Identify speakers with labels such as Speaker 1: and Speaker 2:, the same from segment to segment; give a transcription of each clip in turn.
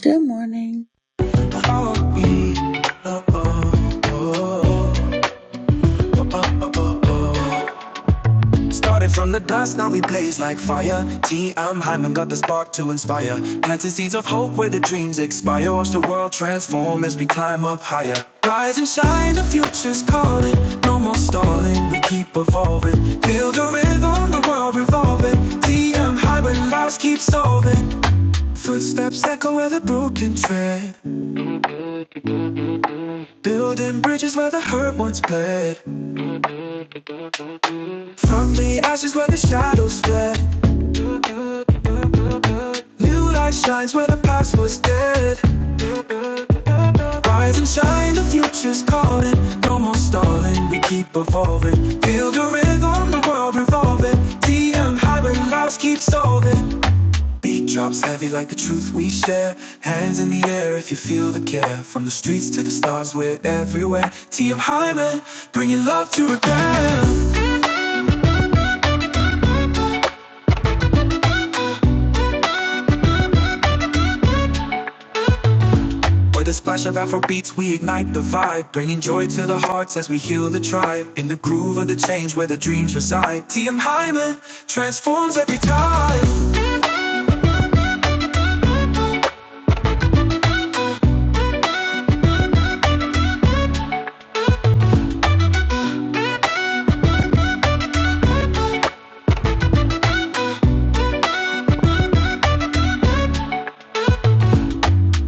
Speaker 1: Good morning.
Speaker 2: Oh, mm, oh, oh, oh, oh. Started from the dust, now we blaze like fire. TM Hyman, got the spark to inspire. Planting seeds of hope where the dreams expire. Watch the world transform as we climb up higher. Rise and shine, the future's calling. No more stalling, we keep evolving. Build a rhythm, the world revolving. TM Hyman, lives keep solving. Footsteps echo where the broken tread. Building bridges where the hurt once bled. From the ashes where the shadows fled, new light shines where the past was dead. Rise and shine, the future's calling. No more stalling, we keep evolving. Feel the rhythm, the world revolving. DM high when lives keep solving. Beat drops heavy like the truth we share. Hands in the air if you feel the care. From the streets to the stars, we're everywhere. TM Hyman, bringing love to repair. With a splash of Afro beats, we ignite the vibe, bringing joy to the hearts as we heal the tribe. In the groove of the change where the dreams reside, TM Hyman transforms every time.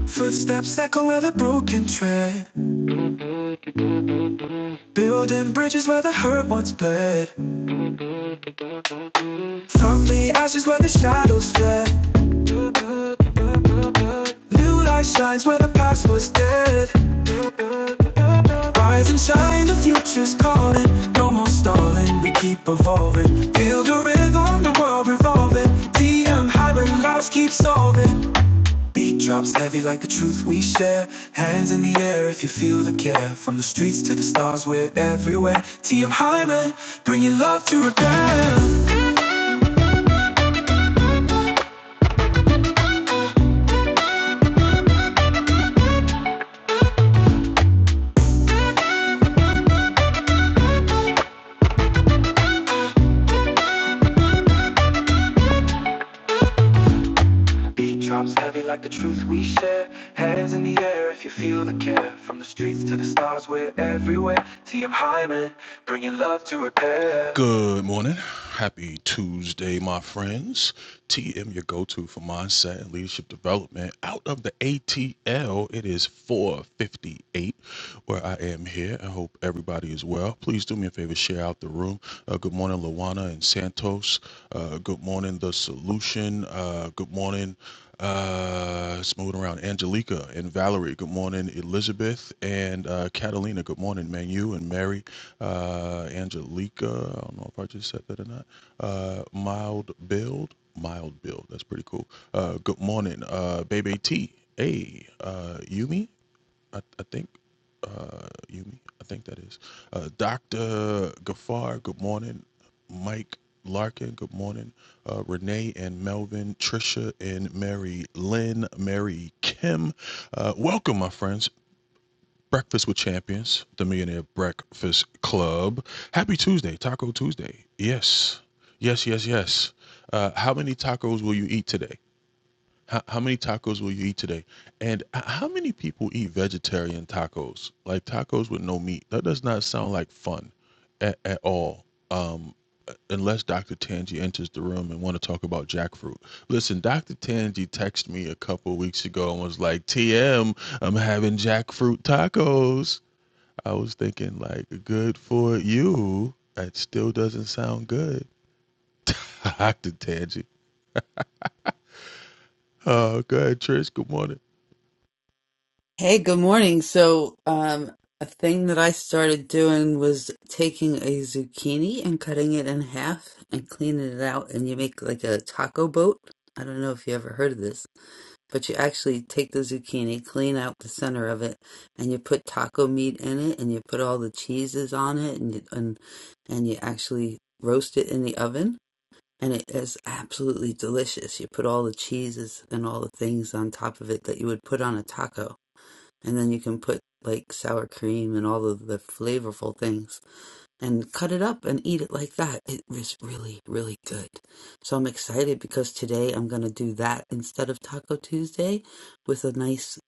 Speaker 2: Footsteps echo where the broken tread, building bridges where the hurt once bled. From the ashes where the shadows fled, new light shines where the past was dead. Rise and shine, the future's calling. No more stalling, we keep evolving. Build a rhythm, the world revolving. DM hybrid lives keep solving. Beat drops heavy like the truth we share. Hands in the air if you feel the care. From the streets to the stars, we're everywhere. TM Hyman, bringing love to repair. Beat drops heavy like the truth we share. Hands in the air if you feel the care. From the streets to the stars, we're everywhere. TM Hyman, bringing love to repair. Good morning. Happy Tuesday, my friends. TM, your go to for mindset and leadership development. Out of the ATL, it is 458 where I am here. I hope everybody is well. Please do me a favor, share out the room room. Uh, good morning, Luana and Santos. Uh, good morning, The Solution. Uh, good morning. Uh, it's moving around. Angelica and Valerie. Good morning, Elizabeth and uh, Catalina. Good morning, Manu and Mary. Uh, Angelica. I don't know if I just said that or not. Uh, mild build. Mild build. That's pretty cool. Uh, good morning, uh, Baby T. Hey, uh, Yumi I, I think uh, Yumi. I think that is uh, Doctor Gafar. Good morning, Mike Larkin. Good morning, uh, Renee and Melvin, Trisha and Mary Lynn, Mary Kim. Uh, welcome, my friends. Breakfast with Champions, the Millionaire Breakfast Club. Happy Tuesday, Taco Tuesday. Yes, yes, yes, yes. Uh, how many tacos will you eat today? How, how many tacos will you eat today? And h- how many people eat vegetarian tacos? Like tacos with no meat. That does not sound like fun at, at all. Um, unless Dr. Tangi enters the room and want to talk about jackfruit. Listen, Dr. Tangi texted me a couple weeks ago and was like, "TM, I'm having jackfruit tacos." I was thinking like, "Good for you." That still doesn't sound good. Dr. Tangi. Oh, go ahead, Trish. Good morning.
Speaker 3: Hey, good morning. So, um, a thing that I started doing was taking a zucchini and cutting it in half and cleaning it out, and you make like a taco boat. I don't know if you ever heard of this, but you actually take the zucchini, clean out the center of it, and you put taco meat in it, and you put all the cheeses on it, and you, and and you actually roast it in the oven, and it is absolutely delicious. You put all the cheeses and all the things on top of it that you would put on a taco and then you can put like sour cream and all of the flavorful things and cut it up and eat it like that. It was really, really good. So I'm excited because today I'm going to do that instead of Taco Tuesday with a nice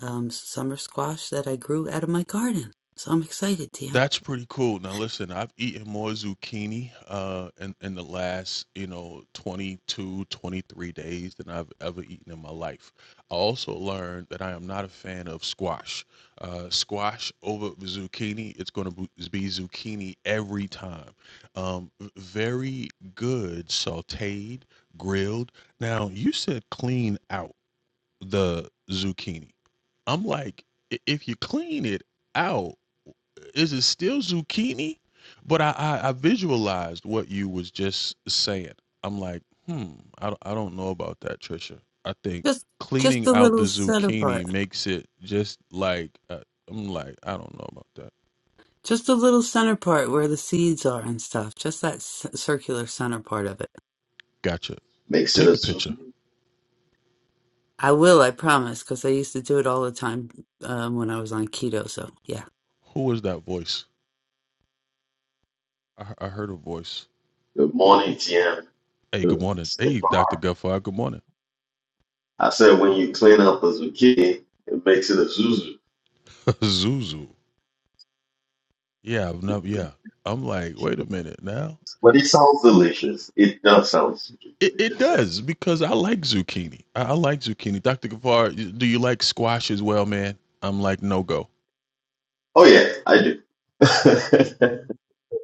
Speaker 3: um, summer squash that I grew out of my garden. So I'm excited, Tam.
Speaker 2: That's pretty cool. Now listen, I've eaten more zucchini uh in, in the last, you know, 22 23 days than I've ever eaten in my life. I also learned that I am not a fan of squash. Uh squash over zucchini, it's going to be zucchini every time. Um v- very good sautéed, grilled. Now, you said clean out the zucchini. I'm like i- if you clean it out is it still zucchini? But I, I I visualized what you was just saying. I'm like, hmm, I don't- I don't know about that, Trisha. I think
Speaker 3: Just, just
Speaker 2: cleaning
Speaker 3: the
Speaker 2: out the
Speaker 3: little center
Speaker 2: zucchini
Speaker 3: part.
Speaker 2: makes it just like uh, I'm like, I don't know about that.
Speaker 3: Just the little center part where the seeds are and stuff. Just that c- circular center part of it.
Speaker 2: Gotcha.
Speaker 4: makes it a
Speaker 2: Take a
Speaker 4: juice.
Speaker 2: picture.
Speaker 3: I will, I promise, because I used to do it all the time um, when I was on keto. So yeah.
Speaker 2: Who was that voice? I, he- I heard a voice.
Speaker 4: Good morning, TM.
Speaker 2: Hey, good morning. Hey, Dr. Gutfire, good morning.
Speaker 4: I said when you clean up a zucchini, it makes it a zuzu.
Speaker 2: Zuzu. Yeah, I've never. Yeah, I'm like, wait a minute now.
Speaker 4: But it sounds delicious. It does sound zuzu
Speaker 2: It, it
Speaker 4: delicious, yeah.
Speaker 2: does because I like zucchini. I, I like zucchini. Dr. Gavar, do you like squash as well, man? I'm like no go.
Speaker 4: Oh yeah, I do.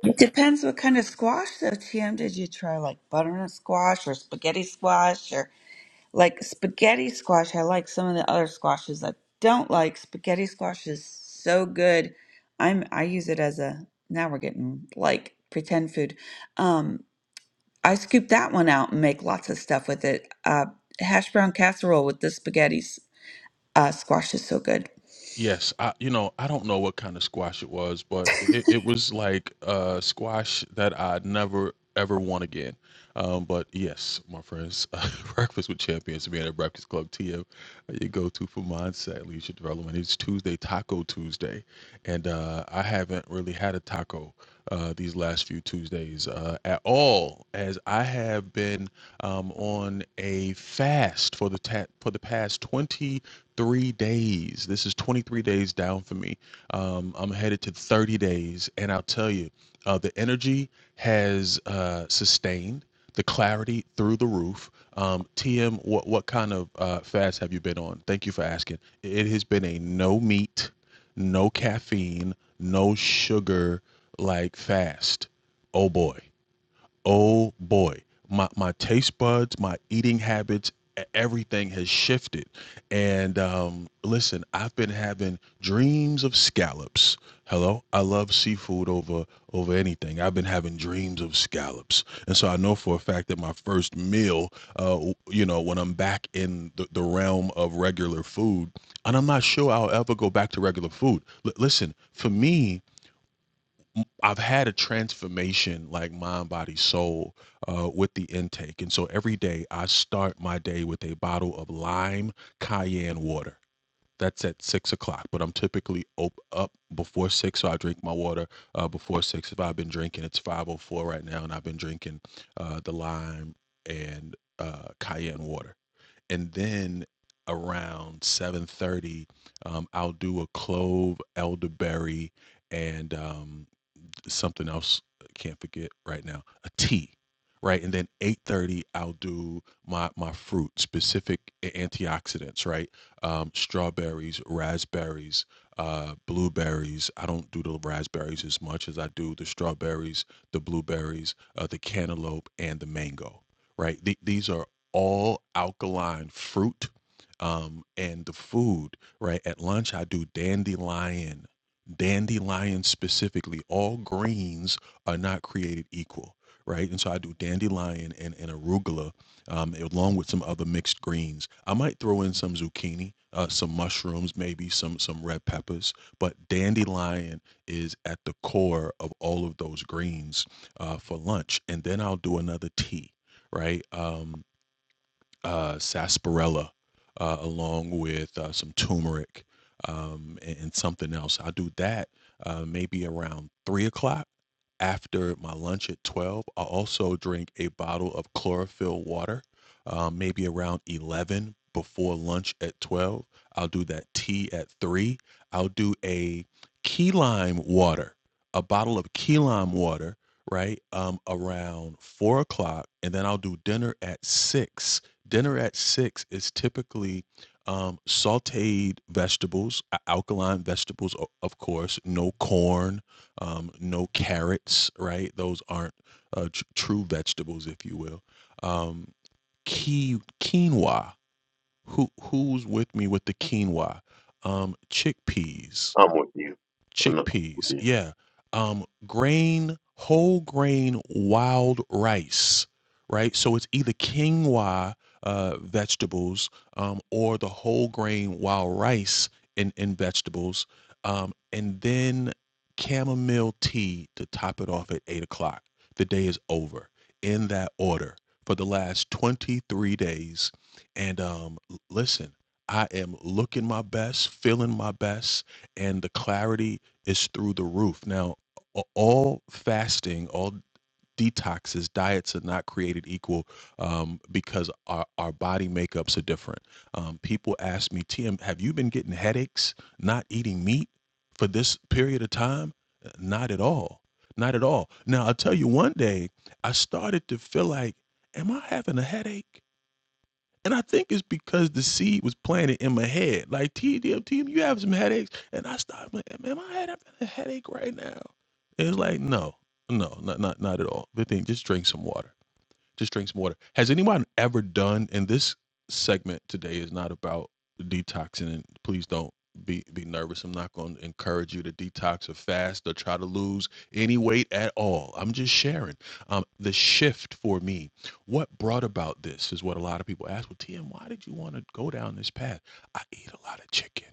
Speaker 1: It depends what kind of squash, though, TM. Did you try like butternut squash or spaghetti squash or like spaghetti squash? I like some of the other squashes I don't like. Spaghetti squash is so good. I'm I use it as a now we're getting like pretend food. Um, I scoop that one out and make lots of stuff with it. Uh, hash brown casserole with the spaghetti s- uh, squash is so good.
Speaker 2: Yes, I you know I don't know what kind of squash it was, but it, it was like uh, squash that I would never ever want again. Um, but yes, my friends, uh, breakfast with champions, man at the Breakfast Club TM, you go to for mindset leadership development. It's Tuesday Taco Tuesday, and uh, I haven't really had a taco uh, these last few Tuesdays uh, at all, as I have been um, on a fast for the ta- for the past 23 days. This is 23 days down for me. Um, I'm headed to 30 days, and I'll tell you, uh, the energy has uh, sustained. The clarity through the roof. Um, TM, what what kind of uh, fast have you been on? Thank you for asking. It has been a no meat no caffeine, no sugar, like fast. Oh boy oh boy, my my taste buds, my eating habits, e- everything has shifted. And um, listen, I've been having dreams of scallops. Hello, I love seafood over over anything. I've been having dreams of scallops, and so I know for a fact that my first meal, uh, w- you know, when I'm back in the, the realm of regular food, and I'm not sure I'll ever go back to regular food. L- listen, for me, I've had a transformation like mind, body, soul uh, with the intake. And so every day I start my day with a bottle of lime cayenne water. That's at six o'clock, but I'm typically op- up before six, so I drink my water uh, before six. If I've been drinking, it's 5:04 right now, and I've been drinking uh, the lime and uh, cayenne water. And then around 7:30, um, I'll do a clove, elderberry, and um, something else I can't forget right now a tea right and then 8.30 i'll do my my fruit specific a- antioxidants right um, strawberries raspberries uh, blueberries i don't do the raspberries as much as i do the strawberries the blueberries uh, the cantaloupe and the mango right Th- these are all alkaline fruit um, and the food right at lunch i do dandelion dandelions specifically, all greens are not created equal, right? And so I do dandelion and, and arugula um, along with some other mixed greens. I might throw in some zucchini, uh, some mushrooms, maybe some some red peppers, but dandelion is at the core of all of those greens uh, for lunch. And then I'll do another tea, right? Um, uh, sarsaparilla uh, along with uh, some turmeric um, and, and something else. I'll do that uh, maybe around three o'clock after my lunch at 12. I'll also drink a bottle of chlorophyll water, uh, maybe around 11 before lunch at 12. I'll do that tea at 3. I'll do a key lime water, a bottle of key lime water, right, um, around 4 o'clock. And then I'll do dinner at 6 Dinner at 6 is typically, um, sautéed vegetables, a alkaline vegetables, o of course, no corn, um, no carrots, right? Those aren't, uh, tr true vegetables, if you will. Um, qui quinoa. Who who's with me with the quinoa? Um, chickpeas
Speaker 4: I'm with you. I'm not.
Speaker 2: chickpeas. Yeah. Um, grain, whole grain, wild rice, right? So it's either quinoa uh, vegetables um, or the whole grain wild rice in, in vegetables. Um, and then chamomile tea to top it off at eight o'clock. The day is over in that order for the last 23 days. And um, l- listen, I am looking my best, feeling my best, and the clarity is through the roof. Now, a- all fasting, all detoxes, diets are not created equal um, because our, our body makeups are different. Um, people ask me, TM, have you been getting headaches, not eating meat for this period of time? Uh, Not at all. Not at all. Now, I'll tell you, one day I started to feel like, am I having a headache? And I think it's because the seed was planted in my head. Like, TDMT, you have some headaches. And I started, like, man, my head, I having a headache right now? And it's like, no, no, not, not, not at all. Good thing, just drink some water. Just drink some water. Has anyone ever done? And this segment today is not about detoxing. And please don't be be nervous. I'm not going to encourage you to detox or fast or try to lose any weight at all. I'm just sharing um, the shift for me. What brought about this is what a lot of people ask. Well, TM, why did you want to go down this path? I eat a lot of chicken.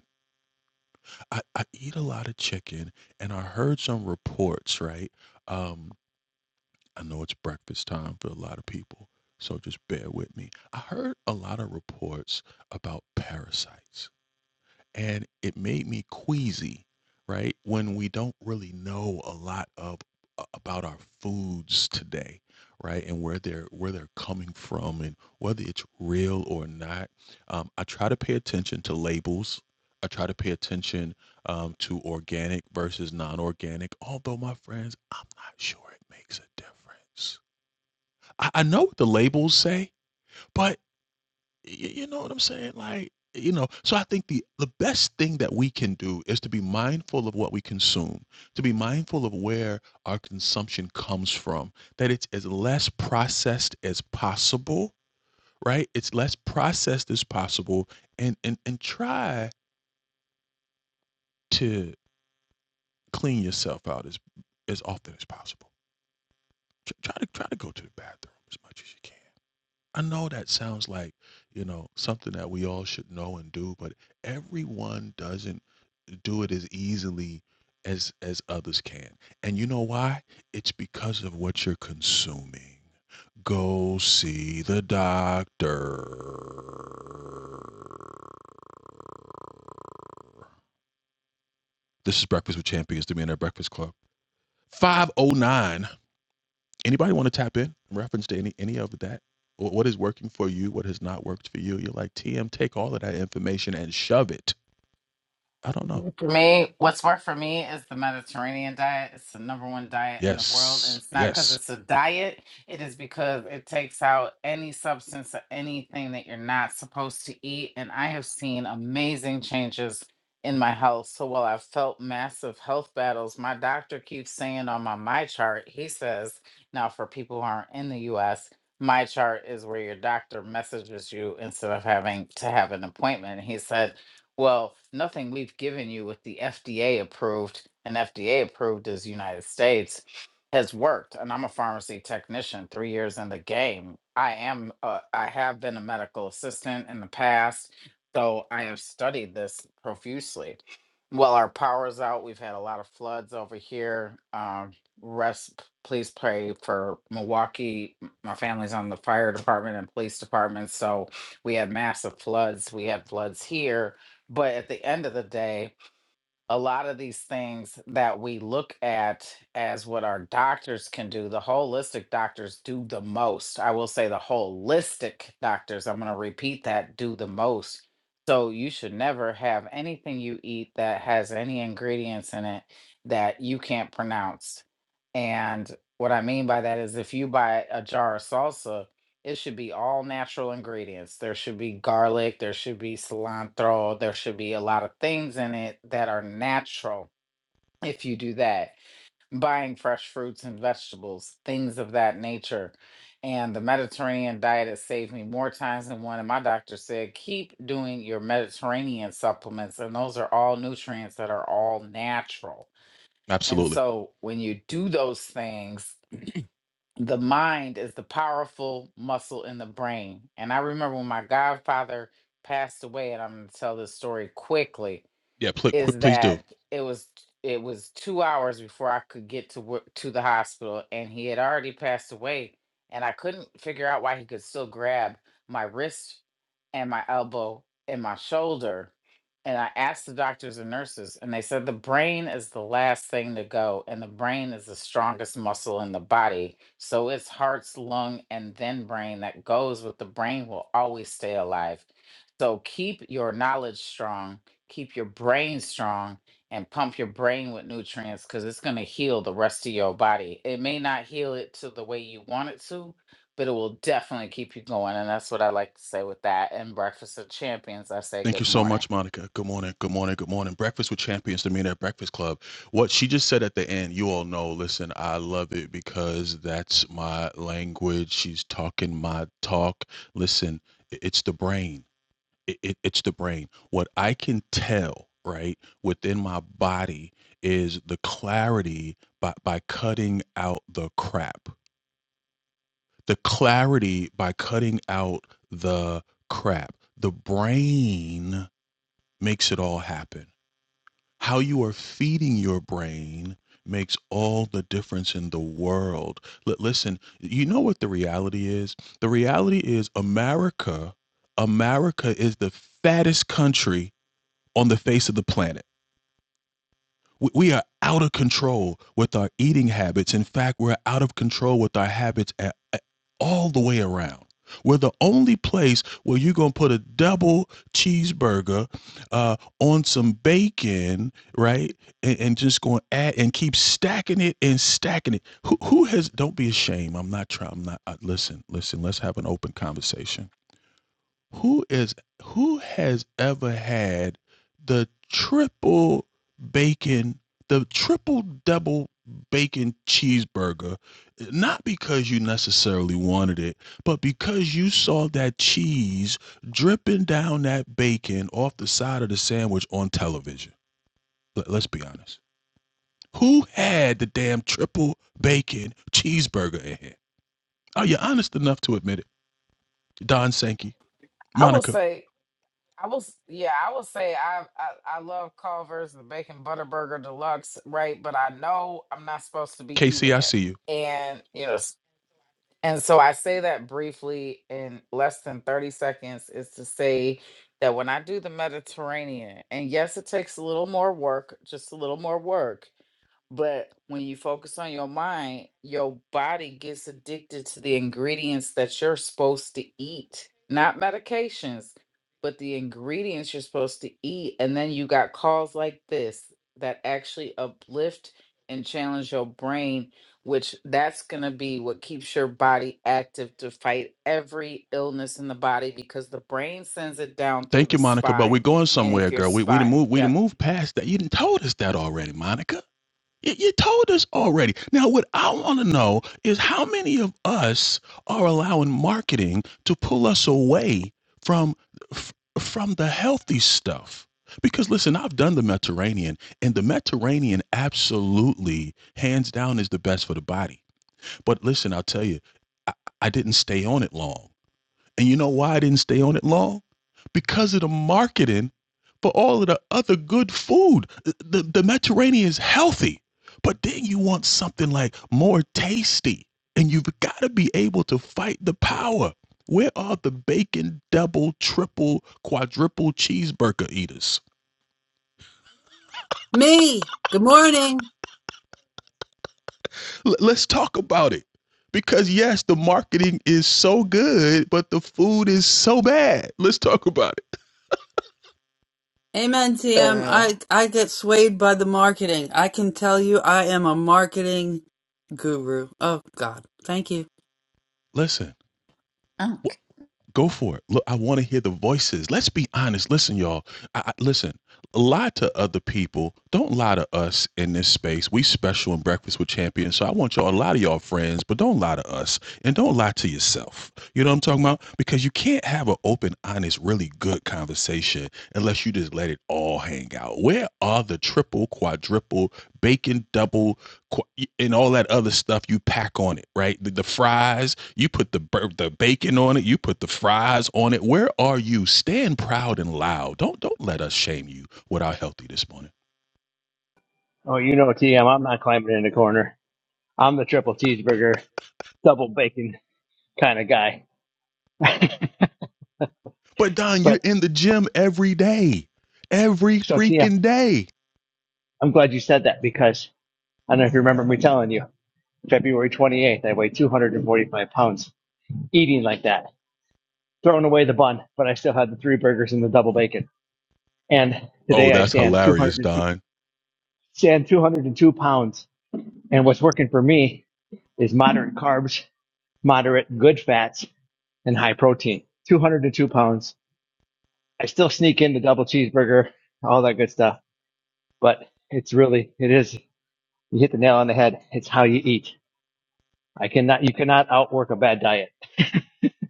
Speaker 2: I, I eat a lot of chicken, and I heard some reports, right? Um. I know it's breakfast time for a lot of people, so just bear with me. I heard a lot of reports about parasites, and it made me queasy, right? When we don't really know a lot of about our foods today, right? And where they're where they're coming from, and whether it's real or not. Um, I try to pay attention to labels. I try to pay attention um, to organic versus non-organic. Although my friends, I'm not sure it makes a difference I, I know what the labels say, but y- you know what I'm saying? Like, you know, so I think the the best thing that we can do is to be mindful of what we consume, to be mindful of where our consumption comes from, that it's as less processed as possible, right? It's less processed as possible and and and try to clean yourself out as as often as possible. Tr- Try to try to go to the bathroom as much as you can. I know that sounds like, you know, something that we all should know and do, but everyone doesn't do it as easily as as others can. And you know why? It's because of what you're consuming. Go see the doctor. This is Breakfast with Champions, the Millionaire Breakfast Club. 509. Anybody want to tap in in reference to any any of that? Wh- What is working for you? What has not worked for you? You're like, TM, take all of that information and shove it. I don't know.
Speaker 5: For me, what's worked for me is the Mediterranean diet. It's the number one diet in the world. And
Speaker 2: Yes.
Speaker 5: it's not because
Speaker 2: Yes.
Speaker 5: it's a diet, it is because it takes out any substance or anything that you're not supposed to eat. And I have seen amazing changes in my health. So while I've felt massive health battles, my doctor keeps saying on my my chart, he says, now for people who aren't in the US, my chart is where your doctor messages you instead of having to have an appointment. He said, well, nothing we've given you with the FDA approved and FDA approved is United States has worked. And I'm a pharmacy technician, three years in the game. I am, uh, I have been a medical assistant in the past, so I have studied this profusely. Well, our power's out. We've had a lot of floods over here. Um, rest, please pray for Milwaukee. M- My family's on the fire department and police department, so we have massive floods. We had floods here but at the end of the day, a lot of these things that we look at as what our doctors can do, the holistic doctors do the most. I will say the holistic doctors, I'm going to repeat that, do the most. So you should never have anything you eat that has any ingredients in it that you can't pronounce. And what I mean by that is if you buy a jar of salsa it should be all natural ingredients. There should be garlic, there should be cilantro, there should be a lot of things in it that are natural if you do that. Buying fresh fruits and vegetables, things of that nature. And the Mediterranean diet has saved me more times than one. And my doctor said, keep doing your Mediterranean supplements. And those are all nutrients that are all natural. And
Speaker 2: Absolutely.
Speaker 5: so when you do those things, the mind is the powerful muscle in the brain. And I remember when my godfather passed away, and I'm going to tell this story quickly
Speaker 2: Yeah. Pl- quick,
Speaker 5: is
Speaker 2: please do.
Speaker 5: that it was it was two hours before I could get to work to the hospital, and he had already passed away, and I couldn't figure out why he could still grab my wrist and my elbow and my shoulder. And I asked the doctors and nurses, and they said the brain is the last thing to go, and the brain is the strongest muscle in the body. So it's heart's lung and then brain that goes with the brain will always stay alive. So keep your knowledge strong keep your brain strong and pump your brain with nutrients because it's going to heal the rest of your body. It may not heal it to the way you want it to, but it will definitely keep you going. And that's what I like to say with that. And Breakfast of Champions, I say
Speaker 2: Thank
Speaker 5: good
Speaker 2: you so
Speaker 5: morning.
Speaker 2: much, Monica. Good morning. Good morning. Good morning. Breakfast with Champions, the Millionaire Breakfast Club. What she just said at the end, you all know. Listen, I love it because that's my language. She's talking my talk. Listen, i- it's the brain. It, it, it's the brain. What I can tell, right, within my body is the clarity by, by cutting out the crap the clarity by cutting out the crap. The brain makes it all happen. How you are feeding your brain makes all the difference in the world. L- listen, you know what the reality is? The reality is America, America is the fattest country on the face of the planet. We are out of control with our eating habits. In fact, we're out of control with our habits a- a- all the way around. We're the only place where you're going to put a double cheeseburger uh, on some bacon, right? And, and just going to add and keep stacking it and stacking it. Who, who has, don't be ashamed. I'm not trying, I'm not, uh, listen, listen, let's have an open conversation who is who has ever had the triple bacon, the triple double bacon cheeseburger? Not because you necessarily wanted it, but because you saw that cheese dripping down that bacon off the side of the sandwich on television. Let, let's be honest. Who had the damn triple bacon cheeseburger in here? Are you honest enough to admit it? Don Sankey,
Speaker 5: I will
Speaker 2: Monica,
Speaker 5: say, I will, s- yeah, I will say, I, I I love Culver's, the Bacon Butter Burger Deluxe, right? But I know I'm not supposed to be
Speaker 2: KC,
Speaker 5: eating
Speaker 2: I
Speaker 5: it,
Speaker 2: see you.
Speaker 5: and you know, And so I say that briefly in less than 30 seconds is to say that when I do the Mediterranean, and yes, it takes a little more work, just a little more work, but when you focus on your mind, your body gets addicted to the ingredients that you're supposed to eat, not medications, but the ingredients you're supposed to eat. And then you got calls like this that actually uplift and challenge your brain which that's going to be what keeps your body active to fight every illness in the body because the brain sends it down through
Speaker 2: Thank
Speaker 5: the
Speaker 2: you, Monica. But we're
Speaker 5: spine
Speaker 2: going
Speaker 5: and if
Speaker 2: somewhere,
Speaker 5: your
Speaker 2: girl. We we done
Speaker 5: spine
Speaker 2: move we done
Speaker 5: yep
Speaker 2: move past that. You done told us that already, Monica. You, you told us already. Now, what I want to know is how many of us are allowing marketing to pull us away from f- from the healthy stuff. Because listen, I've done the Mediterranean, and the Mediterranean absolutely, hands down, is the best for the body. But listen, I'll tell you, I didn't stay on it long and you know why I didn't stay on it long? Because of the marketing for all of the other good food. The, the Mediterranean is healthy, but then you want something like more tasty. And you've got to be able to fight the power. Where are the bacon double, triple, quadruple cheeseburger eaters?
Speaker 3: Me. Good morning.
Speaker 2: L- let's talk about it. Because yes, the marketing is so good, but the food is so bad. Let's talk about it.
Speaker 3: Amen, TM.
Speaker 1: Uh,
Speaker 3: I I get swayed by the marketing. I can tell you, I am a marketing guru. Oh God, thank you.
Speaker 2: Listen.
Speaker 1: oh,
Speaker 2: Go for it. Look, I want to hear the voices. Let's be honest. Listen, y'all. I, I, listen, lie to other people. Don't lie to us in this space. We special in Breakfast with Champions. So I want y'all to lie to y'all friends, but don't lie to us. And don't lie to yourself. You know what I'm talking about? Because you can't have an open, honest, really good conversation unless you just let it all hang out. Where are the triple, quadruple, bacon double and all that other stuff you pack on it, right? The, the fries, you put the the bacon on it, you put the fries on it. Where are you? Stand proud and loud. Don't don't let us shame you with our healthy this morning.
Speaker 6: Oh, you know, TM, I'm not climbing in the corner. I'm the triple cheeseburger, double bacon kind of guy.
Speaker 2: But Don, you're
Speaker 6: but
Speaker 2: in the gym every day, every
Speaker 6: so, TM,
Speaker 2: freaking day.
Speaker 6: I'm glad you said that because I don't know if you remember me telling you, February 28th, I weighed 245 pounds eating like that, throwing away the bun, but I still had the three burgers and the double bacon. And
Speaker 2: Oh,
Speaker 6: today I
Speaker 2: that's
Speaker 6: stand
Speaker 2: hilarious,
Speaker 6: 202,
Speaker 2: Don.
Speaker 6: stand 202 pounds. And what's working for me is moderate carbs, moderate good fats, and high protein. 202 pounds, I still sneak in the double cheeseburger, all that good stuff. But it's really, it is, you hit the nail on the head. It's how you eat. I cannot, you cannot outwork a bad diet.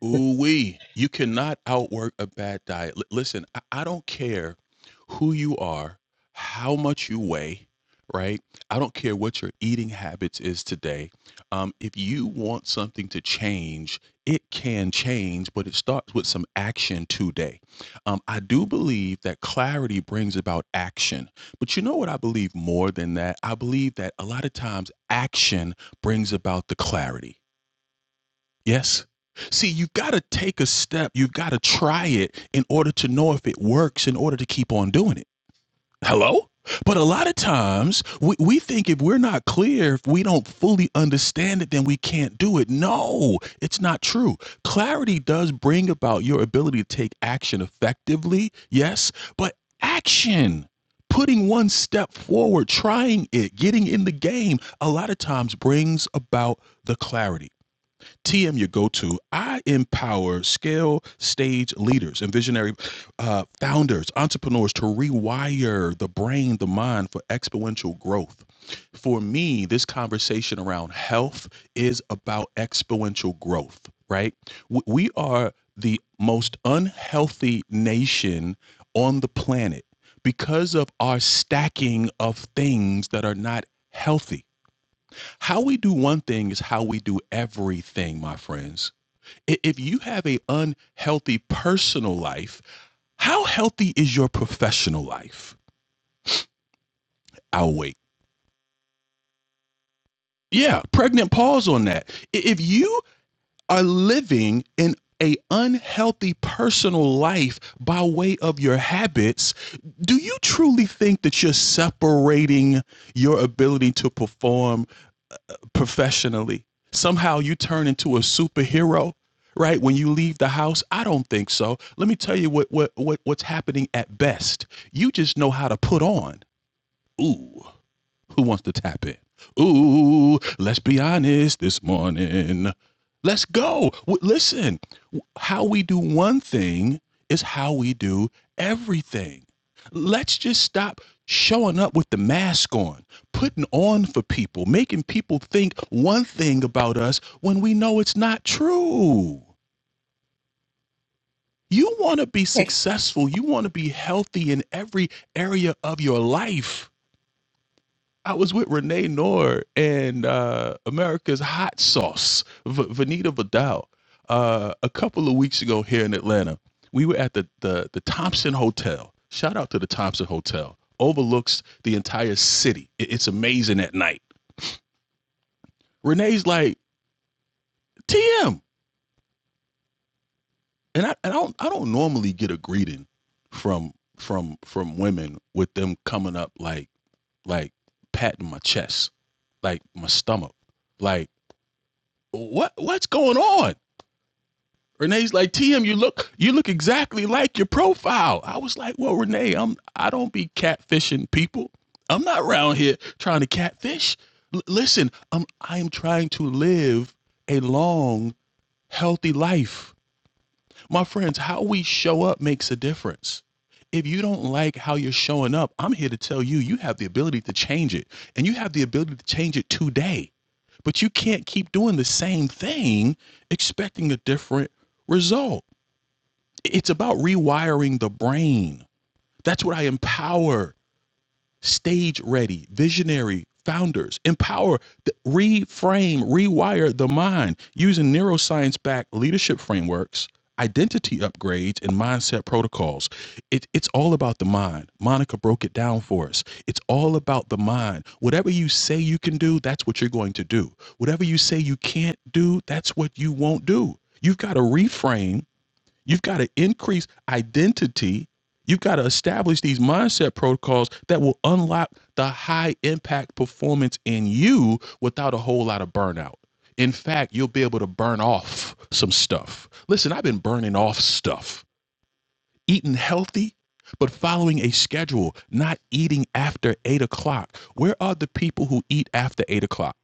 Speaker 2: Ooh wee! You cannot outwork a bad diet. L- listen, I-, I don't care who you are, how much you weigh, right? I don't care what your eating habits is today. Um, if you want something to change, it can change, but it starts with some action today. Um, I do believe that clarity brings about action, but you know what? I believe more than that. I believe that a lot of times action brings about the clarity Yes. See, you got to take a step. You've got to try it in order to know if it works, in order to keep on doing it. Hello? But a lot of times we, we think if we're not clear, if we don't fully understand it, then we can't do it. No, it's not true. Clarity does bring about your ability to take action effectively, yes, but action, putting one step forward, trying it, getting in the game, a lot of times brings about the clarity. TM your go to. I empower scale stage leaders and visionary uh, founders, entrepreneurs to rewire the brain, the mind for exponential growth. For me, this conversation around health is about exponential growth, right? W- We are the most unhealthy nation on the planet because of our stacking of things that are not healthy how we do one thing is how we do everything, my friends. If you have an unhealthy personal life, how healthy is your professional life? I'll wait. Yeah, pregnant pause on that. If you are living in an unhealthy personal life by way of your habits, do you truly think that you're separating your ability to perform professionally. Somehow you turn into a superhero, right? When you leave the house, I don't think so. Let me tell you what what, what what's happening at best. You just know how to put on. Ooh. Who wants to tap in? Ooh, let's be honest this morning. Let's go. Listen, how we do one thing is how we do everything. Let's just stop showing up with the mask on, putting on for people, making people think one thing about us when we know it's not true. You want to be
Speaker 1: okay.
Speaker 2: successful, you want to be healthy in every area of your life I was with Renee Noor and uh, America's Hot Sauce, v- Vanita Vidal, uh, a couple of weeks ago here in Atlanta. We were at the, the the Thompson Hotel. Shout out to the Thompson Hotel. Overlooks the entire city. It- it's amazing at night. Renee's like TM, and I, and I don't I don't normally get a greeting from from from women with them coming up like like patting my chest, like my stomach, like what what's going on? Renee's like, TM, you look you look exactly like your profile. I was like, well, Renee, I'm I don't be catfishing people. I'm not around here trying to catfish. L- listen, I'm I am trying to live a long, healthy life. My friends, how we show up makes a difference. If you don't like how you're showing up, I'm here to tell you, you have the ability to change it. And you have the ability to change it today. But you can't keep doing the same thing expecting a different result. It's about rewiring the brain. That's what I empower stage ready, visionary founders, empower, reframe, rewire the mind using neuroscience backed leadership frameworks, identity upgrades, and mindset protocols. It, it's all about the mind. Monica broke it down for us. It's all about the mind. Whatever you say you can do, that's what you're going to do. Whatever you say you can't do, that's what you won't do. You've got to reframe You've got to increase identity. You've got to establish these mindset protocols that will unlock the high impact performance in you without a whole lot of burnout. In fact, you'll be able to burn off some stuff. Listen, I've been burning off stuff, eating healthy, but following a schedule, not eating after eight o'clock. Where are the people who eat after eight o'clock?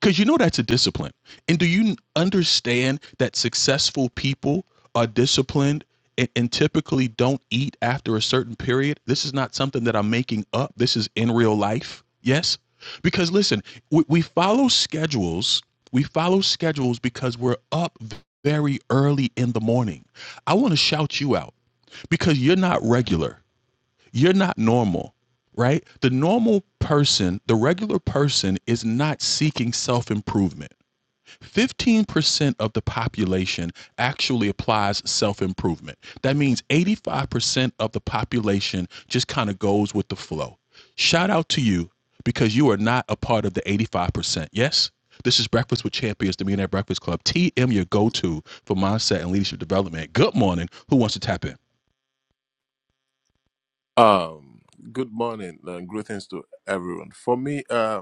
Speaker 2: because you know that's a discipline. And do you understand that successful people are disciplined and, and typically don't eat after a certain period? This is not something that I'm making up. This is in real life. Yes. Because listen, we, we follow schedules. We follow schedules because we're up very early in the morning. I want to shout you out because you're not regular you're not normal, right? The normal person, the regular person, is not seeking self improvement. 15% of the population actually applies self improvement. That means 85% of the population just kind of goes with the flow. Shout out to you because you are not a part of the 85%. Yes? This is Breakfast with Champions, the Millionaire Breakfast Club. TM, your go to for mindset and leadership development. Good morning. Who wants to tap in?
Speaker 7: Um, good morning and greetings to everyone. For me, uh,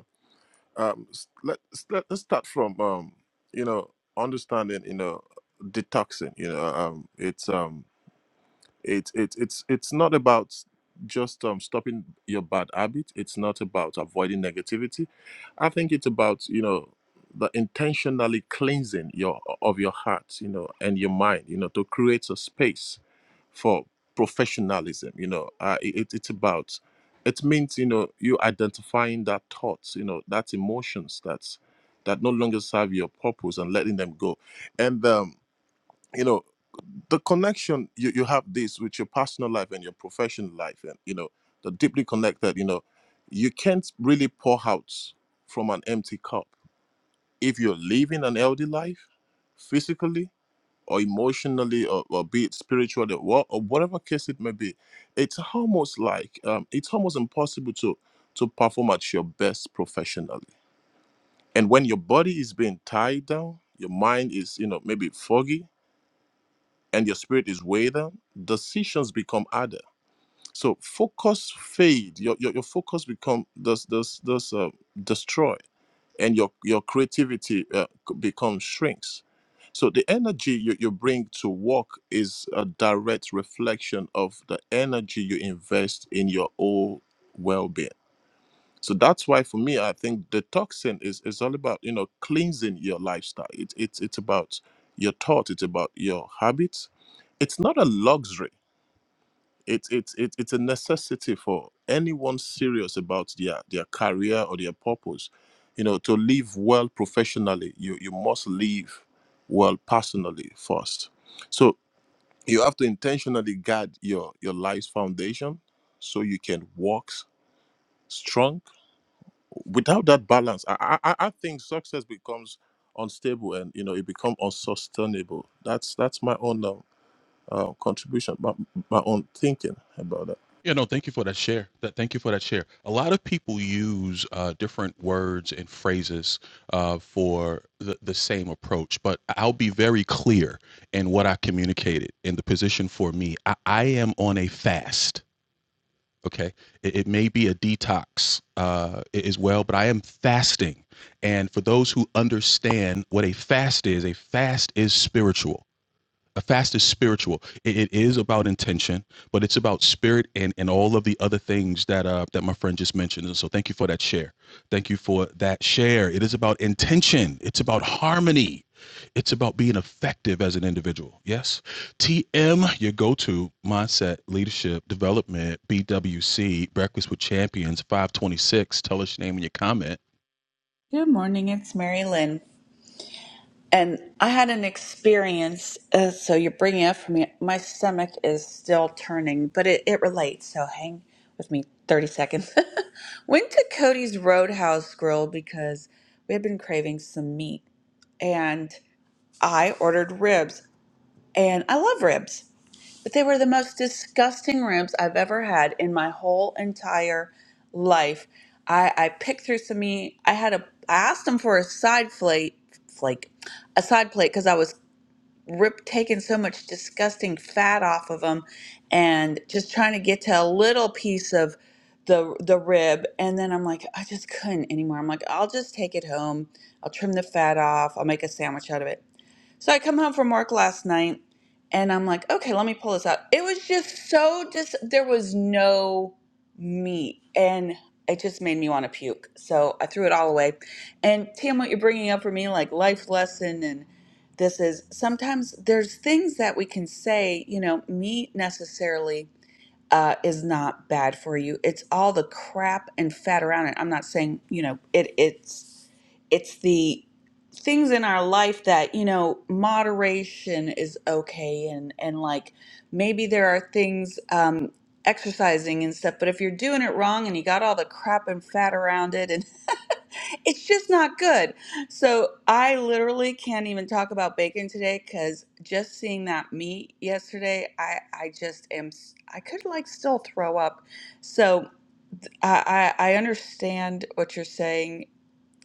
Speaker 7: um, s- let, s- let, let's start from um, you know, understanding, you know, detoxing. You know, um, it's um. It's it's it's it's not about just um, stopping your bad habit. It's not about avoiding negativity. I think it's about you know the intentionally cleansing your of your heart, you know, and your mind, you know, to create a space for professionalism. You know, uh, it, it's about it means you know you identifying that thoughts, you know, that emotions that's that no longer serve your purpose and letting them go, and um, you know the connection you, you have this with your personal life and your professional life and you know the deeply connected you know you can't really pour out from an empty cup if you're living an healthy life physically or emotionally or, or be it spiritually or, or whatever case it may be it's almost like um, it's almost impossible to to perform at your best professionally and when your body is being tied down your mind is you know maybe foggy and your spirit is weighed, decisions become harder. So focus fade. Your your, your focus become does does does uh, destroy, and your your creativity uh, becomes shrinks. So the energy you, you bring to work is a direct reflection of the energy you invest in your own well-being. So that's why for me, I think detoxing is is all about you know cleansing your lifestyle. It's it's it's about your thought. It's about your habits. It's not a luxury. It's it's it's it's a necessity for anyone serious about their their career or their purpose. You know, to live well professionally, you you must live well personally first. So you have to intentionally guard your your life's foundation so you can walk strong without that balance, I, I I think success becomes unstable and you know it becomes unsustainable. That's that's my own um, uh, contribution, my, my own thinking about that.
Speaker 2: Yeah, no, thank you for that share. That thank you for that share. A lot of people use uh, different words and phrases uh, for the, the same approach, but I'll be very clear in what I communicated in the position for me. I, I am on a fast. Okay, it, it may be a detox uh, a- as well, but I am fasting. And for those who understand what a fast is, a fast is spiritual a fast is spiritual. It, it is about intention, but it's about spirit and, and all of the other things that uh, that my friend just mentioned. And so thank you for that share. Thank you for that share. It is about intention. It's about harmony. It's about being effective as an individual. Yes. TM, your go-to mindset, leadership, development, BWC, Breakfast with Champions, 526. Tell us your name and your comment.
Speaker 1: Good morning, it's Mary Lynn. And I had an experience, uh, so you're bringing it up for me. My stomach is still turning, but it, it relates, so hang with me 30 seconds. Went to Cody's Roadhouse Grill because we had been craving some meat, and I ordered ribs, and I love ribs. But they were the most disgusting ribs I've ever had in my whole entire life. I, I picked through some meat. I had a I asked them for a side plate flake, a side plate because I was rip taking so much disgusting fat off of them and just trying to get to a little piece of the the rib and then I'm like I just couldn't anymore. I'm like I'll just take it home. I'll trim the fat off. I'll make a sandwich out of it. So I come home from work last night and I'm like, okay, let me pull this out. It was just so dis there was no meat and it just made me want to puke. So I threw it all away. And Tam, what you're bringing up for me, like life lesson and this is sometimes there's things that we can say, you know, meat necessarily uh, is not bad for you. It's all the crap and fat around it. I'm not saying you know it. It's it's the things in our life that you know moderation is okay, and and like maybe there are things um, exercising and stuff. But if you're doing it wrong and you got all the crap and fat around it, and it's just not good. So I literally can't even talk about bacon today because just seeing that meat yesterday, I I just am s- I could like still throw up. So I I, I understand what you're saying,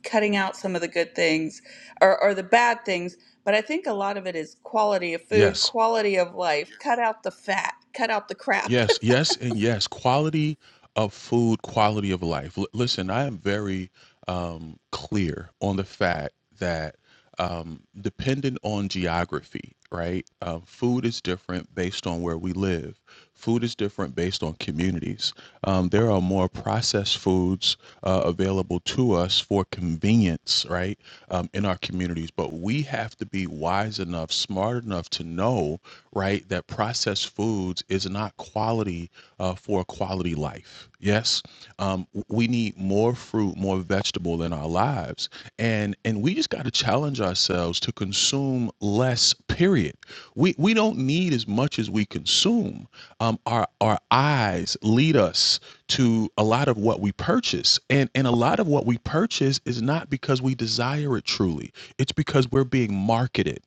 Speaker 1: cutting out some of the good things or or the bad things, but I think a lot of it is quality of food,
Speaker 2: Yes.
Speaker 1: quality of life. Cut out the fat, cut out the crap.
Speaker 2: Yes, yes, and yes. Quality of food, quality of life. L- listen, I am very um, clear on the fact that um, dependent on geography, right? Um, food is different based on where we live. Food is different based on community opportunities. Um, there are more processed foods uh, available to us for convenience, right, um, in our communities. But we have to be wise enough, smart enough to know, right, that processed foods is not quality uh, for a quality life. Yes, um, w- we need more fruit, more vegetable in our lives, and and we just got to challenge ourselves to consume less. Period. We we don't need as much as we consume um, our our eyes lead us to a lot of what we purchase and and a lot of what we purchase is not because we desire it truly it's because we're being marketed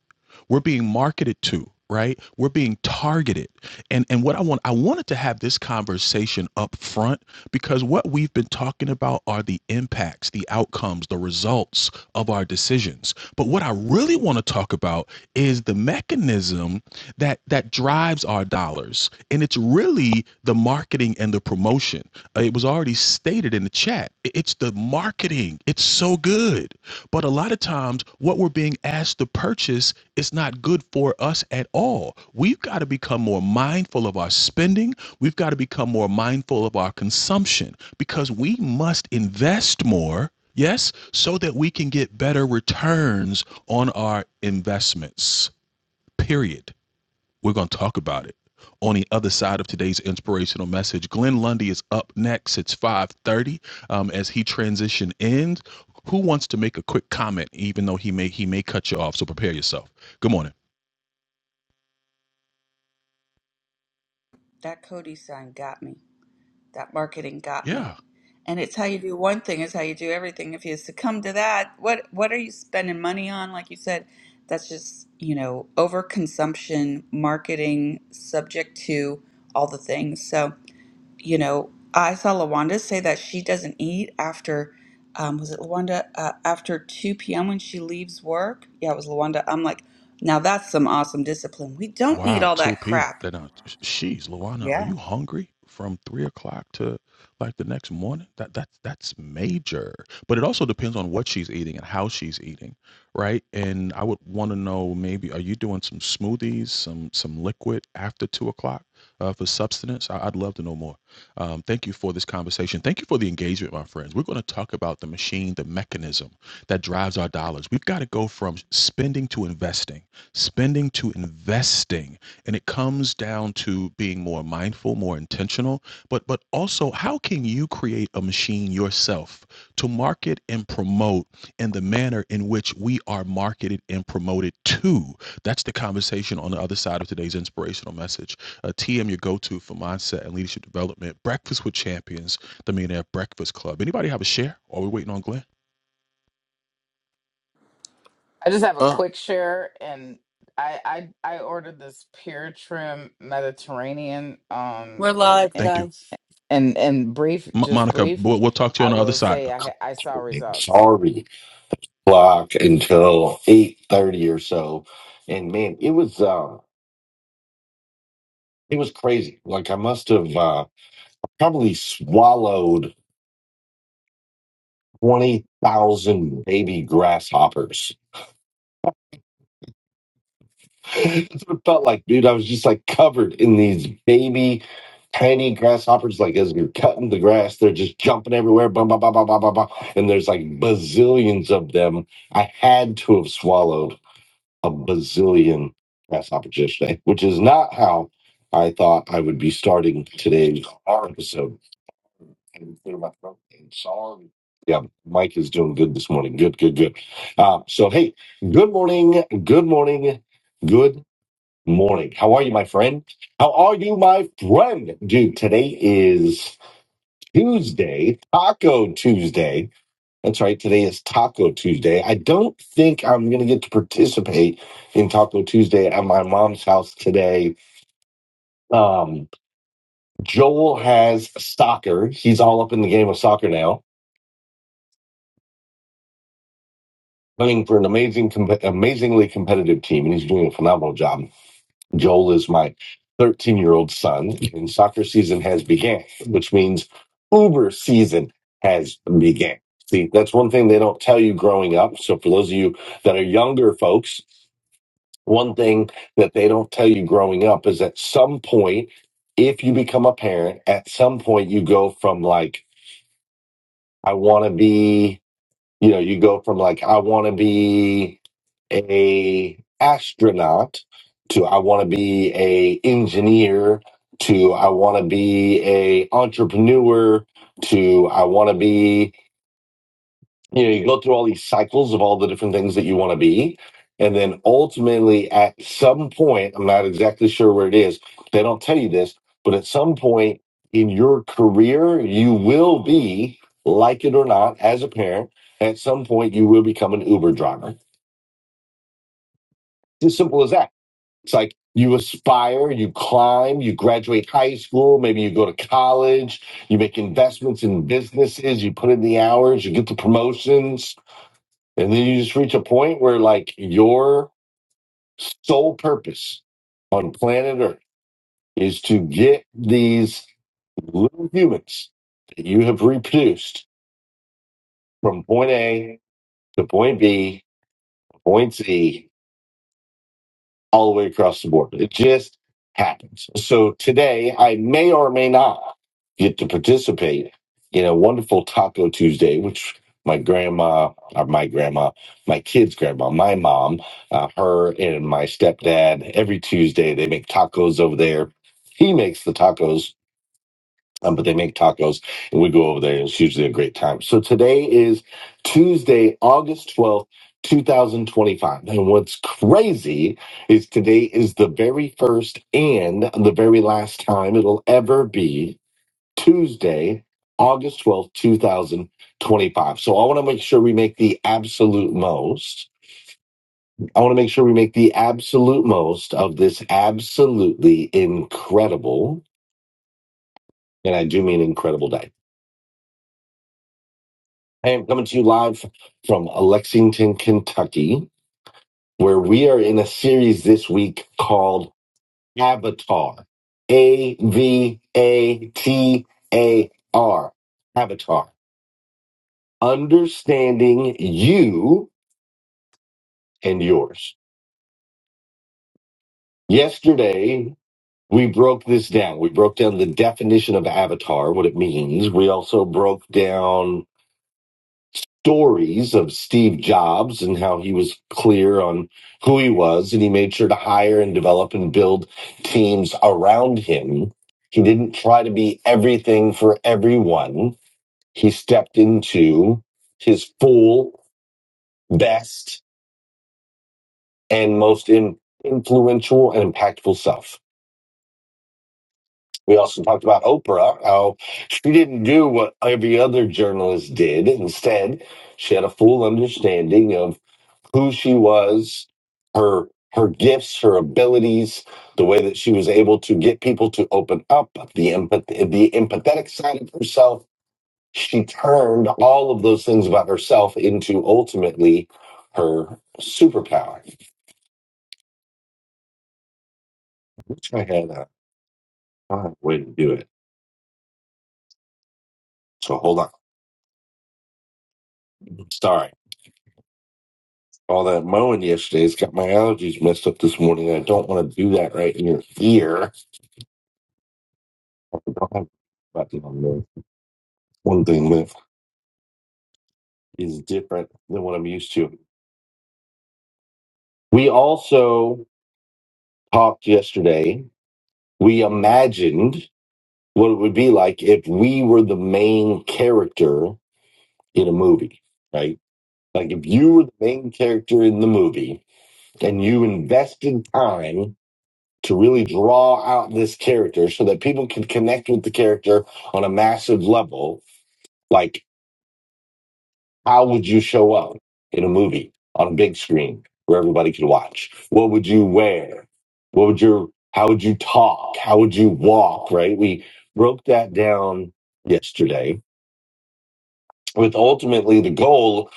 Speaker 2: we're being marketed to, right? We're being targeted. And and what I want I wanted to have this conversation up front because what we've been talking about are the impacts, the outcomes, the results of our decisions. But what I really want to talk about is the mechanism that that drives our dollars. And it's really the marketing and the promotion. Uh, It was already stated in the chat. It's the marketing. It's so good. But a lot of times what we're being asked to purchase it's not good for us at all. We've got to become more mindful of our spending. We've got to become more mindful of our consumption because we must invest more, yes, so that we can get better returns on our investments. Period. We're going to talk about it. On the other side of today's inspirational message, Glenn Lundy is up next. It's 5:30 um, as he transition ends. Who wants to make a quick comment, even though he may he may cut you off? So prepare yourself. Good morning.
Speaker 1: That Cody sign got me. That marketing got me.
Speaker 2: Yeah.
Speaker 1: And it's how you do one thing is how you do everything. If you succumb to that, what what are you spending money on? Like you said, that's just, you know, overconsumption, marketing, subject to all the things. So, you know, I saw Lawanda say that she doesn't eat after, um, was it Lawanda? Uh, after 2 p.m. when she leaves work. Yeah, it was Lawanda. I'm like, now that's some awesome discipline. We don't need
Speaker 2: Wow,
Speaker 1: all that
Speaker 2: 2P.
Speaker 1: crap.
Speaker 2: Then uh, sh- she's Luana, are
Speaker 1: Yeah.
Speaker 2: you hungry from three o'clock to like the next morning? That that's that's major. But it also depends on what she's eating and how she's eating, right? And I would want to know maybe are you doing some smoothies, some some liquid after two o'clock uh, for substance? I, I'd love to know more. Um, thank you for this conversation. Thank you for the engagement, my friends. We're going to talk about the machine, the mechanism that drives our dollars. We've got to go from spending to investing spending to investing and it comes down to being more mindful more intentional but but also how can you create a machine yourself to market and promote in the manner in which we are marketed and promoted to that's the conversation on the other side of today's inspirational message uh, tm your go-to for mindset and leadership development breakfast with champions the millionaire breakfast club anybody have a share are we waiting on glenn
Speaker 5: i just have a
Speaker 7: Uh,
Speaker 5: quick share and i i i ordered this pure trim mediterranean um
Speaker 3: We're
Speaker 5: and
Speaker 3: live,
Speaker 5: and
Speaker 2: thank you
Speaker 3: guys.
Speaker 5: and and brief
Speaker 2: Mo-
Speaker 5: just
Speaker 2: monica
Speaker 5: brief
Speaker 2: we'll, we'll talk to you
Speaker 5: i
Speaker 2: on the other
Speaker 5: will
Speaker 2: side
Speaker 5: say i ha- i saw results
Speaker 3: sorry Block until eight thirty or so, and man, it was uh, it was crazy. Like I must have uh, probably swallowed. 20,000 baby grasshoppers. That's what it felt like, dude. I was just like covered in these baby, tiny grasshoppers. Like as you're cutting the grass, they're just jumping everywhere. Bum, bum, bum, bum, bum, bum, bum. And there's like bazillions of them. I had to have swallowed a bazillion grasshoppers yesterday, which is not how I thought I would be starting today's episode. and clear my throat and sorry. Yeah, Mike is doing good this morning. Good, good, good. Uh, so, hey, good morning, good morning, good morning. How are you, my friend? How are you, my friend? Dude, today is Tuesday, Taco Tuesday. That's right. Today is Taco Tuesday. I don't think I'm going to get to participate in Taco Tuesday at my mom's house today. Um, Joel has soccer. He's all up in the game of soccer now playing for an amazing, comp- amazingly competitive team, and he's doing a phenomenal job. Joel is my 13 year old son, and soccer season has began, which means Uber season has began. See, that's one thing they don't tell you growing up. So, for those of you that are younger folks, one thing that they don't tell you growing up is at some point, if you become a parent, at some point you go from like, I want to be you know, you go from like I want to be a astronaut to I want to be a engineer to I want to be a entrepreneur to I want to be you know you go through all these cycles of all the different things that you want to be and then ultimately at some point i'm not exactly sure where it is they don't tell you this but at some point in your career you will be like it or not as a parent at some point you will become an uber driver it's as simple as that it's like you aspire you climb you graduate high school maybe you go to college you make investments in businesses you put in the hours you get the promotions and then you just reach a point where, like, your sole purpose on planet Earth is to get these little humans that you have reproduced from point A to point B, to point C, all the way across the board. It just happens. So today, I may or may not get to participate in a wonderful Taco Tuesday, which my grandma, or my grandma, my kids' grandma, my mom, uh, her and my stepdad, every Tuesday, they make tacos over there. He makes the tacos um, but they make tacos and we go over there. It's usually a great time. So today is Tuesday, August 12th, 2025. And what's crazy is today is the very first and the very last time it'll ever be Tuesday, August 12th, 2025. So I want to make sure we make the absolute most. I want to make sure we make the absolute most of this absolutely incredible, and I do mean incredible day. I am coming to you live from Lexington, Kentucky, where we are in a series this week called Avatar. A V A T A R. Avatar. Understanding you and yours. Yesterday, we broke this down. We broke down the definition of avatar, what it means. We also broke down stories of Steve Jobs and how he was clear on who he was and he made sure to hire and develop and build teams around him. He didn't try to be everything for everyone. He stepped into his full, best, and most in- influential and impactful self. We also talked about Oprah, how she didn't do what every other journalist did. Instead, she had a full understanding of who she was, her her gifts, her abilities, the way that she was able to get people to open up, the empath- the empathetic side of herself. She turned all of those things about herself into ultimately her superpower. I had a, I had a way to do it. So hold on. Sorry. all that mowing yesterday has got my allergies messed up this morning. I don't want to do that right in your ear. I don't have a button on there. One thing that is different than what I'm used to. We also talked yesterday. We imagined what it would be like if we were the main character in a movie, right? Like if you were the main character in the movie and you invested time to really draw out this character so that people can connect with the character on a massive level. Like, how would you show up in a movie on a big screen where everybody could watch? What would you wear? What would your, how would you talk? How would you walk? Right? We broke that down yesterday with ultimately the goal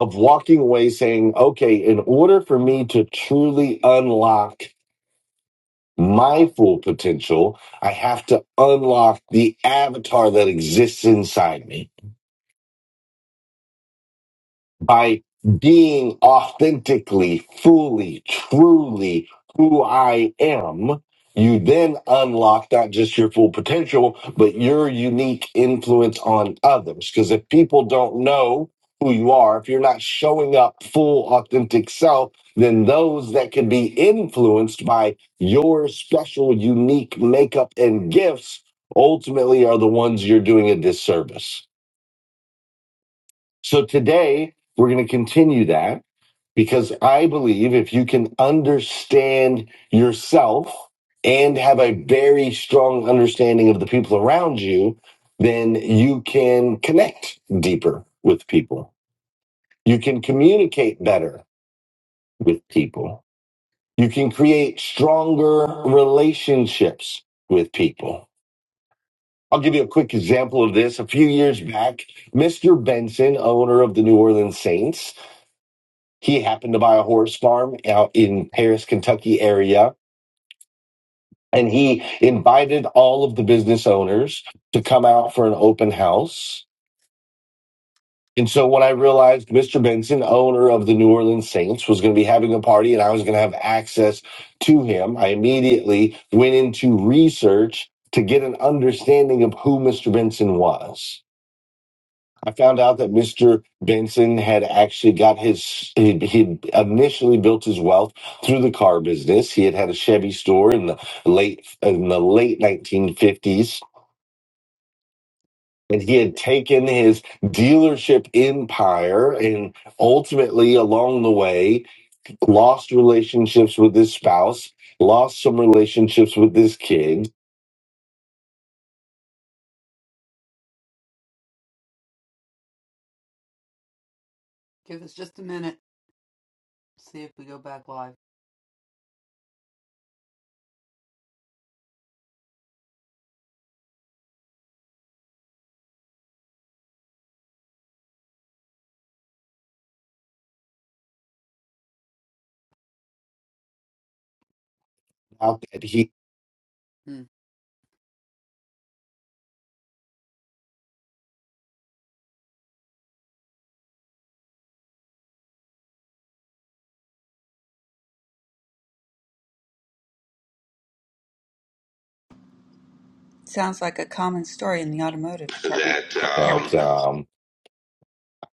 Speaker 3: of walking away saying, okay, in order for me to truly unlock my full potential, I have to unlock the avatar that exists inside me by being authentically, fully, truly who I am, you then unlock not just your full potential, but your unique influence on others. Because if people don't know who you are, if you're not showing up full, authentic self, then those that can be influenced by your special, unique makeup and gifts ultimately are the ones you're doing a disservice. So today we're going to continue that because I believe if you can understand yourself and have a very strong understanding of the people around you, then you can connect deeper with people. You can communicate better with people. You can create stronger relationships with people. I'll give you a quick example of this. A few years back, Mr. Benson, owner of the New Orleans Saints, He happened to buy a horse farm out in Paris, Kentucky area. And he invited all of the business owners to come out for an open house. And so when I realized Mr. Benson, owner of the New Orleans Saints, was going to be having a party and I was going to have access to him, I immediately went into research to get an understanding of who Mr. Benson was. I found out that Mr. Benson had actually got his, he he initially built his wealth through the car business. He had had a Chevy store in the late, in the late 1950s. And he had taken his dealership empire and ultimately along the way lost relationships with his spouse, lost some relationships with his kid. Give us just a minute. See if we go back live. Out that he Hmm.
Speaker 1: Sounds like a common story in the automotive department. that um,
Speaker 3: that um,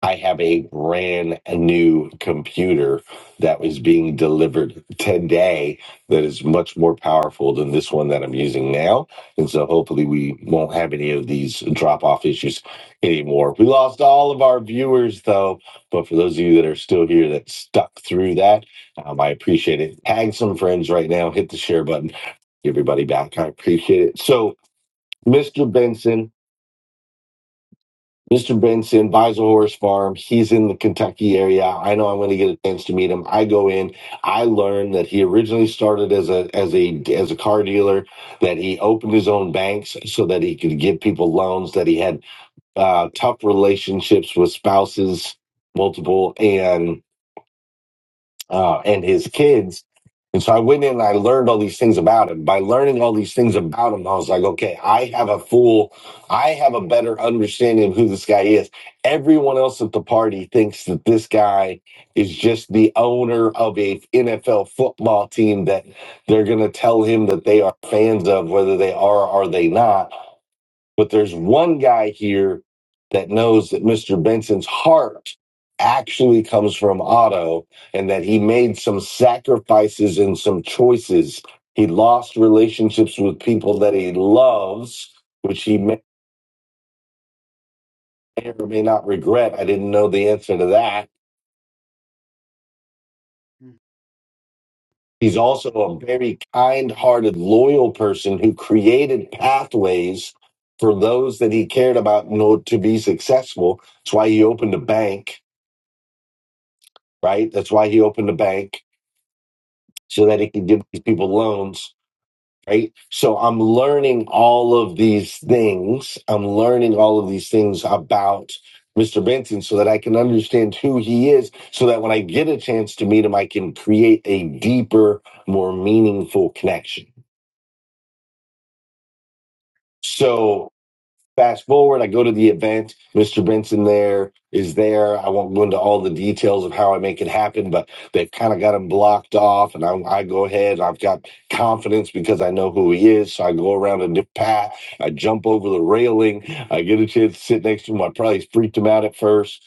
Speaker 3: I have a brand new computer that was being delivered today that is much more powerful than this one that I'm using now. And so hopefully we won't have any of these drop off issues anymore. We lost all of our viewers though, but for those of you that are still here that stuck through that, um, I appreciate it. Tag some friends right now, hit the share button, get everybody back. I appreciate it. So, Mr. Benson, Mr. Benson buys a horse farm. He's in the Kentucky area. I know I'm going to get a chance to meet him. I go in. I learn that he originally started as a as a as a car dealer. That he opened his own banks so that he could give people loans. That he had uh, tough relationships with spouses, multiple, and uh, and his kids. And so I went in and I learned all these things about him. By learning all these things about him, I was like, okay, I have a full, I have a better understanding of who this guy is. Everyone else at the party thinks that this guy is just the owner of a NFL football team that they're going to tell him that they are fans of, whether they are or they not but there's one guy here that knows that Mr. Benson's heart actually comes from Otto and that he made some sacrifices and some choices. He lost relationships with people that he loves, which he may or may not regret. I didn't know the answer to that. He's also a very kind hearted, loyal person who created pathways for those that he cared about in order to be successful. That's why he opened a bank. right? That's why he opened a bank so that he can give these people loans, right? So I'm learning all of these things. I'm learning all of these things about Mr. Benson so that I can understand who he is, so that when I get a chance to meet him, I can create a deeper, more meaningful connection. So Fast forward, I go to the event. Mr. Benson there is there. I won't go into all the details of how I make it happen, but they've kind of got him blocked off. And I, I go ahead. I've got confidence because I know who he is. So I go around a dip path. I jump over the railing. I get a chance to sit next to him. I probably freaked him out at first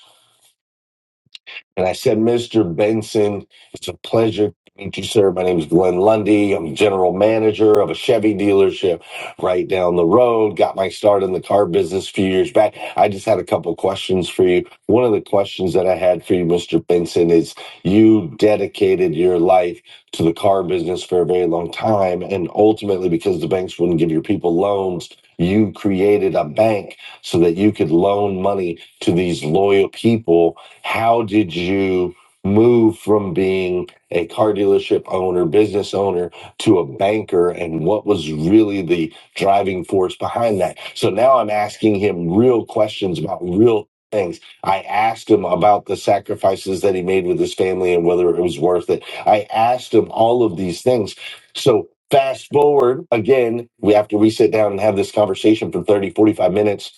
Speaker 3: and I said, Mr. Benson, it's a pleasure to meet you, sir. My name is Glenn Lundy. I'm general manager of a Chevy dealership right down the road. Got my start in the car business a few years back. I just had a couple questions for you. One of the questions that I had for you, Mr. Benson, is you dedicated your life to the car business for a very long time. And ultimately, because the banks wouldn't give your people loans, you created a bank so that you could loan money to these loyal people how did you move from being a car dealership owner, business owner, to a banker? And what was really the driving force behind that? So now I'm asking him real questions about real things. I asked him about the sacrifices that he made with his family and whether it was worth it. I asked him all of these things. So fast forward again, we after we sit down and have this conversation for 30, 45 minutes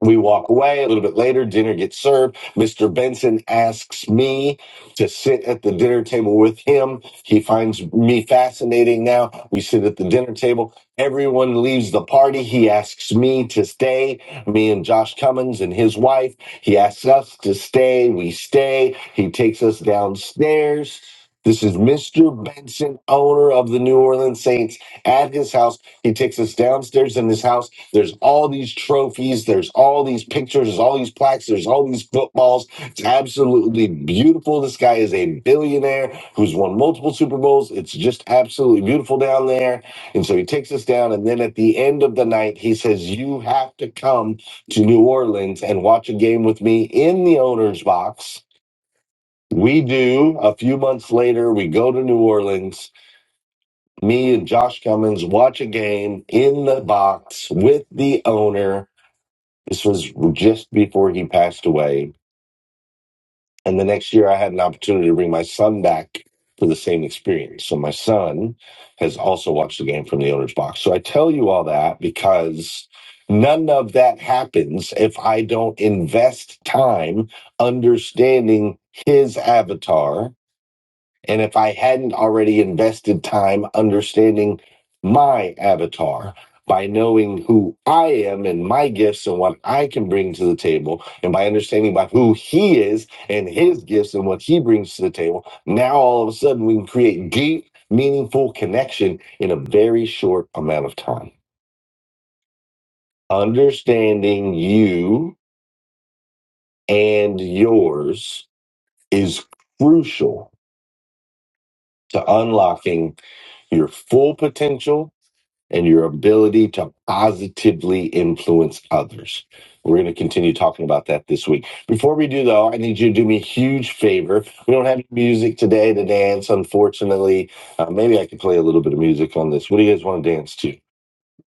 Speaker 3: we walk away a little bit later. Dinner gets served. Mr. Benson asks me to sit at the dinner table with him. He finds me fascinating now. We sit at the dinner table. Everyone leaves the party. He asks me to stay, me and Josh Cummins and his wife. He asks us to stay. We stay. He takes us downstairs. This is Mr. Benson, owner of the New Orleans Saints, at his house. He takes us downstairs in his house. There's all these trophies, there's all these pictures, there's all these plaques, there's all these footballs. It's absolutely beautiful. This guy is a billionaire who's won multiple Super Bowls. It's just absolutely beautiful down there. And so he takes us down. And then at the end of the night, he says, You have to come to New Orleans and watch a game with me in the owner's box. We do. A few months later, we go to New Orleans. Me and Josh Cummins watch a game in the box with the owner this was just before he passed away. And the next year, I had an opportunity to bring my son back for the same experience. So my son has also watched the game from the owner's box. So I tell you all that because none of that happens if I don't invest time understanding his avatar and if I hadn't already invested time understanding my avatar by knowing who I am and my gifts and what I can bring to the table, and by understanding about who he is and his gifts and what he brings to the table, now all of a sudden we can create deep, meaningful connection in a very short amount of time. Understanding you and yours is crucial to unlocking your full potential and your ability to positively influence others. We're going to continue talking about that this week. Before we do, though, I need you to do me a huge favor. We don't have music today to dance, unfortunately. Uh, maybe I could play a little bit of music on this. What do you guys want to dance to?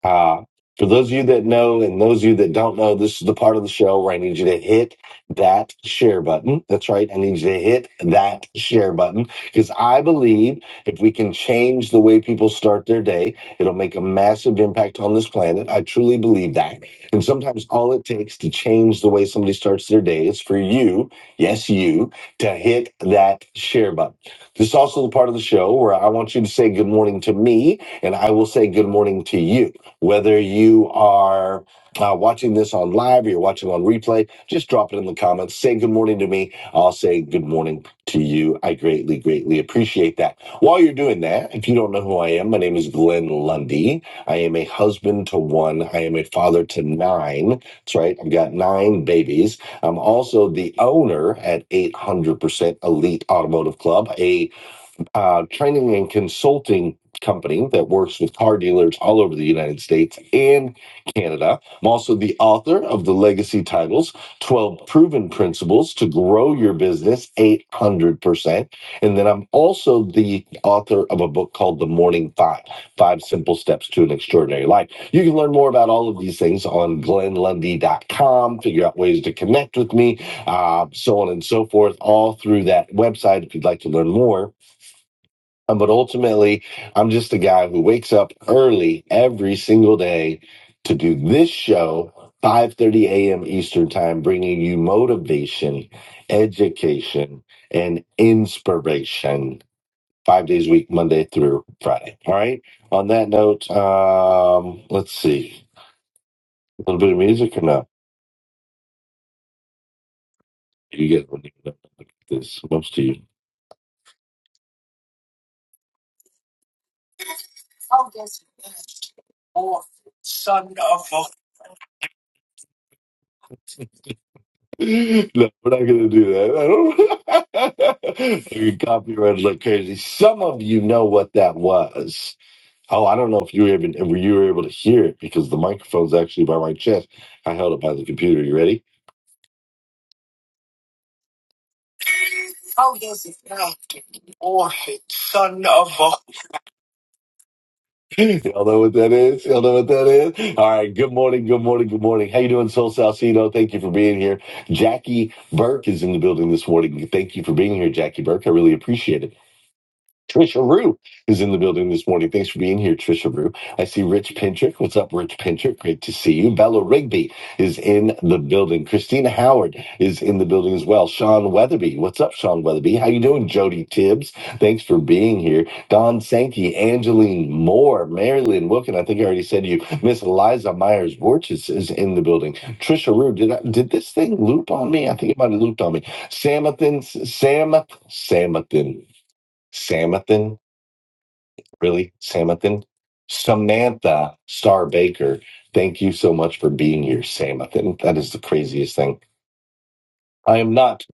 Speaker 3: Uh, for those of you that know and those of you that don't know, this is the part of the show where I need you to hit that share button. That's right. I need you to hit that share button because I believe if we can change the way people start their day, it'll make a massive impact on this planet. I truly believe that. And sometimes all it takes to change the way somebody starts their day is for you, yes, you, to hit that share button. This is also the part of the show where I want you to say good morning to me and I will say good morning to you. Whether you are uh, watching this on live or you're watching on replay, just drop it in the comments. Say good morning to me. I'll say good morning to you. I greatly, greatly appreciate that. While you're doing that, if you don't know who I am, my name is Glenn Lundy. I am a husband to one, I am a father to nine. That's right, I've got nine babies. I'm also the owner at 800% Elite Automotive Club, A uh, training and consulting company that works with car dealers all over the United States and Canada. I'm also the author of the legacy titles 12 Proven Principles to Grow Your Business 800%. And then I'm also the author of a book called The Morning Five Five Simple Steps to an Extraordinary Life. You can learn more about all of these things on glenlundy.com, figure out ways to connect with me, uh, so on and so forth, all through that website if you'd like to learn more um, But ultimately, I'm just a guy who wakes up early every single day to do this show, 5:30 a.m. Eastern Time, bringing you motivation, education, and inspiration. Five days a week, Monday through Friday. All right. On that note, um, let's see. A little bit of music or no? You guys will need to know this. Most of you. No, we're not going to do that. I don't. I get copyrighted like crazy. Some of you know what that was. Oh, I don't know if you were even were you were able to hear it because the microphone's actually by my chest. I held it by the computer. You ready? Oh yes, it's now. Warhead, son of a. Y'all know what that is? Y'all know what that is? All right. Good morning. Good morning. Good morning. How you doing, Soul Salcedo? Thank you for being here. Jackie Burke is in the building this morning. Thank you for being here, Jackie Burke. I really appreciate it. Trisha Rue is in the building this morning. Thanks for being here, Trisha Rue. I see Rich Pintrick. What's up, Rich Pintrick? Great to see you. Bella Rigby is in the building. Christina Howard is in the building as well. Sean Weatherby. What's up, Sean Weatherby? How you doing, Jody Tibbs? Thanks for being here. Don Sankey, Angeline Moore, Marilyn Wilkin. I think I already said to you, Miss Eliza Myers Borches is in the building. Trisha Rue, did I, did this thing loop on me? I think it might have looped on me. Samathan, Samath, Samathan. Samathan really, Samathan? Samantha Star Baker, thank you so much for being here, Samathan. That is the craziest thing. I am not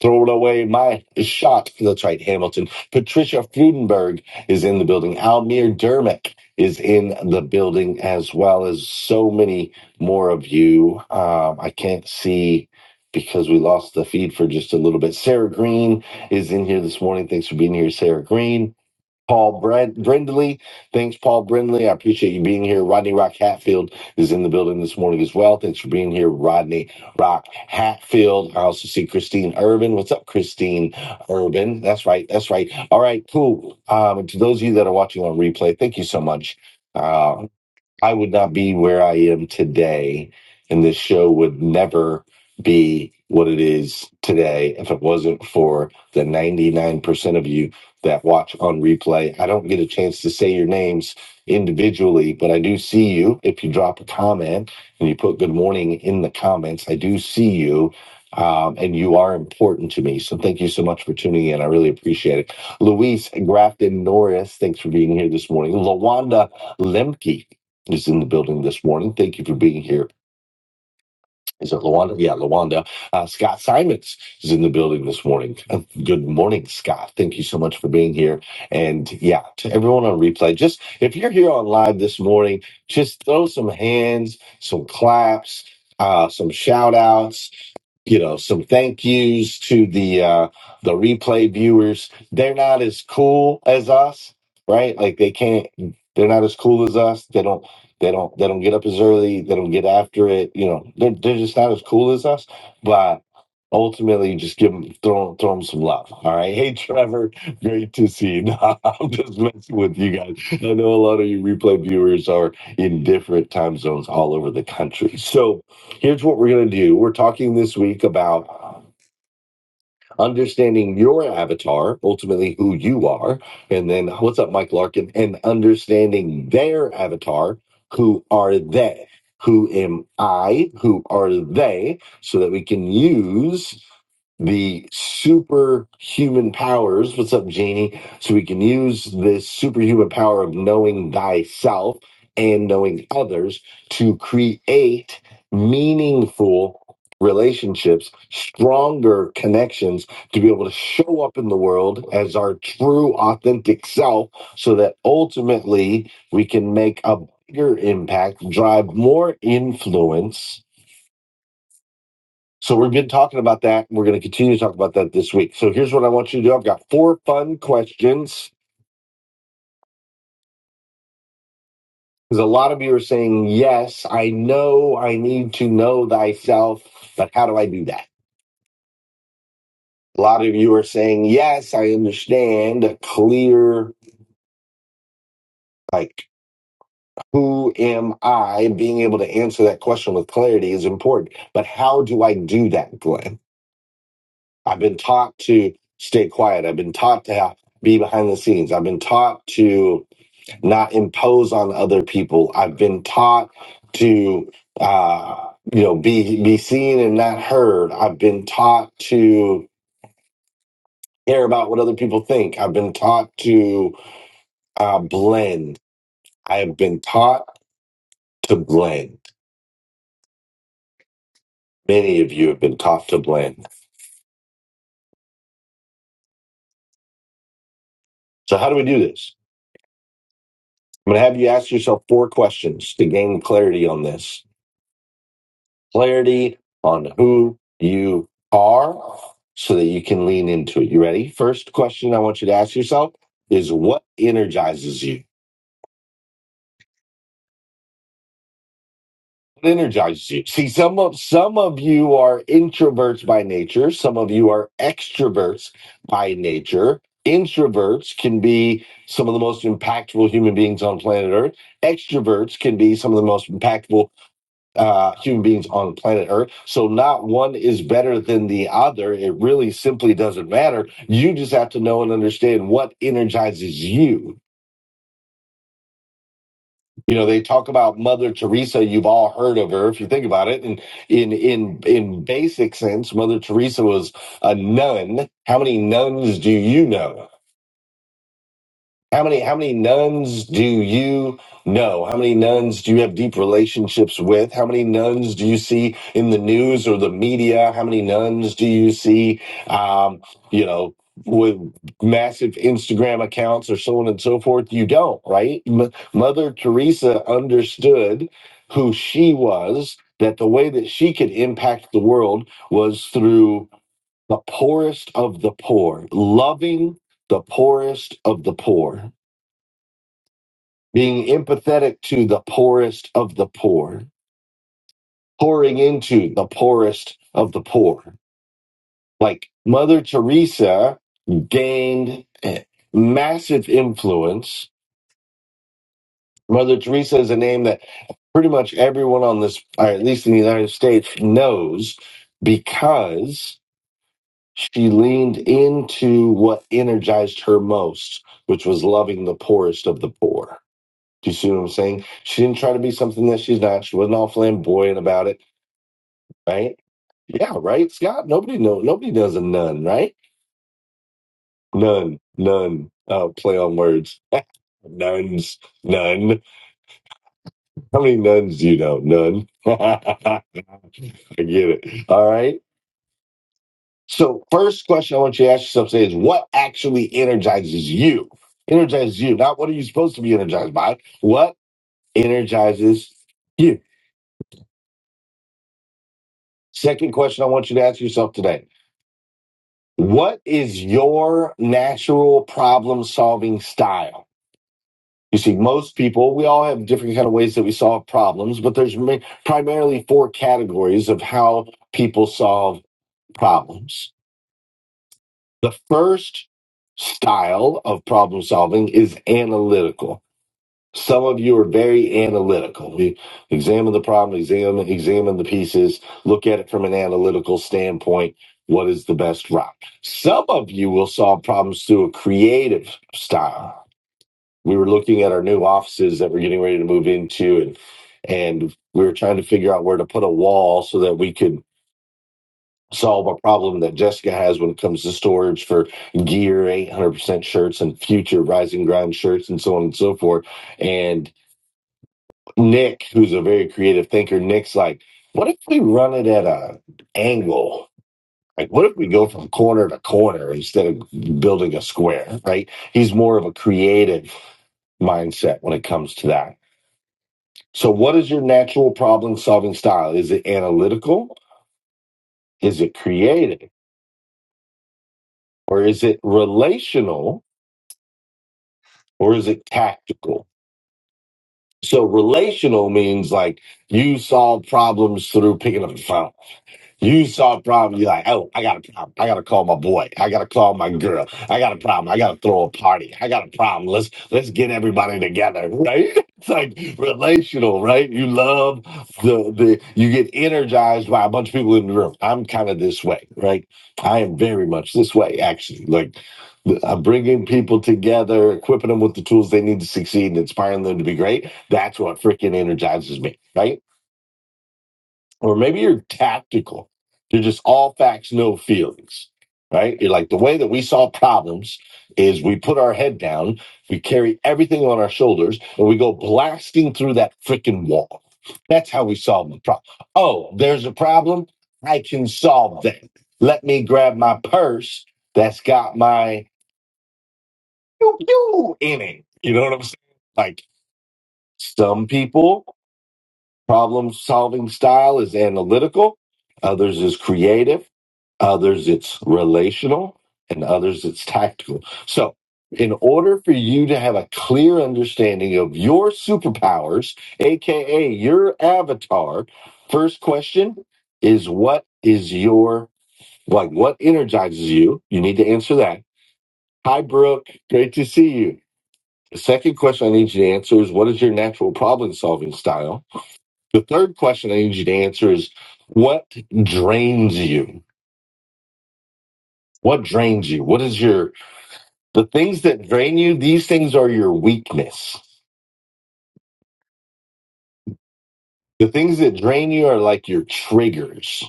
Speaker 3: throwing away my shot. That's right, Hamilton. Patricia Frudenberg is in the building. Almir Dermick is in the building, as well as so many more of you. Um, I can't see because we lost the feed for just a little bit. Sarah Green is in here this morning. Thanks for being here, Sarah Green. Paul Brand- Brindley. Thanks, Paul Brindley. I appreciate you being here. Rodney Rock Hatfield is in the building this morning as well. Thanks for being here, Rodney Rock Hatfield. I also see Christine Urban. What's up, Christine Urban? That's right. That's right. All right, cool. Um, and to those of you that are watching on replay, thank you so much. Uh, I would not be where I am today, and this show would never be what it is today if it wasn't for the 99% of you that watch on replay. I don't get a chance to say your names individually, but I do see you. If you drop a comment and you put good morning in the comments, I do see you. Um, and you are important to me. So thank you so much for tuning in. I really appreciate it. Luis Grafton Norris, thanks for being here this morning. Lawanda Lemke is in the building this morning. Thank you for being here. Is it Lawanda? Yeah, Lawanda. Uh, Scott Simons is in the building this morning. Uh, Good morning, Scott. Thank you so much for being here. And yeah, to everyone on replay, just if you're here on live this morning, just throw some hands, some claps, uh, some shout outs you know some thank yous to the uh the replay viewers they're not as cool as us right like they can't they're not as cool as us they don't they don't they don't get up as early they don't get after it you know they're, they're just not as cool as us but ultimately just give them throw throw them some love all right hey trevor great to see you no, i'm just messing with you guys i know a lot of you replay viewers are in different time zones all over the country so here's what we're going to do. We're talking this week about understanding your avatar, ultimately who you are, and then what's up, Mike Larkin, and understanding their avatar, who are they? Who am I? Who are they? So that we can use the superhuman powers. What's up, Janie? So we can use this superhuman power of knowing thyself and knowing others to create meaningful relationships, stronger connections to be able to show up in the world as our true, authentic self so that ultimately we can make a bigger impact, drive more influence. So, we've been talking about that. and We're going to continue to talk about that this week. So, here's what I want you to do I've got four fun questions because a lot of you are saying, Yes, I know I need to know thyself, but how do I do that? A lot of you are saying, Yes, I understand a clear, like who am I? Being able to answer that question with clarity is important. But how do I do that, Glenn? I've been taught to stay quiet. I've been taught to have, be behind the scenes. I've been taught to not impose on other people. I've been taught to, uh, you know, be be seen and not heard. I've been taught to care about what other people think. I've been taught to uh, blend. I have been taught to blend. Many of you have been taught to blend So, how do we do this? I'm going to have you ask yourself four questions to gain clarity on this clarity on who you are so that you can lean into it. You ready? First question I want you to ask yourself is what energizes you? What energizes you? See, some of, some of you are introverts by nature, some of you are extroverts by nature. Introverts can be some of the most impactful human beings on planet Earth extroverts can be some of the most impactful uh, human beings on planet Earth. So not one is better than the other. It really simply doesn't matter. You just have to know and understand what energizes you. You know, they talk about Mother Teresa. You've all heard of her, if you think about it. And in in in basic sense, Mother Teresa was a nun. How many nuns do you know? How many how many nuns do you know? How many nuns do you have deep relationships with? How many nuns do you see in the news or the media? How many nuns do you see um, you know, with massive Instagram accounts or so on and so forth? You don't, right? M- Mother Teresa understood who she was, that the way that she could impact the world was through the poorest of the poor, loving the poorest of the poor being empathetic to the poorest of the poor, pouring into the poorest of the poor. Like Mother Teresa gained massive influence. Mother Teresa is a name that pretty much everyone on this, or at least in the United States, knows because she leaned into what energized her most, which was loving the poorest of the poor Do you see what I'm saying? She didn't try to be something that she's not. She wasn't all flamboyant about it, right? Yeah, right, Scott. Nobody know. Nobody does a nun, right? Nun, nun. Uh, play on words. Nuns, none. How many nuns do you know? None. I get it. All right. So, first question I want you to ask yourself today is what actually energizes you? Energizes you. Not what are you supposed to be energized by? What energizes you? Second question I want you to ask yourself today What is your natural problem solving style? You see, most people, we all have different kind of ways that we solve problems, but there's ma- primarily four categories of how people solve problems. The first style of problem solving is analytical. Some of you are very analytical. We examine the problem, examine examine the pieces, look at it from an analytical standpoint. What is the best route? Some of you will solve problems through a creative style. We were looking at our new offices that we're getting ready to move into, and and we were trying to figure out where to put a wall so that we could solve a problem that Jessica has when it comes to storage for gear, 800% shirts, and future rising ground shirts, and so on and so forth. And Nick, who's a very creative thinker, Nick's like, what if we run it at a angle? Like, what if we go from corner to corner instead of building a square, right? He's more of a creative mindset when it comes to that. So, what is your natural problem solving style? Is it analytical? Is it creative? Or is it relational? Or is it tactical? So, relational means like you solve problems through picking up the phone You saw a problem, you're like, oh, I got a problem. I gotta call my boy. I gotta call my girl. I got a problem. I gotta throw a party. I got a problem. Let's let's get everybody together, right? It's like relational, right? You love the the you get energized by a bunch of people in the room. I'm kind of this way, right? I am very much this way, actually. Like I'm bringing people together, equipping them with the tools they need to succeed, and inspiring them to be great. That's what freaking energizes me, right? or maybe you're tactical. You're just all facts, no feelings, right? You're like the way that we solve problems is we put our head down, we carry everything on our shoulders, and we go blasting through that freaking wall. That's how we solve the problem. Oh, there's a problem. I can solve that. Let me grab my purse that's got my pew pew in it. You know what I'm saying? Like some people, problem solving style is analytical, others is creative others it's relational, and others it's tactical. So, in order for you to have a clear understanding of your superpowers, aka your avatar, first question is what is your like what energizes you? You need to answer that. Hi Brooke, great to see you. The second question I need you to answer is what is your natural problem solving style? The third question I need you to answer is what drains you? What drains you? What is your The things that drain you, these things are your weakness. The things that drain you are like your triggers.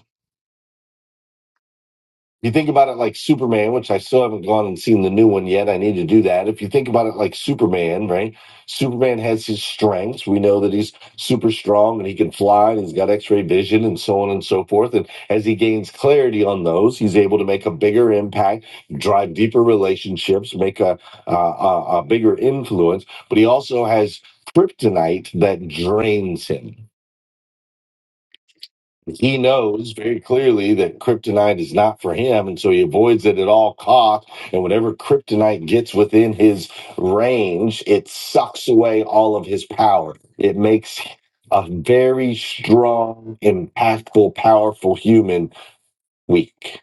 Speaker 3: you think about it like Superman, which I still haven't gone and seen the new one yet. I need to do that. If you think about it like Superman, right? Superman has his strengths. We know that he's super strong and he can fly and he's got x ray vision and so on and so forth. And as he gains clarity on those, he's able to make a bigger impact, drive deeper relationships, make a, a, a, a bigger influence. But he also has kryptonite that drains him he knows very clearly that kryptonite is not for him and so he avoids it at all costs and whenever kryptonite gets within his range it sucks away all of his power it makes a very strong impactful powerful human weak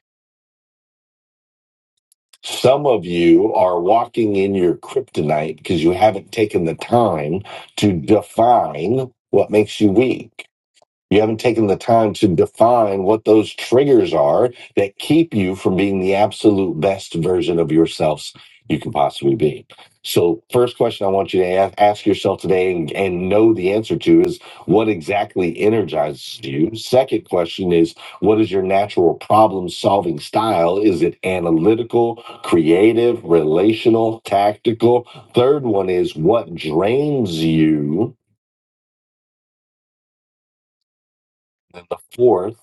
Speaker 3: some of you are walking in your kryptonite because you haven't taken the time to define what makes you weak You haven't taken the time to define what those triggers are that keep you from being the absolute best version of yourselves you can possibly be. So, first question I want you to ask, ask yourself today and, and know the answer to is what exactly energizes you? Second question is what is your natural problem solving style? Is it analytical, creative, relational, tactical? Third one is what drains you? And the fourth,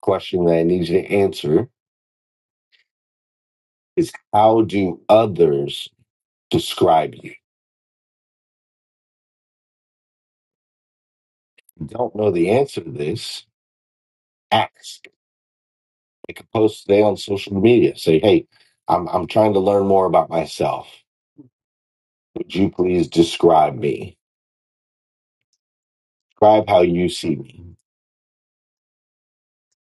Speaker 3: question that I need you to answer is how do others describe you? If you Don't know the answer to this. Ask. Make a post today on social media. Say, hey, I'm I'm trying to learn more about myself. Would you please describe me? Describe how you see me.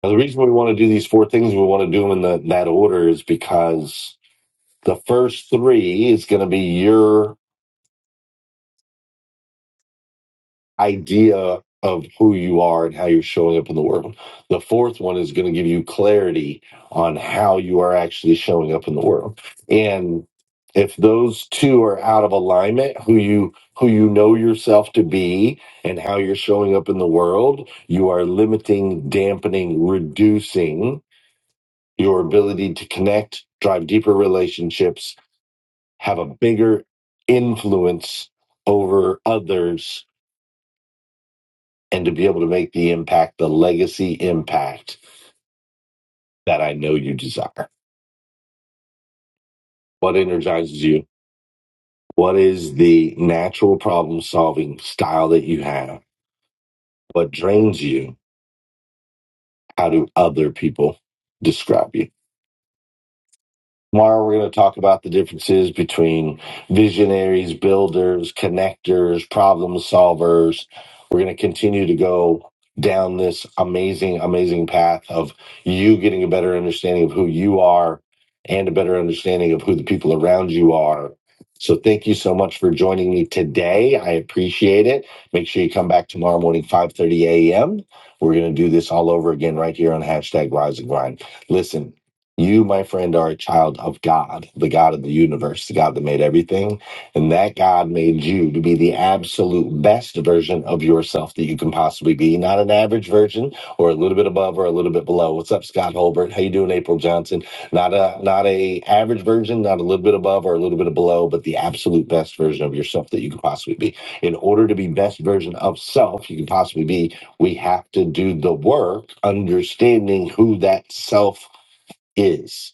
Speaker 3: Now, the reason we want to do these four things, we want to do them in the, that order, is because the first three is going to be your idea of who you are and how you're showing up in the world. The fourth one is going to give you clarity on how you are actually showing up in the world. And if those two are out of alignment, who you who you know yourself to be and how you're showing up in the world, you are limiting, dampening, reducing your ability to connect, drive deeper relationships, have a bigger influence over others and to be able to make the impact, the legacy impact that I know you desire. What energizes you? What is the natural problem solving style that you have? What drains you? How do other people describe you? Tomorrow, we're going to talk about the differences between visionaries, builders, connectors, problem solvers. We're going to continue to go down this amazing, amazing path of you getting a better understanding of who you are and a better understanding of who the people around you are. So, thank you so much for joining me today. I appreciate it. Make sure you come back tomorrow morning, 5 30 a.m. We're going to do this all over again right here on hashtag rise and grind. Listen, you, my friend, are a child of God, the God of the universe, the God that made everything. And that God made you to be the absolute best version of yourself that you can possibly be, not an average version or a little bit above or a little bit below. What's up, Scott Holbert? How you doing, April Johnson? Not a not a average version, not a little bit above or a little bit below, but the absolute best version of yourself that you can possibly be. In order to be best version of self you can possibly be, we have to do the work understanding who that self is.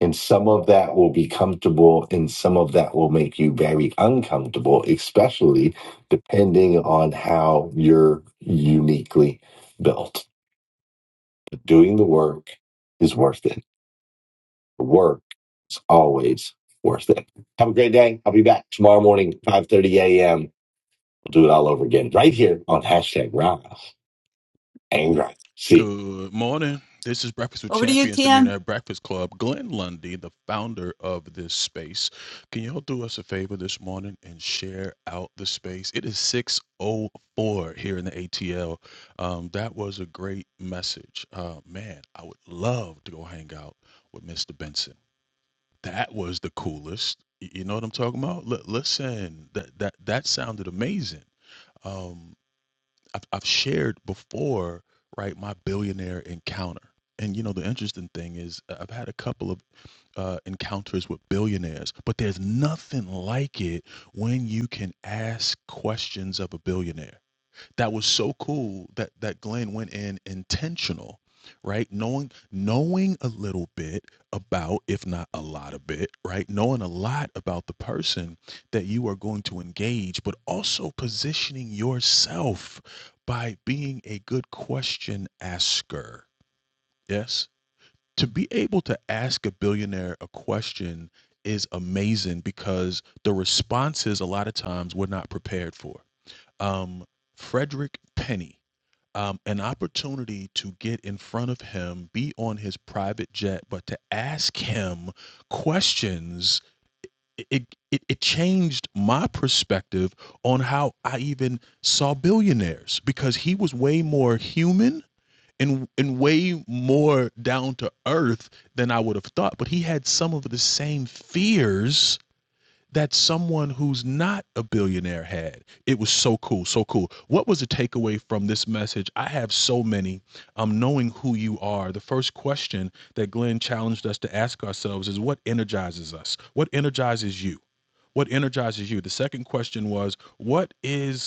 Speaker 3: And some of that will be comfortable and some of that will make you very uncomfortable, especially depending on how you're uniquely built. But doing the work is worth it. The work is always worth it. Have a great day. I'll be back tomorrow morning, 5.30 a.m. We'll do it all over again right here on hashtag Rise and Grind. See you.
Speaker 2: Good morning. This is Breakfast with
Speaker 3: Over to you,
Speaker 2: Champions, the
Speaker 3: TM.
Speaker 2: Millionaire Breakfast Club. Glenn Lundy, the founder of this space. Can y'all do us a favor this morning and share out the space? It is 6.04 here in the ATL. Um, that was a great message. Uh, man, I would love to go hang out with Mr. Benson. That was the coolest. Y- You know what I'm talking about? L- listen, that, that, that sounded amazing. Um, I've, I've shared before, right, my billionaire encounter. And you know, the interesting thing is, uh, I've had a couple of uh, encounters with billionaires, but there's nothing like it when you can ask questions of a billionaire that was so cool that that Glenn went in intentional, right? Knowing knowing a little bit about, if not a lot of bit, right? Knowing a lot about the person that you are going to engage, but also positioning yourself by being a good question asker. Yes. To be able to ask a billionaire a question is amazing because the responses a lot of times we're not prepared for. Um, Frederick Penny um, an opportunity to get in front of him, be on his private jet, but to ask him questions. It, it it it changed my perspective on how I even saw billionaires because he was way more human and and way more down to earth than I would have thought. But he had some of the same fears that someone who's not a billionaire had. It was so cool, so cool. What was the takeaway from this message? I have so many. Um, knowing who you are, the first question that Glenn challenged us to ask ourselves is what energizes us? What energizes you? What energizes you? The second question was, what is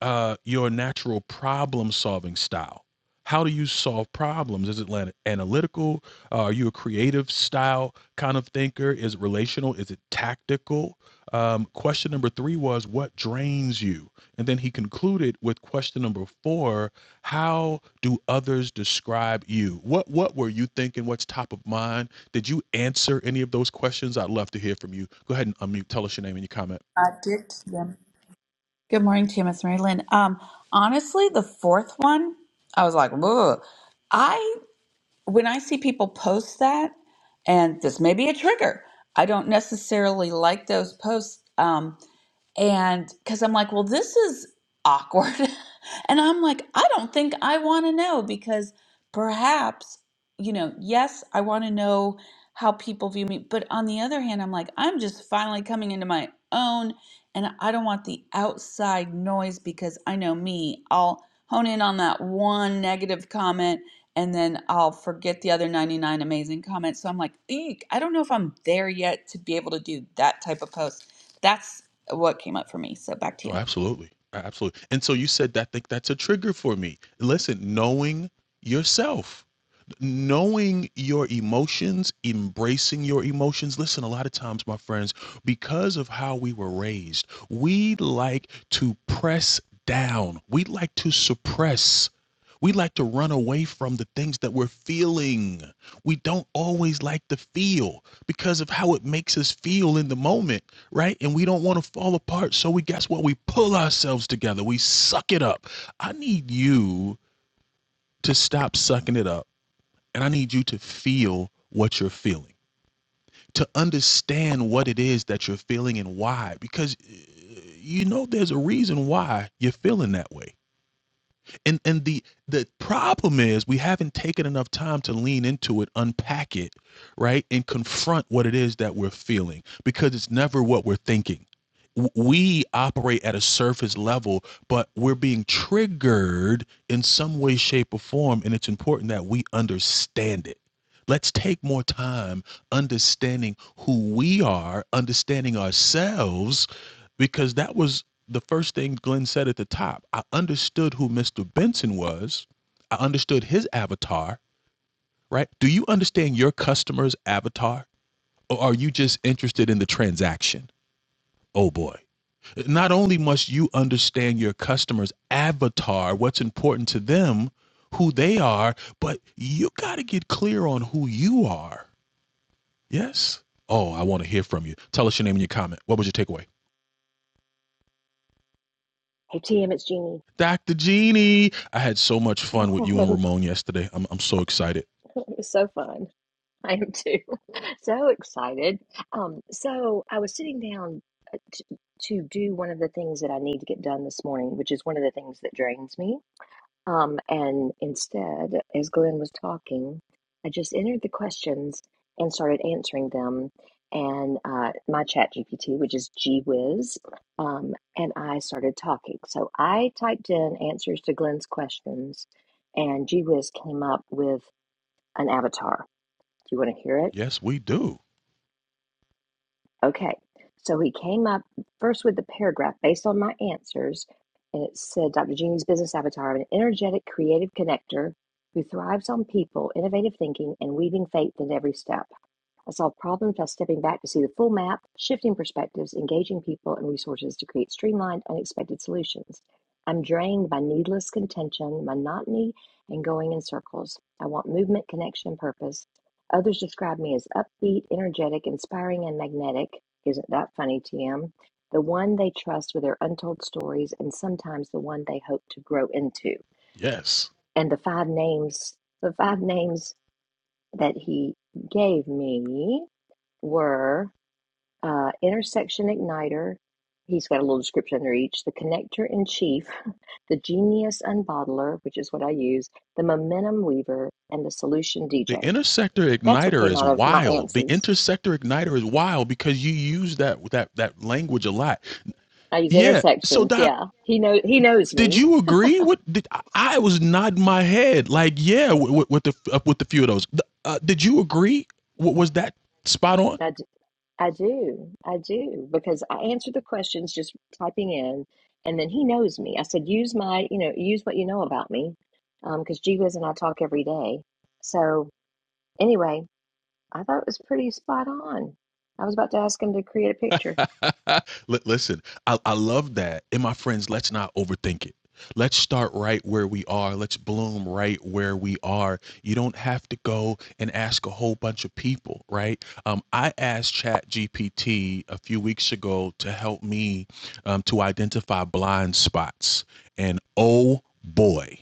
Speaker 2: uh, your natural problem solving style. How do you solve problems? Is it analytical? Uh, are you a creative style kind of thinker? Is it relational? Is it tactical? Um, question number three was what drains you? And then he concluded with question number four: How do others describe you? What what were you thinking? What's top of mind? Did you answer any of those questions? I'd love to hear from you. Go ahead and unmute. Tell us your name and your comment.
Speaker 1: I did to them. Good morning, Tim. It's Mary Lynn. Um, honestly, the fourth one, I was like, whoa. I when I see people post that, and this may be a trigger. I don't necessarily like those posts. Um, And because I'm like, well, this is awkward. and I'm like, I don't think I want to know because perhaps, you know, yes, I want to know how people view me. But on the other hand, I'm like, I'm just finally coming into my own and I don't want the outside noise because I know me. I'll hone in on that one negative comment and then I'll forget the other 99 amazing comments. So I'm like, eek, I don't know if I'm there yet to be able to do that type of post. That's what came up for me. So back to
Speaker 2: Oh,
Speaker 1: you.
Speaker 2: absolutely. A- Absolutely. And so you said that think that's a trigger for me. Listen, knowing yourself, knowing your emotions, embracing your emotions. Listen, a lot of times, my friends, because of how we were raised, we like to press down. We like to suppress we like to run away from the things that we're feeling. We don't always like to feel because of how it makes us feel in the moment, right? And we don't want to fall apart. So we guess what? We pull ourselves together. We suck it up. I need you to stop sucking it up. And I need you to feel what you're feeling, to understand what it is that you're feeling and why. Because eh, you know there's a reason why you're feeling that way and and the the problem is we haven't taken enough time to lean into it unpack it right and confront what it is that we're feeling because it's never what we're thinking we operate at a surface level but we're being triggered in some way shape or form and it's important that we understand it let's take more time understanding who we are understanding ourselves because that was the first thing Glenn said at the top. I understood who Mr. Benson was. I understood his avatar, right? Do you understand your customer's avatar or are you just interested in the transaction? Oh boy. Not only must you understand your customer's avatar, what's important to them, who they are, but you got to get clear on who you are. Yes? Oh, I want to hear from you. Tell us your name and your comment. What was your takeaway?
Speaker 8: Hey TM, it's Jeannie.
Speaker 2: Dr. Genie. I had so much
Speaker 8: Hey,
Speaker 2: fun with you and
Speaker 8: it
Speaker 2: Ramon yesterday. I'm, I'm so excited.
Speaker 8: was so fun. I am too. So excited. Um, so I was sitting down uh, to, to do one of the things that I need to get done this morning, which is one of the things that drains me. Um, and instead, as Glenn was talking, I just entered the questions and started answering them. And uh, my chat GPT, which is GWiz, um, and I started talking. So I typed in answers to Glenn's questions, and GWiz came up with an avatar. Do you want to hear it?
Speaker 2: Yes, we do.
Speaker 8: Okay, so he came up first with the paragraph based on my answers, and it said Dr. Jeannie's business avatar, an energetic, creative connector who thrives on people, innovative thinking, and weaving faith in every step. I solve problems by stepping back to see the full map, shifting perspectives, engaging people and resources to create streamlined, unexpected solutions. I'm drained by needless contention, monotony, and going in circles. I want movement, connection, purpose. Others describe me as upbeat, energetic, inspiring, and magnetic. Isn't that funny, TM? The one they trust with their untold stories, and sometimes the one they hope to grow into.
Speaker 2: Yes.
Speaker 8: And the five names, the five names that he gave me were uh, intersection igniter. He's got a little description under each. The connector in chief, the genius unbottler, which is what I use, the momentum weaver, and the solution
Speaker 2: The
Speaker 8: DJ.
Speaker 2: intersector
Speaker 8: That's what
Speaker 2: igniter
Speaker 8: came
Speaker 2: is
Speaker 8: out of my
Speaker 2: wild. The
Speaker 8: answers.
Speaker 2: intersector igniter is wild because you use that that that language a lot.
Speaker 8: I use
Speaker 2: Yeah. So
Speaker 8: intersections.
Speaker 2: Doc,
Speaker 8: Yeah, he know he knows
Speaker 2: did
Speaker 8: me.
Speaker 2: you agree with? Did, I was nodding my head like yeah with, with the uh, with the few of those. Uh, did you agree? Was that spot on?
Speaker 8: I, d- I do. I do because I answer the questions just typing in, and then he knows me. I said, use my you know use what you know about me, because G Wiz and I talk every day. So anyway, I thought it was pretty spot on. I was about to ask him to create a picture.
Speaker 2: L- listen, I, I love that. And my friends, let's not overthink it. Let's start right where we are. Let's bloom right where we are. You don't have to go and ask a whole bunch of people, right? Um, I asked ChatGPT a few weeks ago to help me um, to identify blind spots. And oh boy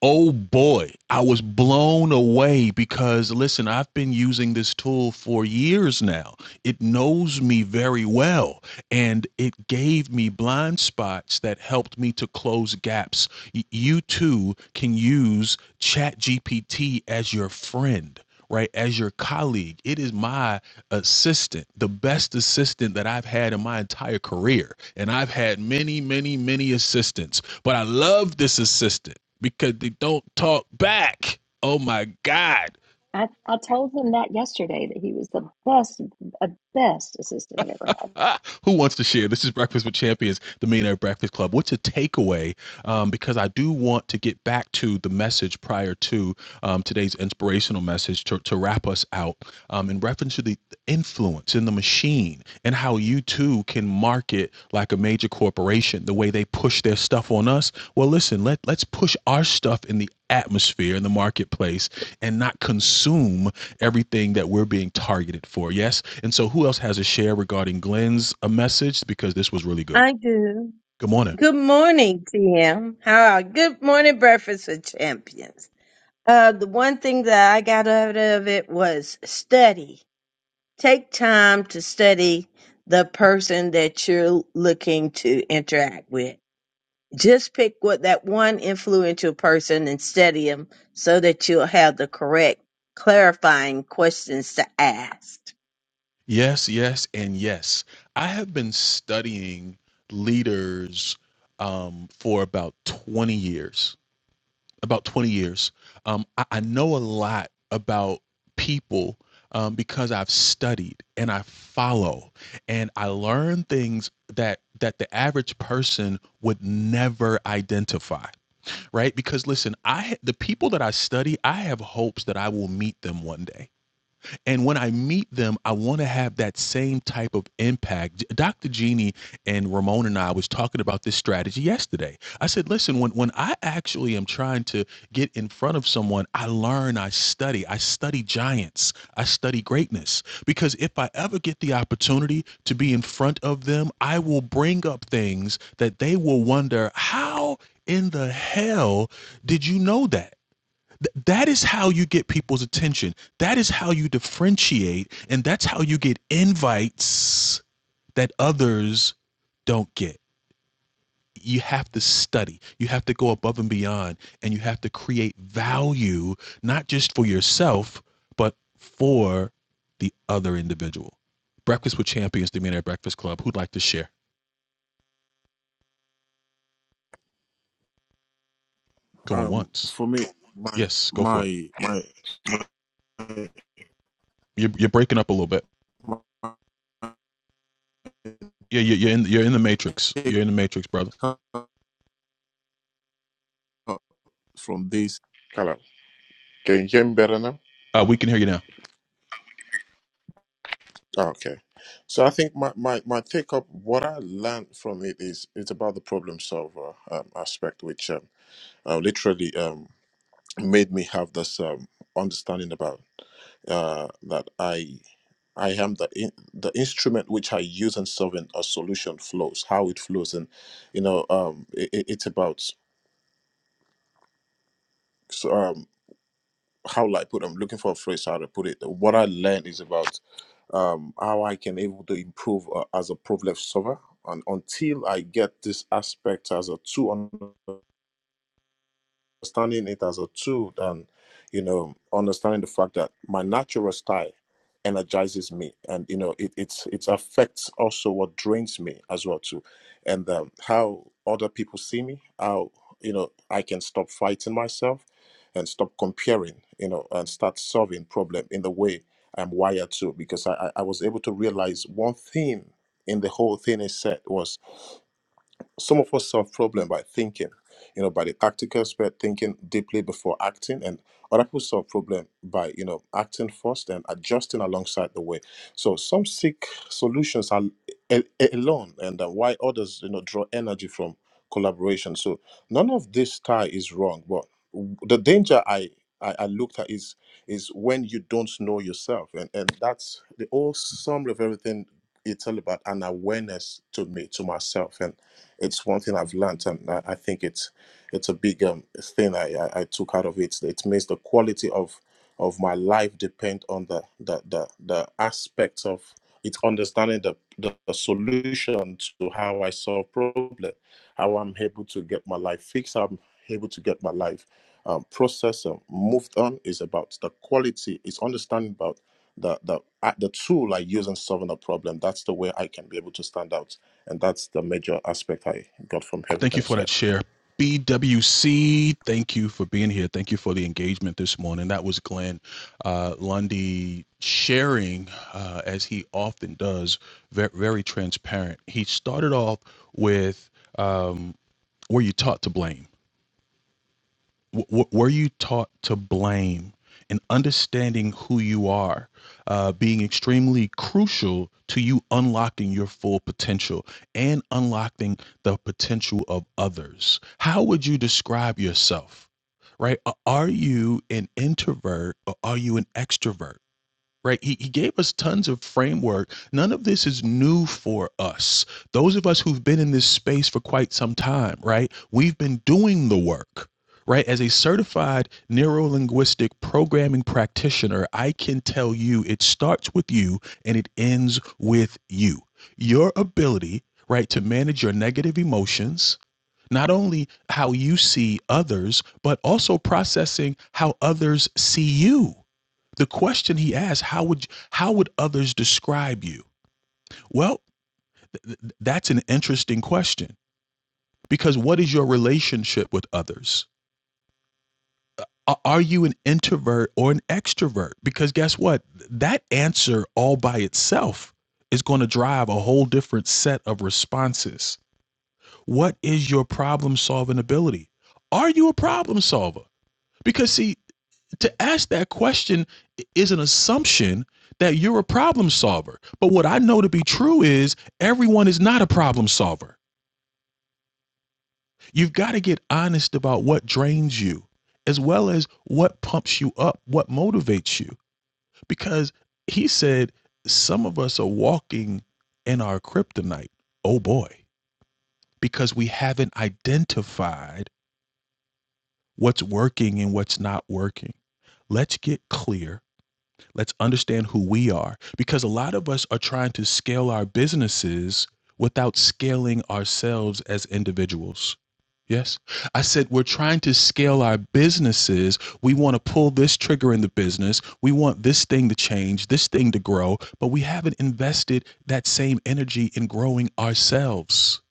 Speaker 2: Oh boy, I was blown away because listen, I've been using this tool for years now. It knows me very well and it gave me blind spots that helped me to close gaps. You too can use ChatGPT as your friend right as your colleague it is my assistant the best assistant that i've had in my entire career and i've had many many many assistants but i love this assistant because they don't talk back oh my god
Speaker 8: I, I told him that yesterday that he was the best, uh, best assistant I've ever had.
Speaker 2: Who wants to share? This is Breakfast with Champions, the Millionaire Breakfast Club. What's a takeaway? Um, because I do want to get back to the message prior to um, today's inspirational message to, to wrap us out um, in reference to the influence in the machine and how you too can market like a major corporation, the way they push their stuff on us. Well, listen, let, let's push our stuff in the atmosphere in the marketplace and not consume everything that we're being targeted for. Yes. And so, who else has a share regarding Glenn's a message? Because this was really good.
Speaker 9: I do.
Speaker 2: Good morning.
Speaker 9: Good morning, TM. How are good morning breakfast for champions. Uh, the one thing that I got out of it was study. Take time to study the person that you're looking to interact with. Just pick what that one influential person and study them so that you'll have the correct clarifying questions to ask.
Speaker 2: Yes, yes, and yes. I have been studying leaders um, for about 20 years about 20 years. Um, I, I know a lot about people um, because I've studied and I follow and I learn things that that the average person would never identify, right? Because listen, I the people that I study, I have hopes that I will meet them one day and when I meet them, I want to have that same type of impact. Dr. Jeannie and Ramon and I was talking about this strategy yesterday. I said, listen, when, when I actually am trying to get in front of someone, I learn, I study, I study giants, I study greatness. Because if I ever get the opportunity to be in front of them, I will bring up things that they will wonder, how in the hell did you know that? Th- that is how you get people's attention. That is how you differentiate, and that's how you get invites that others don't get. You have to study, you have to go above and beyond, and you have to create value, not just for yourself, but for the other individual. Breakfast with Champions, the Millionaire Breakfast Club. Who'd like to share? Going
Speaker 7: um,
Speaker 2: once.
Speaker 7: for me, my
Speaker 2: Yes, go for it.
Speaker 7: my my,
Speaker 2: You're, you're breaking up a little bit.
Speaker 7: my, my
Speaker 2: Yeah, you're, in, you're in the matrix.
Speaker 7: take
Speaker 2: You're in the matrix, brother.
Speaker 7: from this. Hello, can you hear me better now?
Speaker 2: Uh, we can hear you now.
Speaker 7: Oh, Okay, so I think my, my, my take up what I learned from it is it's about the problem solver um, aspect, which um, uh, literally. um, made me have this um, understanding about uh, that I I am the in, the instrument which I use in solving a solution flows, how it flows, and you know um, it, it- it's about so, um, how will I put. I'm looking for a phrase how to put it. What I learned is about um, how I can able to improve uh, as a problem solver, and until I get this aspect as a tool. understanding it as a tool than you know understanding the fact that my natural style energizes me and you know it it's it affects also what drains me as well too and um, how other people see me how you know i can stop fighting myself and stop comparing you know and start solving problem in the way i'm wired to because i i I was able to realize one thing in the whole thing is said was some of us solve problem by thinking, you know, by the tactical aspect, thinking deeply before acting, and other people solve problem by you know acting first and adjusting alongside the way. So some seek solutions al- a- a- alone, and uh, why others you know draw energy from collaboration. So none of this style is wrong, but w- the danger I I, I looked at is is when you don't know yourself, and and that's the whole summary of everything it's all about an awareness to me to myself and it's one thing I've learned, and I, I think it's it's a big um, thing I, I, I took out of it. It means the quality of of my life depend on the the the, the aspects of it's understanding the, the the solution to how I solve problem, how I'm able to get my life fixed, how I'm able to get my life um, processed and moved on. Is about the quality. It's understanding about the the uh, the tool I use in solving a problem. That's the way I can be able to stand out and that's the major aspect I got from
Speaker 2: Thank
Speaker 7: everything
Speaker 2: you
Speaker 7: I
Speaker 2: for
Speaker 7: said.
Speaker 2: that share. BWC, thank you for being here. Thank you for the engagement this morning. That was Glenn uh, Lundy sharing, uh, as he often does, very, very transparent. He started off with um, were you taught to blame? w- were you taught to blame and understanding who you are uh, being extremely crucial to you unlocking your full potential and unlocking the potential of others how would you describe yourself right A- are you an introvert or are you an extrovert right? He, he gave us tons of framework. None of this is new for us. Those of us who've been in this space for quite some time, right? We've been doing the work, right? As a certified neuro linguistic programming practitioner, I can tell you it starts with you and it ends with you. Your ability, right, to manage your negative emotions, not only how you see others, but also processing how others see you the question he asked how would how would others describe you well th- that's an interesting question because what is your relationship with others are you an introvert or an extrovert because guess what that answer all by itself is going to drive a whole different set of responses what is your problem solving ability are you a problem solver because see to ask that question is an assumption that you're a problem solver. But what I know to be true is everyone is not a problem solver. You've got to get honest about what drains you, as well as what pumps you up, what motivates you. Because he said, some of us are walking in our kryptonite. Oh boy, because we haven't identified what's working and what's not working. Let's get clear Let's understand who we are because a lot of us are trying to scale our businesses without scaling ourselves as individuals. Yes. I said we're trying to scale our businesses. We want to pull this trigger in the business. We want this thing to change, this thing to grow, but we haven't invested that same energy in growing ourselves.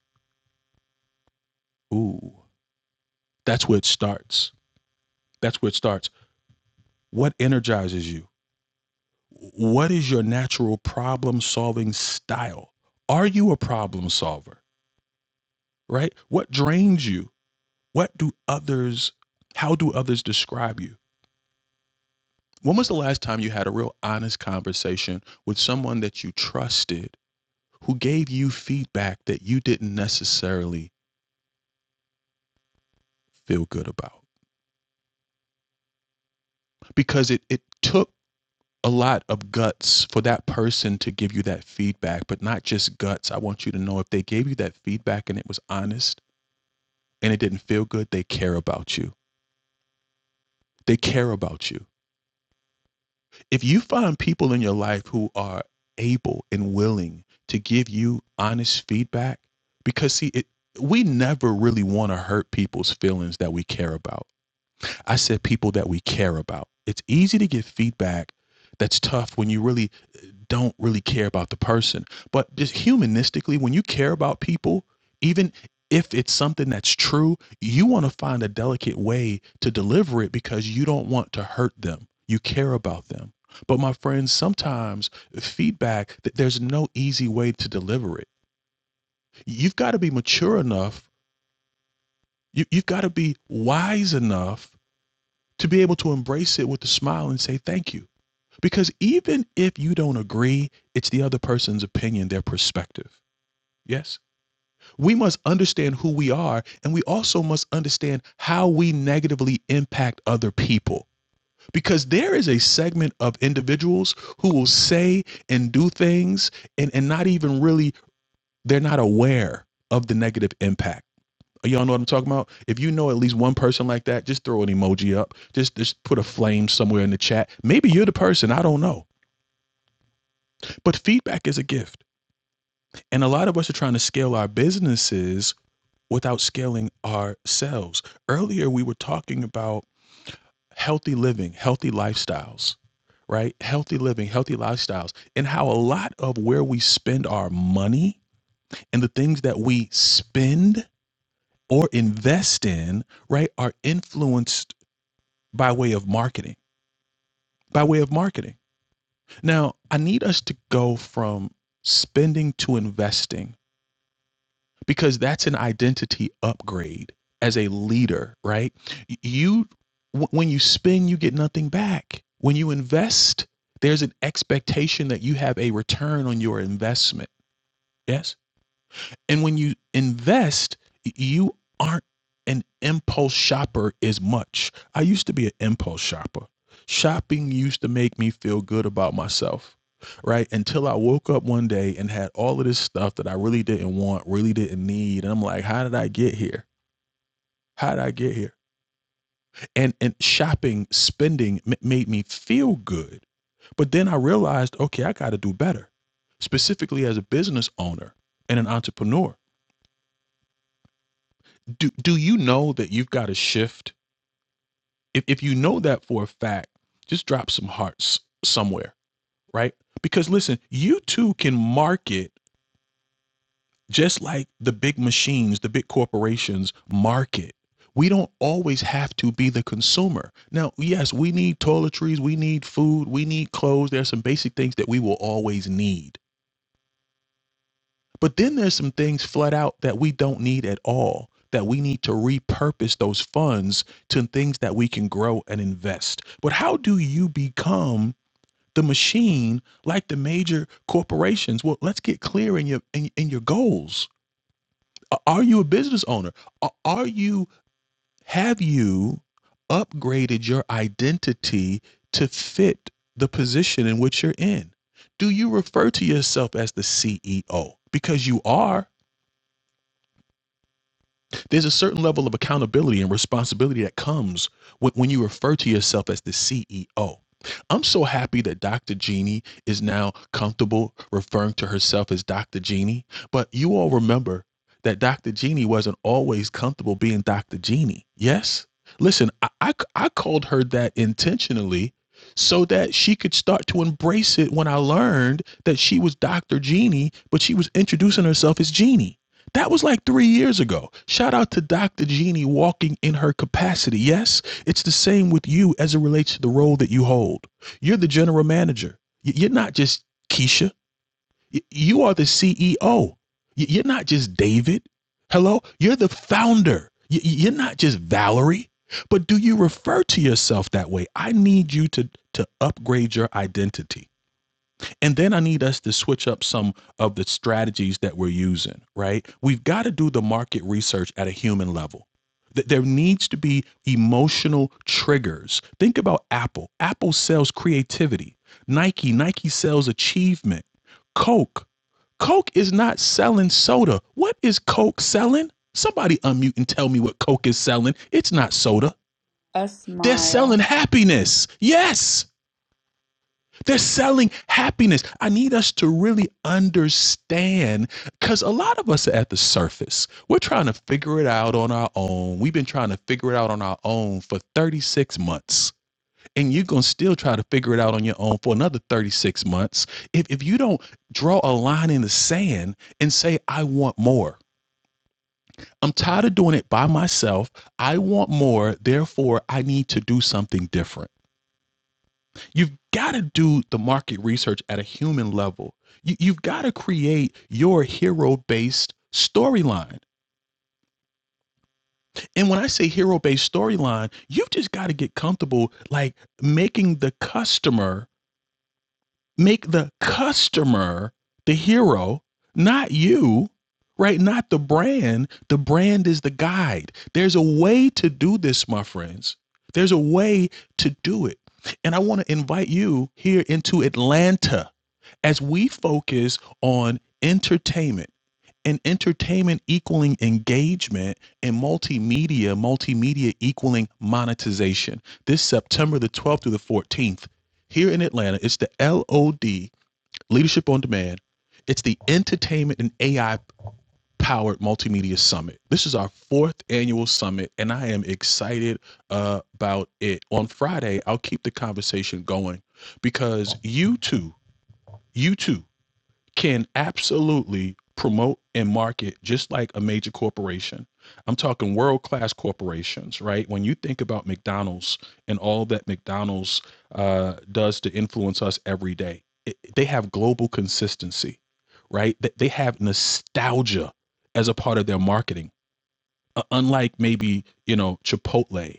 Speaker 2: Ooh. That's where it starts. That's where it starts. What energizes you? what is your natural problem solving style are you a problem solver right what drains you what do others how do others describe you when was the last time you had a real honest conversation with someone that you trusted who gave you feedback that you didn't necessarily feel good about because it it took a lot of guts for that person to give you that feedback but not just guts i want you to know if they gave you that feedback and it was honest and it didn't feel good, they care about you. They care about you. If you find people in your life who are able and willing to give you honest feedback, because see, it, we never really want to hurt people's feelings that we care about. I said people that we care about. It's easy to get feedback that's tough when you really uh, don't really care about the person. But just humanistically, when you care about people, even if it's something that's true, you want to find a delicate way to deliver it because you don't want to hurt them. You care about them. But my friends, sometimes feedback, th- there's no easy way to deliver it. You've got to be mature enough. You, you've got to be wise enough to be able to embrace it with a smile and say thank you. Because even if you don't agree, it's the other person's opinion, their perspective. Yes? We must understand who we are, and we also must understand how we negatively impact other people. Because there is a segment of individuals who will say and do things and, and not even really, they're not aware of the negative impact. Y'all know what I'm talking about? If you know at least one person like that, just throw an emoji up. Just just put a flame somewhere in the chat. Maybe you're the person, I don't know. But feedback is a gift. And a lot of us are trying to scale our businesses without scaling ourselves. Earlier we were talking about healthy living, healthy lifestyles, right? Healthy living, healthy lifestyles, and how a lot of where we spend our money and the things that we spend or invest in, right, are influenced by way of marketing. By way of marketing. Now, I need us to go from spending to investing because that's an identity upgrade as a leader, right? You wh- when you spend, you get nothing back. When you invest, there's an expectation that you have a return on your investment. Yes? And when you invest, you aren't an impulse shopper as much. I used to be an impulse shopper. Shopping used to make me feel good about myself, right? Until I woke up one day and had all of this stuff that I really didn't want, really didn't need. And I'm like, how did I get here? How did I get here? And and shopping, spending m- made me feel good. But then I realized, okay, I got to do better, specifically as a business owner and an entrepreneur. do do you know that you've got to shift if, if you know that for a fact just drop some hearts somewhere right because listen you too can market just like the big machines the big corporations market we don't always have to be the consumer now yes we need toiletries we need food we need clothes there are some basic things that we will always need But then there's some things flat out that we don't need at all, that we need to repurpose those funds to things that we can grow and invest. But how do you become the machine like the major corporations? Well, let's get clear in your in, in your goals. Are you a business owner? Are you have you upgraded your identity to fit the position in which you're in? Do you refer to yourself as the CEO? Because you are There's a certain level of accountability and responsibility that comes when, when you refer to yourself as the CEO. I'm so happy that Dr. Jeannie is now comfortable referring to herself as Dr. Jeannie. But you all remember that Dr. Jeannie wasn't always comfortable being Dr. Jeannie. Yes? Listen, I I I called her that intentionally so that she could start to embrace it when I learned that she was Dr. Jeannie, but she was introducing herself as Jeannie. That was like three years ago. Shout out to Dr. Jeannie walking in her capacity. Yes, it's the same with you as it relates to the role that you hold. You're the general manager. You're not just Keisha. You are the CEO. You're not just David. Hello? You're the founder. You're not just Valerie. But do you refer to yourself that way? I need you to, to upgrade your identity. And then I need us to switch up some of the strategies that we're using, right? We've got to do the market research at a human level. there needs to be emotional triggers. Think about Apple. Apple sells creativity. Nike, Nike sells achievement. Coke, Coke is not selling soda. What is Coke selling? Somebody unmute and tell me what Coke is selling. It's not soda.
Speaker 1: A
Speaker 2: They're selling
Speaker 1: smile.
Speaker 2: happiness. Yes. They're selling happiness. I need us to really understand because a lot of us are at the surface. We're trying to figure it out on our own. We've been trying to figure it out on our own for 36 months. And you're going to still try to figure it out on your own for another 36 months. If, if you don't draw a line in the sand and say, I want more, I'm tired of doing it by myself. I want more. Therefore, I need to do something different. You've got to do the market research at a human level. You, you've got to create your hero based storyline. And when I say hero based storyline, you just got to get comfortable like making the customer make the customer the hero, not you, right? Not the brand. The brand is the guide. There's a way to do this, my friends. There's a way to do it. And I want to invite you here into Atlanta as we focus on entertainment and entertainment equaling engagement and multimedia, multimedia equaling monetization. This September the 12th through the 14th, here in Atlanta, it's the LOD, Leadership on Demand. It's the Entertainment and AI Powered Multimedia Summit. This is our fourth annual summit, and I am excited uh, about it. On Friday, I'll keep the conversation going because you too, you too can absolutely promote and market just like a major corporation. I'm talking world class corporations, right? When you think about McDonald's and all that McDonald's uh, does to influence us every day, it, they have global consistency, right? They, they have nostalgia as a part of their marketing uh, unlike maybe you know Chipotle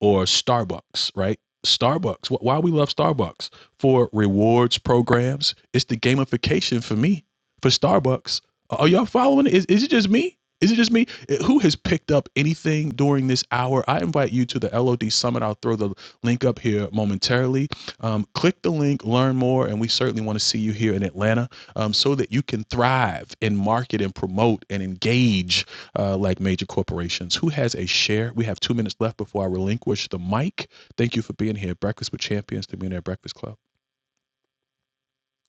Speaker 2: or Starbucks, right? Starbucks. Wh- Why we love Starbucks for rewards programs? It's the gamification for me for Starbucks. Are y'all following? it? Is is it just me? Is it just me? Eh, Who has picked up anything during this hour? I invite you to the LOD Summit. I'll throw the link up here momentarily. Um, click the link, learn more, and we certainly want to see you here in Atlanta um, so that you can thrive and market and promote and engage uh, like major corporations. Who has a share? We have two minutes left before I relinquish the mic. Thank you for being here. Breakfast with Champions, the Millionaire Breakfast Club.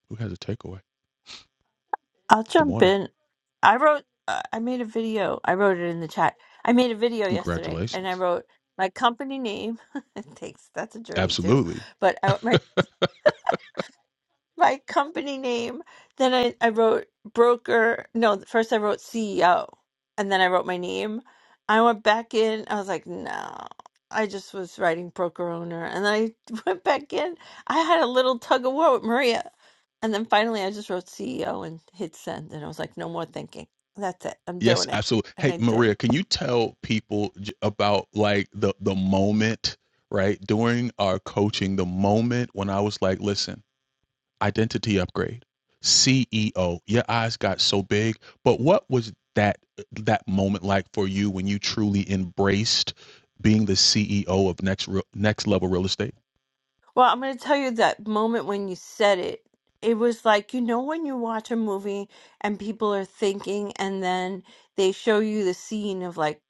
Speaker 2: Who has a takeaway?
Speaker 10: I'll
Speaker 2: Good
Speaker 10: jump
Speaker 2: morning.
Speaker 10: in. I wrote, uh, I made a video. I wrote it in the chat. I made a video yesterday and I
Speaker 2: Congratulations.
Speaker 10: wrote my company name. it takes, that's a journey too.
Speaker 2: Absolutely.
Speaker 10: But I, my my company name. Then I, I wrote broker. No, first I wrote CEO and then I wrote my name. I went back in. I was like, no, I just was writing broker owner. And then I went back in. I had a little tug of war with Maria. And then finally I just wrote CEO and hit send. And I was like, no more thinking. That's it. I'm
Speaker 2: Yes,
Speaker 10: doing it.
Speaker 2: absolutely.
Speaker 10: And
Speaker 2: Hey,
Speaker 10: I did.
Speaker 2: Maria, can you tell people j- about like the the moment, right? During our coaching, the moment when I was like, listen. identity upgrade ceo your eyes got so big but what was that that moment like for you when you truly embraced being the ceo of next Re- next level real estate
Speaker 10: Well, I'm going to tell you that moment when you said it, it was like, you know, when you watch a movie and people are thinking, and then they show you the scene of like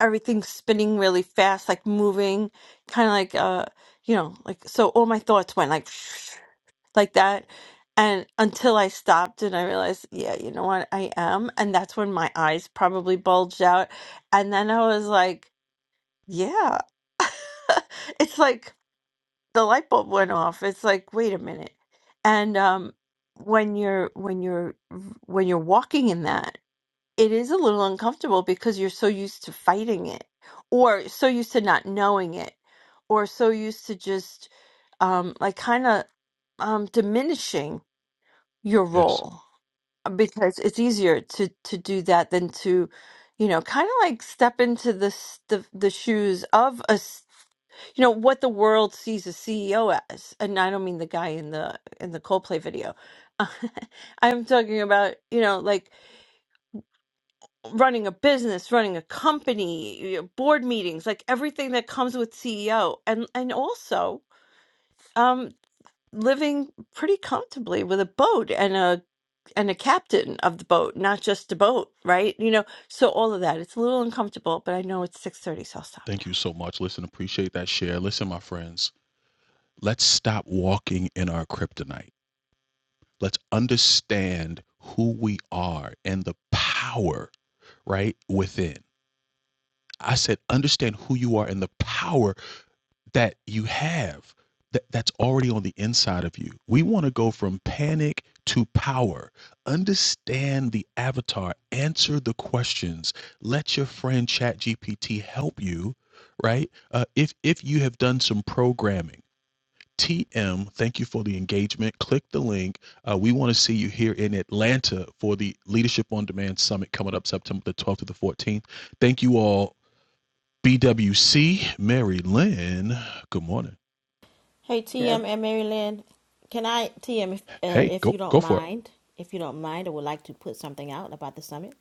Speaker 10: everything spinning really fast, like moving, kind of like, uh, you know, like, so all my thoughts went like, like that. And until I stopped and I realized, yeah, you know what, I am. And that's when my eyes probably bulged out. And then I was like, yeah, it's like, the light bulb went off it's like wait a minute and um when you're when you're when you're walking in that it is a little uncomfortable because you're so used to fighting it or so used to not knowing it or so used to just um like kind of um diminishing your
Speaker 2: yes
Speaker 10: role uh, because it's easier to to do that than to you know kind of like step into the s- the, the shoes of a you know what the world sees a CEO as, and I don't mean the guy in the in the Coldplay video. I'm talking about you know like running a business, running a company, you know, board meetings, like everything that comes with CEO, and and also um, living pretty comfortably with a boat and and a captain of the boat, not just a boat, right? You know, so all of that. It's a little uncomfortable, but I know it's 6:30, so I'll stop now.
Speaker 2: thank you so much listen appreciate that share listen my friends let's stop walking in our kryptonite let's understand who we are and the power right within i said understand who you are and the power that you have that, that's already on the inside of you. We want to go from panic to power. Understand the avatar, answer the questions, let your friend ChatGPT help you, right? Uh, if if you have done some programming, TM, thank you for the engagement. Click the link. Uh, we want to see you here in Atlanta for the Leadership on Demand Summit coming up September the 12th to the 14th. Thank you all. BWC, Mary Lynn, good morning.
Speaker 11: Hey TM and Mary Lynn, can I TM if uh,
Speaker 2: Hey,
Speaker 11: if you
Speaker 2: go
Speaker 11: don't
Speaker 2: go for it.
Speaker 11: mind, if you don't mind, I would like to put something out about the summit.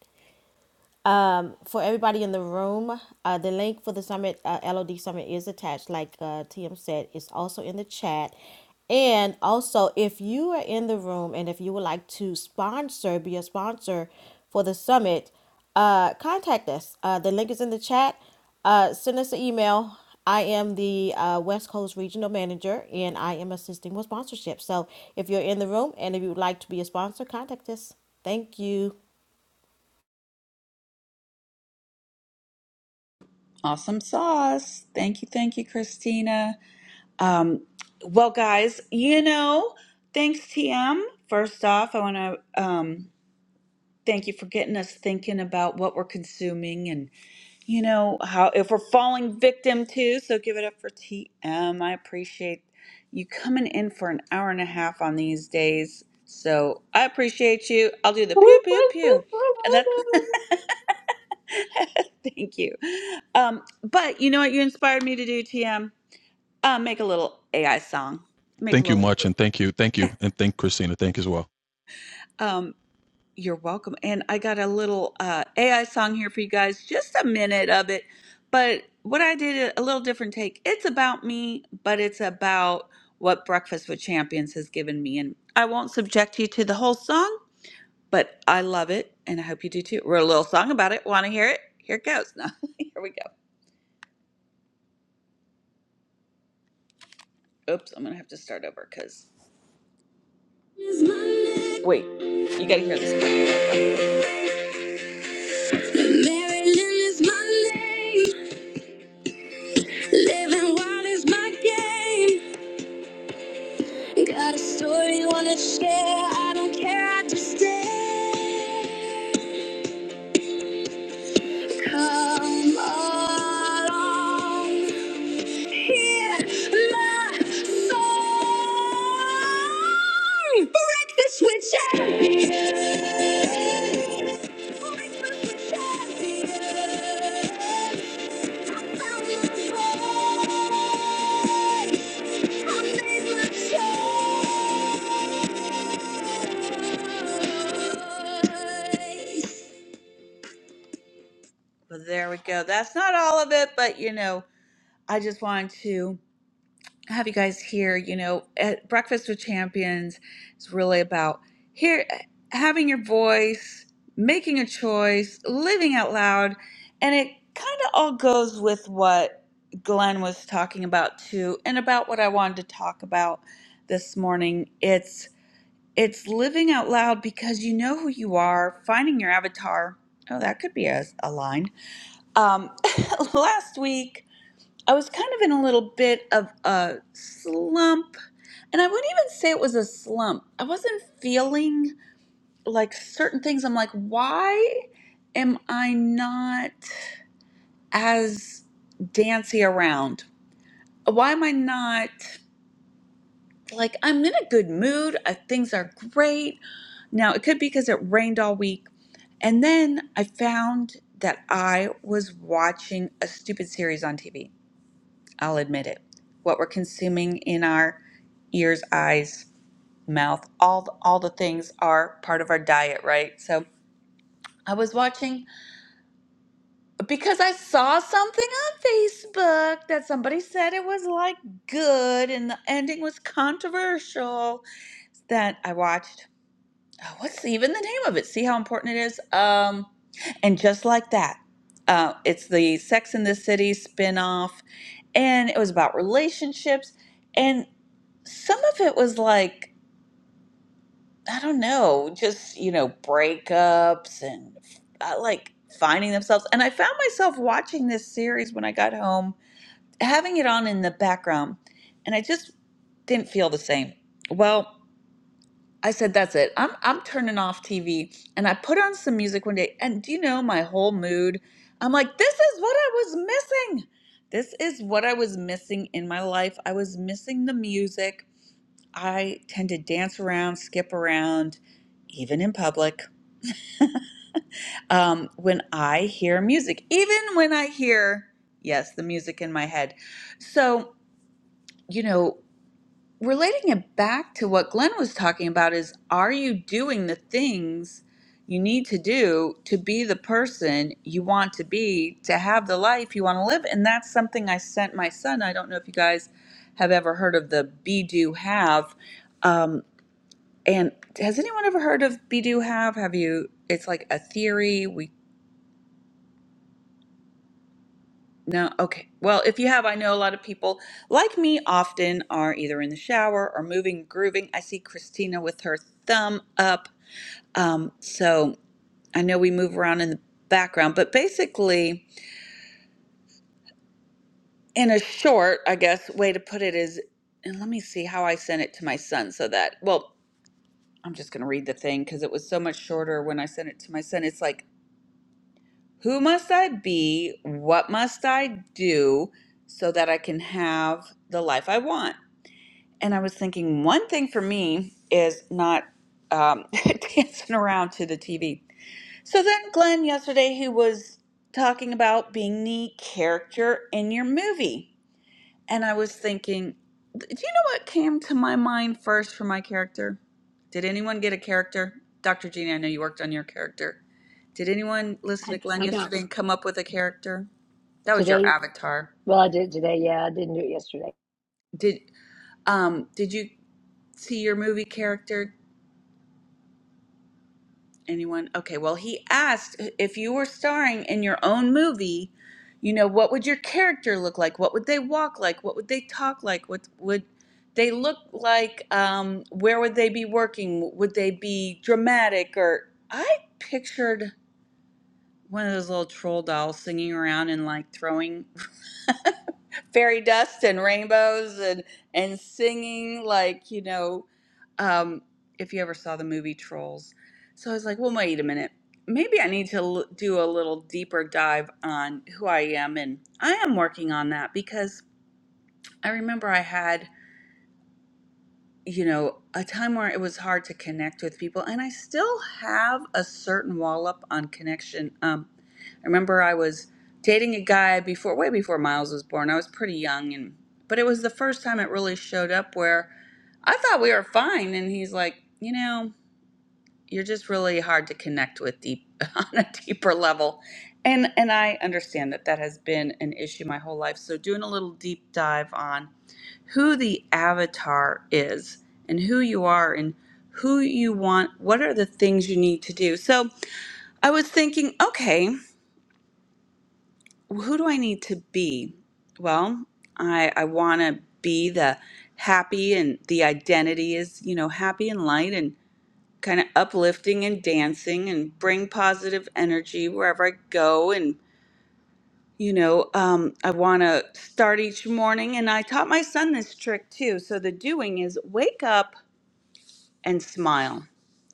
Speaker 11: Um, for everybody in the room, uh, the link for the summit, uh, LOD summit, is attached. Like uh, TM said, it's also in the chat. And also, if you are in the room and if you would like to sponsor, be a sponsor for the summit, uh, contact us. Uh, the link is in the chat. Uh, send us an email. I am the uh, West Coast Regional Manager, and I am assisting with sponsorship. So, if you're in the room and if you would like to be a sponsor, contact us. Thank you.
Speaker 1: Awesome sauce. Thank you, thank you, Christina. Um, well, guys, you know, thanks, TM. First off, I want to um, thank you for getting us thinking about what we're consuming and, you know, how if we're falling victim to. So give it up for TM. I appreciate you coming in for an hour and a half on these days. So I appreciate you. I'll do the
Speaker 9: Woo,
Speaker 1: pew, pew,
Speaker 9: woo,
Speaker 1: pew.
Speaker 9: woo, woo,
Speaker 1: That's.
Speaker 9: woo.
Speaker 1: Thank you. Um, but you know what you inspired me to do, TM? Uh, make a little AI song. Make a
Speaker 2: Thank you
Speaker 1: little.
Speaker 2: much, and thank you, thank you, and thank Christina. Thank you as well.
Speaker 1: Um, you're welcome. And I got a little uh, AI song here for you guys, just a minute of it. But what I did, a little different take. It's about me, but it's about what Breakfast with Champions has given me. And I won't subject you to the whole song, but I love it. And I hope you do too. Wrote a little song about it. Want to hear it? Here it goes. No, here we go. Oops, I'm going to have to start over because Wait, you gotta hear this. part. Maryland is my name. Living wild is my game. Got a story, wanna share. I don't care, I just stay. Come along, hear my song. Break the switch and be yours. Break the switch and be yours. I found my voice. I made my choice. But there we go. That's not all of it, but you know, I just wanted to have you guys here. You know, at Breakfast with Champions is really about here having your voice, making a choice, living out loud, and it kind of all goes with what Glenn was talking about too, and about what I wanted to talk about this morning. It's it's living out loud because you know who you are, finding your avatar. Oh, that could be a, a line um, last week, I was kind of in a little bit of a slump, and I wouldn't even say it was a slump. I wasn't feeling like certain things. I'm like, why am I not as dancy around? Why am I not like I'm in a good mood? Uh, things are great. Now, it could be because it rained all week. And then I found that I was watching a stupid series on TV I'll admit it. What we're consuming in our ears, eyes, mouth, all the, all the things are part of our diet, right? So I was watching because I saw something on Facebook that somebody said it was like good and the ending was controversial that I watched Oh, what's even the name of it? See how important it is? Um, and just like that, uh, it's the Sex in the City spinoff, and it was about relationships. And some of it was like, I don't know, just, you know, breakups and uh, like finding themselves. And I found myself watching this series when I got home, having it on in the background, and I just didn't feel the same. Well, I said, that's it. I'm I'm turning off TV. And I put on some music one day, and do you know my whole mood? I'm like, this is what I was missing. This is what I was missing in my life. I was missing the music. I tend to dance around, skip around, even in public. Um, when I hear music, even when I hear, yes, the music in my head. So, you know, relating it back to what Glenn was talking about is are you doing the things you need to do to be the person you want to be, to have the life you want to live? And that's something I sent my son. I don't know if you guys have ever heard of the Be Do Have. Um, and has anyone ever heard of Be Do Have? Have you? It's like a theory. We. No, okay. Well, if you have, I know a lot of people like me often are either in the shower or moving, grooving. I see Christina with her thumb up. Um, so I know we move around in the background, but basically, in a short, I guess, way to put it is, and let me see how I sent it to my son so that, well, I'm just going to read the thing because it was so much shorter when I sent it to my son. It's like, who must I be? What must I do so that I can have the life I want? And I was thinking one thing for me is not um, dancing around to the TV. So then Glenn yesterday he was talking about being the character in your movie. And I was thinking, do you know what came to my mind first for my character? Did anyone get a character? Dr. Jeannie, I know you worked on your character. Did anyone listen to
Speaker 8: I,
Speaker 1: Glenn
Speaker 8: I got
Speaker 1: yesterday and come up with a character? That was your
Speaker 8: today.
Speaker 1: avatar.
Speaker 8: Well, I did it today. Yeah, I didn't do it yesterday.
Speaker 1: Did um did you see your movie character? Anyone? Okay, well, he asked if you were starring in your own movie, you know, what would your character look like? What would they walk like? What would they talk like? What would they look like? Um, where would they be working? Would they be dramatic? Or I pictured one of those little troll dolls singing around and like throwing fairy dust and rainbows and and singing like you know um if you ever saw the movie trolls so i was like well wait a minute maybe i need to l- do a little deeper dive on who i am and i am working on that because i remember i had you know, a time where it was hard to connect with people, and I still have a certain wall up on connection. Um, I remember I was dating a guy before, way before Miles was born. I was pretty young, and but it was the first time it really showed up where I thought we were fine, and he's like, you know, you're just really hard to connect with deep on a deeper level, and and I understand that that has been an issue my whole life. So doing a little deep dive on who the avatar is and who you are and who you want what are the things you need to do so i was thinking okay who do i need to be well i i want to be the happy and the identity is you know happy and light and kind of uplifting and dancing and bring positive energy wherever i go and you know um, i want to start each morning and i taught my son this trick too so the doing is wake up and smile.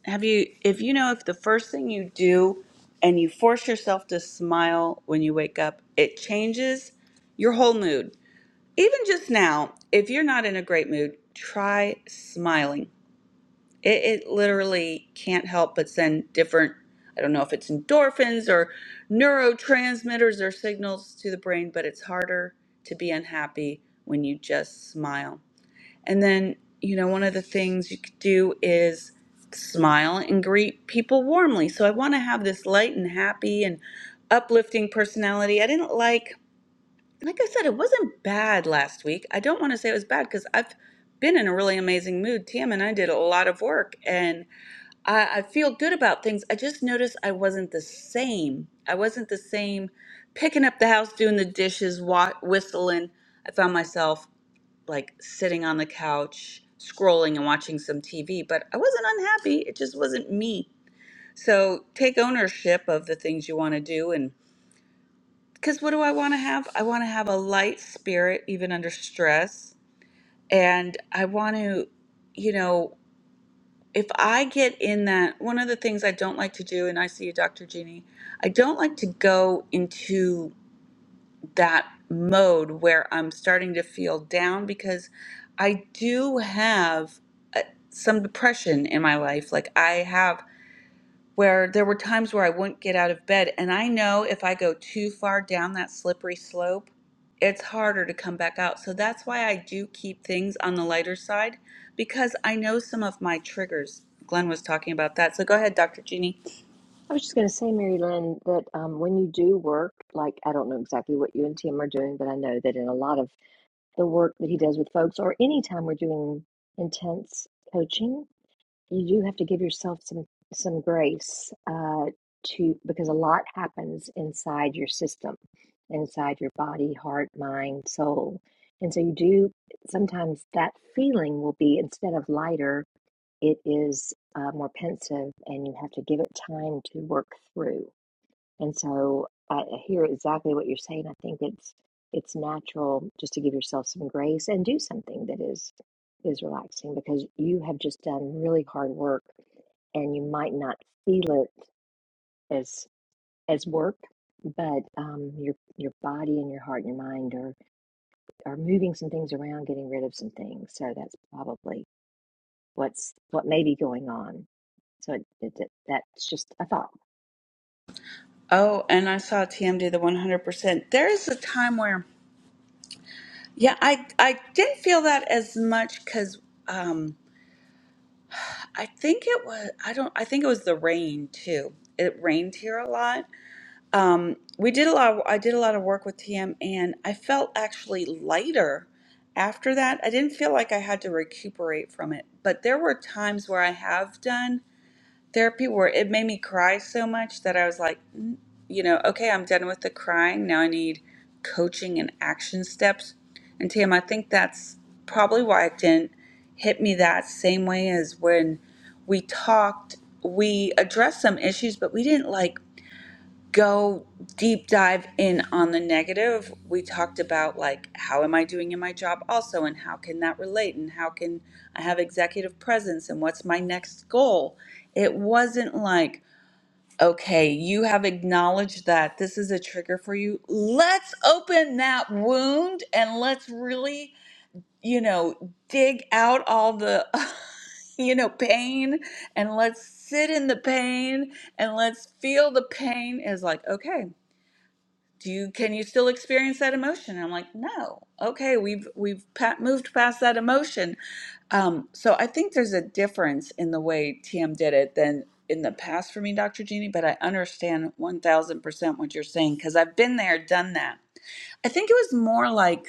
Speaker 1: Have you, if you know, if the first thing you do and you force yourself to smile when you wake up, it changes your whole mood. Even just now, if you're not in a great mood, try smiling. It, it literally can't help but send different, I don't know if it's endorphins or neurotransmitters or signals to the brain, but it's harder to be unhappy when you just smile. And then, you know, one of the things you could do is smile and greet people warmly. So I want to have this light and happy and uplifting personality. I didn't like, like I said, it wasn't bad last week. I don't want to say it was bad because I've been in a really amazing mood. Tam and I did a lot of work and I, I feel good about things. I just noticed I wasn't the same. I wasn't the same picking up the house, doing the dishes, wa- whistling. I found myself like sitting on the couch, scrolling and watching some TV, but I wasn't unhappy. It just wasn't me. So take ownership of the things you want to do. And because what do I want to have? I want to have a light spirit, even under stress. And I want to, you know, if I get in that, one of the things I don't like to do, and I see you, Dr. Jeannie, I don't like to go into that mode where I'm starting to feel down because I do have uh, some depression in my life. Like I have where there were times where I wouldn't get out of bed and I know if I go too far down that slippery slope, it's harder to come back out. So that's why I do keep things on the lighter side because I know some of my triggers. Glenn was talking about that. So go ahead, Dr. Jeannie.
Speaker 8: I was just going to say, Mary Lynn, that um, when you do work, like I don't know exactly what you and Tim are doing, but I know that in a lot of the work that he does with folks, or any time we're doing intense coaching, you do have to give yourself some some grace uh, to because a lot happens inside your system, inside your body, heart, mind, soul, and so you do sometimes that feeling will be instead of lighter, it is uh, more pensive, and you have to give it time to work through. And so I I hear exactly what you're saying. I think it's it's natural just to give yourself some grace and do something that is is relaxing because you have just done really hard work and you might not feel it as as work, but um, your your body and your heart and your mind are are moving some things around, getting rid of some things. So that's probably what's what may be going on. So it, it, it- that's just a thought.
Speaker 1: Oh, and I saw TM do the 100%. There is a time where Yeah, I I didn't feel that as much because um, I think it was I don't I think it was the rain too. It rained here a lot. Um, we did a lot. Of, I did a lot of work with TM, and I felt actually lighter after that. I didn't feel like I had to recuperate from it, but there were times where I have done therapy where it made me cry so much that I was like, "Mm, you know, okay, I'm done with the crying. Now I need coaching and action steps. And Tam, I think that's probably why it didn't hit me that same way as when we talked. We addressed some issues, but we didn't like go deep dive in on the negative we talked about like how am i doing in my job also and how can that relate and how can i have executive presence and what's my next goal it wasn't like okay you have acknowledged that this is a trigger for you let's open that wound and let's really you know dig out all the you know pain and let's sit in the pain and let's feel the pain is like okay do you can you still experience that emotion And i'm like no okay we've we've pa- moved past that emotion um, so i think there's a difference in the way tm did it than in the past for me dr jeannie but i understand 1000% what you're saying because i've been there done that i think it was more like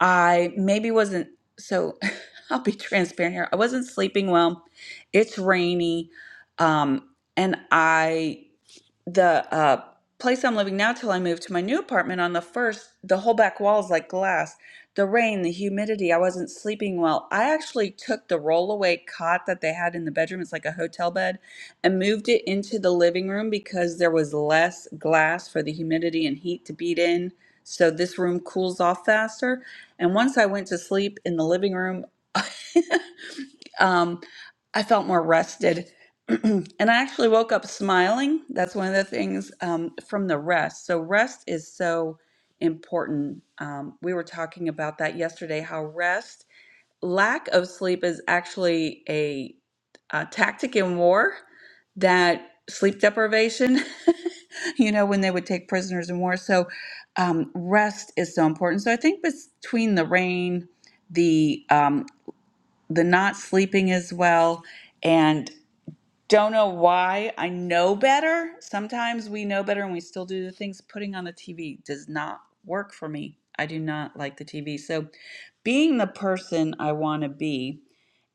Speaker 1: i maybe wasn't so i'll be transparent here i wasn't sleeping well it's rainy um, and i the uh, place I'm living now till I moved to my new apartment on the first, the whole back wall is like glass. The rain, the humidity, I wasn't sleeping well. I actually took the rollaway cot that they had in the bedroom, it's like a hotel bed, and moved it into the living room because there was less glass for the humidity and heat to beat in. So this room cools off faster. And once I went to sleep in the living room, um, I felt more rested. and I actually woke up smiling. That's one of the things um, from the rest. So, rest is so important. Um, we were talking about that yesterday how rest, lack of sleep, is actually a, a tactic in war that sleep deprivation, you know, when they would take prisoners in war. So, um, rest is so important. So, I think between the rain, the um, the not sleeping as well. And don't know why I know better. Sometimes we know better and we still do the things putting on the TV does not work for me. I do not like the TV. So, being the person I want to be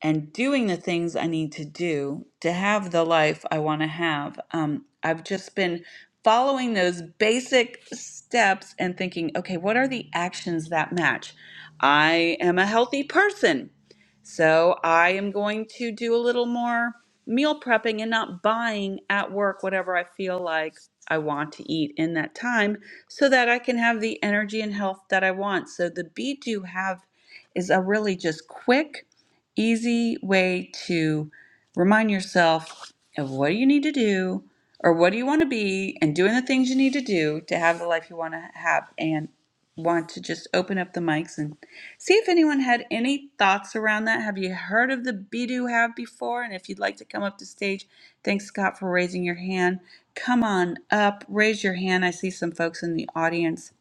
Speaker 1: and doing the things I need to do to have the life I want to have. Um, I've just been following those basic steps and thinking, okay, what are the actions that match? I am a healthy person. So I am going to do a little more meal prepping and not buying at work whatever I feel like I want to eat in that time so that I can have the energy and health that I want. So the Be Do Have is a really just quick, easy way to remind yourself of what you need to do or what do you want to be and doing the things you need to do to have the life you want to have and want to just open up the mics and See if anyone had any thoughts around that. Have you heard of the Bidu Have before? And if you'd like to come up to stage, thanks, Scott, for raising your hand. Come on up, raise your hand. I see some folks in the audience.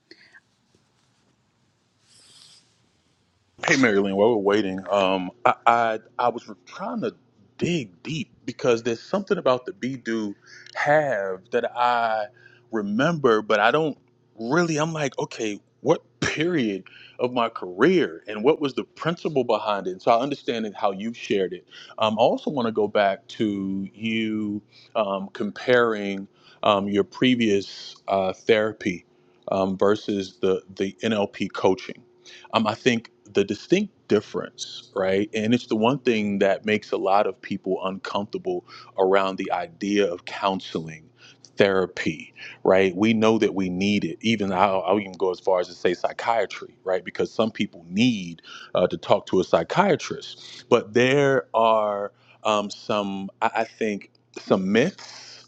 Speaker 2: Hey, Marilyn, while we're waiting, um, I, I I was trying to dig deep because there's something about the be do have that I remember, but I don't really. I'm like, okay, what period of my career and what was the principle behind it? And so I understand it how you have shared it. Um, I also want to go back to you um, comparing um, your previous uh, therapy um, versus the the NLP coaching um, I think the distinct difference, right, and it's the one thing that makes a lot of people uncomfortable around the idea of counseling, therapy, right? We know that we need it. Even I'll, I'll even go as far as to say psychiatry, right? Because some people need uh, to talk to a psychiatrist. But there are um, some, I, I think, some myths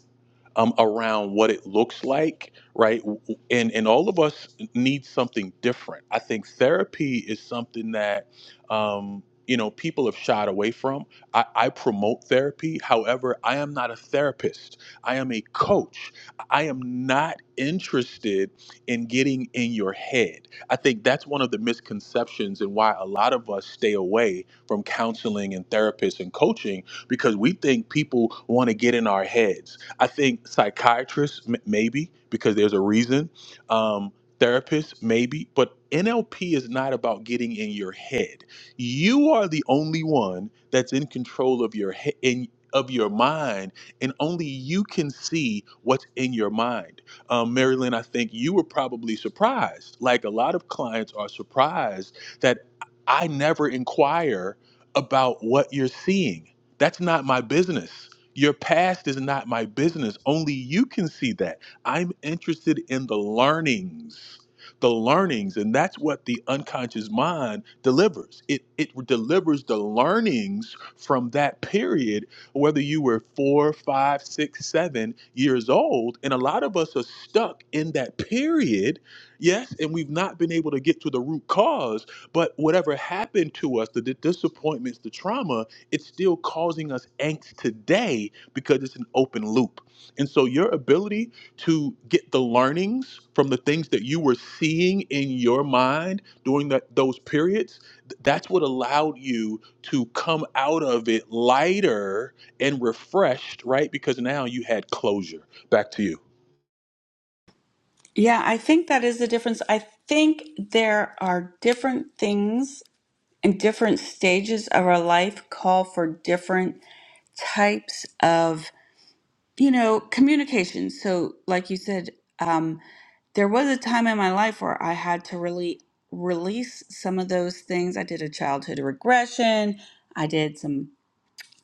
Speaker 2: um, around what it looks like, right? And and all of us need something different. I think therapy is something that um, you know people have shied away from. I, I promote therapy, however, I am not a therapist. I am a coach. I am not interested in getting in your head. I think that's one of the misconceptions and why a lot of us stay away from counseling and therapists and coaching because we think people want to get in our heads I think psychiatrists, m- maybe, because there's a reason. Um, therapists, maybe. But NLP is not about getting in your head. You are the only one that's in control of your head. In, of your mind, and only you can see what's in your mind. Um, Marilyn, I think you were probably surprised. Like a lot of clients are surprised that I never inquire about what you're seeing. That's not my business. Your past is not my business. Only you can see that. I'm interested in the learnings. The learnings, and that's what the unconscious mind delivers. It it delivers the learnings from that period, whether you were four, five, six, seven years old, and a lot of us are stuck in that period, yes, and we've not been able to get to the root cause. But whatever happened to us, the, the disappointments, the trauma, it's still causing us angst today because it's an open loop. And so your ability to get the learnings from the things that you were seeing in your mind during that those periods, th- that's what allowed you to come out of it lighter and refreshed, right? Because now you had closure. Back to you.
Speaker 1: Yeah, I think that is the difference. I think there are different things and different stages of our life call for different types of You know, communication. So, like you said, um, there was a time in my life where I had to really release some of those things. I did a childhood regression. I did some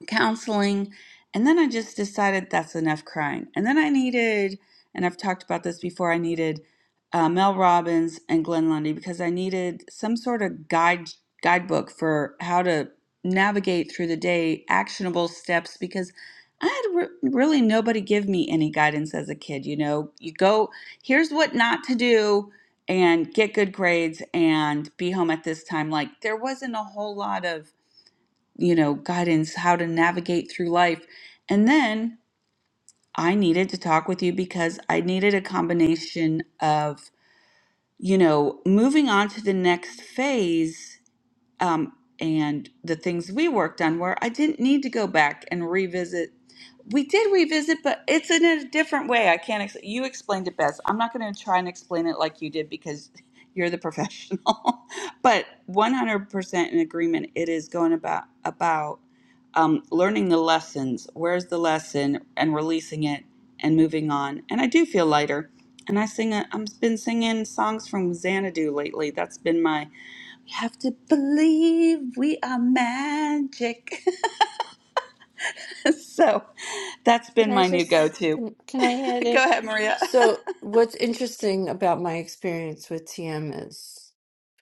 Speaker 1: counseling. And then I just decided that's enough crying. And then I needed, and I've talked about this before, I needed uh, Mel Robbins and Glenn Lundy because I needed some sort of guide guidebook for how to navigate through the day, actionable steps because I had re- really nobody give me any guidance as a kid. You know, you go, here's what not to do and get good grades and be home at this time. Like there wasn't a whole lot of you know, guidance, how to navigate through life. And then I needed to talk with you because I needed a combination of, you know, moving on to the next phase um, and the things we worked on where I didn't need to go back and revisit. We did revisit, but it's in a different way. I can't. Ex- you explained it best. I'm not going to try and explain it like you did because you're the professional. but 100% in agreement. It is going about about um, learning the lessons. Where's the lesson and releasing it and moving on. And I do feel lighter. And I sing. A, I've been singing songs from Xanadu lately. That's been my you have to believe we are magic. so that's
Speaker 10: Can
Speaker 1: been
Speaker 10: I
Speaker 1: my new go
Speaker 10: just
Speaker 1: to.
Speaker 10: can, can I add in?
Speaker 1: go ahead, Maria.
Speaker 10: So, what's interesting about my experience with TM is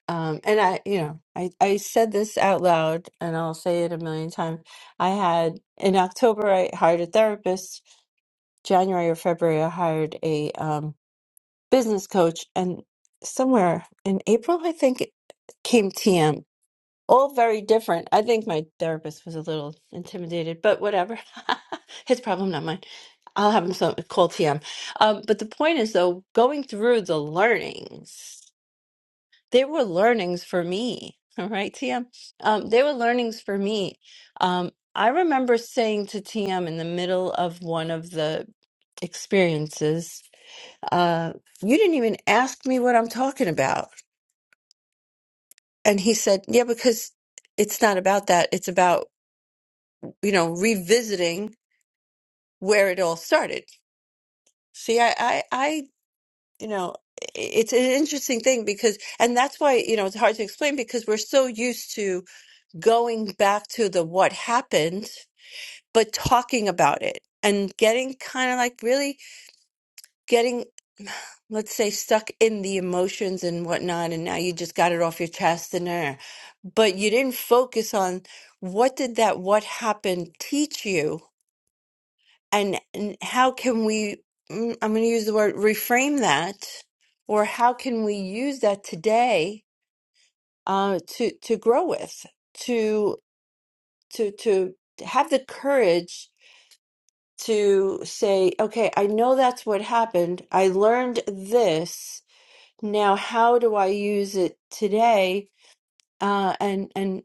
Speaker 10: Um, and I, you know, I, I said this out loud and I'll say it a million times. I had in October, I hired a therapist. January or February, I hired a um, business coach. And somewhere in April, I think it came TM. All very different. I think my therapist was a little intimidated, but whatever. His problem, not mine. I'll have him so, call TM. Um, but the point is, though, going through the learnings they were learnings for me. All right, TM. Um, they were learnings for me. Um, I remember saying to TM in the middle of one of the experiences, uh, you didn't even ask me what I'm talking about. And he said, yeah, because it's not about that. It's about, you know, revisiting where it all started. See, I, I, I you know, it's an interesting thing because, and that's why, you know, it's hard to explain because we're so used to going back to the what happened, but talking about it and getting kind of like really getting, let's say, stuck in the emotions and whatnot. And now you just got it off your chest and there. But you didn't focus on what did that what happened teach you and, and how can we, mm, I'm going to use the word reframe that, or how can we use that today uh, to, to grow with, to, to, to have the courage to say, okay, I know that's what happened. I learned this. Now, how do I use it today? Uh, and and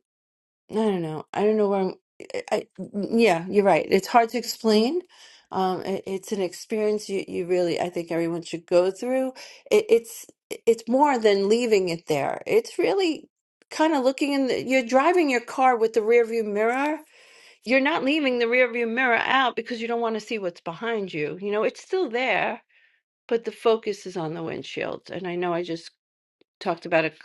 Speaker 10: I don't know. I don't know where I'm. I, I- mm, yeah, you're right. It's hard to explain. Um, it, it's an experience you, you really, I think everyone should go through. It, it's it's more than leaving it there. It's really kind of looking in the, you're driving your car with the rearview mirror you're not leaving the rearview mirror out because you don't want to see what's behind you. You know, it's still there, but the focus is on the windshield. And I know I just talked about a c-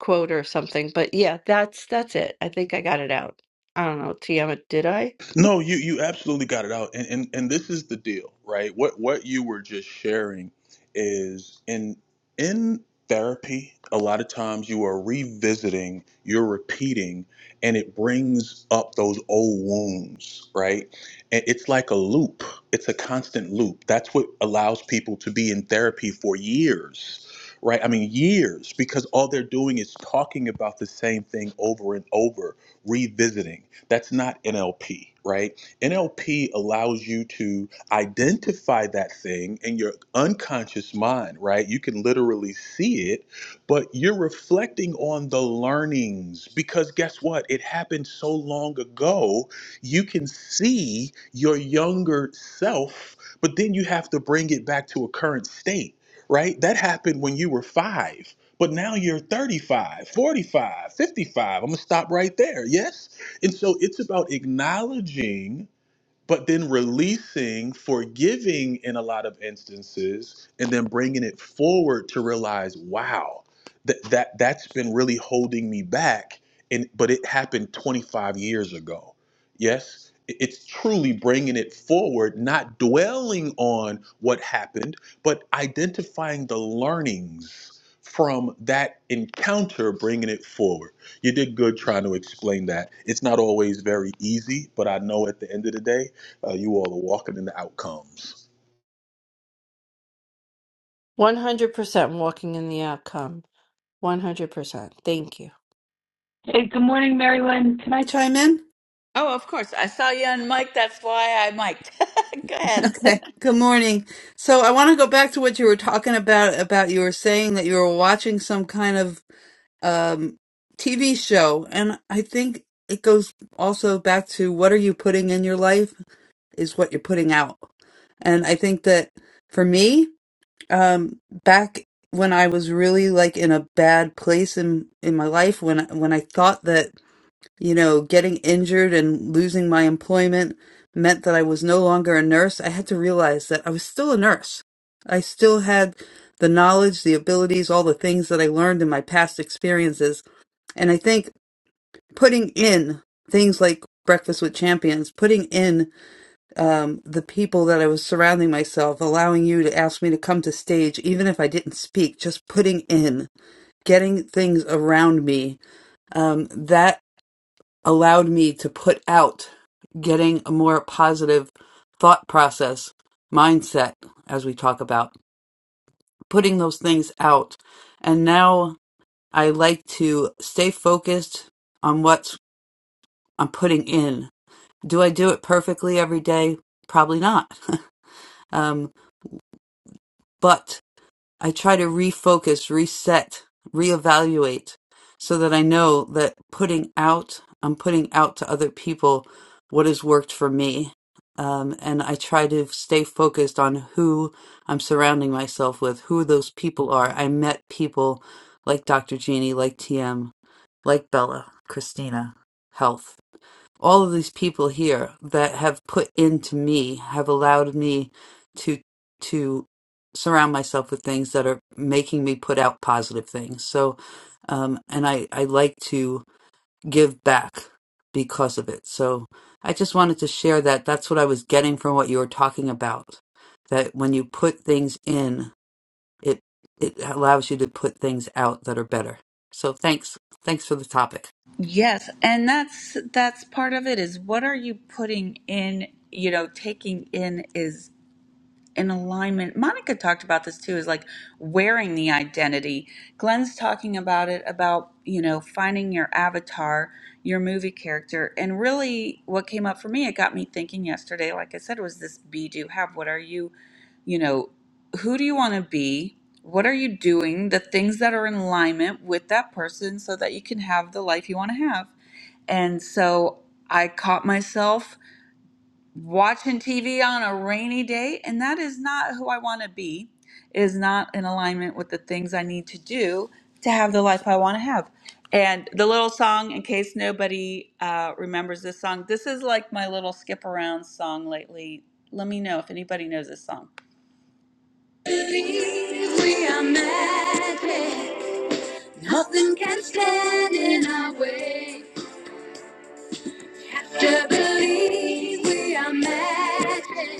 Speaker 10: quote or something, but yeah, that's that's it. I think I got it out. I don't know, Tiamat, did I?
Speaker 2: No, you you absolutely got it out, and and and this is the deal, right? What what you were just sharing is in in therapy, a lot of times you are revisiting, you're repeating, and it brings up those old wounds, right? And it's like a loop. It's a constant loop. That's what allows people to be in therapy for years. Right, I mean years, because all they're doing is talking about the same thing over and over, revisiting. That's not NLP, right? NLP allows you to identify that thing in your unconscious mind, right? You can literally see it, but you're reflecting on the learnings because guess what? It happened so long ago. You can see your younger self, but then you have to bring it back to a current state, right? That happened when you were five. But now you're 35, 45, 55. I'm going to stop right there. Yes? And so it's about acknowledging, but then releasing, forgiving in a lot of instances, and then bringing it forward to realize, wow, that that that's been really holding me back. And but it happened 25 years ago. Yes, it's truly bringing it forward, not dwelling on what happened, but identifying the learnings from that encounter, bringing it forward. You did good trying to explain that. It's not always very easy, but I know at the end of the day, uh, you all are walking in the outcomes.
Speaker 10: 100% walking in the outcome. 100%. Thank you.
Speaker 3: Hey, good morning, Marilyn. Can I chime in?
Speaker 1: Oh, of course. I saw you on mic. That's why I mic'd. go ahead.
Speaker 3: Okay. Good morning. So I want to go back to what you were talking about. About you were saying that you were watching some kind of um, TV show, and I think it goes also back to what are you putting in your life is what you're putting out. And I think that for me, um, back when I was really like in a bad place in in my life, when when I thought that you know, getting injured and losing my employment meant that I was no longer a nurse. I had to realize that I was still a nurse. I still had the knowledge, the abilities, all the things that I learned in my past experiences. And I think putting in things like Breakfast with Champions, putting in um, the people that I was surrounding myself, allowing you to ask me to come to stage, even if I didn't speak, just putting in, getting things around me um, that allowed me to put out getting a more positive thought process, mindset, as we talk about, putting those things out. And now I like to stay focused on what I'm putting in. Do I do it perfectly every day? Probably not. um, but I try to refocus, reset, reevaluate so that I know that putting out, I'm putting out to other people what has worked for me. Um, and I try to stay focused on who I'm surrounding myself with, who those people are. I met people like Dr. Jeannie, like TM, like Bella, Christina, Health all of these people here that have put into me have allowed me to to surround myself with things that are making me put out positive things so um and i i like to give back because of it so i just wanted to share that that's what i was getting from what you were talking about that when you put things in it it allows you to put things out that are better so thanks thanks for the topic
Speaker 1: Yes, and that's that's part of it is what are you putting in, you know, taking in is in alignment. Monica talked about this too, is like wearing the identity. Glenn's talking about it about, you know, finding your avatar, your movie character. And really, what came up for me, it got me thinking yesterday, like I said, was this be, do, have. What are you, you know, who do you want to be? What are you doing? The things that are in alignment with that person so that you can have the life you want to have. And so I caught myself watching TV on a rainy day, and that is not who I want to be, is not in alignment with the things I need to do to have the life I want to have. And the little song, in case nobody uh, remembers this song, this is like my little skip around song lately. Let me know if anybody knows this song. We are magic. Nothing can stand in our way. To believe we are magic.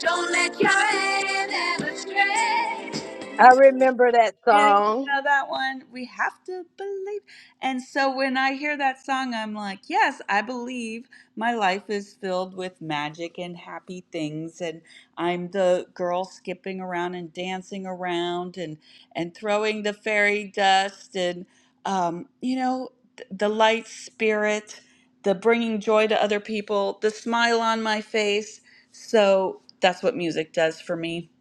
Speaker 1: Don't let your hand ever stray.
Speaker 9: I remember that
Speaker 1: Anyone
Speaker 9: song.
Speaker 1: know that one? We have to believe. And so when I hear that song, I'm like, yes, I believe my life is filled with magic and happy things. And I'm the girl skipping around and dancing around and, and throwing the fairy dust and, um, you know, th- the light spirit, the bringing joy to other people, the smile on my face. So that's what music does for me.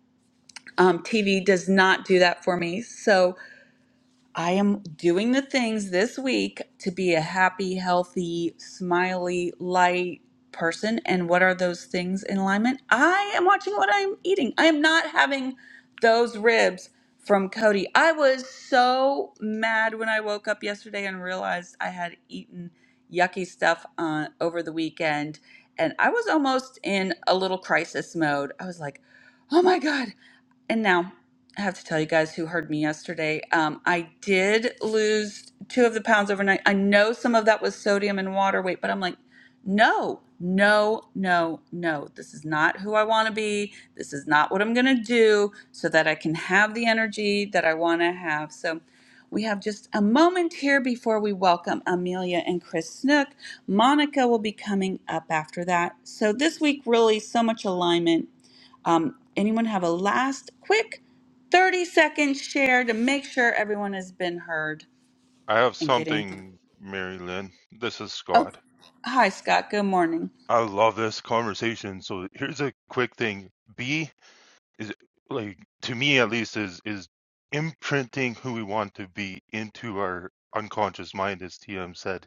Speaker 1: Um, TV does not do that for me. So, I am doing the things this week to be a happy, healthy, smiley, light person. And what are those things in alignment? I am watching what I'm eating. I am not having those ribs from Cody. I was so mad when I woke up yesterday and realized I had eaten yucky stuff uh, over the weekend. And I was almost in a little crisis mode. I was like, oh my God. And now I have to tell you guys who heard me yesterday. Um, I did lose two of the pounds overnight. I know some of that was sodium and water weight, but I'm like, no, no, no, no. This is not who I want to be. This is not what I'm going to do so that I can have the energy that I want to have. So we have just a moment here before we welcome Amelia and Chris Snook. Monica will be coming up after that. So this week, really, so much alignment um, anyone have a last quick 30 second share to make sure everyone has been heard
Speaker 12: I have
Speaker 1: and get anything?
Speaker 12: something, Mary Lynn. This is
Speaker 1: Oh,
Speaker 12: Scott.
Speaker 1: hi, Scott. Good morning.
Speaker 12: I love this conversation. So here's a quick thing. B is like to me at least is is imprinting who we want to be into our unconscious mind, as TM said,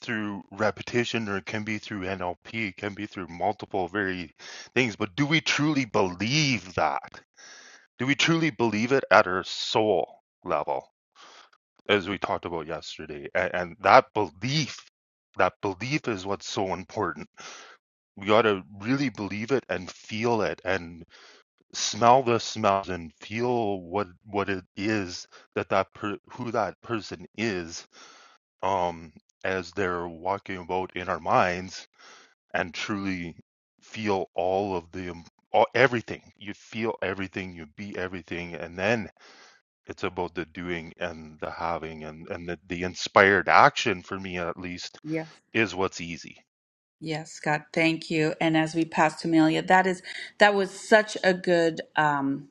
Speaker 12: through repetition or it can be through NLP, it can be through multiple very things. But do we truly believe that? Do we truly believe it at our soul level? as we talked about yesterday. And, and that belief, that belief is what's so important. We got to really believe it and feel it and smell the smells and feel what what it is that that per, who that person is um as they're walking about in our minds and truly feel all of the all, everything you feel everything you be everything and then it's about the doing and the having and and the, the inspired action for me at least
Speaker 1: Yes.
Speaker 12: is what's easy
Speaker 1: Yes, Scott. Thank you. And as we pass to Amelia, that is, that was such a good um,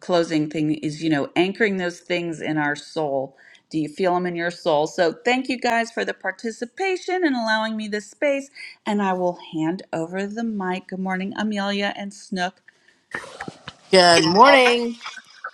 Speaker 1: closing thing is, you know, anchoring those things in our soul. Do you feel them in your soul? So thank you guys for the participation and allowing me this space. And I will hand over the mic. Good morning, Amelia and Snook.
Speaker 13: Good morning.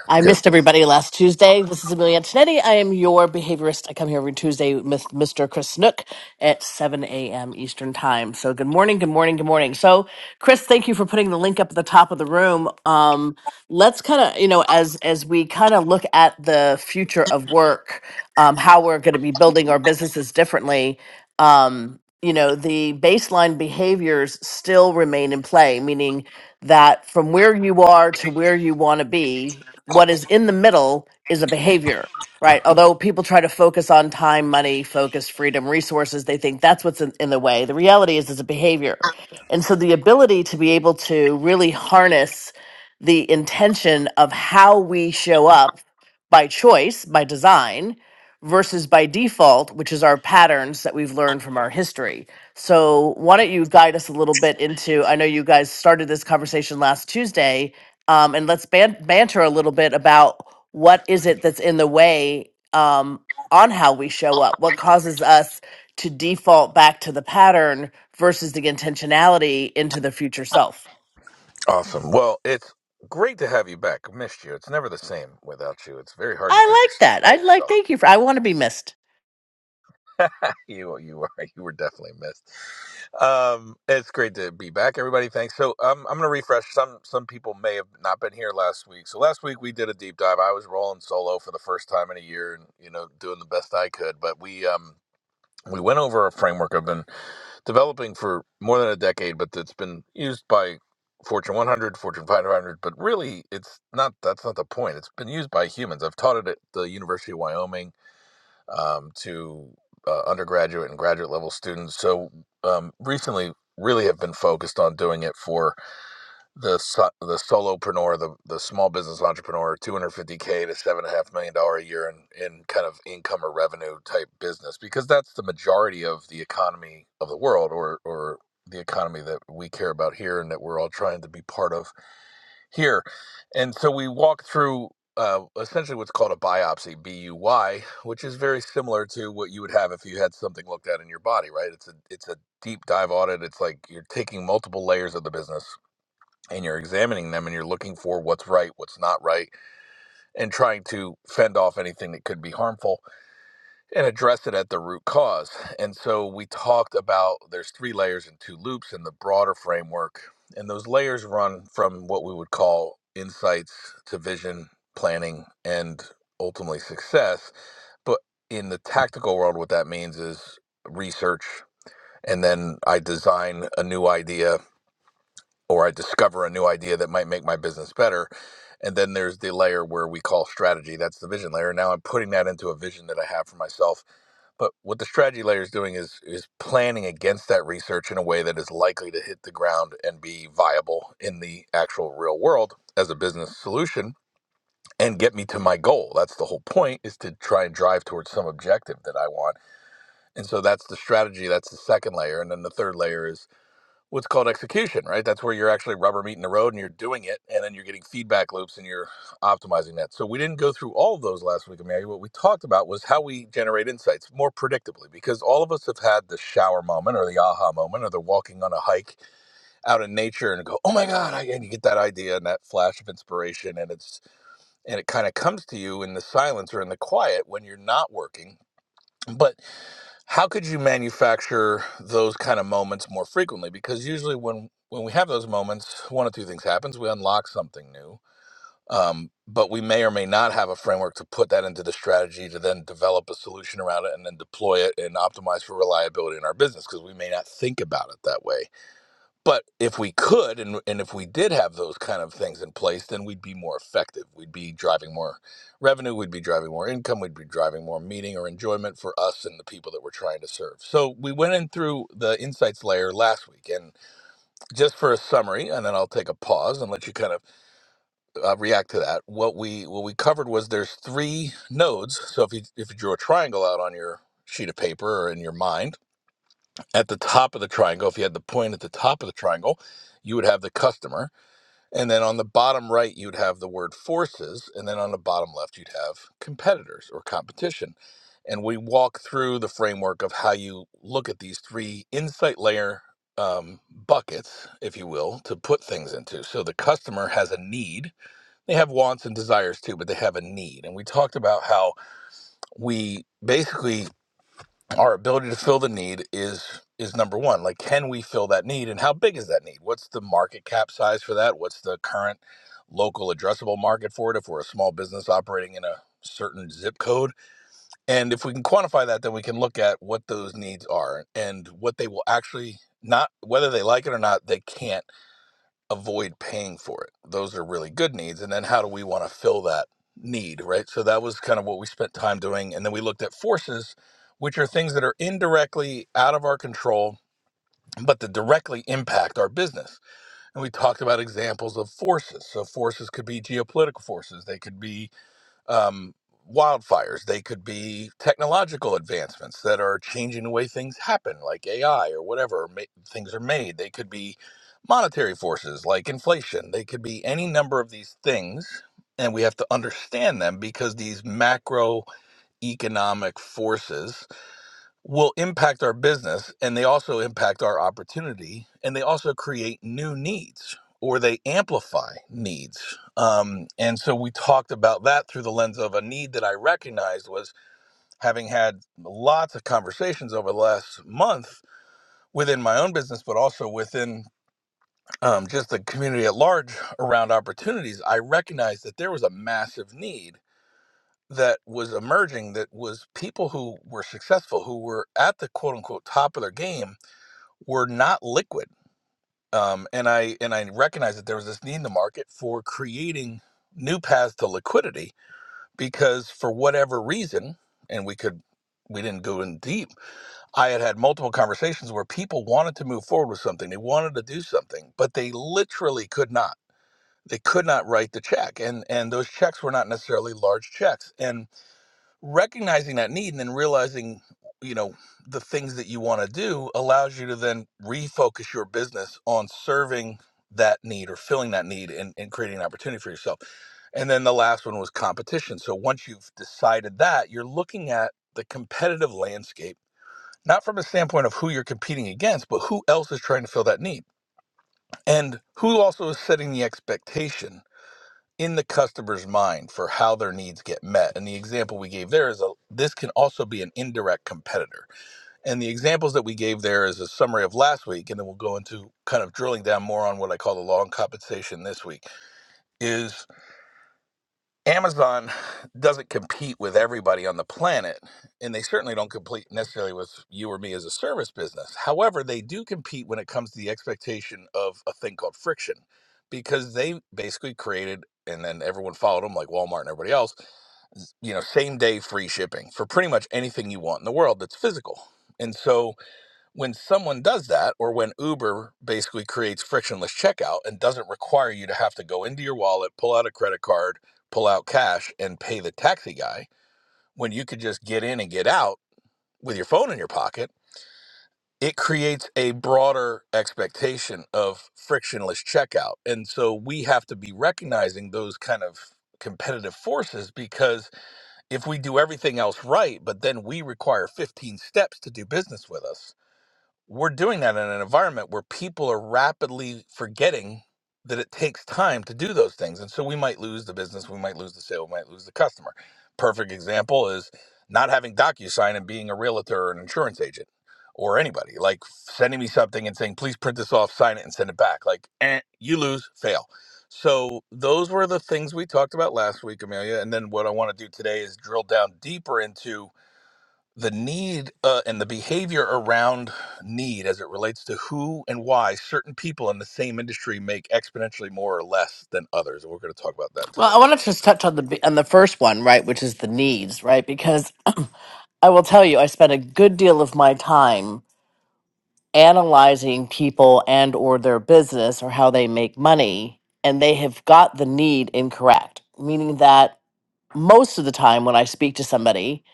Speaker 13: I missed everybody last Tuesday. This is Amelia Antonetti. I am your behaviorist. I come here every Tuesday with Mr. Chris Nook at 7 a.m. Eastern Time. So, good morning, good morning, good morning. So, Chris, thank you for putting the link up at the top of the room. Um, let's kind of, you know, as as we kind of look at the future of work, um, how we're going to be building our businesses differently. Um, you know, the baseline behaviors still remain in play, meaning that from where you are to where you want to be, what is in the middle is a behavior, right? Although people try to focus on time, money, focus, freedom, resources, they think that's what's in, in the way. The reality is it's a behavior. And so the ability to be able to really harness the intention of how we show up by choice, by design, versus by default, which is our patterns that we've learned from our history. So, why don't you guide us a little bit into? I know you guys started this conversation last Tuesday, um, and let's ban- banter a little bit about what is it that's in the way um, on how we show up? What causes us to default back to the pattern versus the intentionality into the future self?
Speaker 14: Well, it's great to have you back. I missed you. It's never the same without you. Very hard to do
Speaker 13: I
Speaker 14: these
Speaker 13: like
Speaker 14: things
Speaker 13: that.
Speaker 14: by
Speaker 13: I
Speaker 14: yourself.
Speaker 13: like. Thank you for. I want to be missed.
Speaker 14: You were you were definitely missed. Um, it's great to be back, everybody. Thanks. So um, I'm going to refresh. Some some people may have not been here last week. So last week we did a deep dive. I was rolling solo for the first time in a year, and you know doing the best I could. But we um we went over a framework I've been developing for more than a decade, but it's been used by Fortune 100, Fortune 500. But really, it's not. That's not the point. It's been used by humans. I've taught it at the University of Wyoming um, to uh, undergraduate and graduate level students. So um, recently, really have been focused on doing it for the so- the solopreneur, the the small business entrepreneur, two hundred fifty k to seven and a half million dollar a year in in kind of income or revenue type business, because that's the majority of the economy of the world, or or the economy that we care about here and that we're all trying to be part of here, and so we walk through. Uh, essentially, what's called a biopsy, B U Y, which is very similar to what you would have if you had something looked at in your body, right? It's a it's a deep dive audit. It's like you're taking multiple layers of the business and you're examining them and you're looking for what's right, what's not right, and trying to fend off anything that could be harmful and address it at the root cause. And so we talked about there's three layers and two loops in the broader framework. And those layers run from what we would call insights to vision, planning, and ultimately success. But in the tactical world, what that means is research. And then I design a new idea or I discover a new idea that might make my business better. And then there's the layer where we call strategy. That's the vision layer. Now I'm putting that into a vision that I have for myself. But what the strategy layer is doing is is planning against that research in a way that is likely to hit the ground and be viable in the actual real world as a business solution and get me to my goal. That's the whole point is to try and drive towards some objective that I want. And so that's the strategy. That's the second layer. And then the third layer is what's called execution, right? That's where you're actually rubber meeting the road and you're doing it, and then you're getting feedback loops and you're optimizing that. So we didn't go through all of those last week, Amelia. What we talked about was how we generate insights more predictably, because all of us have had the shower moment or the aha moment or the walking on a hike out in nature and go, oh my god, I, and you get that idea and that flash of inspiration, and it's and it kind of comes to you in the silence or in the quiet when you're not working, but how could you manufacture those kind of moments more frequently because usually when when we have those moments one of two things happens we unlock something new um, but we may or may not have a framework to put that into the strategy to then develop a solution around it and then deploy it and optimize for reliability in our business because we may not think about it that way but if we could and, and if we did have those kind of things in place then we'd be more effective we'd be driving more revenue we'd be driving more income we'd be driving more meaning or enjoyment for us and the people that we're trying to serve so we went in through the insights layer last week and just for a summary and then i'll take a pause and let you kind of uh, react to that what we what we covered was there's three nodes so if you if you drew a triangle out on your sheet of paper or in your mind at the top of the triangle if you had the point at the top of the triangle you would have the customer and then on the bottom right, you'd have the word forces. And then on the bottom left, you'd have competitors or competition. And we walk through the framework of how you look at these three insight layer um, buckets, if you will, to put things into. So the customer has a need. They have wants and desires too, but they have a need. And we talked about how we basically our ability to fill the need is is number one like can we fill that need and how big is that need what's the market cap size for that what's the current local addressable market for it if we're a small business operating in a certain zip code and if we can quantify that then we can look at what those needs are and what they will actually not whether they like it or not they can't avoid paying for it. Those are really good needs. And then how do we want to fill that need, right? So that was kind of what we spent time doing. And then we looked at forces, which are things that are indirectly out of our control, but that directly impact our business. And we talked about examples of forces. So forces could be geopolitical forces, they could be um, wildfires. They could be technological advancements that are changing the way things happen, like AI or whatever ma- things are made. They could be monetary forces like inflation. They could be any number of these things. And we have to understand them because these macroeconomic forces will impact our business and they also impact our opportunity and they also create new needs or they amplify needs. Um, and so we talked about that through the lens of a need that I recognized was having had lots of conversations over the last month within my own business, but also within um, just the community at large around opportunities. I recognized that there was a massive need that was emerging that was people who were successful, who were at the quote unquote top of their game were not liquid. Um, and I and I recognized that there was this need in the market for creating new paths to liquidity because for whatever reason, and we could we didn't go in deep. I had had multiple conversations where people wanted to move forward with something. They wanted to do something, but they literally could not. They could not write the check, and and those checks were not necessarily large checks. And recognizing that need and then realizing you know the things that you want to do allows you to then refocus your business on serving that need or filling that need and, and creating an opportunity for yourself and then the last one was competition so once you've decided that you're looking at the competitive landscape not from a standpoint of who you're competing against but who else is trying to fill that need and who also is setting the expectation in the customer's mind for how their needs get met. And the example we gave there is a this can also be an indirect competitor. And the examples that we gave there is a summary of last week, and then we'll go into kind of drilling down more on what I call the long compensation this week. Is Amazon doesn't compete with everybody on the planet, and they certainly don't compete necessarily with you or me as a service business. However, they do compete when it comes to the expectation of a thing called friction, because they basically created and then everyone followed them like Walmart and everybody else, you know, same day free shipping for pretty much anything you want in the world that's physical. And so when someone does that, or when Uber basically creates frictionless checkout and doesn't require you to have to go into your wallet, pull out a credit card, pull out cash, and pay the taxi guy, when you could just get in and get out with your phone in your pocket, it creates a broader expectation of frictionless checkout. And so we have to be recognizing those kind of competitive forces because if we do everything else right, but then we require 15 steps to do business with us we're doing that in an environment where people are rapidly forgetting that it takes time to do those things. And so we might lose the business, we might lose the sale, we might lose the customer. Perfect example is not having DocuSign and being a realtor or an insurance agent or anybody, like sending me something and saying, please print this off, sign it, and send it back. Like, eh, you lose, fail. So those were the things we talked about last week, Amelia. And then what I want to do today is drill down deeper into the need uh, and the behavior around need as it relates to who and why certain people in the same industry make exponentially more or less than others. And we're going to talk about that
Speaker 13: Well,
Speaker 14: today,
Speaker 13: I
Speaker 14: I
Speaker 13: want
Speaker 14: think.
Speaker 13: to just touch on the b- on the first one, right, which is the needs, right? Because I will tell you, I spent a good deal of my time analyzing people and or their business or how they make money, and they have got the need incorrect, meaning that most of the time when I speak to somebody,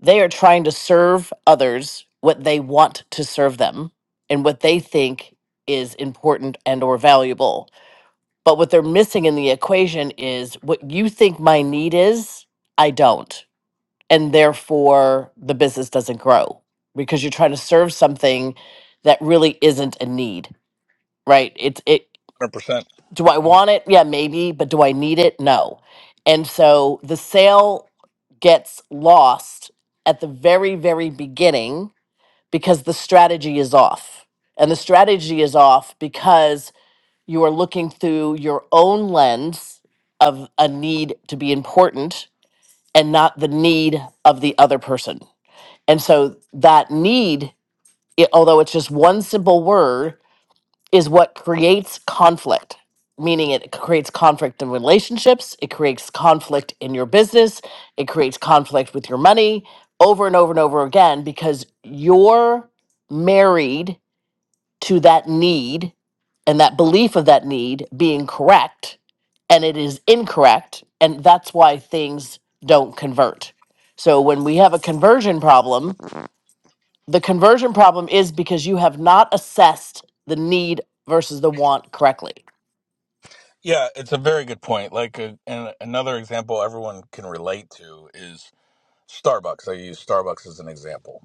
Speaker 13: they are trying to serve others what they want to serve them and what they think is important and or valuable. But what they're missing in the equation is what you think my need is, I don't and therefore the business doesn't grow because you're trying to serve something that really isn't a need, right? It's it
Speaker 14: So
Speaker 13: do I
Speaker 14: 100%.
Speaker 13: want it? Yeah, maybe, but do I need it? No. And so the sale gets lost at the very very beginning because the strategy is off. And the strategy is off because you are looking through your own lens of a need to be important and not the need of the other person and so that need, it, although it's just one simple word, is what creates conflict, meaning it creates conflict in relationships, it creates conflict in your business, it creates conflict with your money over and over and over again because you're married to that need and that belief of that need being correct and it is incorrect and that's why things don't convert. So when we have a conversion problem, the conversion problem is because you have not assessed the need versus the want correctly.
Speaker 14: Yeah, it's a very good point. Like, uh, and another example everyone can relate to is Starbucks. I use Starbucks as an example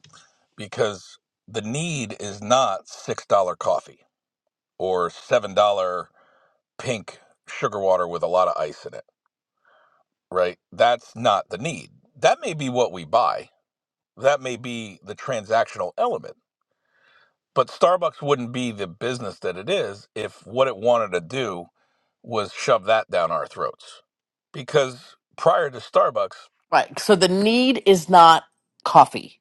Speaker 14: because the need is not $6 coffee or $7 pink sugar water with a lot of ice in it right? That's not the need. That may be what we buy. That may be the transactional element. But Starbucks wouldn't be the business that it is if what it wanted to do was shove that down our throats. Because prior to Starbucks,
Speaker 13: Right. So the need is not coffee.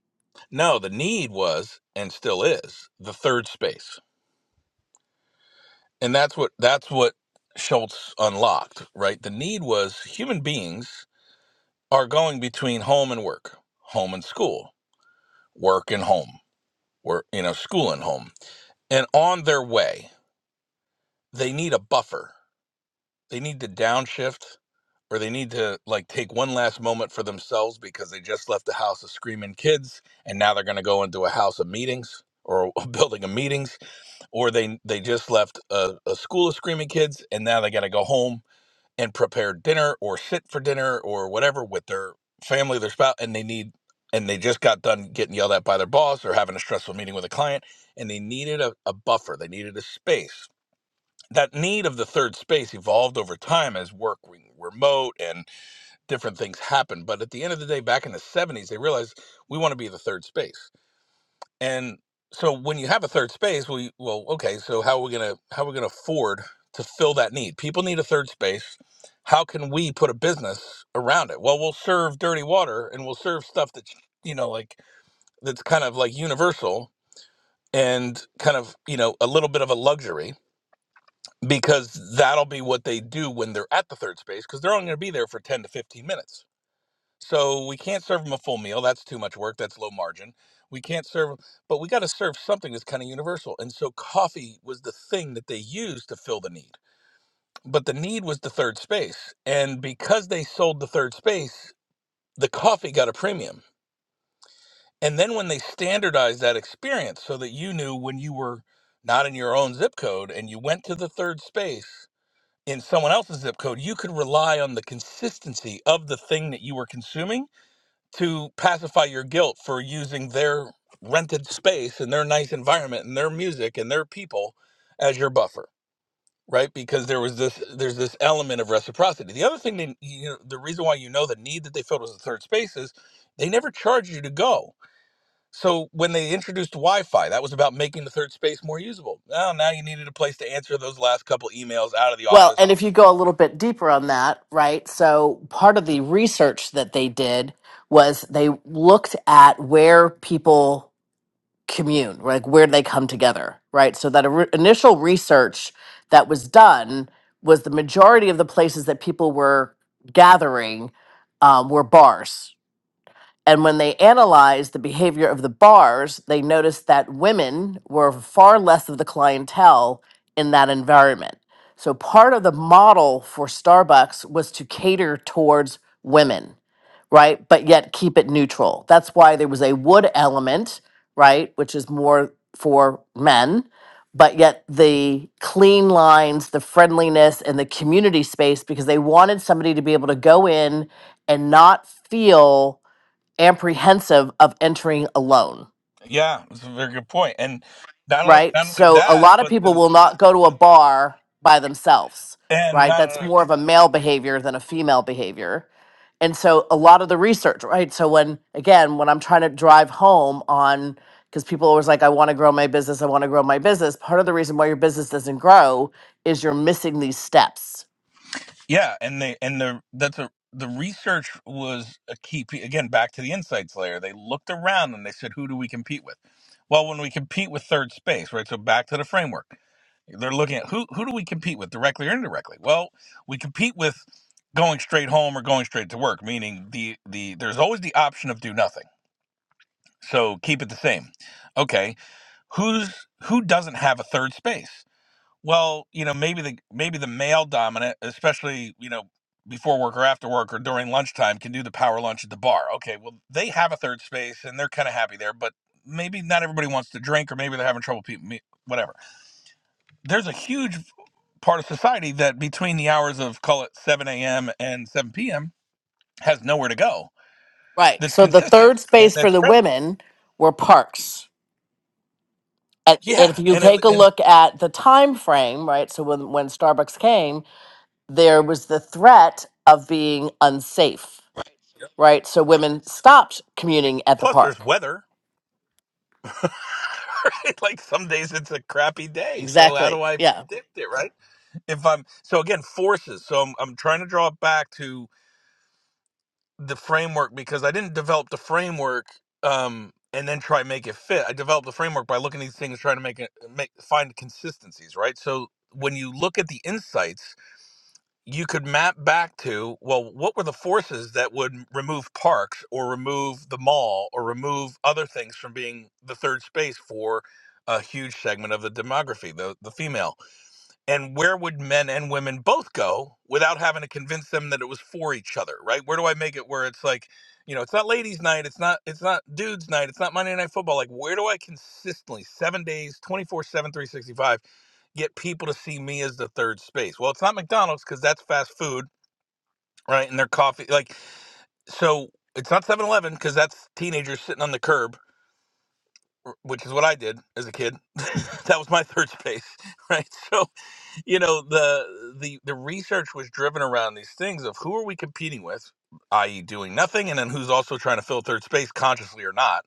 Speaker 14: no, the need was and still is the third space. And that's what that's what Schultz unlocked, right? The need was human beings are going between home and work, home and school, work and home, work, you know, school and home and on their way they need a buffer they need to downshift or they need to like take one last moment for themselves because they just left the house of screaming kids and now they're going to go into a house of meetings or a building of meetings or they they just left a, a school of screaming kids and now they got to go home and prepare dinner or sit for dinner or whatever with their family their spouse and they need and they just got done getting yelled at by their boss or having a stressful meeting with a client and they needed a, a buffer they needed a space that need of the third space evolved over time as work went remote and different things happened. But at the end of the day, back in the 70s, they realized we want to be the third space. And so when you have a third space, we well, okay, so how are we gonna how are we gonna afford to fill that need? People need a third space. How can we put a business around it? Well, we'll serve dirty water and we'll serve stuff that's you know like that's kind of like universal and kind of you know a little bit of a luxury because that'll be what they do when they're at the third space because they're only going to be there for 10 to 15 minutes so we can't serve them a full meal that's too much work that's low margin we can't serve 'em- but we got to serve something that's kind of universal and so coffee was the thing that they used to fill the need but the need was the third space and because they sold the third space the coffee got a premium and then when they standardized that experience so that you knew when you were not in your own zip code and you went to the third space in someone else's zip code, you could rely on the consistency of the thing that you were consuming to pacify your guilt for using their rented space and their nice environment and their music and their people as your buffer, right? Because there was this there's this element of reciprocity. The other thing that you know, the reason why you know the need that they filled was the third space is they never charged you to go. So when they introduced Wi-Fi, that was about making the third space more usable. Now, now you needed a place to answer those last couple emails out of the
Speaker 13: Well,
Speaker 14: office
Speaker 13: and if you go a little bit deeper on that, right? So part of the research that they did was they looked at where people commune, like where they come together, right? So that ori- initial research that was done was the majority of the places that people were gathering um, were bars, And when they analyzed the behavior of the bars, they noticed that women were far less of the clientele in that environment. So part of the model for Starbucks was to cater towards women, right? But yet keep it neutral. That's why there was a wood element, right? Which is more for men. But yet, the clean lines, the friendliness, and the community space, because they wanted somebody to be able to go in and not feel apprehensive of entering alone,
Speaker 14: Yeah, it's a very good point. And not only
Speaker 13: right?
Speaker 14: not only
Speaker 13: So a
Speaker 14: that,
Speaker 13: lot of
Speaker 14: but
Speaker 13: people
Speaker 14: the,
Speaker 13: will not go to a bar by themselves,
Speaker 14: and
Speaker 13: right?
Speaker 14: not
Speaker 13: That's
Speaker 14: only-
Speaker 13: more of a male behavior than a female behavior. And so a lot of the research, right? So when again, when I'm trying to drive home on because people always like, I want to grow my business, I want to grow my business. Part of the reason why your business doesn't grow is you're missing these steps.
Speaker 14: yeah, and they and the that's a the research was a key pe- again back to the insights layer. They looked around and they said, who do we compete with? Well, when we compete with third space, right? So back to the framework. They're looking at who who do we compete with directly or indirectly? Well, we compete with going straight home or going straight to work, meaning the the there's always the option of do nothing. So keep it the same. Okay. who's who doesn't have a third space? Well, you know, maybe the maybe the male dominant, especially you know before work or after work or during lunchtime, can do the power lunch at the bar. Okay, well they have a third space and they're kind of happy there, but maybe not everybody wants to drink or maybe they're having trouble people meet whatever. There's a huge part of society that between the hours of call it 7 a.m. and 7 p.m. has nowhere to go
Speaker 13: Right.
Speaker 14: that's
Speaker 13: So the
Speaker 14: consistent
Speaker 13: third
Speaker 14: and
Speaker 13: space for
Speaker 14: that's
Speaker 13: the
Speaker 14: friendly.
Speaker 13: women were parks and and if
Speaker 14: Yeah,
Speaker 13: you
Speaker 14: and it,
Speaker 13: take a
Speaker 14: and
Speaker 13: look at the time frame right so when when starbucks came there was the threat of being unsafe right so women stopped commuting at the
Speaker 14: plus there's
Speaker 13: park
Speaker 14: weather right? Like some days it's a crappy day. So how
Speaker 13: exactly
Speaker 14: do I
Speaker 13: yeah
Speaker 14: predict it, right? If I'm so again forces. So I'm I'm trying to draw it back to the framework because I didn't develop the framework um and then try to make it fit. I developed the framework by looking at these things, trying to make it make find consistencies, right? So when you look at the insights you could map back to well what were the forces that would remove parks or remove the mall or remove other things from being the third space for a huge segment of the demography the, the female and where would men and women both go without having to convince them that it was for each other right where do i make it where it's like you know it's not ladies night it's not it's not dudes night it's not monday night football like where do i consistently seven days twenty four seven, three sixty five? get people to see me as the third space. Well, it's not McDonald's because that's fast food, right? And their coffee, like, so it's not Seven Eleven because that's teenagers sitting on the curb, r- which is what I did as a kid. that was my third space, right? So, you know, the, the, the research was driven around these things of who are we competing with, i.e., doing nothing, and then who's also trying to fill third space consciously or not.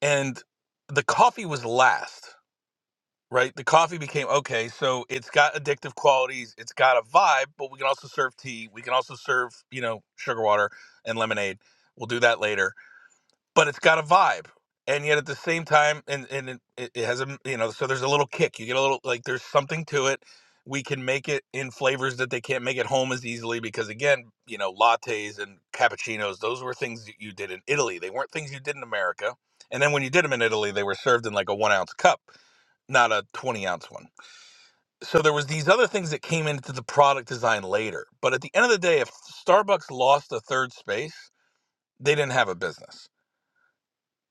Speaker 14: And the coffee was last right? The coffee became okay, so it's got addictive qualities, it's got a vibe, but we can also serve tea, we can also serve, you know, sugar water and lemonade. We'll do that later. But it's got a vibe. And yet at the same time, and, and it, it it has a, you know, so there's a little kick. You get a little, like, there's something to it. We can make it in flavors that they can't make at home as easily because, again, you know, lattes and cappuccinos, those were things that you did in Italy. They weren't things you did in America. And then when you did them in Italy, they were served in like a one ounce cup not a 20 ounce one. So there was these other things that came into the product design later. But at the end of the day, if Starbucks lost a third space, they didn't have a business.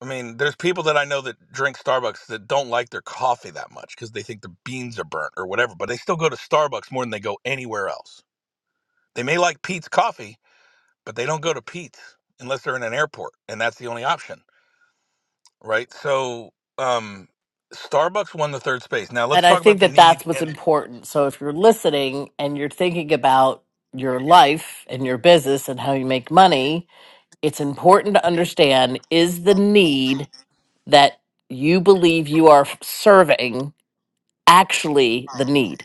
Speaker 14: I mean, there's people that I know that drink Starbucks that don't like their coffee that much because they think the beans are burnt or whatever, but they still go to Starbucks more than they go anywhere else. They may like Pete's coffee, but they don't go to Pete's unless they're in an airport, and that's the only option, right? So, um, Starbucks won the third space. Now
Speaker 13: and
Speaker 14: let's
Speaker 13: i
Speaker 14: talk about
Speaker 13: think
Speaker 14: the
Speaker 13: that that's
Speaker 14: need
Speaker 13: what's
Speaker 14: and
Speaker 13: important so if you're listening and you're thinking about your life and your business and how you make money it's important to understand is the need that you believe you are serving actually the need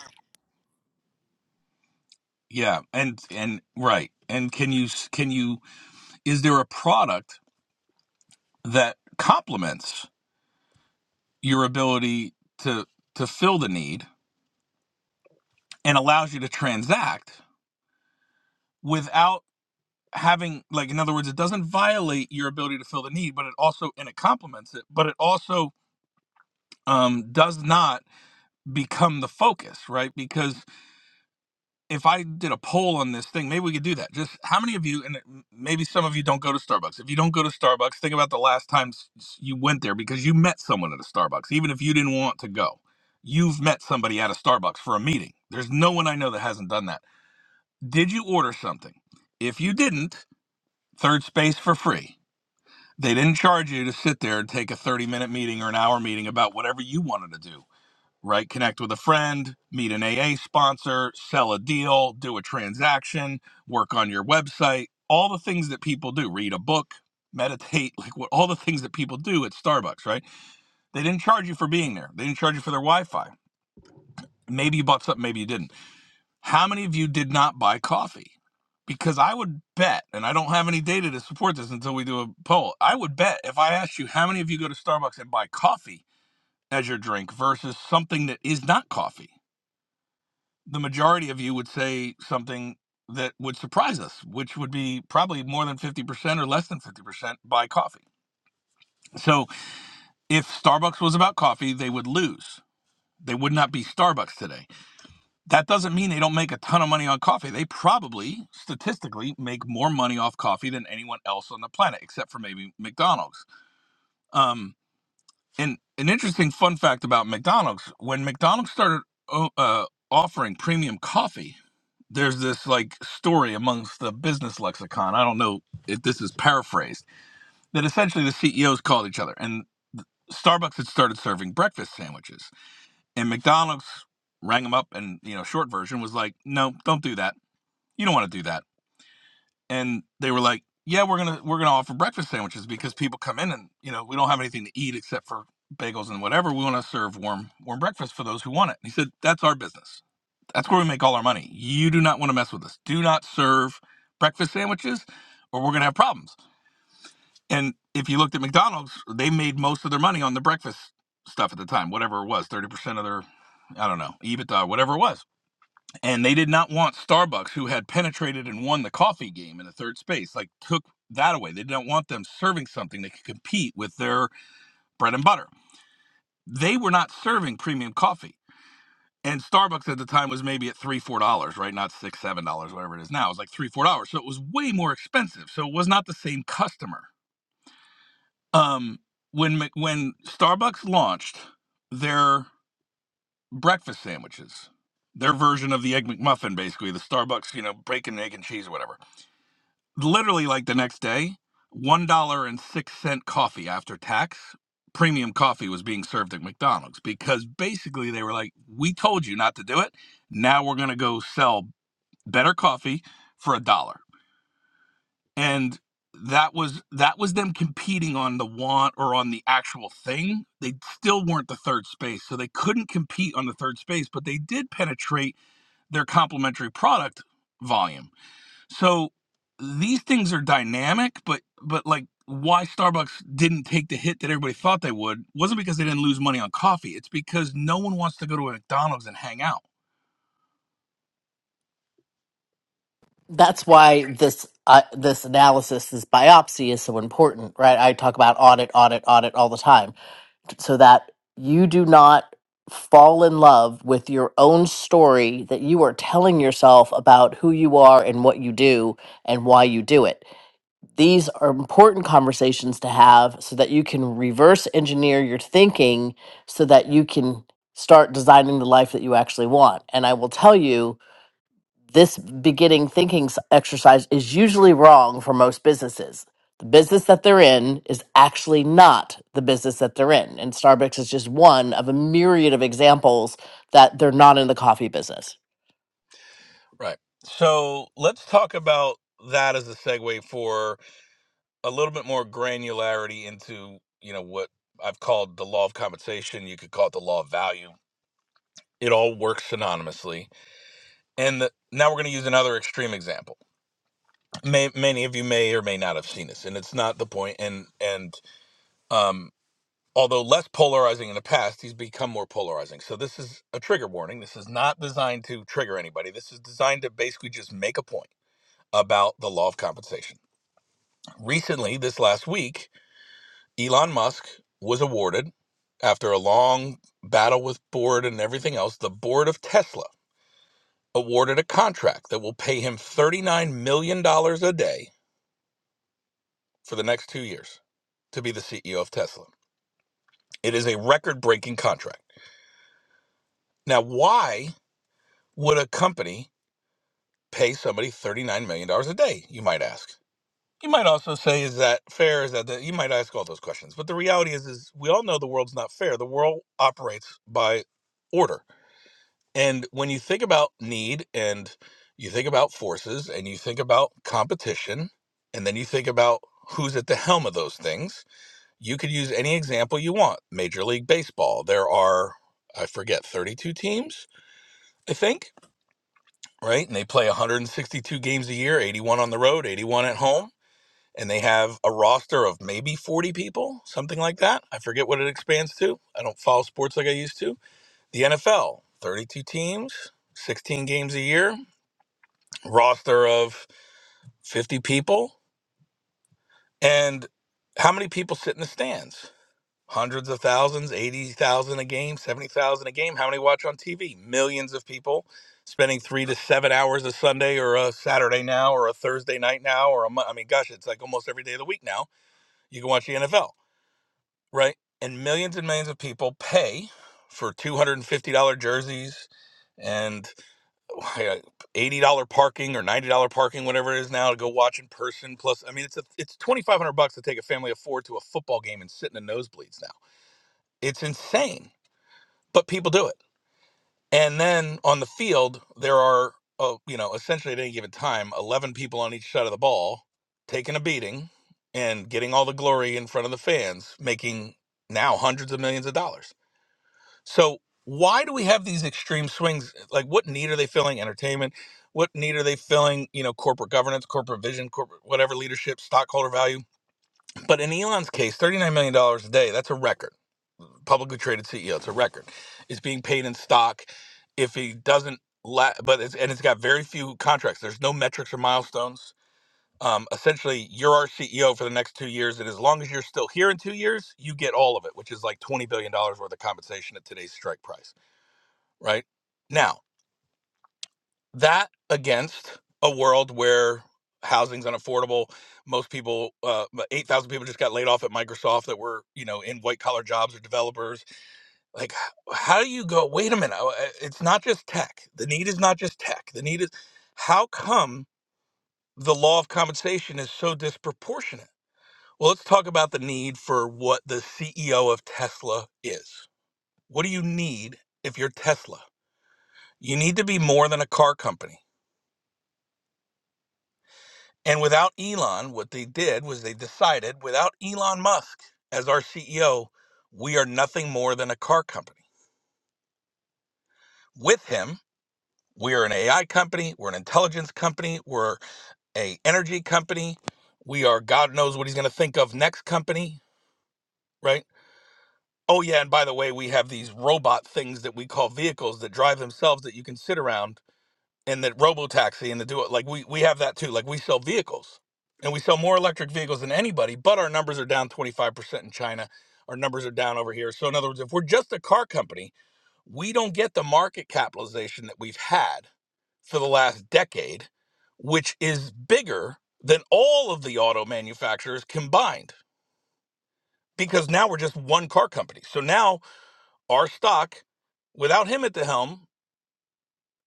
Speaker 14: Yeah, and and right. And can you s- can you is there a product that complements your ability to to fill the need and allows you to transact without having like in other words it doesn't violate your ability to fill the need but it also and it complements it but it also um does not become the focus right because if I did a poll on this thing, maybe we could do that. Just how many of you, and maybe some of you don't go to Starbucks. If you don't go to Starbucks, think about the last time you went there because you met someone at a Starbucks, even if you didn't want to go. You've met somebody at a Starbucks for a meeting. There's no one I know that hasn't done that. Did you order something? If you didn't, third space for free. They didn't charge you to sit there and take a 30 minute meeting or an hour meeting about whatever you wanted to do right? Connect with a friend, meet an AA sponsor, sell a deal, do a transaction, work on your website, all the things that people do, read a book, meditate, like what all the things that people do at Starbucks, right? They didn't charge you for being there. They didn't charge you for their Wi-Fi. Maybe you bought something, maybe you didn't. How many of you did not buy coffee? Because I would bet, and I don't have any data to support this until we do a poll. I would bet if I asked you how many of you go to Starbucks and buy coffee as your drink versus something that is not coffee the majority of you would say something that would surprise us, which would be probably more than 50% or less than 50% buy coffee. So if Starbucks was about coffee, they would lose. They would not be Starbucks today. That doesn't mean they don't make a ton of money on coffee. They probably, statistically, make more money off coffee than anyone else on the planet, except for maybe McDonald's. Um, And an interesting fun fact about McDonald's: when McDonald's started o- uh, offering premium coffee, there's this like story amongst the business lexicon. I don't know if this is paraphrased that essentially the CEOs called each other, and Starbucks had started serving breakfast sandwiches, and McDonald's rang them up, and you know, short version was like, "No, don't do that. You don't want to do that." and they were like, "Yeah, we're gonna we're gonna offer breakfast sandwiches because people come in and you know we don't have anything to eat except for bagels and whatever. We want to serve warm warm breakfast for those who want it." And he said, "That's our business. That's where we make all our money. You do not want to mess with us. Do not serve breakfast sandwiches, or we're gonna have problems." And if you looked at McDonald's, they made most of their money on the breakfast stuff at the time, whatever it was, thirty percent of their, I don't know, EBITDA, whatever it was and they did not want Starbucks, who had penetrated and won the coffee game in the third space, like took that away. They didn't want them serving something that could compete with their bread and butter. They were not serving premium coffee. And Starbucks at the time was maybe at three, four dollars, right? Not six, seven dollars, whatever it is now. It was like three, four dollars. So it was way more expensive. So it was not the same customer. Um, when when Starbucks launched their breakfast sandwiches, their version of the egg McMuffin, basically the Starbucks, you know, bacon, egg, and cheese, or whatever literally like the next day, one dollar and six cent coffee after tax, premium coffee was being served at McDonald's because basically they were like, "We told you not to do it. Now we're gonna go sell better coffee for a dollar." And that was that was them competing on the want or on the actual thing. They still weren't the third space, so they couldn't compete on the third space, but they did penetrate their complementary product volume so these things are dynamic, but but like why Starbucks didn't take the hit that everybody thought they would wasn't because they didn't lose money on coffee. It's because no one wants to go to a McDonald's and hang out.
Speaker 13: that's why this uh, this analysis, this biopsy, is so important, right? I talk about audit, audit, audit all the time, so that you do not fall in love with your own story that you are telling yourself about who you are and what you do and why you do it. These are important conversations to have so that you can reverse engineer your thinking so that you can start designing the life that you actually want. And I will tell you this beginning thinking s- exercise is usually wrong for most businesses. The business that they're in is actually not the business that they're in. And Starbucks is just one of a myriad of examples that they're not in the coffee business.
Speaker 14: Right. So let's talk about that as a segue for a little bit more granularity into, you know, what I've called the law of compensation. You could call it the law of value. It all works synonymously. And the, now we're going to use another extreme example. may, many of you may or may not have seen this, and it's not the point. And and um, although less polarizing in the past, he's become more polarizing. So this is a trigger warning. This is not designed to trigger anybody. This is designed to basically just make a point about the law of compensation. Recently, this last week, Elon Musk was awarded after a long battle with board and everything else. The board of Tesla awarded a contract that will pay him thirty nine million dollars a day for the next two years to be the CEO of Tesla. It is a record breaking contract. Now, why would a company pay somebody $39 million dollars a day, you might ask? You might also say, is that fair? Is that the, you might ask all those questions. But the reality is, is we all know the world's not fair. The world operates by order. And when you think about need and you think about forces and you think about competition, and then you think about who's at the helm of those things, you could use any example you want. Major League Baseball, there are, I forget, 32 teams, I think, right? And they play 162 games a year, 81 on the road, 81 at home. And they have a roster of maybe 40 people, something like that. I forget what it expands to. I don't follow sports like I used to. The NFL, 32 teams, 16 games a year, roster of 50 people. And how many people sit in the stands? hundreds of thousands, 80,000 a game, 70,000 a game. How many watch on TV? Millions of people spending three to seven hours a Sunday or a Saturday now or a Thursday night now or a Mon- I mean, gosh, it's like almost every day of the week now. You can watch the NFL, right? And millions and millions of people pay for $250 jerseys and uh, $80 parking or $90 parking, whatever it is now to go watch in person. Plus, I mean, it's a, it's 2,500 bucks to take a family of four to a football game and sit in the nosebleeds now. It's insane but people do it. And then on the field, there are, uh, you know, essentially at any given time, 11 people on each side of the ball taking a beating and getting all the glory in front of the fans, making now hundreds of millions of dollars. So, why do we have these extreme swings? Like, what need are they filling? Entertainment. What need are they filling? You know, corporate governance, corporate vision, corporate whatever leadership, stockholder value. But in Elon's case, $39 million dollars a day, that's a record publicly traded CEO. It's a record. It's being paid in stock. If he doesn't, la- but it's, and it's got very few contracts. There's no metrics or milestones. Um, essentially, you're our CEO for the next two years, and as long as you're still here in two years, you get all of it, which is like twenty billion dollars worth of compensation at today's strike price. Right now, that against a world where housing's unaffordable, most people, uh, eight thousand people just got laid off at Microsoft that were you know in white collar jobs or developers like how do you go wait a minute oh, uh, it's not just tech the need is not just tech the need is how come the law of compensation is so disproportionate well let's talk about the need for what the ceo of tesla is what do you need if you're tesla you need to be more than a car company and without elon what they did was they decided without elon musk as our ceo we are nothing more than a car company with him we are an ai company we're an intelligence company we're a energy company. We are God knows what he's going to think of next company, right? Oh yeah, and by the way, we have these robot things that we call vehicles that drive themselves that you can sit around and that robo taxi and the do it like we we have that too. Like we sell vehicles. And we sell more electric vehicles than anybody, but our numbers are down 25% in China. Our numbers are down over here. So in other words, if we're just a car company, we don't get the market capitalization that we've had for the last decade, which is bigger than all of the auto manufacturers combined because now we're just one car company. So now our stock, without him at the helm,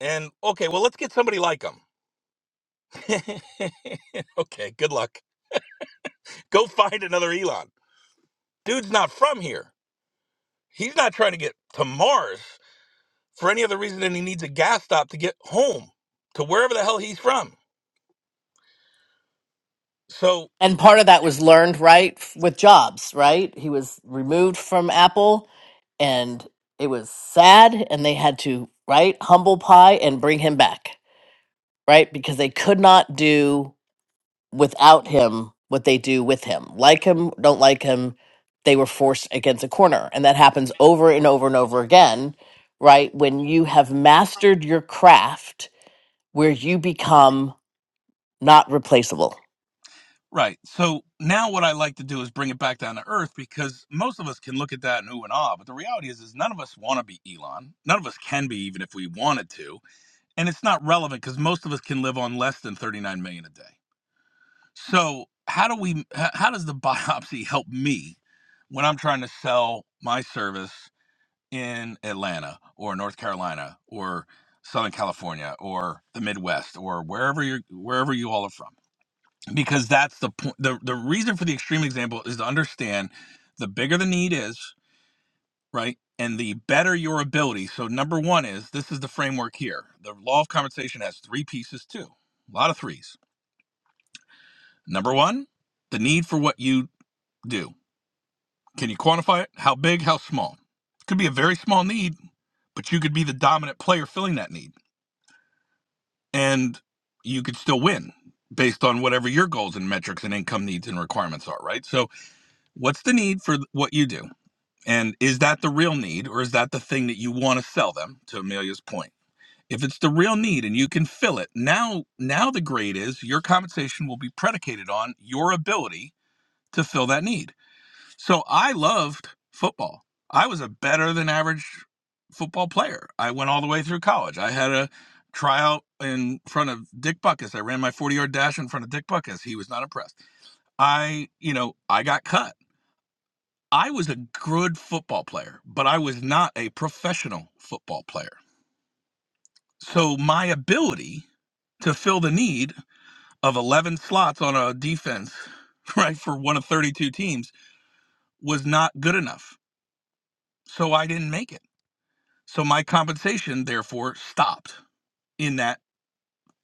Speaker 14: and okay, well, let's get somebody like him. okay, good luck. Go find another Elon. Dude's not from here. He's not trying to get to Mars for any other reason than he needs a gas stop to get home to wherever the hell he's from. So
Speaker 13: And part of that was learned, right, f- with Jobs, right? He was removed from Apple and it was sad and they had to, right, humble pie and bring him back, right? Because they could not do without him what they do with him. Like him, don't like him, they were forced against a corner. And that happens over and over and over again, right? When you have mastered your craft where you become not replaceable.
Speaker 14: Right. So now what I like to do is bring it back down to earth because most of us can look at that and ooh and ah, but the reality is is none of us want to be Elon. None of us can be even if we wanted to. And it's not relevant because most of us can live on less than 39 million a day. So how do we h- how does the biopsy help me when I'm trying to sell my service in Atlanta or North Carolina or Southern California or the Midwest or wherever you are wherever you all are from? because that's the point the, the reason for the extreme example is to understand the bigger the need is right and the better your ability so number one is this is the framework here the law of compensation has three pieces too a lot of threes number one the need for what you do can you quantify it how big how small it could be a very small need but you could be the dominant player filling that need and you could still win based on whatever your goals and metrics and income needs and requirements are right so what's the need for what you do And is that the real need or is that the thing that you want to sell them to Amelia's point? If it's the real need and you can fill it, now now the grade is your compensation will be predicated on your ability to fill that need. So I loved football. I was a better than average football player. I went all the way through college. I had a tryout in front of Dick Buckus. I ran my 40-yard dash in front of Dick Buckus. He was not impressed. I, you know, I got cut. I was a good football player, but I was not a professional football player. So my ability to fill the need of 11 slots on a defense, right, for one of 32 teams was not good enough. So I didn't make it. So my compensation therefore stopped in that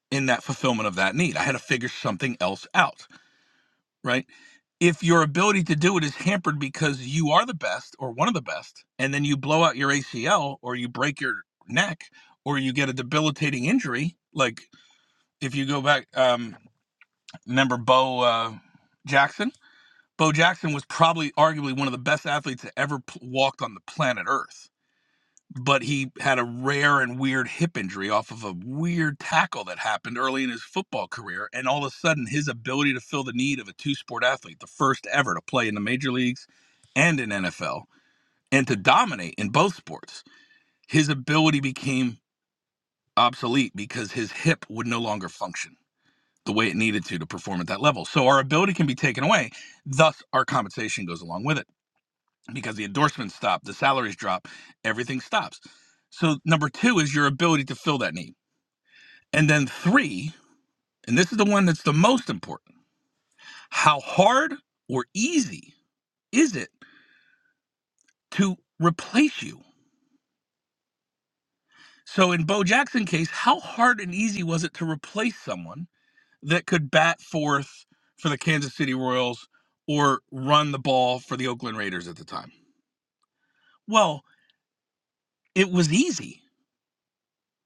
Speaker 14: in that fulfillment of that need. I had to figure something else out. right? If your ability to do it is hampered because you are the best or one of the best, and then you blow out your ACL or you break your neck or you get a debilitating injury, like if you go back, um, remember Bo uh, Jackson? Bo Jackson was probably arguably one of the best athletes that ever p- walked on the planet Earth but he had a rare and weird hip injury off of a weird tackle that happened early in his football career. And all of a sudden, his ability to fill the need of a two sport athlete, the first ever to play in the major leagues and in NFL, and to dominate in both sports, his ability became obsolete because his hip would no longer function the way it needed to to perform at that level. So our ability can be taken away, thus, our compensation goes along with it because the endorsements stop, the salaries drop, everything stops. So number two is your ability to fill that need. And then three, and this is the one that's the most important, how hard or easy is it to replace you? So in Bo Jackson's case, how hard and easy was it to replace someone that could bat fourth for the Kansas City Royals or run the ball for the Oakland Raiders at the time? Well, it was easy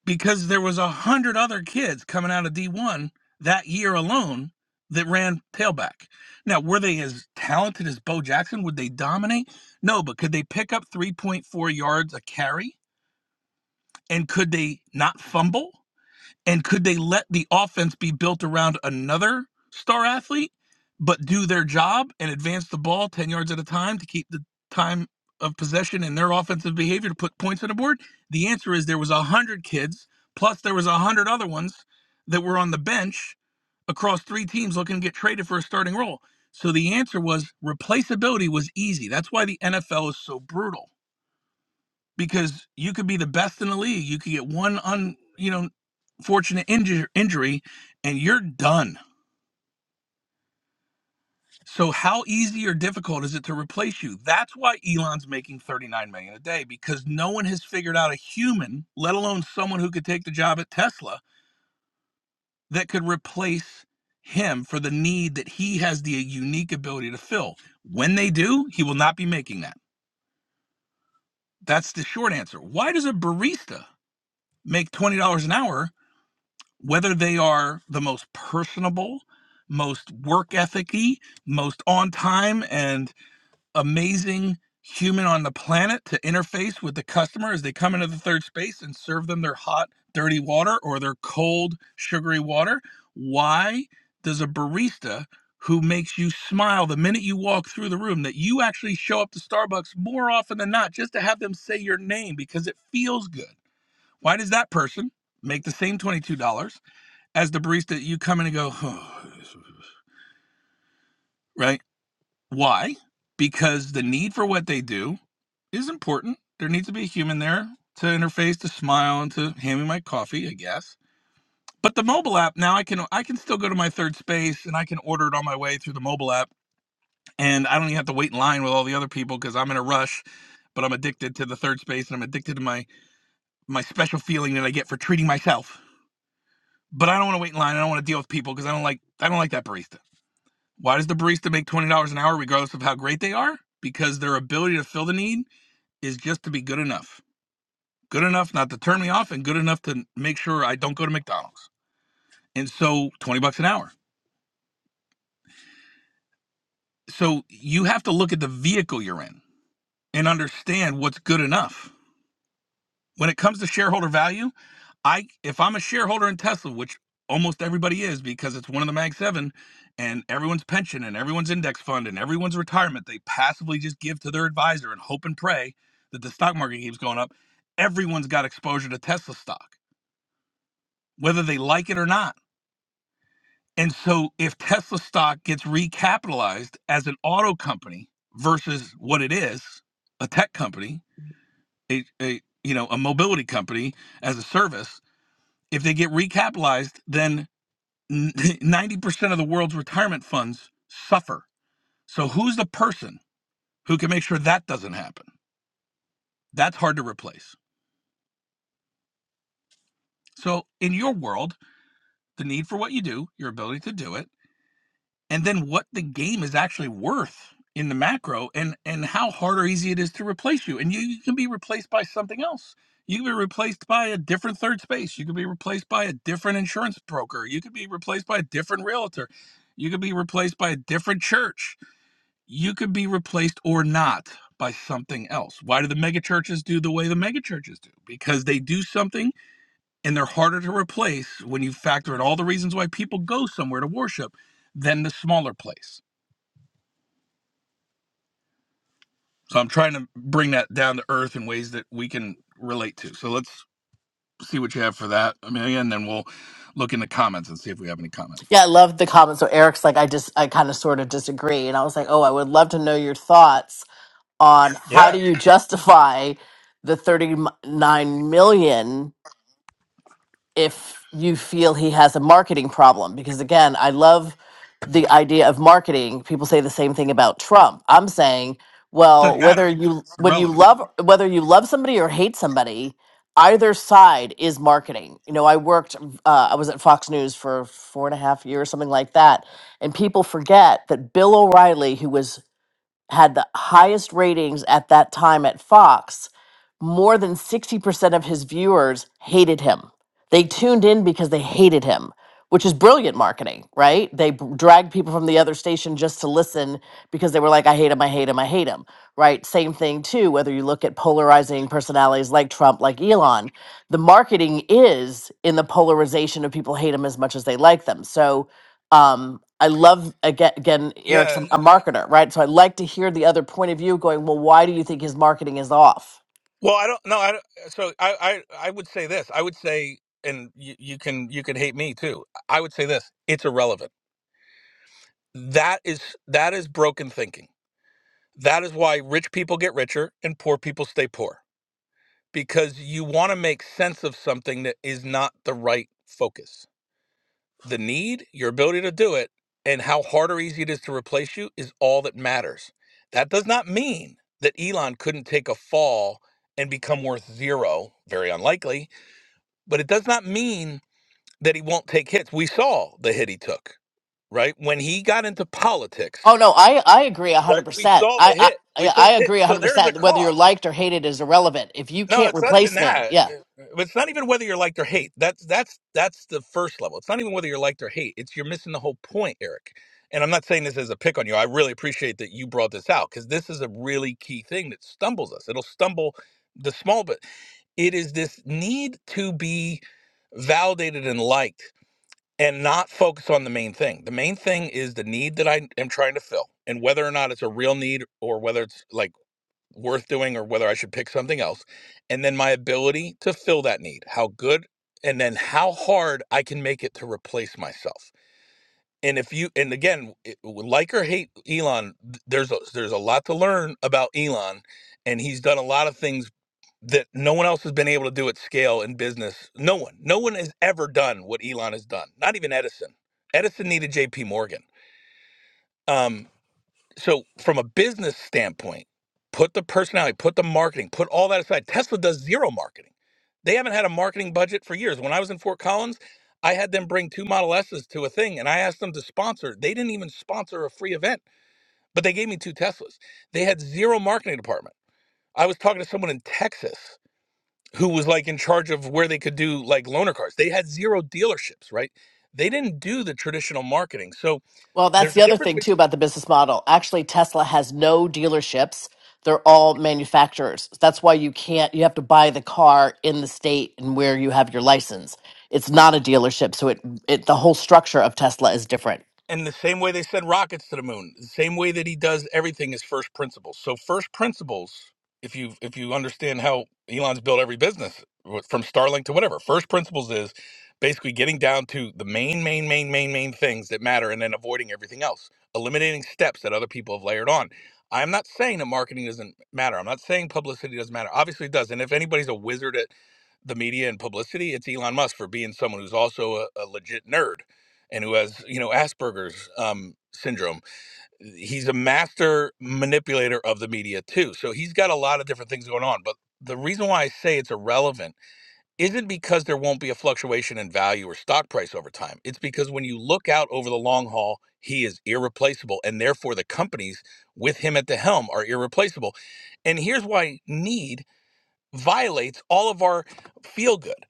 Speaker 14: because there was a hundred other kids coming out of D1 that year alone that ran tailback. Now, were they as talented as Bo Jackson? Would they dominate? No, but could they pick up 3.4 yards a carry? And could they not fumble? And could they let the offense be built around another star athlete, but do their job and advance the ball 10 yards at a time to keep the time of possession and their offensive behavior to put points on the board? The answer is there was 100 kids, plus there was 100 other ones that were on the bench across three teams looking to get traded for a starting role. So the answer was replaceability was easy. That's why the NFL is so brutal because you could be the best in the league. You could get one un, you know, fortunate inju- injury and you're done. So how easy or difficult is it to replace you? That's why Elon's making 39 million a day because no one has figured out a human, let alone someone who could take the job at Tesla that could replace him for the need that he has the unique ability to fill. When they do, he will not be making that. That's the short answer. Why does a barista make $20 an hour whether they are the most personable, most work ethic y, most on time and amazing human on the planet to interface with the customer as they come into the third space and serve them their hot, dirty water or their cold, sugary water. Why does a barista who makes you smile the minute you walk through the room that you actually show up to Starbucks more often than not just to have them say your name because it feels good? Why does that person make the same $22? as the barista, you come in and go, oh, right? Why? Because the need for what they do is important. There needs to be a human there to interface, to smile, and to hand me my coffee, I guess. But the mobile app now, I can I can still go to my third space and I can order it on my way through the mobile app, and I don't even have to wait in line with all the other people because I'm in a rush. But I'm addicted to the third space, and I'm addicted to my my special feeling that I get for treating myself. But I don't want to wait in line. I don't want to deal with people because I don't like I don't like that barista. Why does the barista make twenty dollars an hour regardless of how great they are? Because their ability to fill the need is just to be good enough. Good enough not to turn me off and good enough to make sure I don't go to McDonald's. And so twenty bucks an hour. So you have to look at the vehicle you're in and understand what's good enough. When it comes to shareholder value, I if I'm a shareholder in Tesla, which almost everybody is because it's one of the Mag 7 and everyone's pension and everyone's index fund and everyone's retirement, they passively just give to their advisor and hope and pray that the stock market keeps going up. Everyone's got exposure to Tesla stock, whether they like it or not. And so if Tesla stock gets recapitalized as an auto company versus what it is, a tech company, a, a you know, a mobility company as a service, if they get recapitalized, then 90% of the world's retirement funds suffer. So, who's the person who can make sure that doesn't happen? That's hard to replace. So, in your world, the need for what you do, your ability to do it, and then what the game is actually worth in the macro and and how hard or easy it is to replace you and you, you can be replaced by something else you can be replaced by a different third space you can be replaced by a different insurance broker you could be replaced by a different realtor you could be replaced by a different church you could be replaced or not by something else. Why do the megachurches do the way the megachurches do? Because they do something and they're harder to replace when you factor in all the reasons why people go somewhere to worship than the smaller place. So I'm trying to bring that down to earth in ways that we can relate to. So let's see what you have for that, Amelia, and then we'll look in the comments and see if we have any comments.
Speaker 13: Yeah, I love the comment. So Eric's like, I just, I kind of sort of disagree. And I was like, oh, I would love to know your thoughts on how
Speaker 14: Yeah.
Speaker 13: do you justify the 39 million if you feel he has a marketing problem because again i love the idea of marketing people say the same thing about trump i'm saying
Speaker 14: Doesn't
Speaker 13: well whether
Speaker 14: matter.
Speaker 13: you
Speaker 14: It's
Speaker 13: when you
Speaker 14: irrelevant.
Speaker 13: love whether you love somebody or hate somebody either side is marketing you know i worked uh, i was at fox news for four and a half years something like that and people forget that bill o'reilly who was had the highest ratings at that time at Fox, more than 60% of his viewers hated him. They tuned in because they hated him, which is brilliant marketing, right? They b- dragged people from the other station just to listen because they were like, I hate him, I hate him, I hate him, right? Same thing, too, whether you look at polarizing personalities like Trump, like Elon, the marketing is in the polarization of people hate him as much as they like them. So, um i love again again eric's a
Speaker 14: Yeah.
Speaker 13: a marketer right so i like to hear the other point of view going well why do you think his marketing is off
Speaker 14: Well, I don't know. I don't, so I, I I would say this. I would say, and you, you can you can hate me too. I would say this. It's irrelevant. That is that is broken thinking. That is why rich people get richer and poor people stay poor because you want to make sense of something that is not the right focus. The need, your ability to do it, and how hard or easy it is to replace you is all that matters. That does not mean that Elon couldn't take a fall and become worth zero. Very unlikely but it does not mean that he won't take hits. We saw the hit he took, right? When he got into
Speaker 13: oh
Speaker 14: politics,
Speaker 13: no i i agree
Speaker 14: right? We
Speaker 13: 100%
Speaker 14: saw the
Speaker 13: i i i
Speaker 14: hit. We saw
Speaker 13: I
Speaker 14: the hit.
Speaker 13: agree
Speaker 14: So there's a
Speaker 13: 100%. Whether you're
Speaker 14: cost.
Speaker 13: liked or hated is irrelevant. If you
Speaker 14: No,
Speaker 13: can't
Speaker 14: it's not even
Speaker 13: replace me,
Speaker 14: that.
Speaker 13: yeah,
Speaker 14: It's not even whether you're liked or hate. That's that's that's the first level. It's not even whether you're liked or hate. It's you're missing the whole point, Eric. And I'm not saying this as a pick on you. I really appreciate that you brought this out because this is a really key thing that stumbles us. It'll stumble the small, but it is this need to be validated and liked and not focus on the main thing. The main thing is the need that I am trying to fill and whether or not it's a real need or whether it's like worth doing or whether I should pick something else. And then my ability to fill that need, how good and then how hard I can make it to replace myself. And if you and again, it- like or hate Elon, th- there's a, there's a lot to learn about Elon and he's done a lot of things that no one else has been able to do at scale in business. No one, no one has ever done what Elon has done. Not even Edison. Edison needed J.P. Morgan. Um, so from a business standpoint, put the personality, put the marketing, put all that aside. Tesla does zero marketing. They haven't had a marketing budget for years. When I was in Fort Collins, I had them bring two Model S's to a thing, and I asked them to sponsor. They didn't even sponsor a free event, but they gave me two Teslas. They had zero marketing department. I was talking to someone in Texas who was like in charge of where they could do like loaner cars. They had zero dealerships, right? They didn't do the traditional marketing. So
Speaker 13: Well, that's
Speaker 14: there's a
Speaker 13: the other
Speaker 14: difference
Speaker 13: thing too
Speaker 14: between
Speaker 13: about the business model. Actually, Tesla has no dealerships. They're all manufacturers. That's why you can't, you have to buy the car in the state and where you have your license. It's not a dealership. So it, it the whole structure of Tesla is different.
Speaker 14: And the same way they send rockets to the moon, the same way that he does everything is first principles. So first principles, if you if you understand how Elon's built every business wh- from Starlink to whatever, first principles is basically getting down to the main main main main main things that matter and then avoiding everything else, eliminating steps that other people have layered on. I'm not saying that marketing doesn't matter. I'm not saying publicity doesn't matter. Obviously it does. And if anybody's a wizard at the media and publicity, it's Elon Musk for being someone who's also a, a legit nerd and who has, you know, Asperger's um, syndrome. He's a master manipulator of the media too. So he's got a lot of different things going on. But the reason why I say it's irrelevant isn't because there won't be a fluctuation in value or stock price over time. It's because when you look out over the long haul, he is irreplaceable. And therefore, the companies with him at the helm are irreplaceable. And here's why need violates all of our feel good.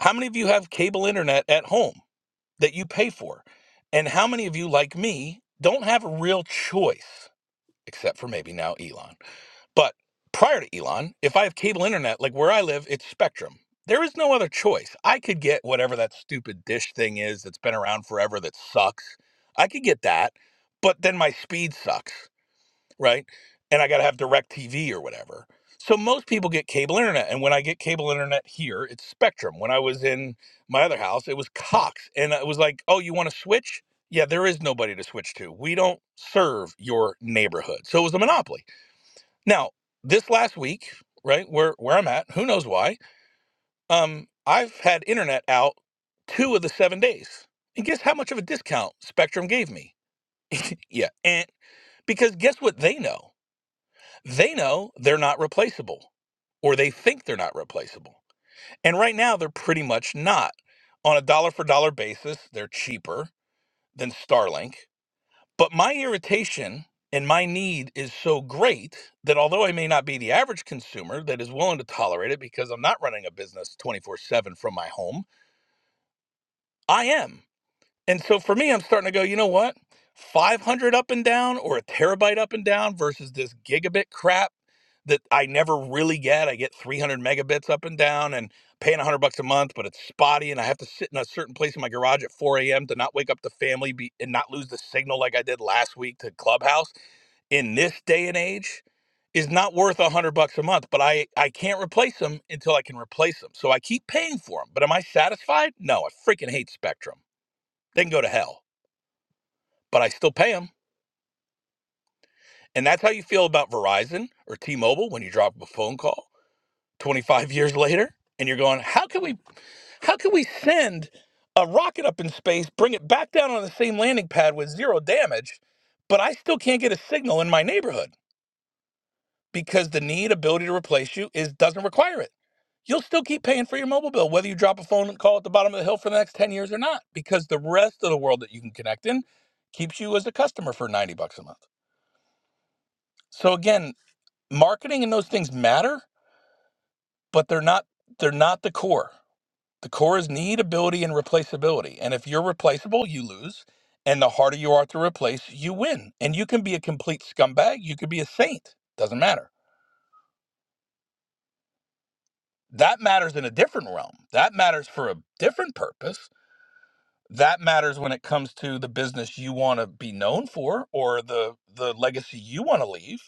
Speaker 14: How many of you have cable internet at home that you pay for? And how many of you, like me, don't have a real choice, except for maybe now Elon? But prior to Elon, if I have cable internet, like where I live, it's Spectrum. There is no other choice. I could get whatever that stupid dish thing is that's been around forever that sucks. I could get that, but then my speed sucks right? And I got to have DirecTV or whatever. So most people get cable internet. And when I get cable internet here, it's Spectrum. When I was in my other house, it was Cox. And it was like, oh, you want to switch? Yeah, there is nobody to switch to. We don't serve your neighborhood. So it was a monopoly. Now, this last week, right, where, where I'm at, who knows why, um, I've had internet out two of the seven days. And guess how much of a discount Spectrum gave me? Yeah. And because guess what they know? They know they're not replaceable, or they think they're not replaceable. And right now, they're pretty much not. On a dollar for dollar basis, they're cheaper than Starlink. But my irritation and my need is so great that although I may not be the average consumer that is willing to tolerate it because I'm not running a business 24 7 from my home, I am. And so for me, I'm starting to go, you know what? 500 up and down or a terabyte up and down versus this gigabit crap that I never really get. I get 300 megabits up and down and paying 100 bucks a month, but it's spotty and I have to sit in a certain place in my garage at 4 a.m. to not wake up the family be, and not lose the signal like I did last week to Clubhouse in this day and age is not worth 100 bucks a month, but I, I can't replace them until I can replace them. So I keep paying for them, but am I satisfied? No, I freaking hate Spectrum. They can go to hell, but I still pay them. And that's how you feel about Verizon or T-Mobile when you drop a phone call 25 years later and you're going how can we how can we send a rocket up in space bring it back down on the same landing pad with zero damage but i still can't get a signal in my neighborhood because the need ability to replace you is doesn't require it you'll still keep paying for your mobile bill whether you drop a phone call at the bottom of the hill for the next 10 years or not because the rest of the world that you can connect in keeps you as a customer for 90 bucks a month so again marketing and those things matter but they're not they're not the core The core is need, ability, and replaceability. And if you're replaceable, you lose. And the harder you are to replace, you win. And you can be a complete scumbag. You could be a saint. Doesn't matter. That matters in a different realm. That matters for a different purpose. That matters when it comes to the business you want to be known for or the the legacy you want to leave.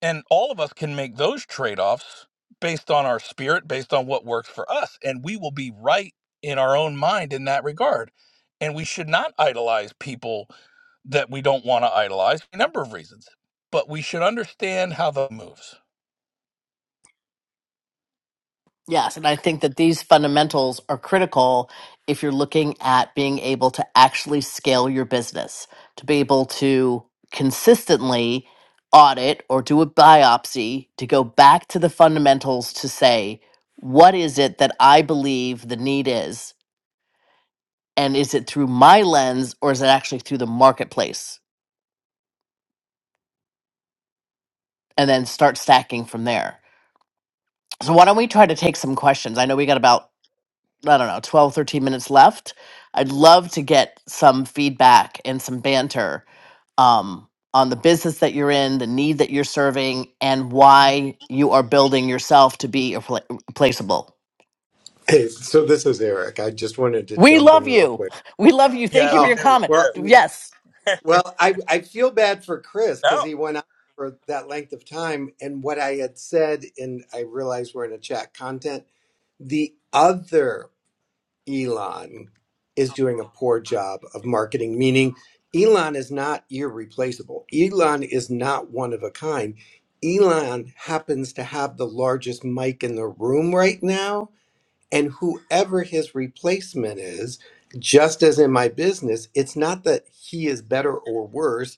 Speaker 14: And all of us can make those trade offs based on our spirit, based on what works for us. And we will be right in our own mind in that regard. And we should not idolize people that we don't want to idolize for a number of reasons, but we should understand how the moves.
Speaker 13: Yes, and I think that these fundamentals are critical if you're looking at being able to actually scale your business, to be able to consistently audit or do a biopsy, to go back to the fundamentals to say, what is it that I believe the need is? And is it through my lens or is it actually through the marketplace? And then start stacking from there. So, why don't we try to take some questions? I know we got about I don't know, 12, 13 minutes left. I'd love to get some feedback and some banter um, on the business that you're in, the need that you're serving, and why you are building yourself to be irrepla- replaceable.
Speaker 15: Hey, so this is Eric. I just wanted to
Speaker 13: We
Speaker 15: jump
Speaker 13: love
Speaker 15: in real
Speaker 13: you.
Speaker 15: quick.
Speaker 13: We love you. Thank
Speaker 14: Yeah,
Speaker 13: you for
Speaker 14: we
Speaker 15: Oh,
Speaker 13: your
Speaker 14: do.
Speaker 13: comment.
Speaker 15: well,
Speaker 13: Yes,
Speaker 15: well, I, I feel bad for Chris because
Speaker 14: No.
Speaker 15: he went out for that length of time. And what I had said, and I realize we're in a chat content, the other Elon is doing a poor job of marketing, meaning Elon is not irreplaceable. Elon is not one of a kind. Elon happens to have the largest mic in the room right now and whoever his replacement is just as in my business it's not that he is better or worse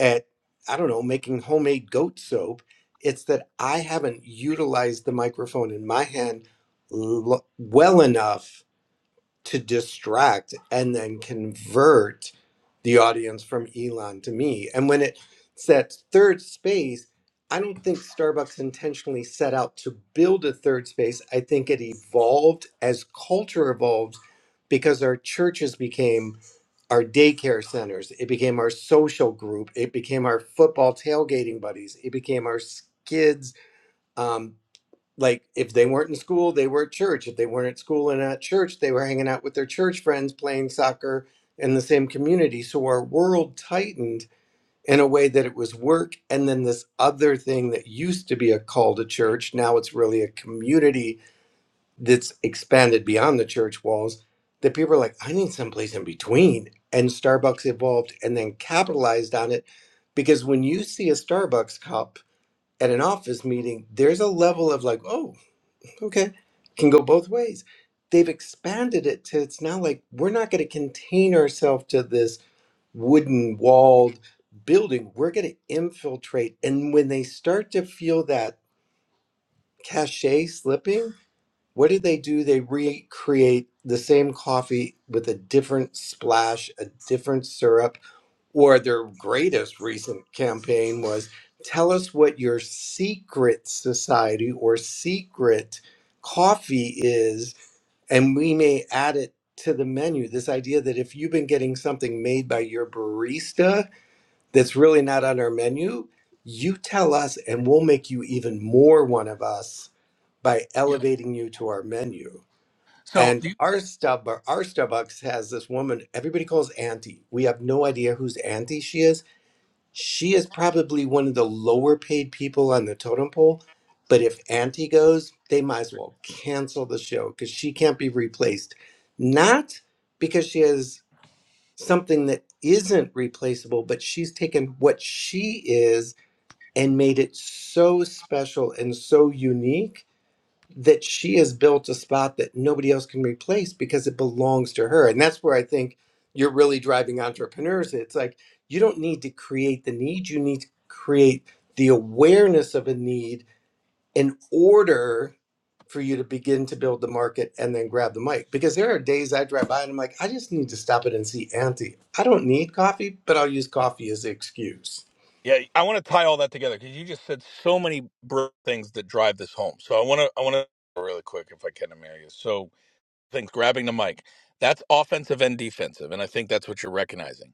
Speaker 15: at i don't know making homemade goat soap it's that i haven't utilized the microphone in my hand l- well enough to distract and then convert the audience from Elon to me. And when it sets third space, I don't think Starbucks intentionally set out to build a third space. I think it evolved as culture evolved because our churches became our daycare centers. It became our social group. It became our football tailgating buddies. It became our kids um, like if they weren't in school they were at church if they weren't at school and at church they were hanging out with their church friends playing soccer in the same community so our world tightened in a way that it was work and then this other thing that used to be a call to church now it's really a community that's expanded beyond the church walls that people are like i need someplace in between and starbucks evolved and then capitalized on it because when you see a starbucks cup at an office meeting, there's a level of like, oh, Okay. Can go both ways. They've expanded it to it's now like we're not going to contain ourselves to this wooden walled building. We're going to infiltrate. And when they start to feel that cachet slipping, what do they do? They recreate the same coffee with a different splash, a different syrup. Or their greatest recent campaign was tell us what your secret society or secret coffee is and we may add it to the menu this idea that if you've been getting something made by your barista that's really not on our menu you tell us and we'll make you even more one of us by
Speaker 14: Yeah.
Speaker 15: elevating you to our menu
Speaker 14: So,
Speaker 15: and
Speaker 14: you-
Speaker 15: our stub our starbucks has this woman everybody calls auntie we have no idea whose auntie she is she is probably one of the lower paid people on the totem pole, but if Auntie goes, they might as well cancel the show because she can't be replaced. Not because she has something that isn't replaceable, but she's taken what she is and made it so special and so unique that she has built a spot that nobody else can replace because it belongs to her. And that's where I think you're really driving entrepreneurs. It's like you don't need to create the need, you need to create the awareness of a need in order for you to begin to build the market and then grab the mic. Because there are days I drive by and I'm like, I just need to stop it and see Auntie. I don't need coffee, but I'll use coffee as the excuse.
Speaker 14: yeah, I want to tie all that together because you just said so many br- things that drive this home. So I want to, I want to really quick if I can, Amelia. So things, grabbing the mic. That's offensive and defensive. And I think that's what you're recognizing.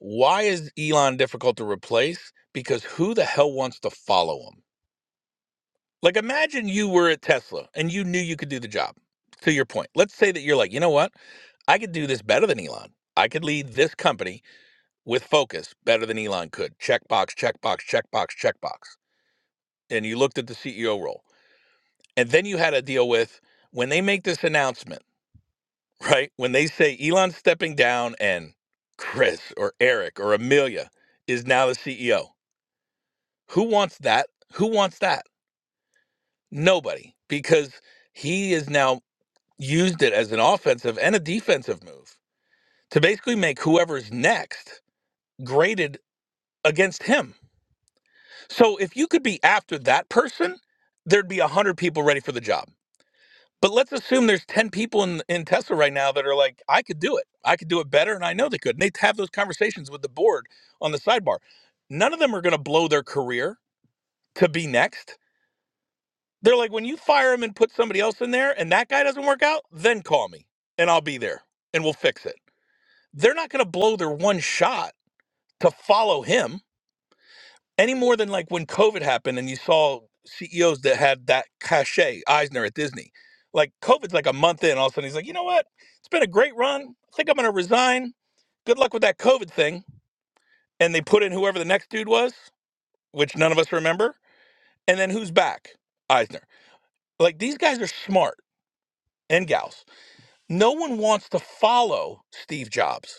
Speaker 14: Why is Elon difficult to replace? Because who the hell wants to follow him? Like, imagine you were at Tesla and you knew you could do the job, to your point. Let's say that you're like, you know what? I could do this better than Elon. I could lead this company with focus better than Elon could. Checkbox, checkbox, checkbox, checkbox. And you looked at the CEO role. And then you had to deal with when they make this announcement. right? When they say Elon's stepping down and Chris or Eric or Amelia is now the CEO, who wants that? Who wants that? Nobody, because he is now used it as an offensive and a defensive move to basically make whoever's next graded against him. So if you could be after that person, there'd be 100 people ready for the job. But let's assume there's 10 people in, in Tesla right now that are like, I could do it. I could do it better. And I know they could. And they have those conversations with the board on the sidebar. None of them are going to blow their career to be next. They're like, when you fire them and put somebody else in there and that guy doesn't work out, then call me and I'll be there and we'll fix it. They're not going to blow their one shot to follow him any more than like when COVID happened and you saw CEOs that had that cachet, Eisner at Disney. Like COVID's like a month in, all of a sudden he's like, you know what? It's been a great run. I think I'm gonna resign. Good luck with that COVID thing. And they put in whoever the next dude was, which none of us remember. And then who's back? Eisner. Like these guys are smart and gals. No one wants to follow Steve Jobs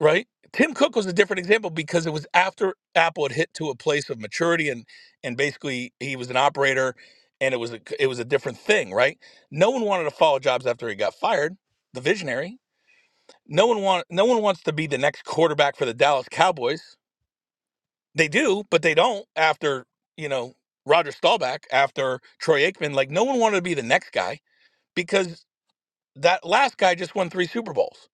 Speaker 14: right? Tim Cook was a different example because it was after Apple had hit to a place of maturity and and basically he was an operator and it was a, it was a different thing, right? No one wanted to follow Jobs after he got fired, the visionary. No one want no one wants to be the next quarterback for the Dallas Cowboys. They do, but they don't after, you know, Roger Staubach, after Troy Aikman, like no one wanted to be the next guy because that last guy just won 3 Super Bowls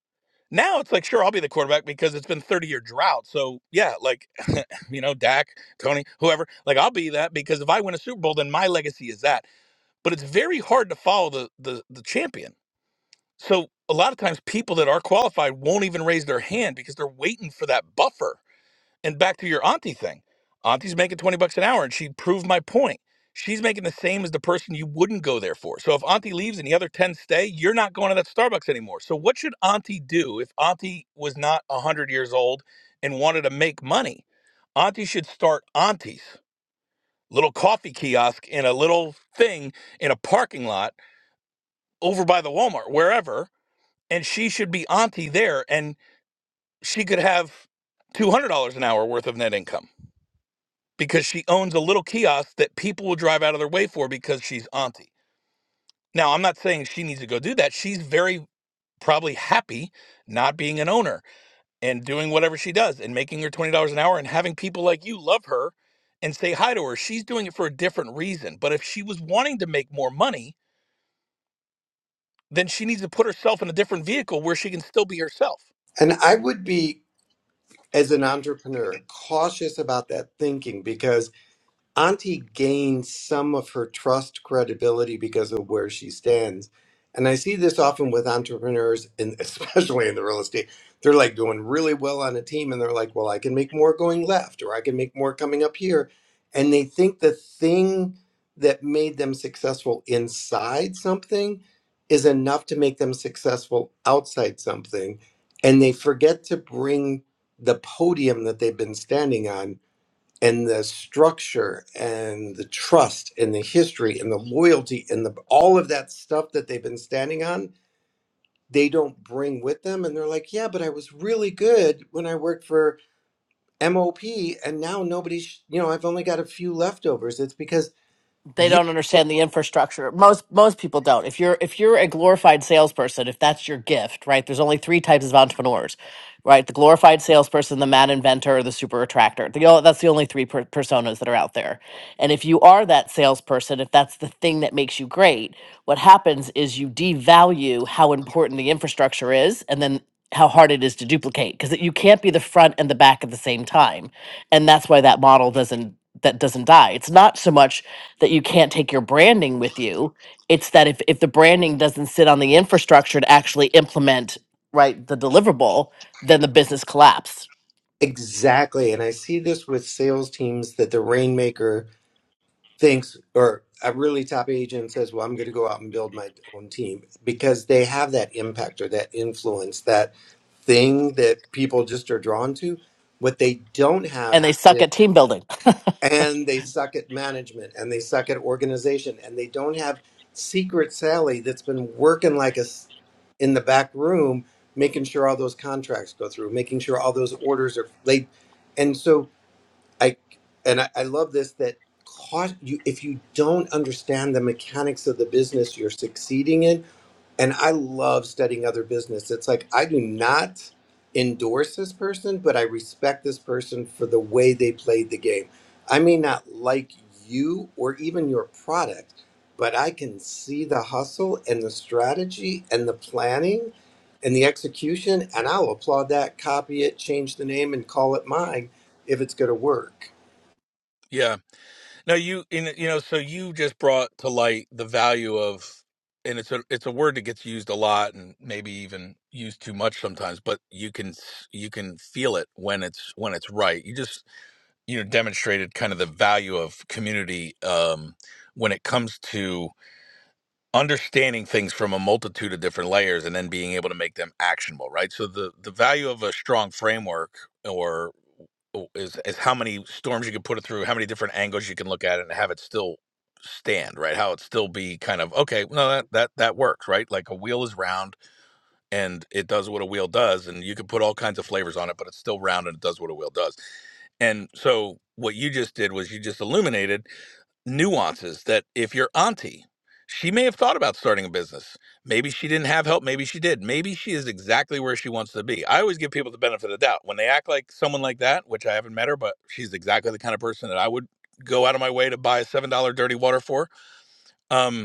Speaker 14: now it's like, sure, I'll be the quarterback because it's been 30 year drought. So, yeah, like, you know, Dak, Tony, whoever, like, I'll be that because if I win a Super Bowl, then my legacy is that. But it's very hard to follow the, the, the champion. So, a lot of times people that are qualified won't even raise their hand because they're waiting for that buffer and back to your auntie thing. Auntie's making 20 bucks an hour and she proved my point. She's making the same as the person you wouldn't go there for. So if auntie leaves and the other 10 stay, you're not going to that Starbucks anymore. So what should auntie do if auntie was not 100 years old and wanted to make money? Auntie should start aunties, little coffee kiosk in a little thing in a parking lot over by the Walmart, wherever. And she should be auntie there and she could have $200 an hour worth of net income because she owns a little kiosk that people will drive out of their way for because she's auntie. Now, I'm not saying she needs to go do that. She's very probably happy not being an owner and doing whatever she does and making her $20 an hour and having people like you love her and say hi to her. She's doing it for a different reason. But if she was wanting to make more money, then she needs to put herself in a different vehicle where she can still be herself.
Speaker 15: And I would be, as an entrepreneur, cautious about that thinking because Auntie gains some of her trust credibility because of where she stands. And I see this often with entrepreneurs, and especially in the real estate. They're like doing really well on a team, and they're like, well, I can make more going left, or I can make more coming up here. And they think the thing that made them successful inside something is enough to make them successful outside something. And they forget to bring the podium that they've been standing on and the structure and the trust and the history and the loyalty and the all of that stuff that they've been standing on they don't bring with them and they're like yeah but i was really good when i worked for mop and now nobody's you know i've only got a few leftovers it's because
Speaker 13: they
Speaker 15: you
Speaker 13: don't understand the infrastructure. Most most people don't. If you're if you're a glorified salesperson, if that's your gift, right? There's only three types of entrepreneurs, right? The glorified salesperson, the mad inventor, or the super attractor. The, o- that's the only three per- personas that are out there. And if you are that salesperson, if that's the thing that makes you great, what happens is you devalue how important the infrastructure is, and then how hard it is to duplicate because you can't be the front and the back at the same time and that's why that model doesn't that doesn't die it's not so much that you can't take your branding with you. It's that if, if the branding doesn't sit on the infrastructure to actually implement right the deliverable, then the business collapsed.
Speaker 15: exactly and i see this with sales teams that the rainmaker thinks or a really top agent says well i'm going to go out and build my own team because they have that impact or that influence that thing that people just are drawn to. What they don't have
Speaker 13: And they suck
Speaker 15: is,
Speaker 13: at team building.
Speaker 15: and they suck at management and they suck at organization and they don't have Secret Sally that's been working like us in the back room, making sure all those contracts go through, making sure all those orders are laid. And so I, and I, I love this that cost you, if you don't understand the mechanics of the business you're succeeding in, and I love studying other business. It's like I do not endorse this person, but I respect this person for the way they played the game. I may not like you or even your product, but I can see the hustle and the strategy and the planning and the execution, and I'll applaud that, copy it, change the name, and call it mine if it's going to work.
Speaker 14: Yeah. No, you in you know, so you just brought to light the value of and it's a it's a word that gets used a lot and maybe even used too much sometimes, but you can s- you can feel it when it's when it's right. You just you know demonstrated kind of the value of community um when it comes to understanding things from a multitude of different layers and then being able to make them actionable right so the the value of a strong framework or o- is is how many storms you can put it through how many different angles you can look at it and have it still stand right how it still be kind of okay no that that that works right like a wheel is round and it does what a wheel does and you can put all kinds of flavors on it but it's still round and it does what a wheel does and so what you just did was you just illuminated nuances that if your auntie, she may have thought about starting a business. Maybe she didn't have help. Maybe she did. Maybe she is exactly where she wants to be. I always give people the benefit of the doubt. When they act like someone like that, which I haven't met her, but she's exactly the kind of person that I would go out of my way to buy a $7 dirty water for. Um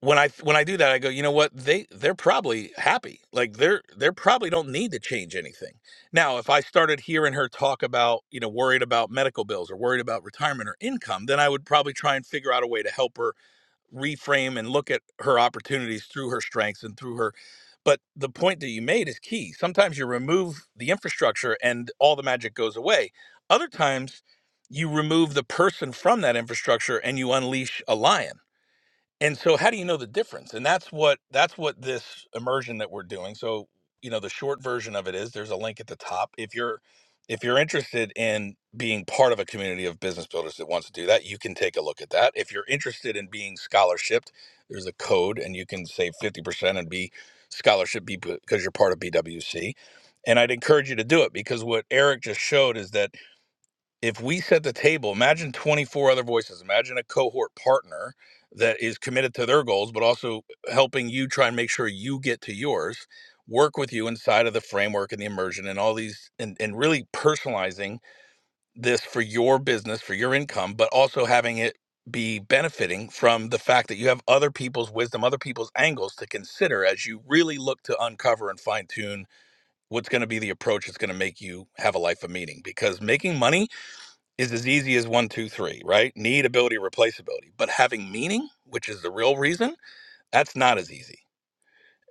Speaker 14: when I when I do that, I go, you know what? They they're probably happy. Like they're they're probably don't need to change anything. Now, if I started hearing her talk about you know worried about medical bills or worried about retirement or income, then I would probably try and figure out a way to help her reframe and look at her opportunities through her strengths and through her. But the point that you made is key. Sometimes you remove the infrastructure and all the magic goes away. Other times you remove the person from that infrastructure and you unleash a lion and so how do you know the difference and that's what that's what this immersion that we're doing so you know the short version of it is there's a link at the top if you're if you're interested in being part of a community of business builders that wants to do that you can take a look at that if you're interested in being scholarshiped there's a code and you can save 50% and be scholarship because you're part of bwc and i'd encourage you to do it because what eric just showed is that if we set the table, imagine 24 other voices, imagine a cohort partner that is committed to their goals, but also helping you try and make sure you get to yours, work with you inside of the framework and the immersion and all these, and, and really personalizing this for your business, for your income, but also having it be benefiting from the fact that you have other people's wisdom, other people's angles to consider as you really look to uncover and fine tune what's going to be the approach that's going to make you have a life of meaning. Because making money is as easy as one, two, three, right? Need, ability, replaceability. But having meaning, which is the real reason, that's not as easy.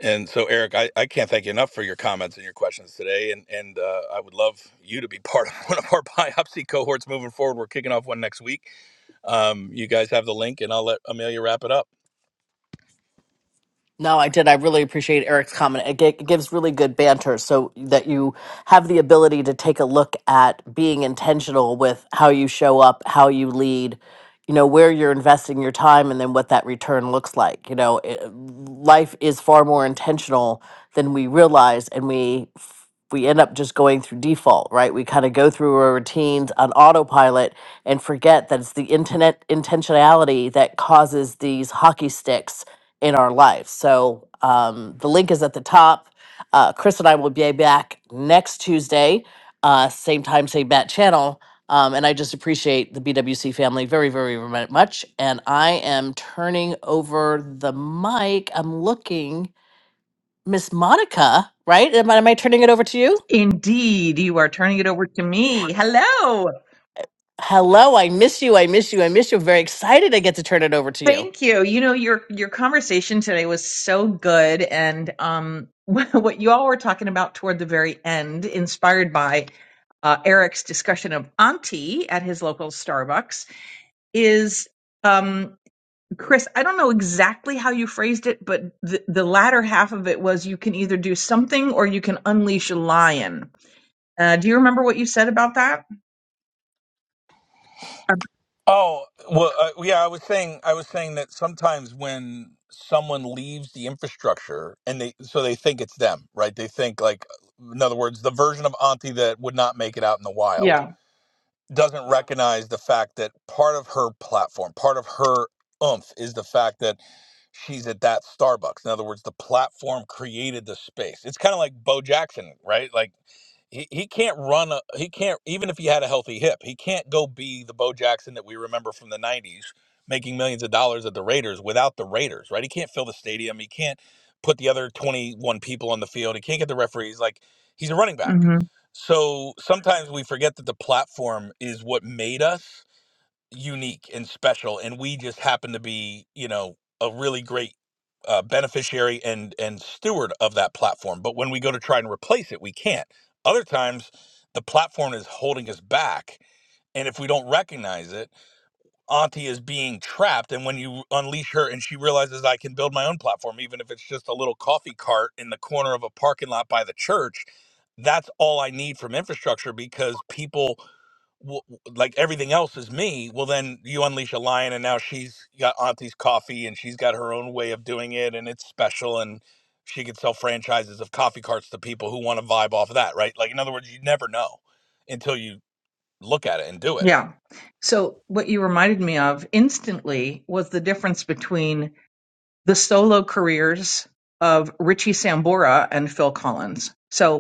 Speaker 14: And so, Eric, I, I can't thank you enough for your comments and your questions today. And and uh, I would love you to be part of one of our biopsy cohorts moving forward. We're kicking off one next week. Um, you guys have the link, and I'll let Amelia wrap it up.
Speaker 13: No, I did. I really appreciate Eric's comment. It, gi- it gives really good banter so that you have the ability to take a look at being intentional with how you show up, how you lead, you know, where you're investing your time, and then what that return looks like. You know, it, life is far more intentional than we realize, and we f- we end up just going through default, right? We kind of go through our routines on autopilot and forget that it's the internet intentionality that causes these hockey sticks in our life. So um, the link is at the top. Uh, Chris and I will be back next Tuesday, uh, same time, same bat channel. Um, and I just appreciate the BWC family very, very mu- much. And I am turning over the mic. I'm looking, Miss Monica, right? Am I, am I turning it over to you?
Speaker 16: Indeed, you are turning it over to me. Hello.
Speaker 13: Hello, I miss you. I miss you. I miss you. I'm very excited I get to turn it over to you.
Speaker 16: Thank you. You know, your your conversation today was so good and um what you all were talking about toward the very end, inspired by uh, Eric's discussion of Auntie at his local Starbucks is um Chris, I don't know exactly how you phrased it, but the, the latter half of it was you can either do something or you can unleash a lion. Uh, do you remember what you said about that? Uh,
Speaker 14: Oh well, uh, yeah. I was saying, I was saying that sometimes when someone leaves the infrastructure, and they so they think it's them, right? They think like, in other words, the version of Auntie that would not make it out in the wild
Speaker 16: yeah.
Speaker 14: doesn't recognize the fact that part of her platform, part of her oomph, is the fact that she's at that Starbucks. In other words, the platform created the space. It's kind of like Bo Jackson, right? Like he, he can't run a, he can't even if he had a healthy hip he can't go be the bo jackson that we remember from the 90s making millions of dollars at the raiders without the raiders right he can't fill the stadium he can't put the other 21 people on the field he can't get the referees like he's a running back so sometimes we forget that the platform is what made us unique and special and we just happen to be you know a really great uh, beneficiary and and steward of that platform but when we go to try and replace it we can't other times the platform is holding us back and if we don't recognize it Auntie is being trapped. And when you unleash her and she realizes I can build my own platform, even if it's just a little coffee cart in the corner of a parking lot by the church, that's all I need from infrastructure because people, w- like everything else is me. Well, then you unleash a lion and now she's got Auntie's coffee and she's got her own way of doing it and it's special and she could sell franchises of coffee carts to people who want to vibe off of that, right? Like, in other words, you never know until you look at it and do
Speaker 16: Yeah. So what you reminded me of instantly was the difference between the solo careers of Richie Sambora and Phil Collins. So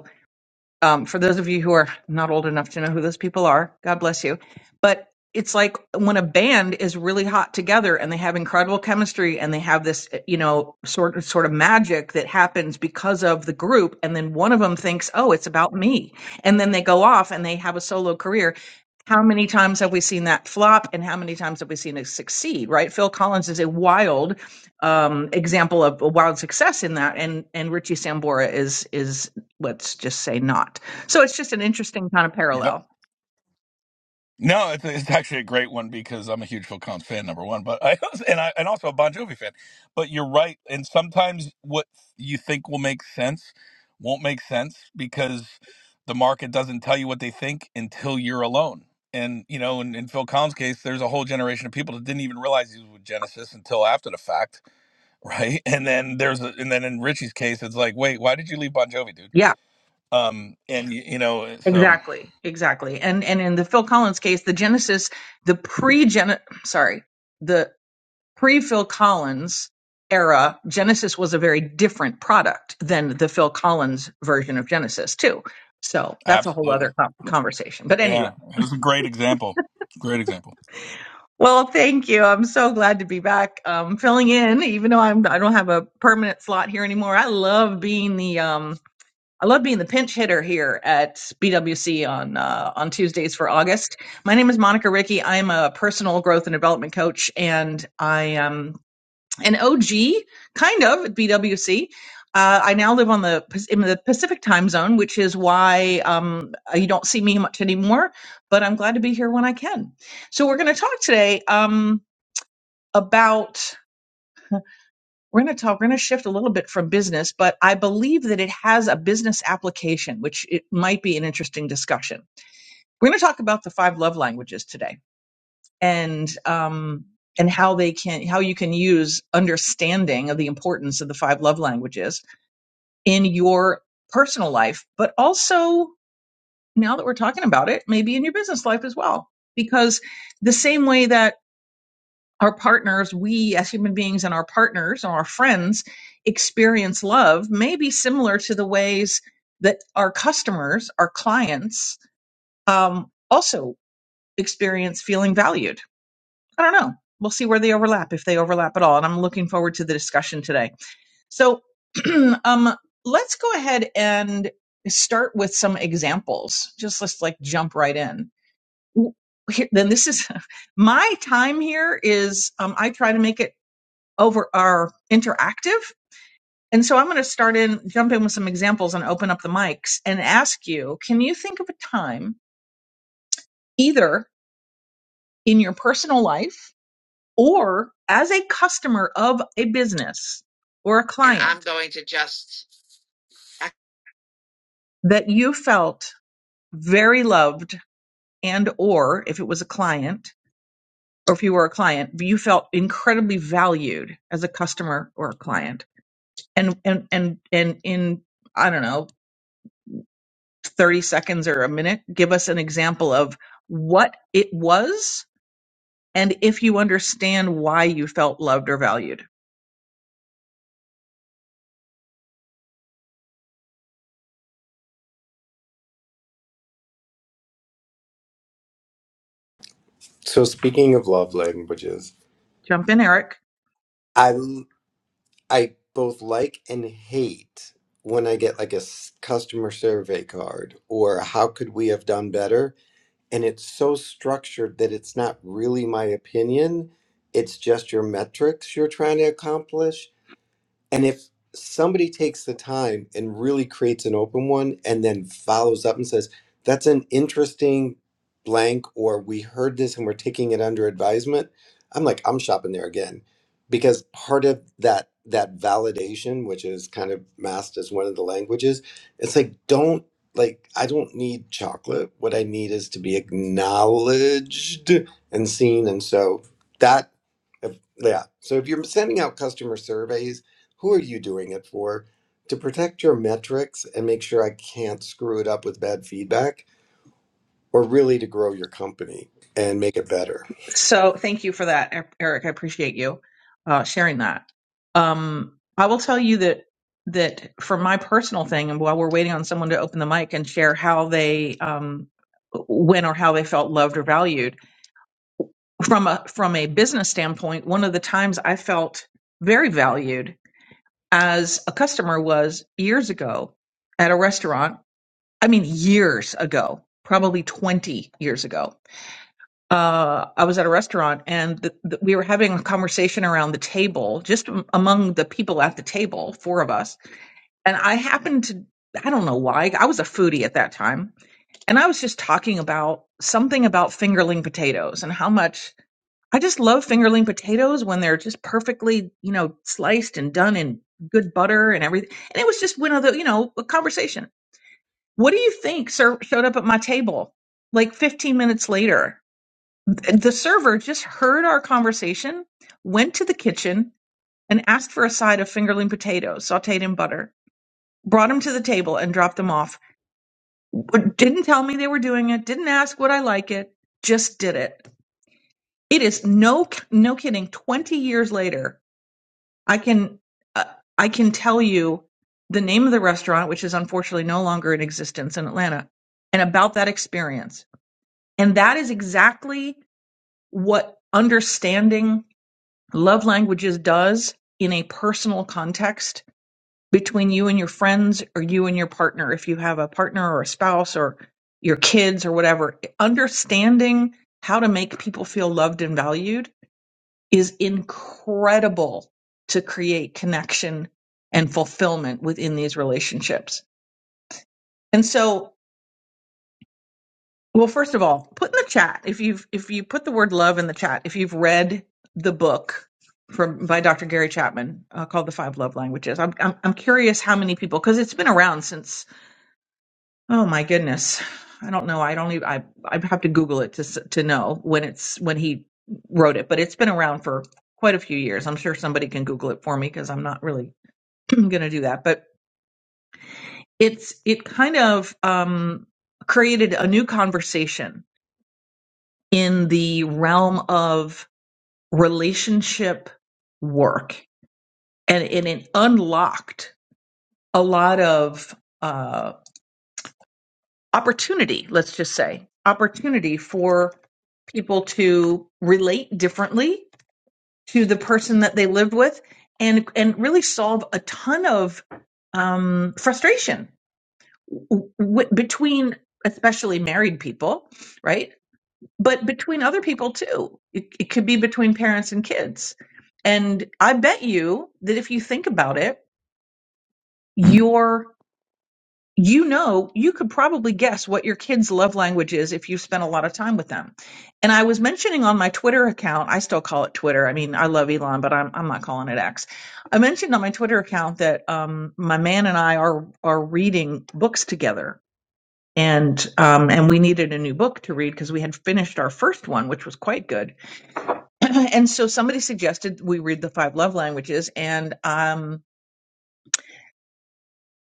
Speaker 16: um, for those of you who are not old enough to know who those people are, God bless you. But it's like when a band is really hot together and they have incredible chemistry and they have this, you know, sort of sort of magic that happens because of the group. And then one of them thinks, "Oh, it's about me," and then they go off and they have a solo career. How many times have we seen that flop, and how many times have we seen it succeed? Right? Phil Collins is a wild um, example of a wild success in that, and and Richie Sambora is is let's just say not. So it's just an interesting kind of
Speaker 14: it.
Speaker 16: parallel.
Speaker 14: No, it's, it's actually a great one because I'm a huge Phil Collins fan, number one, but I and I and also a Bon Jovi fan. But you're right, and sometimes what you think will make sense won't make sense because the market doesn't tell you what they think until you're alone. And you know, in, in Phil Collins' case, there's a whole generation of people that didn't even realize he was with Genesis until after the fact, right? And then there's a, and then in Richie's case, it's like, wait, why did you leave Bon Jovi, dude?
Speaker 16: Yeah,
Speaker 14: Um, and you, you know, so
Speaker 16: exactly, exactly. And and in the Phil Collins case, the Genesis, the pre gen, sorry, the pre Phil Collins era, Genesis was a very different product than the Phil Collins version of Genesis too. So that's a whole other
Speaker 14: absolutely.
Speaker 16: con- conversation. But anyway.
Speaker 14: Yeah, it was a great example. Great example.
Speaker 16: Well, thank you. I'm so glad to be back um, filling in, even though I'm I don't have a permanent slot here anymore. I love being the um, I love being the pinch hitter here at BWC on uh, on Tuesdays for August. My name is Monica Ricky. I'm a personal growth and development coach, and I am an OG, kind of at BWC. Uh, I now live on the in the Pacific time zone, which is why um, you don't see me much anymore. But I'm glad to be here when I can. So we're going to talk today um, about we're going to talk we're going to shift a little bit from business, but I believe that it has a business application, which it might be an interesting discussion. We're going to talk about the five love languages today, and um, and how they can how you can use understanding of the importance of the five love languages in your personal life, but also now that we're talking about it, maybe in your business life as well. Because the same way that our partners, we as human beings and our partners and our friends experience love may be similar to the ways that our customers, our clients, um, also experience feeling valued. I don't know. We'll see where they overlap, if they overlap at all. And I'm looking forward to the discussion today. So um, let's go ahead and start with some examples. Just let's like jump right in. Here, then this is my time here is um, I try to make it over our interactive. And so I'm going to start in, jump in with some examples and open up the mics and ask you, can you think of a time either in your personal life or as a customer of a business or a client that you felt very loved and/or if it was a client, or if you were a client, you felt incredibly valued as a customer or a client. And and and and in I don't know, 30 seconds or a minute, give us an example of what it was and if you understand why you felt loved or valued.
Speaker 15: So, speaking of love languages,
Speaker 16: Jump in, Eric.
Speaker 15: I. I both like and hate when I get like a s- customer survey card or how could we have done better? And it's so structured that it's not really my opinion. It's just your metrics you're trying to accomplish. And if somebody takes the time and really creates an open one and then follows up and says, that's an interesting blank, or we heard this and we're taking it under advisement, I'm like, I'm shopping there again. Because part of that that validation, which is kind of masked as one of the languages, it's like, don't like I don't need chocolate. What I need is to be acknowledged and seen. And so that yeah. So if you're sending out customer surveys who are you doing it for? To protect your metrics and make sure I can't screw it up with bad feedback, or really to grow your company and make it better?
Speaker 16: So thank you for that, E- Eric. I appreciate you uh, sharing that. Um, I will tell you that that for my personal thing, and while we're waiting on someone to open the mic and share how they um, when or how they felt loved or valued from a from a business standpoint, one of the times I felt very valued as a customer was years ago at a restaurant. I mean, years ago, probably twenty years ago uh, I was at a restaurant and th th we were having a conversation around the table, just am- among the people at the table, four of us. And I happened to, I don't know why, I was a foodie at that time. And I was just talking about something about fingerling potatoes and how much I just love fingerling potatoes when they're just perfectly, you know, sliced and done in good butter and everything. And it was just one of the, you know, a conversation. What do you think sir, showed up at my table like 15 minutes later? The server just heard our conversation, went to the kitchen, and asked for a side of fingerling potatoes sauteed in butter. Brought them to the table and dropped them off. W- Didn't tell me they were doing it. Didn't ask would I like it. Just did it. It is no no kidding. Twenty years later, I can uh, I can tell you the name of the restaurant, which is unfortunately no longer in existence in Atlanta, and about that experience. And that is exactly what understanding Love languages does in a personal context between you and your friends or you and your partner. If you have a partner or a spouse or your kids or whatever, understanding how to make people feel loved and valued is incredible to create connection and fulfillment within these relationships. And so Well, first of all, put in the chat if you've if you put the word love in the chat if you've read the book from by Dr. Gary Chapman uh, called The Five Love Languages. I'm I'm, I'm curious how many people because it's been around since oh my goodness I don't know I don't even I I'd have to Google it to s- to know when it's when he wrote it, but it's been around for quite a few years. I'm sure somebody can Google it for me because I'm not really going to do that, but it's it kind of um, created a new conversation in the realm of relationship work and, and it unlocked a lot of uh, opportunity let's just say opportunity for people to relate differently to the person that they live with and and really solve a ton of um, frustration w- w- between especially married people right but between other people too. It, it could be between parents and kids. And I bet you that if you think about it, your you know, you could probably guess what your kids' love language is if you spent a lot of time with them. And I was mentioning on my Twitter account, I still call it Twitter. I mean, I love Elon, but I'm I'm not calling it X. I mentioned on my Twitter account that um, my man and I are are reading books together, and um, and we needed a new book to read because we had finished our first one, which was quite good and so somebody suggested we read the five love languages and um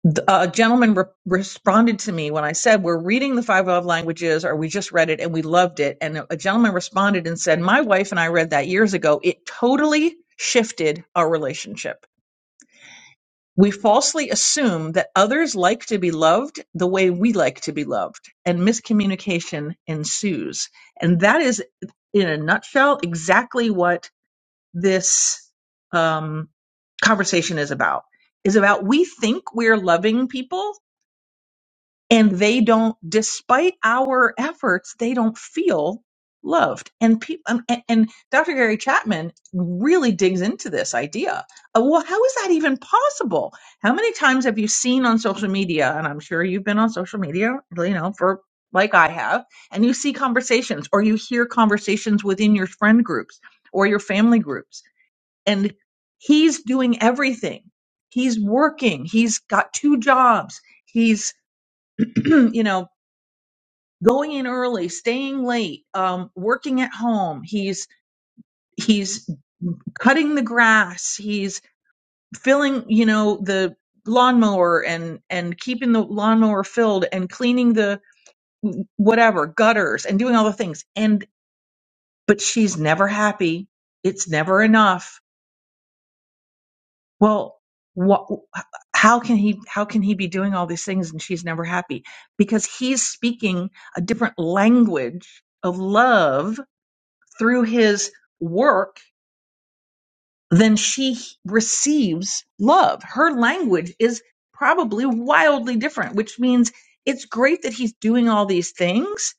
Speaker 16: th- a gentleman re- responded to me when I said, We're reading the five love languages, or we just read it and we loved it. And a a gentleman responded and said, My wife and I read that years ago. It totally shifted our relationship. We falsely assume that others like to be loved the way we like to be loved, and miscommunication ensues. And that is, in a nutshell, exactly what this um, conversation is about is about we think we're loving people and they don't despite our efforts they don't feel loved and people um, and, and dr gary chapman really digs into this idea of, well how is that even possible how many times have you seen on social media and i'm sure you've been on social media you know for like i have and you see conversations or you hear conversations within your friend groups or your family groups and he's doing everything. He's working. He's got two jobs. He's, you know, going in early, staying late, um, working at home. He's he's cutting the grass. He's filling, you know, the lawnmower and and keeping the lawnmower filled and cleaning the whatever gutters and doing all the things. And but she's never happy. It's never enough Well, what, how can he how can he be doing all these things and she's never happy? Because he's speaking a different language of love through his work than she receives love. Her language is probably wildly different, which means it's great that he's doing all these things,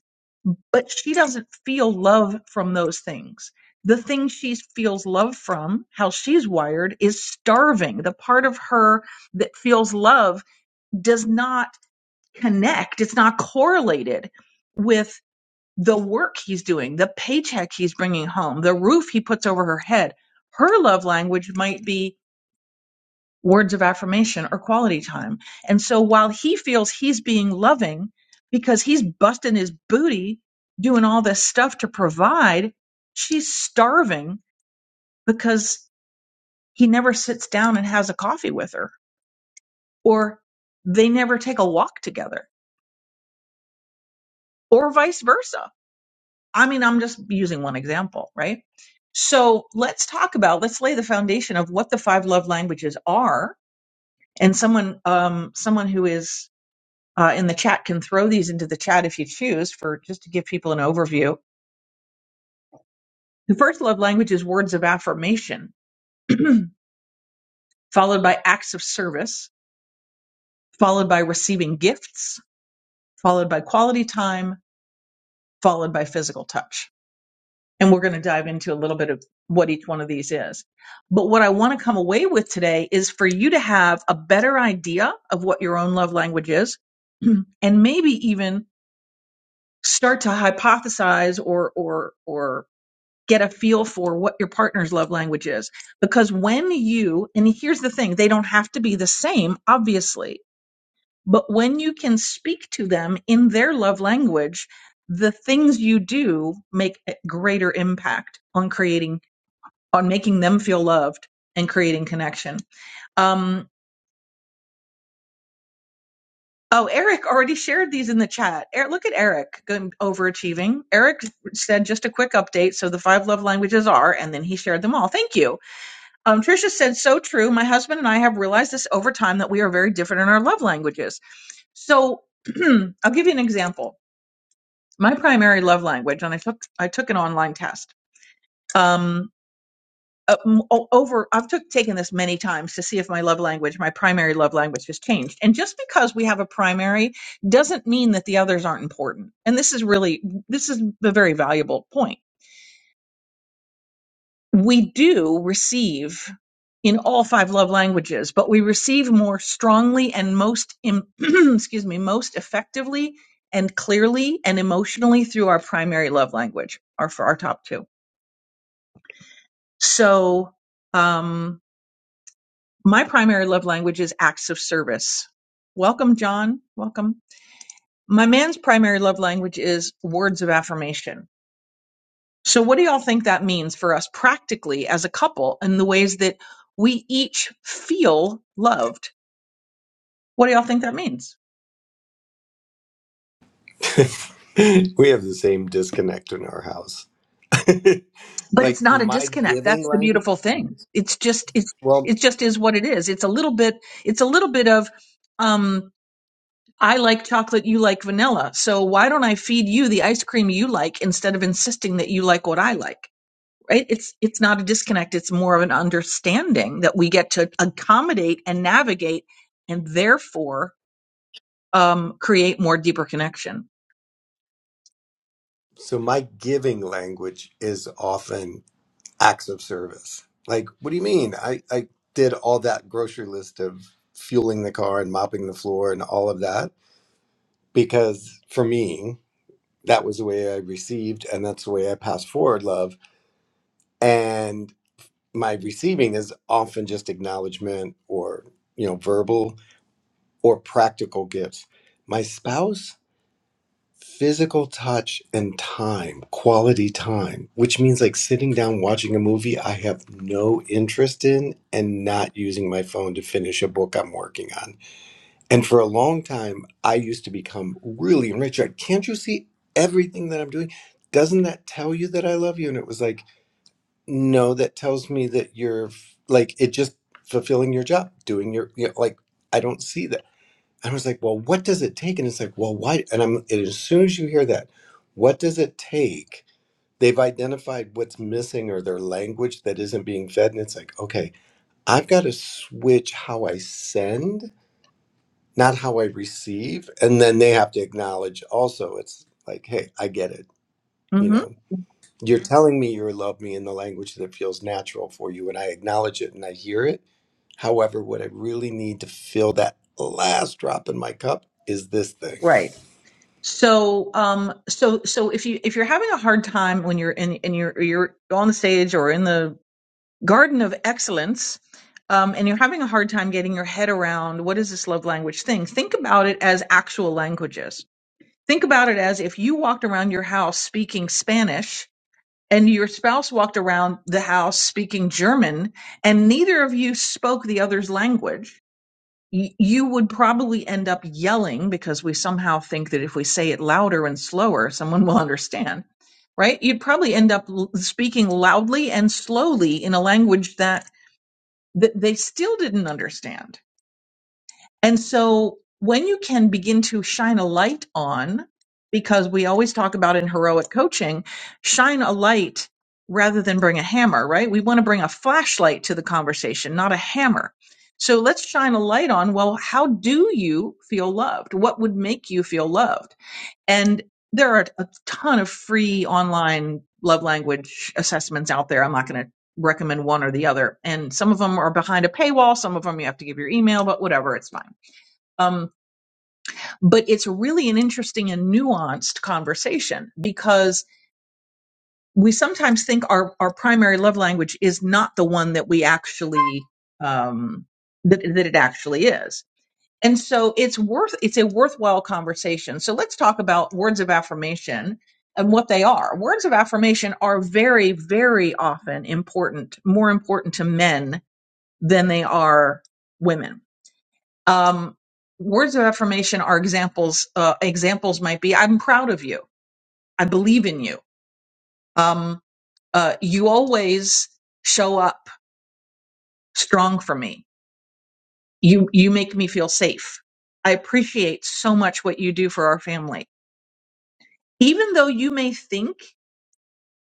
Speaker 16: but she doesn't feel love from those things. The thing she feels love from, how she's wired, is starving. The part of her that feels love does not connect, it's not correlated with the work he's doing, the paycheck he's bringing home, the roof he puts over her head. Her love language might be words of affirmation or quality time. And so while he feels he's being loving because he's busting his booty doing all this stuff to provide, she's starving because he never sits down and has a coffee with her or they never take a walk together or vice versa. I mean, I'm just using one example, right? So let's talk about, let's lay the foundation of what the five love languages are. And someone, um, someone who is uh, in the chat can throw these into the chat if you choose for just to give people an overview. The first love language is words of affirmation, followed by acts of service, followed by receiving gifts, followed by quality time, followed by physical touch. And we're going to dive into a little bit of what each one of these is. But what I want to come away with today is for you to have a better idea of what your own love language is, and maybe even start to hypothesize or or or get a feel for what your partner's love language is. Because when you, and here's the thing, they don't have to be the same, obviously, but when you can speak to them in their love language, the things you do make a greater impact on creating, on making them feel loved and creating connection. Um, Oh, Eric already shared these in the chat. Eric, look at Eric going overachieving. Eric said just a quick update. So the five love languages are, and then he shared them all. Thank you. Um, Trisha said, so true. My husband and I have realized this over time that we are very different in our love languages. So I'll give you an example. My primary love language, and I took I took an online test. Um, uh, m- o- over I've took taken this many times to see if my love language, my primary love language, has changed. And just because we have a primary doesn't mean that the others aren't important. And this is really this is a very valuable point we do receive in all five love languages, but we receive more strongly and most, im excuse me, most effectively and clearly and emotionally through our primary love language, or for our top two. So, um, my primary love language is acts of service. Welcome, John. Welcome. My man's primary love language is words of affirmation So, what do y'all think that means for us practically as a couple and the ways that we each feel loved? What do y'all think that means?
Speaker 15: we have the same disconnect in our house.
Speaker 16: But
Speaker 15: like
Speaker 16: it's not a
Speaker 15: my
Speaker 16: disconnect.
Speaker 15: giving
Speaker 16: That's the
Speaker 15: language.
Speaker 16: beautiful thing. It's just it's
Speaker 15: Well,
Speaker 16: it just is what it is. It's a little bit it's a little bit of um I like chocolate, you like vanilla. So why don't I feed you the ice cream you like instead of insisting that you like what I like? Right? It's it's not a disconnect. It's more of an understanding that we get to accommodate and navigate and therefore um, create more deeper connection.
Speaker 15: so my giving language is often acts of service. Like, what do you mean? I, I did all that grocery list of fueling the car and mopping the floor and all of that because for me. that was the way I received, and that's the way I pass forward love. And my receiving is often just acknowledgement or, you know, verbal or practical gifts. My spouse, physical touch and time, quality time, which means like sitting down watching a movie I have no interest in and not using my phone to finish a book I'm working on And for a long time, I used to become really enriched. Like, Can't you see everything that I'm doing? Doesn't that tell you that I love you? And it was like, no, that tells me that you're f- like, it just fulfilling your job, doing your, you know, like, I don't see that. I was like, well, what does it take? And it's like, well, why? And I'm, and as soon as you hear that, what does it take? They've identified what's missing or their language that isn't being fed. And it's like, okay, I've got to switch how I send not how I receive. And then they have to acknowledge also, it's like, hey, I get it. You
Speaker 16: hmm
Speaker 15: know, you're telling me you love me in the language that feels natural for you, and I acknowledge it and I hear it. However, what I really need to fill that last drop in my cup is this thing.
Speaker 16: Right. So, um, so, so if you if you're having a hard time when you're in and you're you're on the stage or in the Garden of Excellence, um, and you're having a hard time getting your head around what is this love language thing, think about it as actual languages. Think about it as if you walked around your house speaking Spanish and your spouse walked around the house speaking German and neither of you spoke the other's language. y- You would probably end up yelling because we somehow think that if we say it louder and slower, someone will understand right? You'd probably end up l- speaking loudly and slowly in a language that that they still didn't understand. And so when you can begin to shine a light on, because we always talk about in heroic coaching, shine a light rather than bring a hammer, right? We want to bring a flashlight to the conversation, not a hammer. So let's shine a light on, well, how do you feel loved? What would make you feel loved? And there are a ton of free online love language assessments out there. I'm not going to recommend one or the other. And some of them are behind a paywall, some of them you have to give your email, but whatever, it's fine. Um, but it's really an interesting and nuanced conversation because we sometimes think our, our primary love language is not the one that we actually um, that, that it actually is and so it's worth it's a worthwhile conversation. So let's talk about words of affirmation and what they are. Words of affirmation are very very often important, more important to men than they are women. Um, words of affirmation are examples. Uh, examples might be I'm proud of you. I believe in you. Um, uh, you always show up strong for me. You you make me feel safe. I appreciate so much what you do for our family even though you may think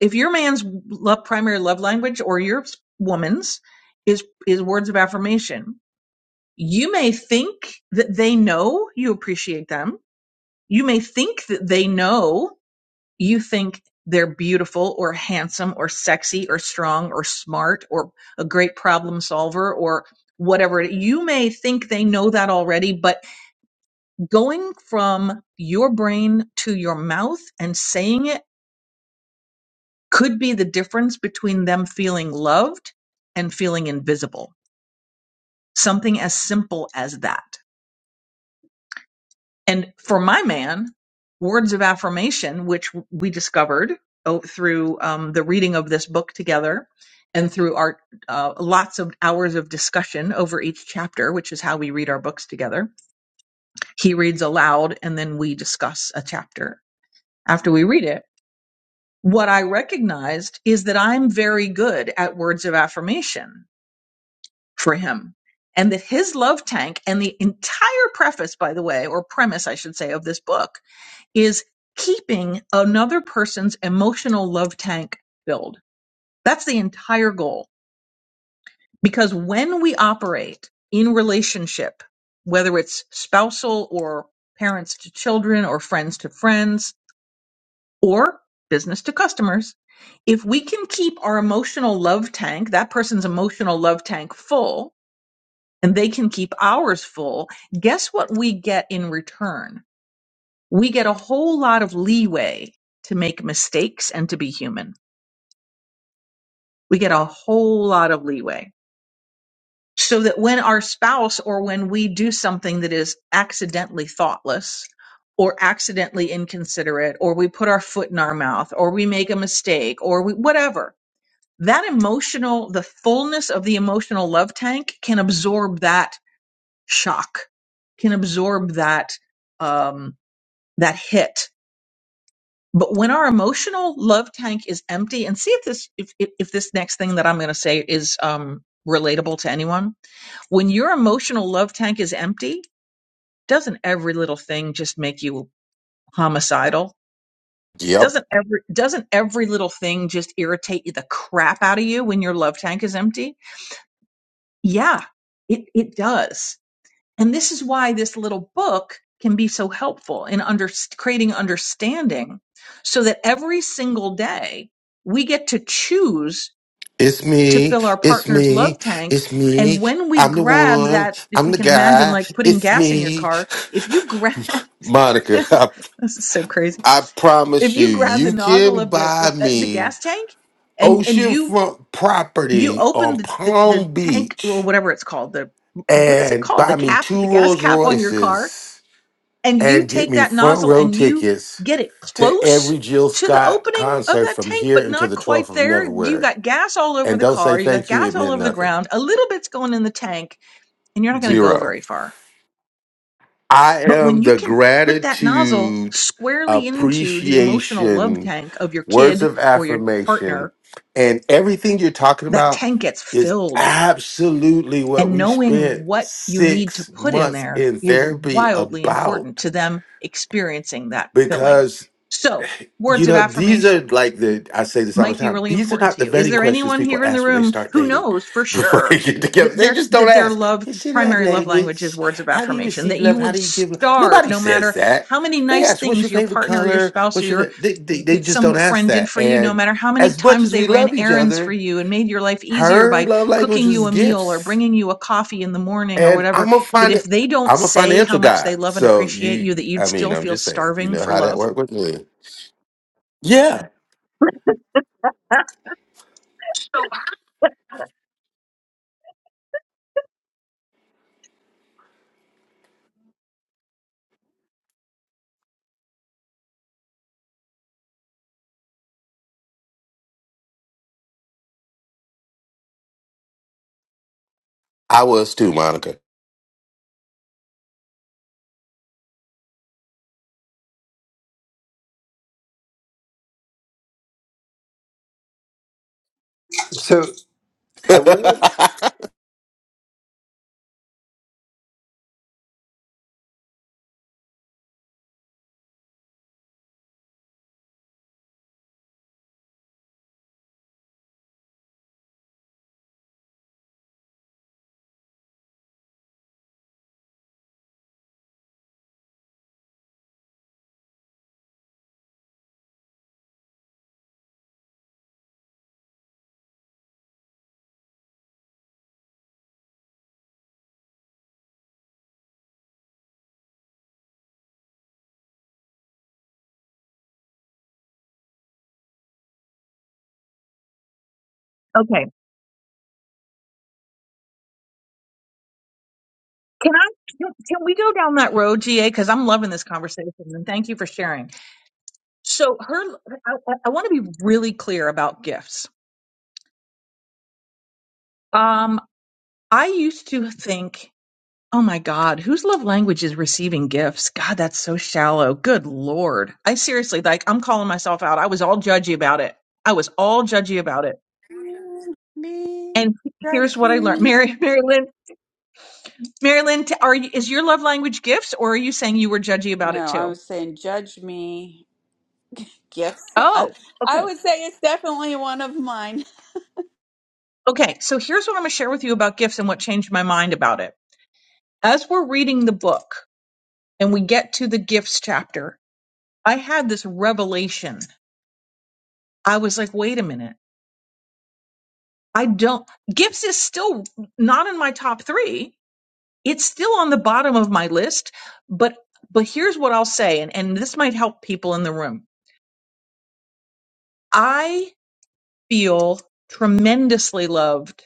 Speaker 16: if your man's love, primary love language or your woman's is is words of affirmation you may think that they know you appreciate them you may think that they know you think they're beautiful or handsome or sexy or strong or smart or a great problem solver or whatever you may think they know that already but going from your brain to your mouth and saying it could be the difference between them feeling loved and feeling invisible. Something as simple as that. And for my man, words of affirmation, which we discovered oh, through um, the reading of this book together and through our uh, lots of hours of discussion over each chapter, which is how we read our books together. He reads aloud and then we discuss a chapter after we read it. What I recognized is that I'm very good at words of affirmation for him. And that his love tank and the entire preface, by the way, or premise, I should say, of this book is keeping another person's emotional love tank filled. That's the entire goal. Because when we operate in relationship, whether it's spousal or parents to children or friends to friends or business to customers, if we can keep our emotional love tank, that person's emotional love tank full, and they can keep ours full, guess what we get in return? We get a whole lot of leeway to make mistakes and to be human. We get a whole lot of leeway. So that when our spouse or when we do something that is accidentally thoughtless or accidentally inconsiderate or we put our foot in our mouth or we make a mistake or we, whatever, that emotional, the fullness of the emotional love tank can absorb that shock can absorb that um, that hit. But when our emotional love tank is empty, and see if this if if, if this next thing that I'm going to say is um, relatable to anyone. When your emotional love tank is empty, doesn't every little thing just make you homicidal?
Speaker 17: Yep.
Speaker 16: Doesn't every doesn't every little thing just irritate you the crap out of you when your love tank is empty? Yeah, it it does And this is why this little book can be so helpful in under, creating understanding so that every single day we get to choose
Speaker 17: It's
Speaker 16: to
Speaker 17: me.
Speaker 16: fill our
Speaker 17: It's
Speaker 16: partner's love
Speaker 17: me.
Speaker 16: tank.
Speaker 17: It's
Speaker 16: And
Speaker 17: me.
Speaker 16: when we
Speaker 17: I'm the
Speaker 16: grab
Speaker 17: one.
Speaker 16: that, if
Speaker 17: I'm
Speaker 16: we
Speaker 17: the
Speaker 16: can imagine
Speaker 17: guy.
Speaker 16: like putting
Speaker 17: It's
Speaker 16: gas in your
Speaker 17: me.
Speaker 16: car, if you grab,
Speaker 17: Monica,
Speaker 16: this
Speaker 17: I,
Speaker 16: is so crazy.
Speaker 17: I
Speaker 16: If
Speaker 17: promise you,
Speaker 16: you grab the
Speaker 17: you
Speaker 16: nozzle
Speaker 17: can
Speaker 16: of the, of,
Speaker 17: buy
Speaker 16: uh, the
Speaker 17: me
Speaker 16: gas tank and, and you,
Speaker 17: oceanfront
Speaker 16: you
Speaker 17: property on
Speaker 16: open the, the, the
Speaker 17: Palm
Speaker 16: tank, well,
Speaker 17: Beach
Speaker 16: whatever it's called, the, what is it
Speaker 17: and
Speaker 16: called? The
Speaker 17: buy me
Speaker 16: cap,
Speaker 17: two
Speaker 16: the gas
Speaker 17: Rolls
Speaker 16: cap on your car
Speaker 17: Royces
Speaker 16: and you
Speaker 17: and get
Speaker 16: take
Speaker 17: me
Speaker 16: that
Speaker 17: front
Speaker 16: nozzle
Speaker 17: row
Speaker 16: and you
Speaker 17: tickets
Speaker 16: get it
Speaker 17: to
Speaker 16: close
Speaker 17: every Jill
Speaker 16: to the
Speaker 17: Scott
Speaker 16: opening of
Speaker 17: concert
Speaker 16: that
Speaker 17: from
Speaker 16: tank,
Speaker 17: here
Speaker 16: but
Speaker 17: until
Speaker 16: not
Speaker 17: the 12th
Speaker 16: quite
Speaker 17: of
Speaker 16: there. You
Speaker 17: February.
Speaker 16: got gas all over
Speaker 17: And
Speaker 16: the
Speaker 17: don't say
Speaker 16: car. You got
Speaker 17: thank you,
Speaker 16: gas
Speaker 17: it
Speaker 16: all
Speaker 17: meant
Speaker 16: over the
Speaker 17: nothing.
Speaker 16: ground. A little bit's going in the tank and you're not going to go
Speaker 17: Zero.
Speaker 16: very far.
Speaker 17: I
Speaker 16: But when
Speaker 17: am
Speaker 16: you
Speaker 17: the
Speaker 16: can put that nozzle
Speaker 17: gratitude,
Speaker 16: squarely into the emotional love
Speaker 17: appreciation,
Speaker 16: tank of your
Speaker 17: words
Speaker 16: kid
Speaker 17: of
Speaker 16: or your
Speaker 17: affirmation,
Speaker 16: partner,
Speaker 17: and everything you're talking
Speaker 16: that
Speaker 17: about
Speaker 16: tank gets
Speaker 17: is
Speaker 16: filled
Speaker 17: absolutely what
Speaker 16: And
Speaker 17: we
Speaker 16: knowing
Speaker 17: spent
Speaker 16: what you need to
Speaker 17: six
Speaker 16: put in
Speaker 17: months
Speaker 16: there
Speaker 17: in
Speaker 16: is
Speaker 17: therapy
Speaker 16: wildly important
Speaker 17: about.
Speaker 16: to them experiencing that filling.
Speaker 17: because.
Speaker 16: So, words
Speaker 17: You
Speaker 16: of
Speaker 17: know, these are
Speaker 16: affirmation
Speaker 17: like the, I say this all the
Speaker 16: might be
Speaker 17: time.
Speaker 16: really
Speaker 17: These are
Speaker 16: important
Speaker 17: not
Speaker 16: to
Speaker 17: the
Speaker 16: you. Is
Speaker 17: vetting
Speaker 16: there
Speaker 17: questions
Speaker 16: anyone
Speaker 17: people
Speaker 16: here in the
Speaker 17: ask when they
Speaker 16: room
Speaker 17: start
Speaker 16: who
Speaker 17: dating
Speaker 16: knows for
Speaker 17: before
Speaker 16: sure
Speaker 17: they get together.
Speaker 16: that
Speaker 17: They
Speaker 16: their
Speaker 17: just don't
Speaker 16: that their
Speaker 17: ask,
Speaker 16: love
Speaker 17: Is your love
Speaker 16: primary love language is
Speaker 17: language?
Speaker 16: words of
Speaker 17: How do you
Speaker 16: affirmation
Speaker 17: receive
Speaker 16: that you
Speaker 17: love? How
Speaker 16: would
Speaker 17: do you give love?
Speaker 16: starve
Speaker 17: Nobody
Speaker 16: no
Speaker 17: says
Speaker 16: matter
Speaker 17: that.
Speaker 16: how many
Speaker 17: They
Speaker 16: nice
Speaker 17: ask, What's
Speaker 16: things
Speaker 17: your
Speaker 16: your
Speaker 17: favorite
Speaker 16: partner or your
Speaker 17: color?
Speaker 16: spouse or
Speaker 17: What's your,
Speaker 16: your
Speaker 17: favorite? they, they, they just
Speaker 16: some
Speaker 17: don't ask
Speaker 16: friend did
Speaker 17: that.
Speaker 16: for you no
Speaker 17: And
Speaker 16: matter how many
Speaker 17: as much
Speaker 16: times
Speaker 17: as
Speaker 16: they
Speaker 17: we
Speaker 16: ran
Speaker 17: love each
Speaker 16: errands for
Speaker 17: other,
Speaker 16: you and made your life easier
Speaker 17: her
Speaker 16: by
Speaker 17: love language
Speaker 16: cooking you
Speaker 17: is
Speaker 16: a meal or
Speaker 17: gifts.
Speaker 16: bringing you a coffee in the morning or
Speaker 17: And
Speaker 16: whatever
Speaker 17: I'm a,
Speaker 16: that
Speaker 17: fin-
Speaker 16: if they don't
Speaker 17: I'm a
Speaker 16: say
Speaker 17: financial
Speaker 16: how much
Speaker 17: guy.
Speaker 16: they love and
Speaker 17: So
Speaker 16: appreciate you that
Speaker 17: you,
Speaker 16: you'd
Speaker 17: I mean,
Speaker 16: still
Speaker 17: I'm
Speaker 16: feel
Speaker 17: just saying, you
Speaker 16: starving
Speaker 17: know
Speaker 16: for
Speaker 17: how that
Speaker 16: love
Speaker 17: worked with me. Yeah, I was too, Monica.
Speaker 15: So I wanted,
Speaker 16: Okay. Can I can can we go down that road, GA? Because I'm loving this conversation, and thank you for sharing. So, her, I, I want to be really clear about gifts. Um, I used to think, oh my God, whose love language is receiving gifts? God, that's so shallow. Good Lord, I seriously like I'm calling myself out. I was all judgy about it. I was all judgy about it.
Speaker 1: me,
Speaker 16: And here's
Speaker 1: judge
Speaker 16: what I learned,
Speaker 1: me.
Speaker 16: Mary, Mary Lynn, Mary Lynn, t- are you, is your love language gifts, or are you saying you were judgy about it
Speaker 1: No, I
Speaker 16: too?
Speaker 1: was saying judge me. Gifts. I,
Speaker 16: Oh, okay.
Speaker 1: I would say it's definitely one of mine.
Speaker 16: Okay, so here's what I'm going to share with you about gifts and what changed my mind about it. As we're reading the book and we get to the gifts chapter, I had this revelation. I was like, wait a minute. I don't, gifts is still not in my top three. It's still on the bottom of my list. But, but here's what I'll say, and, and this might help people in the room. I feel tremendously loved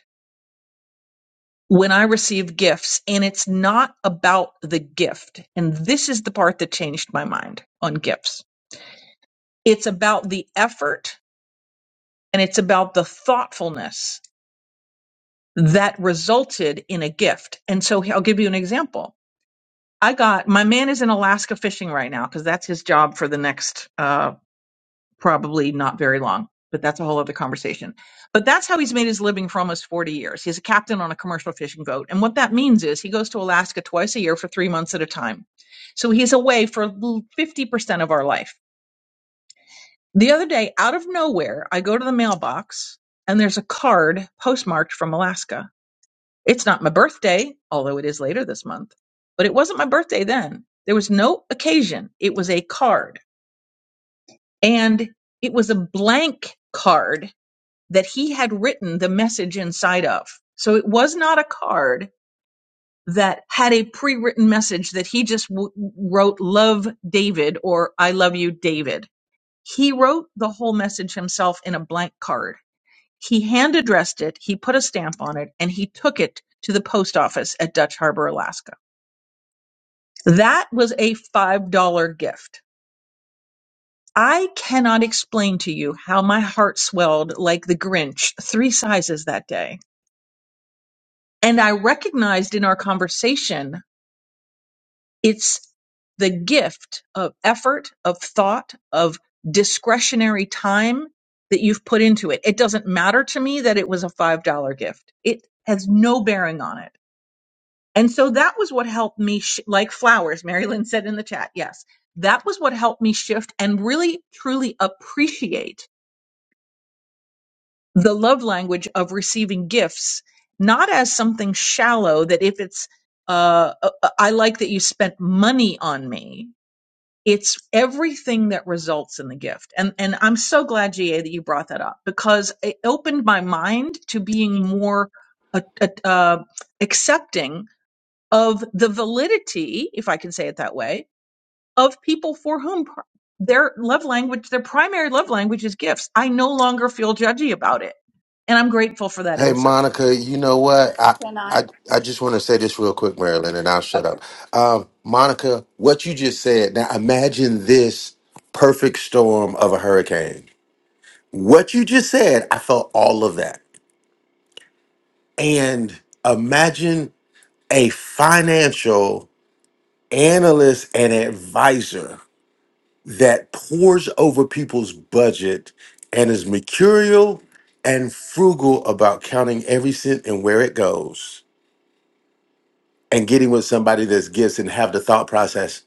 Speaker 16: when I receive gifts, and it's not about the gift. And this is the part that changed my mind on gifts. It's about the effort and it's about the thoughtfulness that resulted in a gift. And so I'll give you an example. I got my man is in Alaska fishing right now because that's his job for the next uh, probably not very long, but that's a whole other conversation. But that's how he's made his living for almost 40 years. He's a captain on a commercial fishing boat. And what that means is he goes to Alaska twice a year for three months at a time. So he's away for 50% of our life. The other day, out of nowhere, I go to the mailbox and there's a card postmarked from Alaska. It's not my birthday, although it is later this month, but it wasn't my birthday then. There was no occasion. It was a card. And it was a blank card that he had written the message inside of. So it was not a card that had a pre written message that he just w- wrote, Love David or I love you, David. He wrote the whole message himself in a blank card. He hand addressed it, he put a stamp on it, and he took it to the post office at Dutch Harbor, Alaska. That was a $5 gift. I cannot explain to you how my heart swelled like the Grinch three sizes that day And I recognized in our conversation, it's the gift of effort, of thought, of discretionary time that you've put into it. It doesn't matter to me that it was a $5 gift. It has no bearing on it. And so that was what helped me, sh- like flowers, Mary Lynn said in the chat. Yes. That was what helped me shift and really truly appreciate the love language of receiving gifts, not as something shallow that if it's, uh, uh, uh, I like that you spent money on me. It's everything that results in the gift. And, and I'm so glad, GA, that you brought that up because it opened my mind to being more uh, uh, uh, accepting of the validity, if I can say it that way, of people for whom pr- their love language, their primary love language is gifts. I no longer feel judgy about it. And I'm grateful for that
Speaker 17: Hey
Speaker 16: insight.
Speaker 17: Monica, you know what? I
Speaker 1: Can
Speaker 17: I,
Speaker 1: I?
Speaker 17: I just want to say this real quick, Marilyn, and I'll shut
Speaker 1: Okay.
Speaker 17: up. Um, Monica, what you just said. Now imagine this perfect storm of a hurricane. What you just said, I felt all of that. And imagine a financial analyst and advisor that pours over people's budget and is mercurial and frugal about counting every cent and where it goes and getting with somebody that's gifts and have the thought process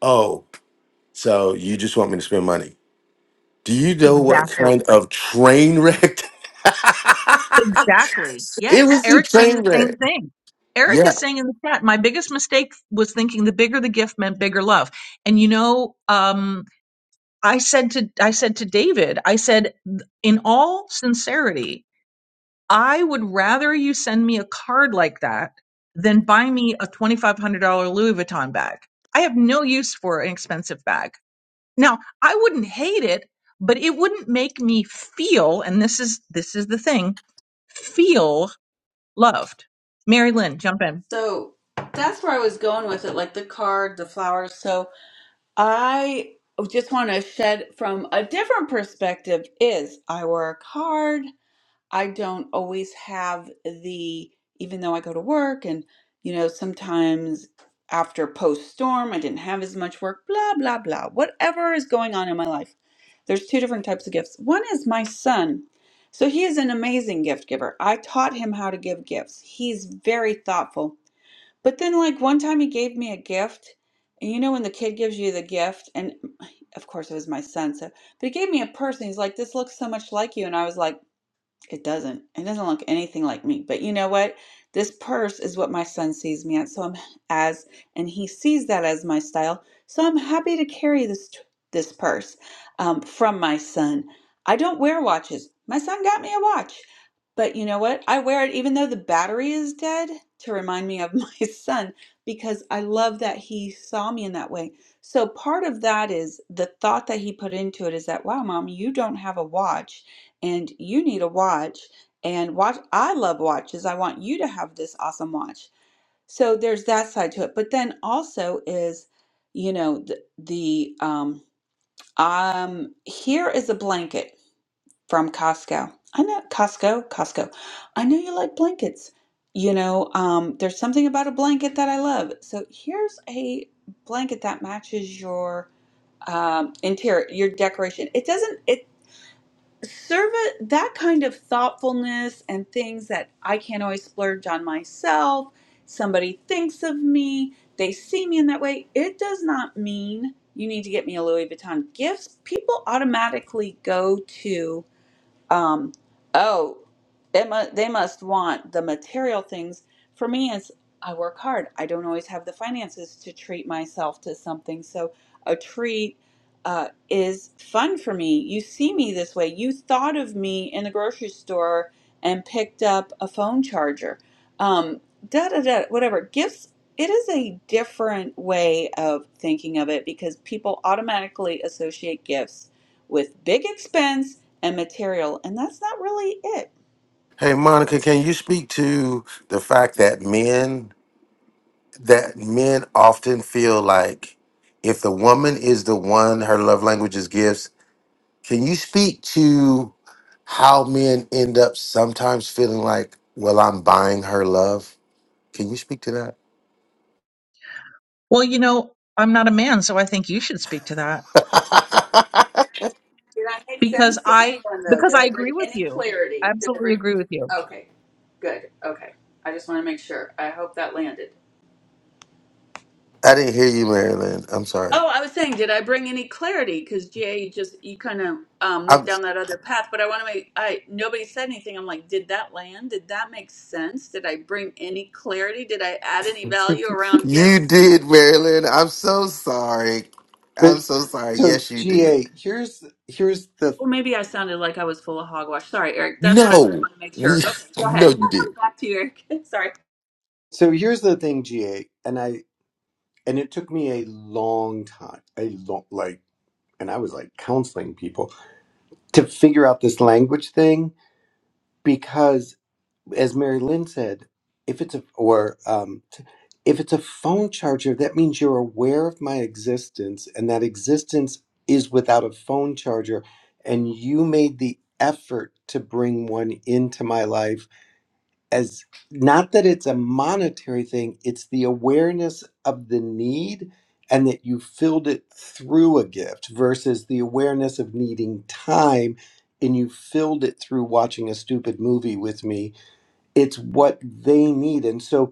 Speaker 17: oh so you just want me to spend money do you know what
Speaker 16: Exactly.
Speaker 17: kind of train wreck
Speaker 16: Exactly.
Speaker 17: it
Speaker 16: Yes.
Speaker 17: was a
Speaker 16: Eric's saying
Speaker 17: train
Speaker 16: the same
Speaker 17: wreck
Speaker 16: thing. Eric
Speaker 17: yeah
Speaker 16: is saying in the chat, my biggest mistake was thinking the bigger the gift meant bigger love. And you know, um, I said to I said to David, I said in all sincerity, I would rather you send me a card like that than buy me a $2500 Louis Vuitton bag. I have no use for an expensive bag. Now, I wouldn't hate it, but it wouldn't make me feel and this is this is the thing, feel loved. Mary Lynn, jump in.
Speaker 1: So that's where I was going with it, like the card, the flowers. So I just want to shed from a different perspective is I work hard. I don't always have the, even though I go to work and, you know, sometimes after post storm, I didn't have as much work, blah, blah, blah, whatever is going on in my life. There's two different types of gifts. One is my son. So he is an amazing gift giver. I taught him how to give gifts. He's very thoughtful. But then, like, one time he gave me a gift. And you know, when the kid gives you the gift, and of course it was my son, so, but he gave me a purse and he's like, this looks so much like you. And I was like, it doesn't. It doesn't look anything like me. But you know what? This purse is what my son sees me at. So I'm as, and he sees that as my style. So I'm happy to carry this this purse um, from my son. I don't wear watches. My son got me a watch. But you know what? I wear it even though the battery is dead to remind me of my son because I love that he saw me in that way. So part of that is the thought that he put into it is that, wow, mom, you don't have a watch and you need a watch and watch I love watches. I want you to have this awesome watch. So there's that side to it. But then also is, you know, the, the um um here is a blanket from Costco. I know Costco, Costco. I know you like blankets. You know, um there's something about a blanket that I love. So here's a blanket that matches your um interior, your decoration. It doesn't. It Serve that kind of thoughtfulness and things that I can't always splurge on myself. Somebody thinks of me, they see me in that way. It does not mean you need to get me a Louis Vuitton gift. People automatically go to um, oh, they, mu- they must want the material things. For me, it's I work hard. I don't always have the finances to treat myself to something. So a treat uh, is fun for me. You see me this way. You thought of me in the grocery store and picked up a phone charger. Um, da da da, whatever. Gifts, it is a different way of thinking of it because people automatically associate gifts with big expense and material. And that's not really it.
Speaker 17: hey monica can you speak to the fact that men that men often feel like if the woman is the one, her love language is gifts. Can you speak to how men end up sometimes feeling like, well, I'm buying her love? Can you speak to that?
Speaker 16: Well, you know, I'm not a man, so I think you should speak to that
Speaker 1: Did I make
Speaker 16: because
Speaker 1: sense to
Speaker 16: I
Speaker 1: anyone though?
Speaker 16: because
Speaker 1: Did
Speaker 16: I
Speaker 1: I bring
Speaker 16: agree with
Speaker 1: any
Speaker 16: you.
Speaker 1: clarity? Did I
Speaker 16: Absolutely
Speaker 1: bring?
Speaker 16: agree with you.
Speaker 1: Okay, good. Okay, I just want to make sure. I hope that landed.
Speaker 17: I didn't hear you, Marilyn. I'm sorry.
Speaker 1: Oh, I was saying, did I bring any clarity? Because Jay, you just you kind of um, went
Speaker 17: I'm,
Speaker 1: down that other path, but I want to make I nobody said anything. I'm like, did that land? Did that make sense? Did I bring any clarity? Did I add any value around
Speaker 17: you
Speaker 1: gifts?
Speaker 17: did, Marilyn. I'm so sorry.
Speaker 15: but
Speaker 17: I'm so sorry.
Speaker 15: so
Speaker 17: Yes, you did.
Speaker 15: GA, here's here's the
Speaker 1: Well, maybe I sounded like I was full of hogwash. Sorry, Eric. That's what I just
Speaker 17: No,
Speaker 1: want to make sure.
Speaker 17: we,
Speaker 1: Okay, go
Speaker 17: no,
Speaker 1: ahead.
Speaker 17: you did.
Speaker 1: Back to you, Eric. Sorry.
Speaker 15: so here's the thing, GA, and I and it took me a long time, a long like, and I was like counseling people to figure out this language thing because as mary lynn said if it's a or um, t- if it's a phone charger that means you're aware of my existence and that existence is without a phone charger and you made the effort to bring one into my life as not that it's a monetary thing, it's the awareness of the need and that you filled it through a gift versus the awareness of needing time and you filled it through watching a stupid movie with me. It's what they need. And so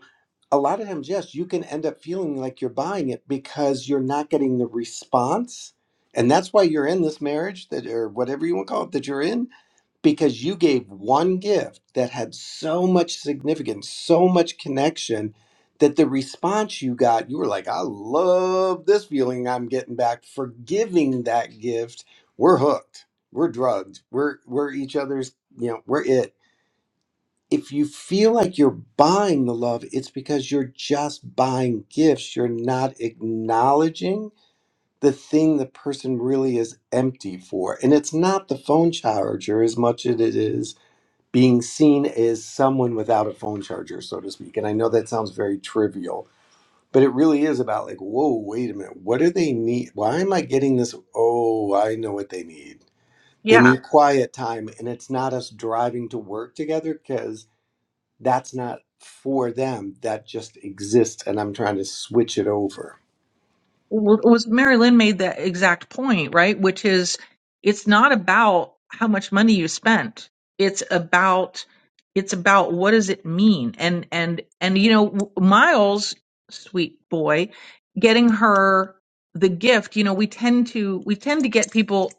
Speaker 15: a lot of times, yes, you can end up feeling like you're buying it because you're not getting the response. And that's why you're in this marriage that or whatever you want to call it that you're in because you gave one gift that had so much significance, so much connection that the response you got, you were like, I love this feeling I'm getting back for giving that gift. We're hooked. We're drugged. We're we're each other's, you know, we're it. If you feel like you're buying the love, it's because you're just buying gifts. You're not acknowledging the thing the person really is empty for. And it's not the phone charger as much as it is being seen as someone without a phone charger, so to speak. And I know that sounds very trivial, but it really is about like, whoa, wait a minute, what do they need? Why am I getting this? Oh, I know what they need. They
Speaker 16: Yeah.
Speaker 15: need quiet time, and it's not us driving to work together because that's not for them. That just exists, and I'm trying to switch it over.
Speaker 16: Well, it was Mary Lynn made that exact point, right? Which is, it's not about how much money you spent. It's about, it's about what does it mean? And and and you know, w- Miles, sweet boy, getting her the gift. You know, we tend to we tend to get people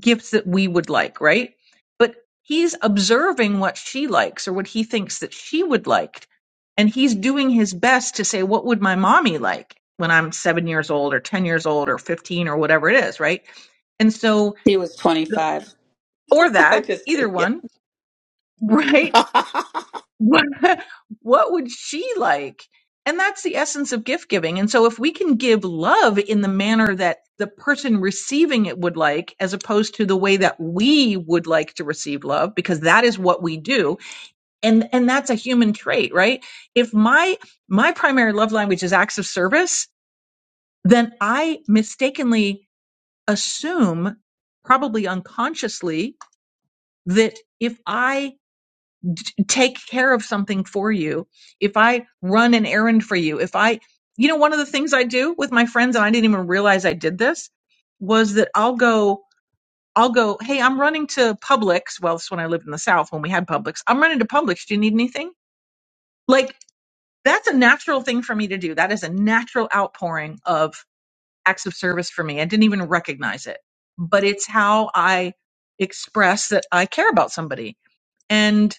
Speaker 16: gifts that we would like, right? But he's observing what she likes or what he thinks that she would like. And he's doing his best to say, what would my mommy like when I'm seven years old or 10 years old or 15 or whatever it is, right? And so,
Speaker 1: He was 25.
Speaker 16: or
Speaker 1: I'm
Speaker 16: that,
Speaker 1: just kidding.
Speaker 16: either
Speaker 1: Yeah,
Speaker 16: one, right? what, what would she like? And that's the essence of gift giving. And so if we can give love in the manner that the person receiving it would like, as opposed to the way that we would like to receive love, because that is what we do. And, and that's a human trait, right? If my, my primary love language is acts of service, then I mistakenly assume, probably unconsciously, that if I take care of something for you, if I run an errand for you, if I, you know, one of the things I do with my friends, and I didn't even realize I did this, was that I'll go, I'll go, hey, I'm running to Publix. Well, this is when I lived in the South when we had Publix. I'm running to Publix. Do you need anything? Like, that's a natural thing for me to do. That is a natural outpouring of acts of service for me. I didn't even recognize it, but it's how I express that I care about somebody and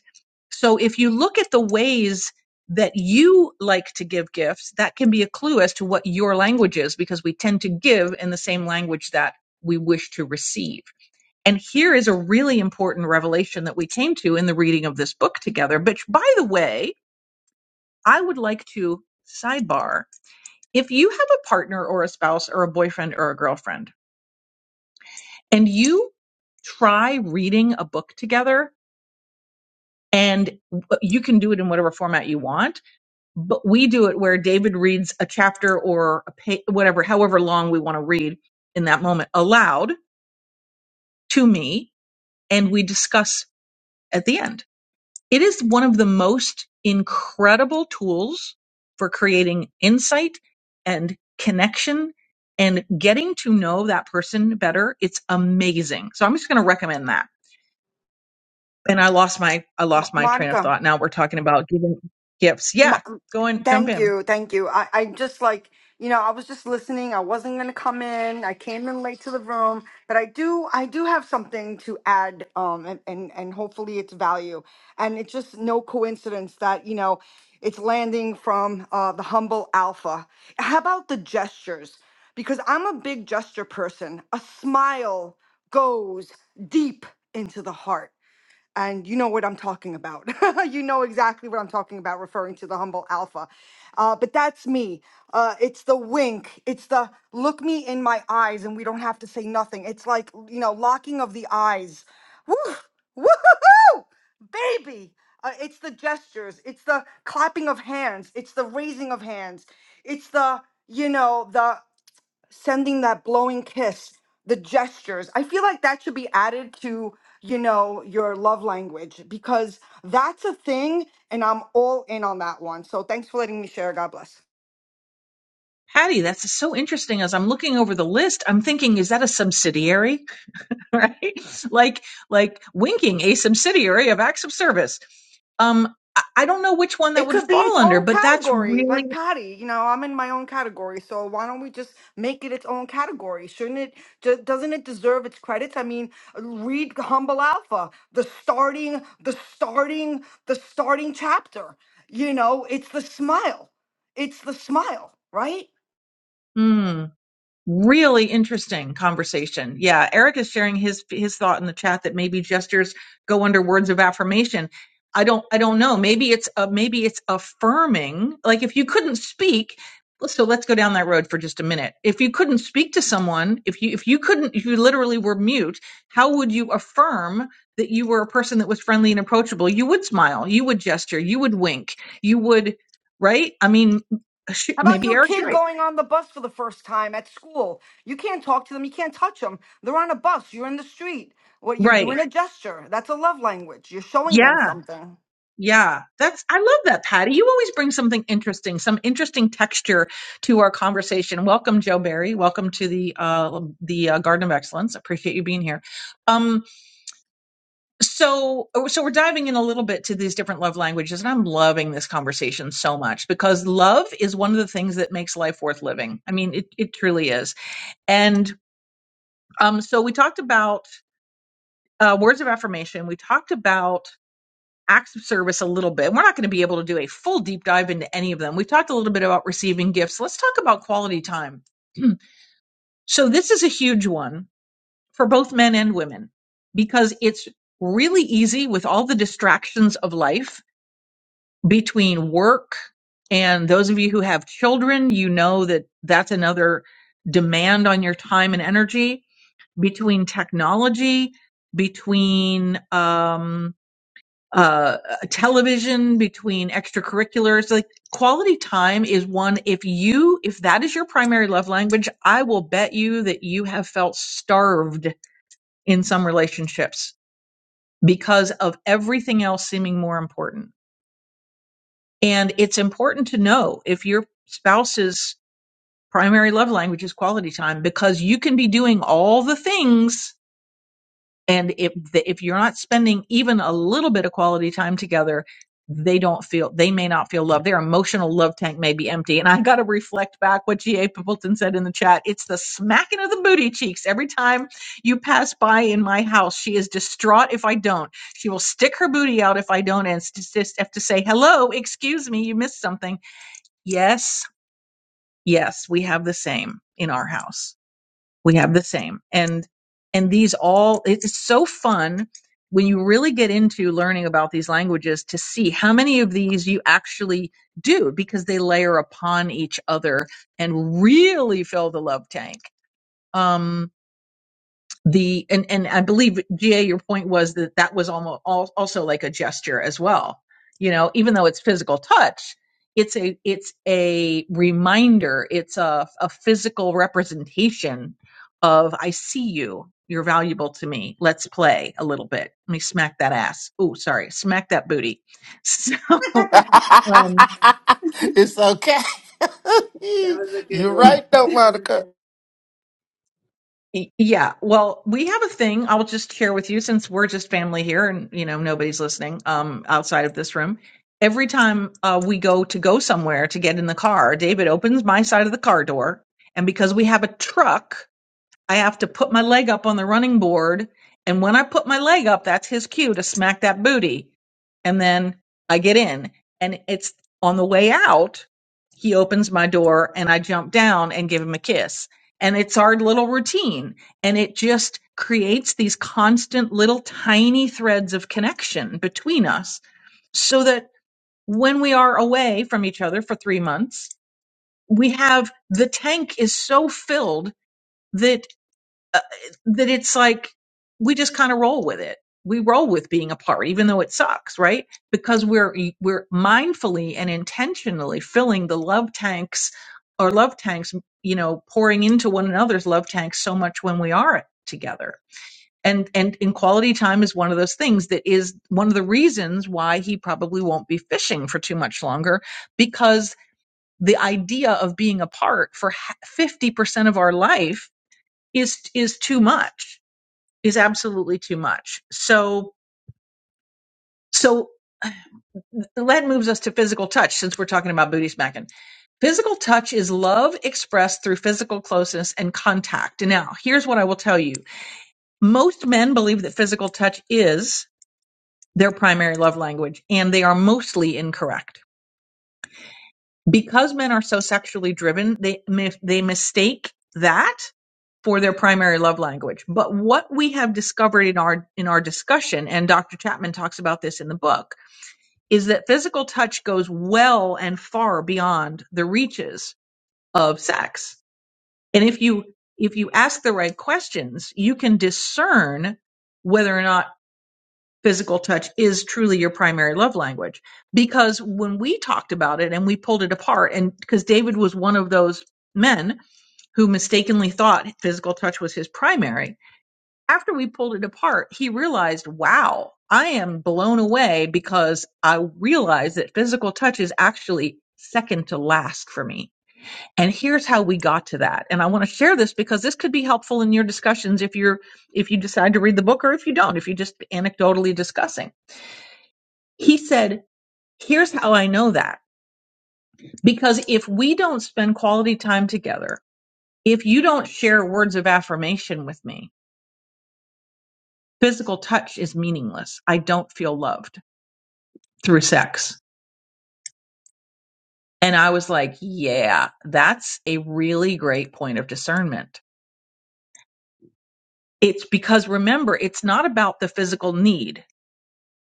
Speaker 16: so if you look at the ways that you like to give gifts, that can be a clue as to what your language is because we tend to give in the same language that we wish to receive. And here is a really important revelation that we came to in the reading of this book together, which by the way, I would like to sidebar. If you have a partner or a spouse or a boyfriend or a girlfriend and you try reading a book together and you can do it in whatever format you want, but we do it where David reads a chapter or a pa- whatever, however long we want to read in that moment aloud to me, and we discuss at the end. It is one of the most incredible tools for creating insight and connection and getting to know that person better. It's amazing. So I'm just going to recommend that. And I lost my I
Speaker 18: Mo-
Speaker 16: lost my train of
Speaker 18: Monica,
Speaker 16: thought. Now we're talking about giving gifts. Yeah,
Speaker 18: Mo-
Speaker 16: go and jump
Speaker 18: thank
Speaker 16: in.
Speaker 18: you, thank you. I, I just like you know, I was just listening. I wasn't gonna come in. I came in late to the room, but I do, I do have something to add, um, and and, and hopefully it's value. And it's just no coincidence that you know, it's landing from uh, the humble alpha. How about the gestures? Because I'm a big gesture person. A smile goes deep into the heart and you know what I'm talking about. you know exactly what I'm talking about, referring to the humble alpha. Uh, but that's me. Uh, it's the wink. It's the look me in my eyes, and we don't have to say nothing. It's like you know, locking of the eyes. Woo, woo, baby. Uh, it's the gestures. It's the clapping of hands. It's the raising of hands. It's the you know the sending that blowing kiss, the gestures. I feel like that should be added to, you know, your love language because that's a thing and I'm all in on that one. So thanks for letting me share. God bless.
Speaker 16: Patty, that's so interesting. As I'm looking over the list, I'm thinking, is that a subsidiary? right? Like, like winking, a subsidiary of acts of service. Um, I I don't know which one that
Speaker 18: It
Speaker 16: would
Speaker 18: could be its
Speaker 16: fall under,
Speaker 18: own
Speaker 16: but that's
Speaker 18: category,
Speaker 16: really,
Speaker 18: like Patty. You know, I'm in my own category, so why don't we just make it its own category? Shouldn't it? do- Doesn't it deserve its credits? I mean, read Humble Alpha, the starting, the starting, the starting chapter. You know, it's the smile. It's the smile, right?
Speaker 16: hmm. Really interesting conversation. Yeah, Eric is sharing his his thought in the chat that maybe gestures go under words of affirmation. I don't I don't know. Maybe it's uh, maybe it's affirming. Like if you couldn't speak, so let's go down that road for just a minute. If you couldn't speak to someone, if you if you couldn't if you literally were mute, how would you affirm that you were a person that was friendly and approachable? You would smile, you would gesture, you would wink, you would right? I mean, shoot,
Speaker 18: How about
Speaker 16: maybe
Speaker 18: your
Speaker 16: Eric's
Speaker 18: kid
Speaker 16: right.
Speaker 18: going on the bus for the first time at school? You can't talk to them. You can't touch them. They're on a bus. You're in the street. What you're doing
Speaker 16: Right.
Speaker 18: a gesture. That's a love language. You're showing them
Speaker 16: Yeah.
Speaker 18: something.
Speaker 16: Yeah, that's I love that, Patty. You always bring something interesting, some interesting texture to our conversation. Welcome, Joe Barry. Welcome to the uh, the uh, Garden of Excellence. Appreciate you being here. Um, so so we're diving in a little bit to these different love languages, and I'm loving this conversation so much because love is one of the things that makes life worth living. I mean, it it truly is. And um, so we talked about uh, words of affirmation. We talked about acts of service a little bit. We're not going to be able to do a full deep dive into any of them. We've talked a little bit about receiving gifts. Let's talk about quality time. so, this is a huge one for both men and women because it's really easy with all the distractions of life between work and those of you who have children, you know that that's another demand on your time and energy between technology, between, um, uh, television, between extracurriculars. Like quality time is one. If you, if that is your primary love language, I will bet you that you have felt starved in some relationships because of everything else seeming more important. And it's important to know if your spouse's primary love language is quality time because you can be doing all the things and if the, if you're not spending even a little bit of quality time together they don't feel they may not feel loved their emotional love tank may be empty and i got to reflect back what ga pippleton said in the chat it's the smacking of the booty cheeks every time you pass by in my house she is distraught if i don't she will stick her booty out if i don't and s- just have to say hello excuse me you missed something yes yes we have the same in our house we have the same and and these all it's so fun when you really get into learning about these languages to see how many of these you actually do because they layer upon each other and really fill the love tank Um, the and and I believe GA your point was that that was almost al- also like a gesture as well. You know, even though it's physical touch, it's a it's a reminder, it's a a physical representation of I see you. You're valuable to me. Let's play a little bit. Let me smack that ass. Oh, sorry, smack that booty. So, um,
Speaker 17: it's okay.
Speaker 1: that was a good
Speaker 17: You're
Speaker 1: one.
Speaker 17: right though, Monica.
Speaker 16: Y- Yeah. Well, we have a thing I'll just share with you since we're just family here and you know nobody's listening um outside of this room. Every time uh, we go to go somewhere to get in the car, David opens my side of the car door and because we have a truck I have to put my leg up on the running board. And when I put my leg up, that's his cue to smack that booty. And then I get in. And it's on the way out, he opens my door and I jump down and give him a kiss. And it's our little routine. And it just creates these constant little tiny threads of connection between us so that when we are away from each other for three months, we have the tank is so filled that uh, that it's like we just kind of roll with it. We roll with being apart, even though it sucks, right? Because we're we're mindfully and intentionally filling the love tanks or love tanks, you know, pouring into one another's love tanks so much when we are together. And and in quality time is one of those things that is one of the reasons why he probably won't be fishing for too much longer because the idea of being apart for 50% of our life is is too much is absolutely too much. So, so that moves us to physical touch since we're talking about booty smacking. Physical touch is love expressed through physical closeness and contact. Now, here's what I will tell you. Most men believe that physical touch is their primary love language, and they are mostly incorrect. Because men are so sexually driven, they, mi- they mistake that for their primary love language. But what we have discovered in our, in our discussion, and Dr. Chapman talks about this in the book, is that physical touch goes well and far beyond the reaches of sex. And if you if you ask the right questions, you can discern whether or not physical touch is truly your primary love language. Because when we talked about it and we pulled it apart and because David was one of those men who mistakenly thought physical touch was his primary, after we pulled it apart, he realized, wow, I am blown away because I realized that physical touch is actually second to last for me. And here's how we got to that. And I want to share this because this could be helpful in your discussions if you're if you decide to read the book or if you don't, if you're just anecdotally discussing. He said, here's how I know that. Because if we don't spend quality time together, if you don't share words of affirmation with me, physical touch is meaningless. I don't feel loved through sex. And I was like, yeah, that's a really great point of discernment. It's because remember, it's not about the physical need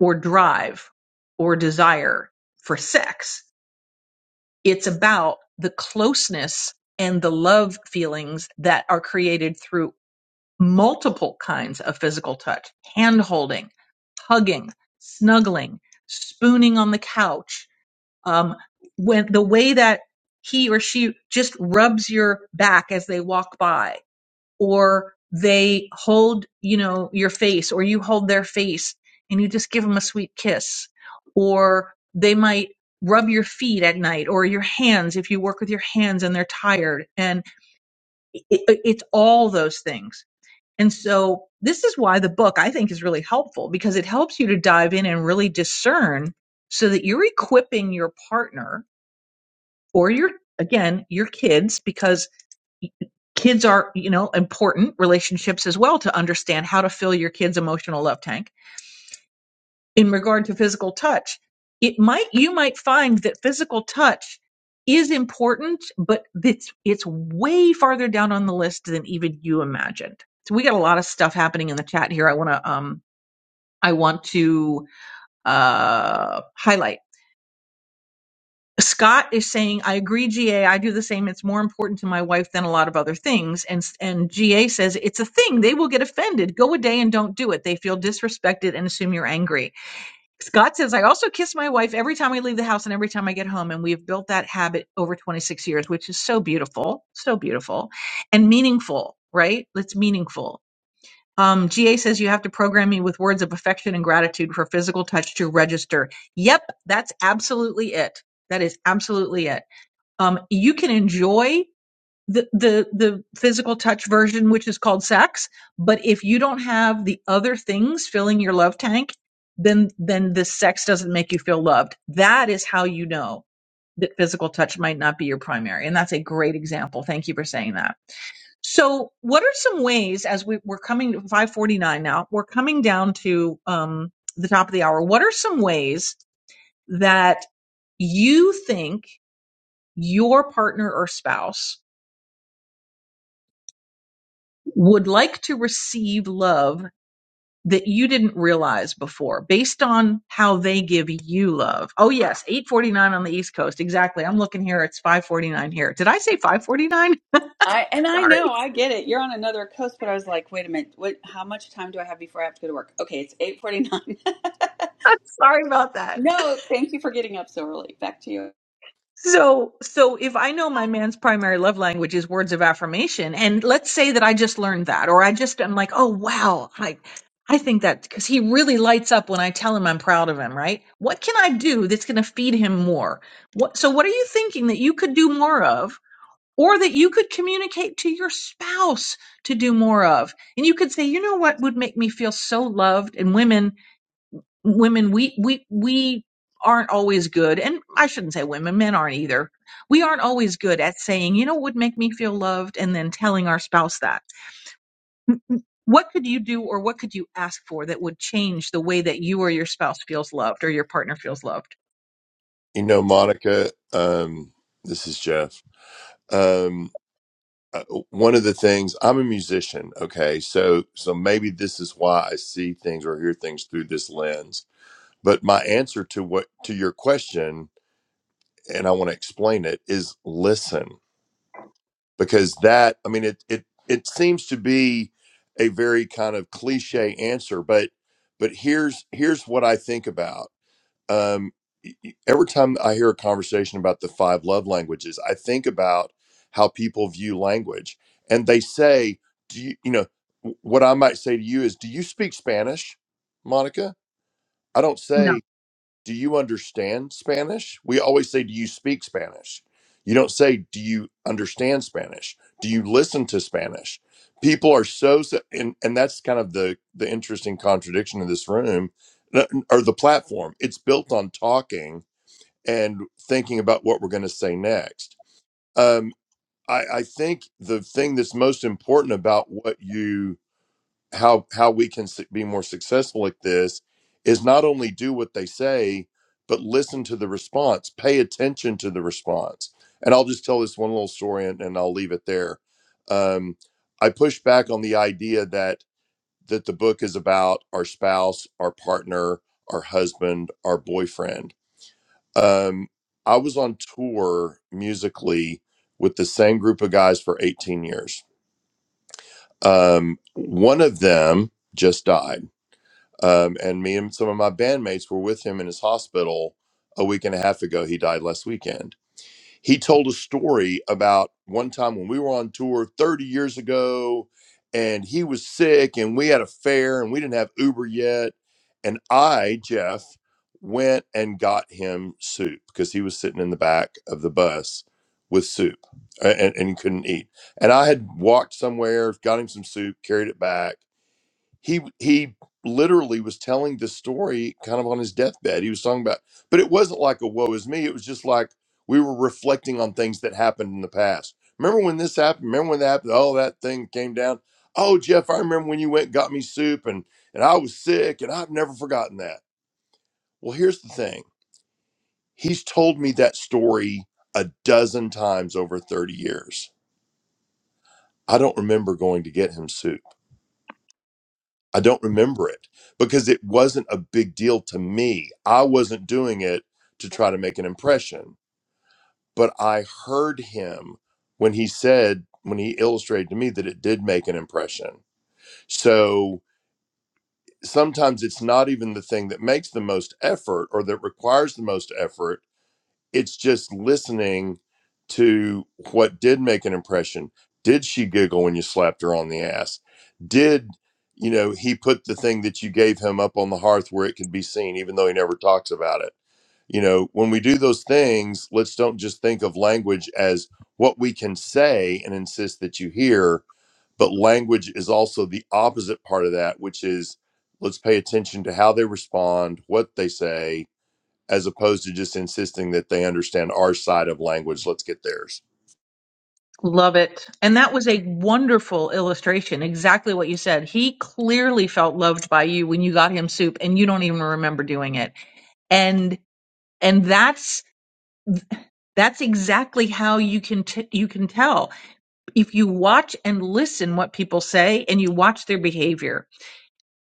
Speaker 16: or drive or desire for sex. It's about the closeness and the love feelings that are created through multiple kinds of physical touch, hand holding, hugging, snuggling, spooning on the couch, um, when the way that he or she just rubs your back as they walk by or they hold you know your face or you hold their face and you just give them a sweet kiss or they might rub your feet at night or your hands if you work with your hands and they're tired and i i- it's all those things and so this is why the book i think is really helpful because it helps you to dive in and really discern so that you're equipping your partner or your again your kids because kids are you know important relationships as well to understand how to fill your kids emotional love tank in regard to physical touch it might you might find that physical touch is important but it's it's way farther down on the list than even you imagined so we got a lot of stuff happening in the chat here i want to um i want to uh highlight Scott is saying, I agree, GA. I do the same. It's more important to my wife than a lot of other things. And, and GA says, It's a thing. They will get offended. Go a day and don't do it. They feel disrespected and assume you're angry. Scott says, I also kiss my wife every time I leave the house and every time I get home. And we've built that habit over 26 years, which is so beautiful, so beautiful and meaningful, right? It's meaningful um, GA says you have to program me with words of affection and gratitude for physical touch to register. Yep, that's absolutely it. That is absolutely it. Um, you can enjoy the, the the physical touch version, which is called sex, but if you don't have the other things filling your love tank, then then the sex doesn't make you feel loved. That is how you know that physical touch might not be your primary, and that's a great example. Thank you for saying that. So, what are some ways as we, we're coming to 549 now, we're coming down to um, the top of the hour. What are some ways that you think your partner or spouse would like to receive love that you didn't realize before based on how they give you love? Oh, yes, 849 on the East Coast. Exactly. I'm looking here. It's 549 here. Did I say 549?
Speaker 1: I and I
Speaker 16: Sorry.
Speaker 1: know I get it. You're on another coast, but I was like, wait a minute. What? How much time do I have before I have to go to work? Okay, it's 8:49.
Speaker 16: I'm sorry about that.
Speaker 1: no, thank you for getting up so early. Back to you.
Speaker 16: So, so if I know my man's primary love language is words of affirmation, and let's say that I just learned that, or I just I'm like, oh wow, I, I think that because he really lights up when I tell him I'm proud of him, right? What can I do that's going to feed him more? What? So, what are you thinking that you could do more of, or that you could communicate to your spouse to do more of? And you could say, you know what would make me feel so loved? And women women we we we aren't always good and i shouldn't say women men aren't either we aren't always good at saying you know what would make me feel loved and then telling our spouse that what could you do or what could you ask for that would change the way that you or your spouse feels loved or your partner feels loved
Speaker 19: You know, Monica, um, this is Jeff. Um, uh, one of the things I'm a musician, okay, so so maybe this is why I see things or hear things through this lens. But my answer to what to your question, and I want to explain it, is listen because that I mean it it it seems to be a very kind of cliche answer, but but here's here's what I think about. um, every time I hear a conversation about the five love languages, I think about how people view language, and they say, "Do you, you know?" What I might say to you is, "Do you speak Spanish, Monica?" I don't
Speaker 16: no
Speaker 19: say do you understand Spanish? We always say, do you speak Spanish? You don't say, do you understand Spanish? Do you listen to Spanish? People are so, so and, and that's kind of the, the interesting contradiction in this room n- or the platform. It's built on talking and thinking about what we're going to say next. Um, I, I think the thing that's most important about what you how how we can su- be more successful at this is not only do what they say but listen to the response pay attention to the response and i'll just tell this one little story and, and i'll leave it there um, i push back on the idea that that the book is about our spouse our partner our husband our boyfriend um, i was on tour musically with the same group of guys for 18 years um, one of them just died um, and me and some of my bandmates were with him in his hospital a week and a half ago. He died last weekend. He told a story about one time when we were on tour 30 years ago and he was sick and we had a fare and we didn't have Uber yet. And I, Jeff, went and got him soup because he was sitting in the back of the bus with soup a- and, and he couldn't eat. And I had walked somewhere, got him some soup, carried it back he he literally was telling the story kind of on his deathbed. He was talking about, but it wasn't like a woe is me. It was just like we were reflecting on things that happened in the past. Remember when this happened? Remember when that happened? Oh, that thing came down. Oh, Jeff, I remember when you went and got me soup and and I was sick and I've never forgotten that. Well, here's the thing. He's told me that story a dozen times over 30 years. I don't remember going to get him soup. I don't remember it because it wasn't a big deal to me. I wasn't doing it to try to make an impression, but I heard him when he said, when he illustrated to me that it did make an impression. So sometimes it's not even the thing that makes the most effort or that requires the most effort it's just listening to what did make an impression. Did she giggle when you slapped her on the ass? Did you know he put the thing that you gave him up on the hearth where it could be seen, even though he never talks about it? You know, when we do those things, let's don't just think of language as what we can say and insist that you hear, but language is also the opposite part of that, which is let's pay attention to how they respond, what they say, as opposed to just insisting that they understand our side of language. Let's get theirs.
Speaker 16: love it and that was a wonderful illustration exactly what you said he clearly felt loved by you when you got him soup and you don't even remember doing it and and that's That's exactly how you can t- you can tell if you watch and listen what people say and you watch their behavior.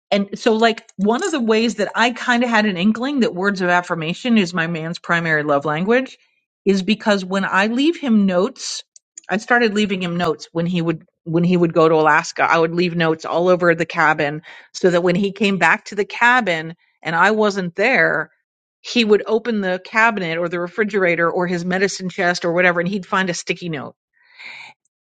Speaker 16: And so, like, one of the ways that I kind of had an inkling that words of affirmation is my man's primary love language is because when I leave him notes, I started leaving him notes when he would when he would go to Alaska. I would leave notes all over the cabin so that when he came back to the cabin and I wasn't there, he would open the cabinet or the refrigerator or his medicine chest or whatever and he'd find a sticky note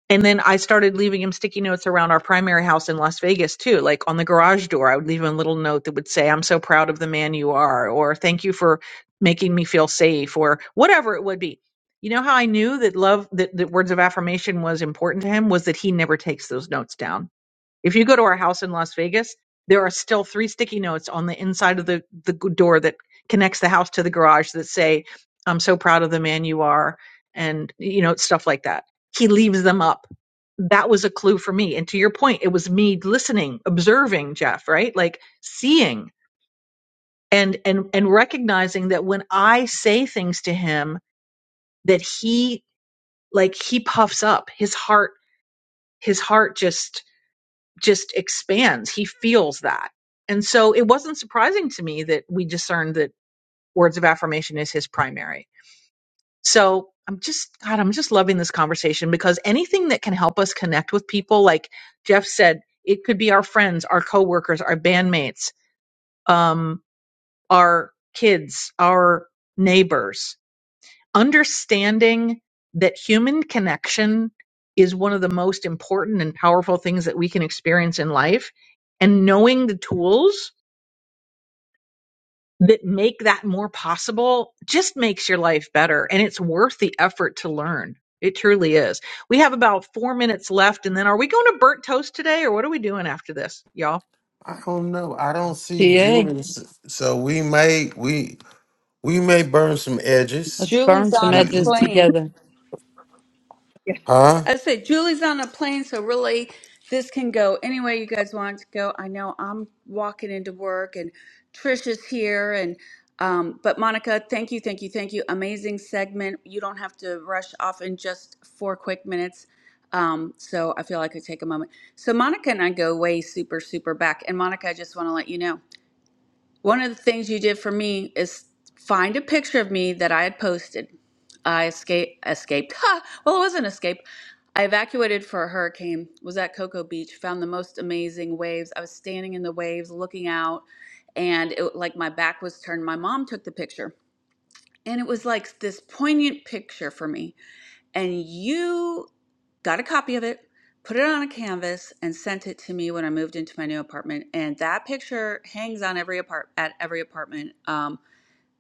Speaker 16: and then I started leaving him sticky notes around our primary house in Las Vegas too. Like on the garage door, I would leave him a little note that would say, I'm so proud of the man you are, or thank you for making me feel safe, or whatever it would be. You know how I knew that love, that, that words of affirmation was important to him was that he never takes those notes down if you go to our house in Las Vegas, there are still three sticky notes on the inside of the, the door that connects the house to the garage that say, I'm so proud of the man you are, and, you know, stuff like that. He leaves them up. That was a clue for me. And to your point, it was me listening, observing Jeff, right? Like seeing and, and, and recognizing that when I say things to him, that he, like, he puffs up his heart, his heart just just expands. He feels that. And so it wasn't surprising to me that we discerned that words of affirmation is his primary. So I'm just, God, I'm just loving this conversation because anything that can help us connect with people, like Jeff said, it could be our friends, our coworkers, our bandmates, um, our kids, our neighbors, understanding that human connection is one of the most important and powerful things that we can experience in life and knowing the tools that make that more possible just makes your life better and it's worth the effort to learn it truly is we have about four minutes left and then are we going to burnt toast today or what are we doing after this y'all
Speaker 17: I don't know. I don't see
Speaker 3: ta
Speaker 17: Julius. So we may we we may burn some edges.
Speaker 3: let's burn
Speaker 1: Julie's
Speaker 3: some
Speaker 1: on a
Speaker 17: We
Speaker 3: edges
Speaker 1: plane.
Speaker 3: together
Speaker 17: huh?
Speaker 1: I said Julie's on a plane, so really this can go any way you guys want it to go. I know I'm walking into work and Trish is here and um, but Monica, thank you, thank you, thank you. Amazing segment. You don't have to rush off in just four quick minutes. Um, so I feel like I could take a moment. So Monica and I go way super, super back. And Monica, I just want to let you know. One of the things you did for me is find a picture of me that I had posted. I escape, escaped. Ha! Well, it wasn't escape. I evacuated for a hurricane, was at Cocoa Beach, found the most amazing waves. I was standing in the waves looking out, and it like my back was turned. My mom took the picture, and it was like this poignant picture for me and you got a copy of it, put it on a canvas, and sent it to me when I moved into my new apartment. And that picture hangs on every apart at every apartment um,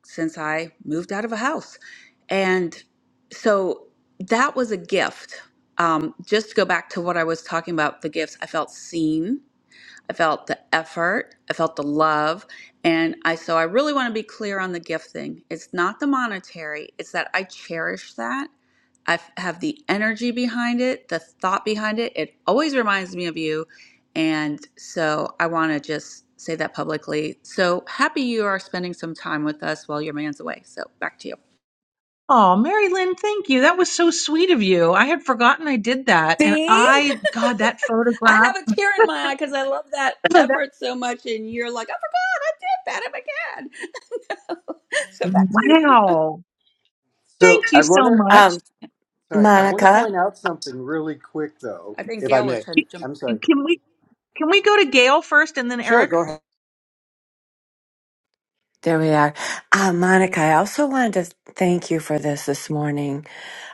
Speaker 1: since I moved out of a house. And so that was a gift. Um, just to go back to what I was talking about, the gifts, I felt seen I felt the effort, I felt the love, and I so I really want to be clear on the gift thing. It's not the monetary, it's that I cherish that. I f- have the energy behind it, the thought behind it. It always reminds me of you. And so I want to just say that publicly. So happy you are spending some time with us while your man's away. So back to you.
Speaker 16: oh mary lynn thank you that was so sweet of you i had forgotten i did that and
Speaker 1: See?
Speaker 16: i god that
Speaker 1: I
Speaker 16: photograph
Speaker 1: have a tear in my eye because I love that
Speaker 16: that,
Speaker 1: effort so much, and you're like, I forgot I did that. I'm again. so back to you.
Speaker 16: wow
Speaker 15: So
Speaker 16: Thank you
Speaker 15: I want
Speaker 16: so
Speaker 15: to,
Speaker 16: much.
Speaker 20: Um,
Speaker 15: sorry, I want to
Speaker 20: Monica,
Speaker 15: point out something really quick though,
Speaker 1: I think
Speaker 15: if I
Speaker 1: Gail was
Speaker 15: may.
Speaker 1: trying to jump.
Speaker 15: I'm sorry.
Speaker 16: Can we can we go to Gail first and then
Speaker 15: Sure,
Speaker 16: Eric?
Speaker 15: go ahead.
Speaker 20: there we are. Uh, Monica, I also wanted to thank you for this this morning.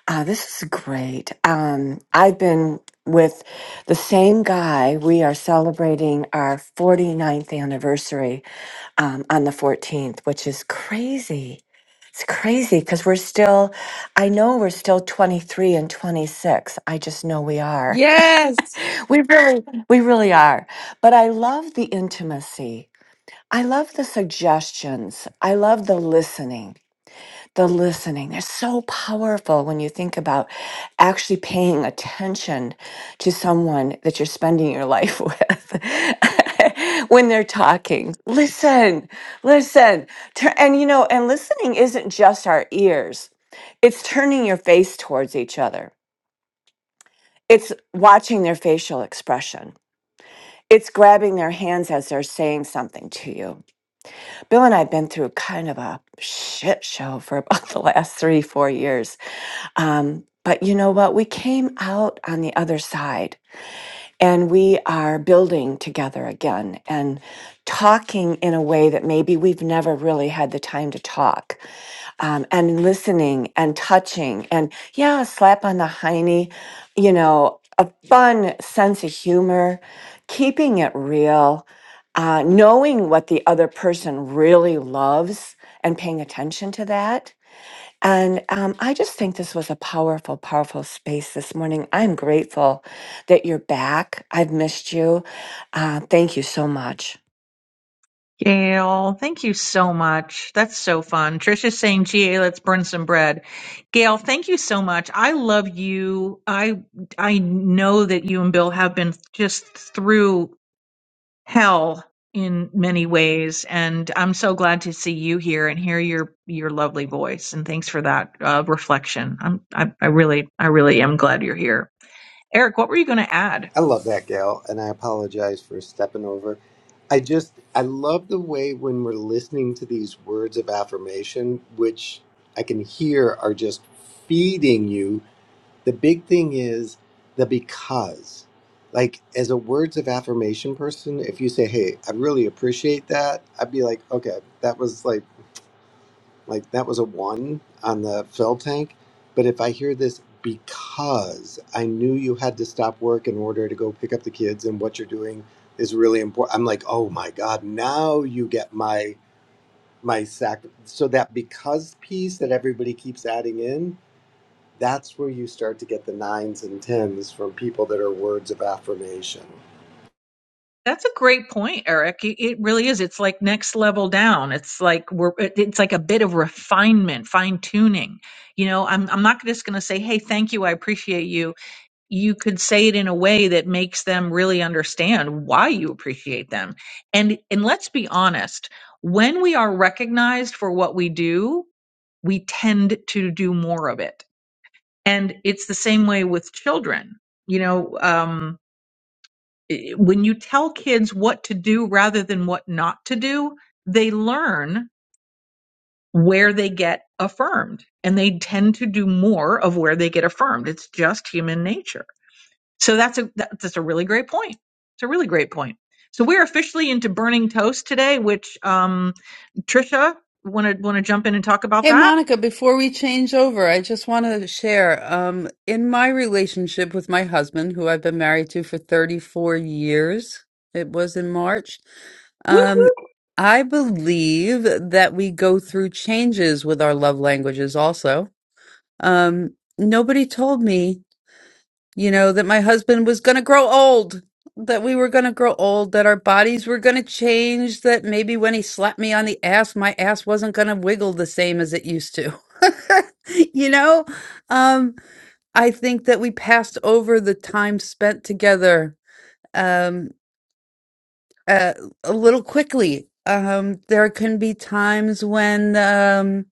Speaker 20: Uh, this is great. Um, I've been with the same guy. We are celebrating our forty ninth anniversary um, on the 14th, which is crazy. It's crazy because we're still, I know we're still 23 and 26. I just know we are.
Speaker 3: Yes.
Speaker 20: we really, we really are. But I love the intimacy. I love the suggestions. I love the listening. The listening. They're so powerful when you think about actually paying attention to someone that you're spending your life with when they're talking. Listen, listen. Tur- And you know, and listening isn't just our ears, it's turning your face towards each other, it's watching their facial expression, it's grabbing their hands as they're saying something to you Bill and I have been through kind of a shit show for about the last three, four years. Um, but you know what? We came out on the other side and we are building together again and talking in a way that maybe we've never really had the time to talk um, and listening and touching and yeah, a slap on the hiney, you know, a fun sense of humor, keeping it real, uh, knowing what the other person really loves and paying attention to that. And um, I just think this was a powerful, powerful space this morning. I'm grateful that you're back. I've missed you. Uh, thank you so much.
Speaker 16: Gail, thank you so much. That's so fun. Trisha's saying, "GA, let's burn some bread." Gail, thank you so much. I love you. I I know that you and Bill have been just through hell in many ways, and I'm so glad to see you here and hear your your lovely voice. And thanks for that uh, reflection. I'm I, I really I really am glad you're here. Eric, what were you going to add?
Speaker 15: I love that gal, and I apologize for stepping over. I just I love the way when we're listening to these words of affirmation, which I can hear are just feeding you. The big thing is the because. Like as a words of affirmation person, if you say, "Hey, I really appreciate that," I'd be like, "Okay, that was like." Like that was a one on the fill tank. But if I hear this because I knew you had to stop work in order to go pick up the kids and what you're doing is really important. I'm like, oh my God, now you get my my sac so that because piece that everybody keeps adding in, that's where you start to get the nines and tens from people that are words of affirmation.
Speaker 16: That's a great point, Eric. It, it really is. It's like next level down. It's like we're. it- It's like a bit of refinement, fine tuning. You know, I'm. I'm not just going to say, "Hey, thank you. I appreciate you." You could say it in a way that makes them really understand why you appreciate them. And and let's be honest. When we are recognized for what we do, we tend to do more of it. And it's the same way with children. You know. Um, i- when you tell kids what to do rather than what not to do, they learn where they get affirmed and they tend to do more of where they get affirmed. It's just human nature. So that's a that- that's a really great point. It's a really great point. So we're officially into burning toast today, which um Trisha want to want to jump in and talk about
Speaker 3: Hey,
Speaker 16: that.
Speaker 3: Monica, before we change over, I just want to share um, in my relationship with my husband, who I've been married to for 34 years, it was in March. Um,
Speaker 16: Woo-hoo.
Speaker 3: I believe that we go through changes with our love languages also. Um, nobody told me you know, that my husband was going to grow old, that we were going to grow old, that our bodies were going to change, that maybe when he slapped me on the ass, my ass wasn't going to wiggle the same as it used to. you know, um, I think that we passed over the time spent together um, uh, a little quickly. Um, there can be times when. Um,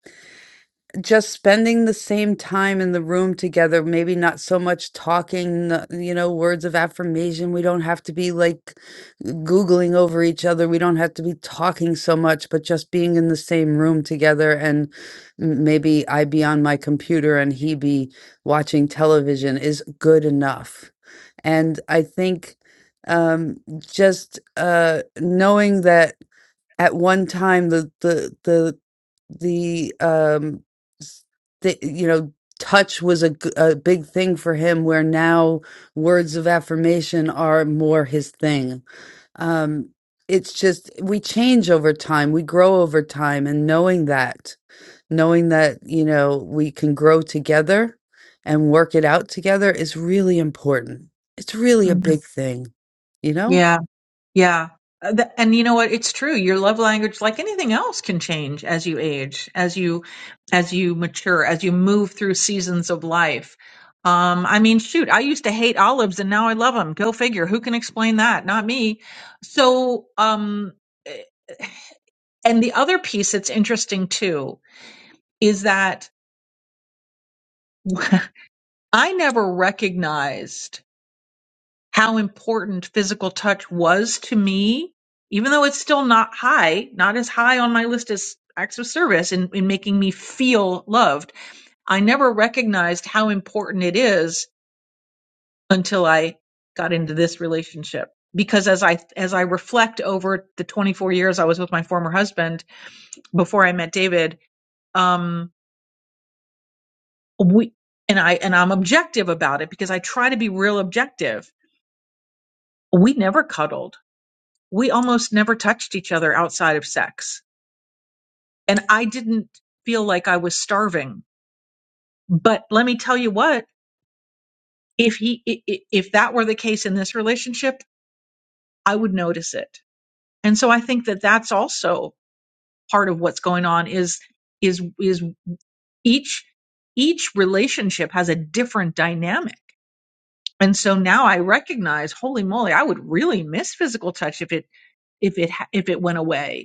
Speaker 3: just spending the same time in the room together, maybe not so much talking, uh, you know, words of affirmation. We don't have to be like Googling over each other. We don't have to be talking so much, but just being in the same room together. And m- maybe I be on my computer and he be watching television is good enough. And I think um, just uh, knowing that at one time the the the the um s- the, you know touch was a, g- a big thing for him where now words of affirmation are more his thing um it's just we change over time we grow over time and knowing that knowing that you know we can grow together and work it out together is really important it's really a
Speaker 16: Mhm.
Speaker 3: big thing you know
Speaker 16: Yeah, Yeah. Uh, th- And you know what? It's true. Your love language, like anything else, can change as you age, as you, as you mature, as you move through seasons of life. Um, I mean, shoot, I used to hate olives and now I love them. Go figure. Who can explain that? Not me. So, um, eh, and the other piece that's interesting too is that I never recognized how important physical touch was to me, even though it's still not high, not as high on my list as acts of service in, in making me feel loved. I never recognized how important it is until I got into this relationship. Because as I as I reflect over the 24 years I was with my former husband before I met David, um, we and I and I'm objective about it because I try to be real objective. We never cuddled we almost never touched each other outside of sex. And I didn't feel like I was starving. But let me tell you what, if he, i- i- if that were the case in this relationship, I would notice it. And so I think that that's also part of what's going on is, is, is each, each relationship has a different dynamic. And so now I recognize, holy moly, I would really miss physical touch if it, if it, ha- if it went away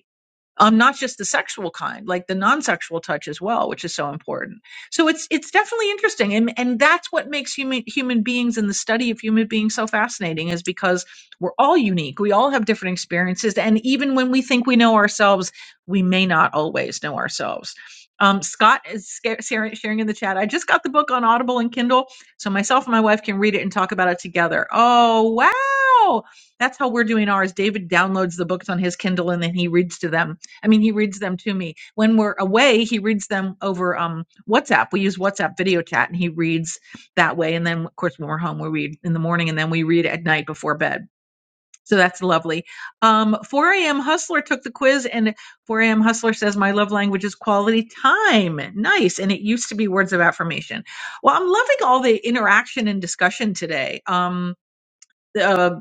Speaker 16: um, not just the sexual kind, like the non-sexual touch as well, which is so important. So it's it's definitely interesting, and and that's what makes human human beings and the study of human beings so fascinating is because we're all unique, we all have different experiences, and even when we think we know ourselves, we may not always know ourselves. Um, Scott is sca- sharing sharing in the chat. I just got the book on Audible and Kindle, so myself and my wife can read it and talk about it together. Oh wow! That's how we're doing ours. David downloads the books on his Kindle and then he reads to them I mean, he reads them to me. When we're away, he reads them over um, WhatsApp. We use WhatsApp video chat and he reads that way. And then, of course, when we're home, we read in the morning and then we read at night before bed. So that's lovely. Um, 4 a.m. Hustler took the quiz, and 4 a.m. Hustler says, My love language is quality time. Nice. And it used to be words of affirmation. Well, I'm loving all the interaction and discussion today. Um, uh,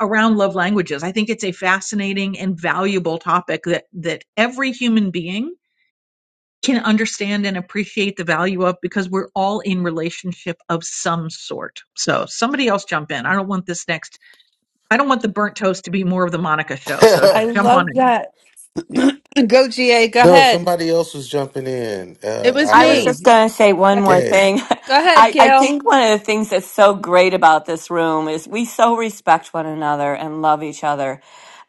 Speaker 16: around love languages. I think it's a fascinating and valuable topic that that every human being can understand and appreciate the value of because we're all in relationship of some sort. So somebody else jump in. I don't want this next. I don't want the burnt toast to be more of the Monica show. So
Speaker 3: I
Speaker 16: jump on
Speaker 3: love that. go, GA. Go
Speaker 17: no,
Speaker 3: ahead.
Speaker 17: somebody else was jumping in.
Speaker 3: It
Speaker 17: Uh,
Speaker 3: was
Speaker 17: I
Speaker 20: I was
Speaker 17: heard
Speaker 20: just
Speaker 3: me.
Speaker 20: going to say
Speaker 3: Go
Speaker 20: one
Speaker 3: ahead.
Speaker 20: more
Speaker 17: gay.
Speaker 20: thing.
Speaker 3: Go ahead,
Speaker 20: I, I
Speaker 3: Gail.
Speaker 20: think one of the things that's so great about this room is we so respect one another and love each other.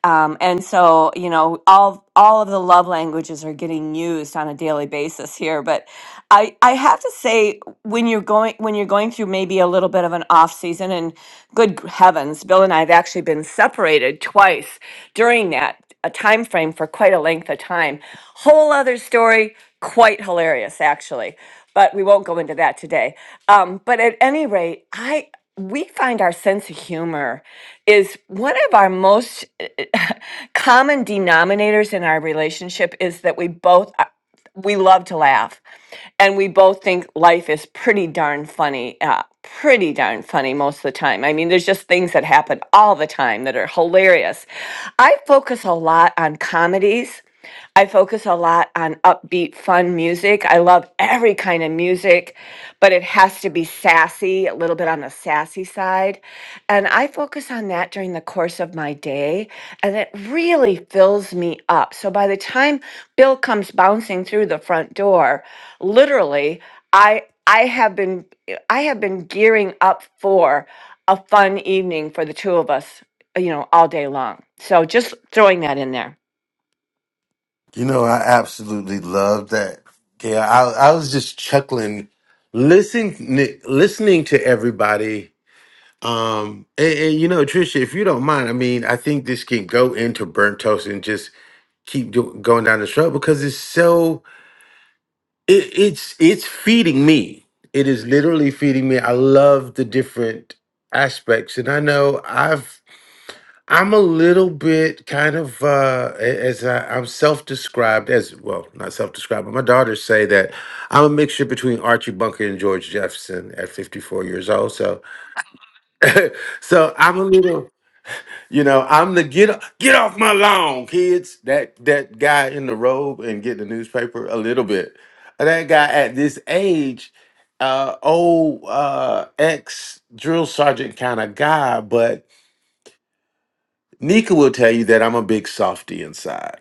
Speaker 20: Um, and so, you know, all all of the love languages are getting used on a daily basis here. But I, I have to say, when you're going when you're going through maybe a little bit of an off season and good gr- heavens bill and i have actually been separated twice during that a time frame for quite a length of time whole other story quite hilarious actually but we won't go into that today um, but at any rate i we find our sense of humor is one of our most common denominators in our relationship is that we both uh, we love to laugh and we both think life is pretty darn funny uh, pretty darn funny most of the time i mean there's just things that happen all the time that are hilarious i focus a lot on comedies i focus a lot on upbeat fun music i love every kind of music but it has to be sassy a little bit on the sassy side and i focus on that during the course of my day and it really fills me up so by the time bill comes bouncing through the front door literally i i have been i have been gearing up for a fun evening for the two of us you know all day long so just throwing that in there
Speaker 17: You know, I absolutely love that. Yeah, I I was just chuckling, listening listening to everybody. Um, and, and, you know, Trisha, if you don't mind, I mean, I think this can go into burnt toast and just keep do- going down the road because it's so it, it's it's feeding me. It is literally feeding me. I love the different aspects, and I know I've I'm a little bit kind of uh a- as I, I'm self-described as well, not self-described, but my daughters say that I'm a mixture between Archie Bunker and George Jefferson at 54 years old. So, so I'm a little. You know, I'm the get get off my lawn, kids. That that guy in the robe and get the newspaper a little bit. That guy at this age, uh, old uh, ex drill sergeant kind of guy. But Nika will tell you that I'm a big softy inside.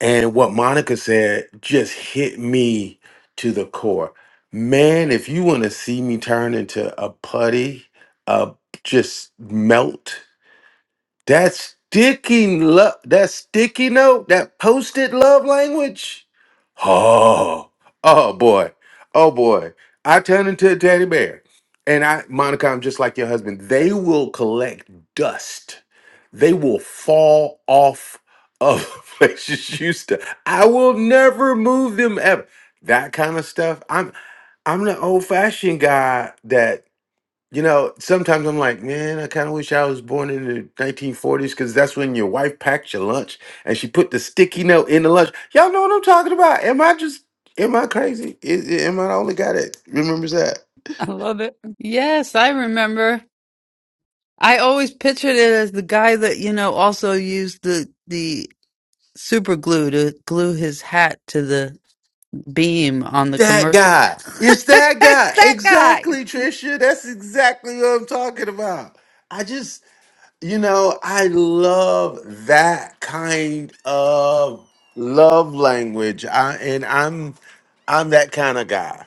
Speaker 17: And what Monica said just hit me to the core. Man, if you want to see me turn into a putty, uh, just melt That sticky love, that sticky note, that post-it love language. Oh, oh boy, oh boy. I turn into a teddy bear, and I, Monica, I'm just like your husband. They will collect dust. They will fall off of places you to. I will never move them ever. That kind of stuff. I'm I'm the old-fashioned guy that. You know, sometimes I'm like, man, I kind of wish I was born in the 1940s because that's when your wife packed your lunch and she put the sticky note in the lunch. Y'all know what I'm talking about. Am I just, am I crazy? Is, am I the only guy that remembers that?
Speaker 3: I love it. Yes, I remember. I always pictured it as the guy that, you know, also used the the super glue to glue his hat to the beam on the
Speaker 17: That
Speaker 3: commercial.
Speaker 17: guy. It's that guy.
Speaker 3: That
Speaker 17: Exactly, Trisha. That's exactly what I'm talking about. I just, you know, I love that kind of love language. I, and I'm, I'm that kind of guy.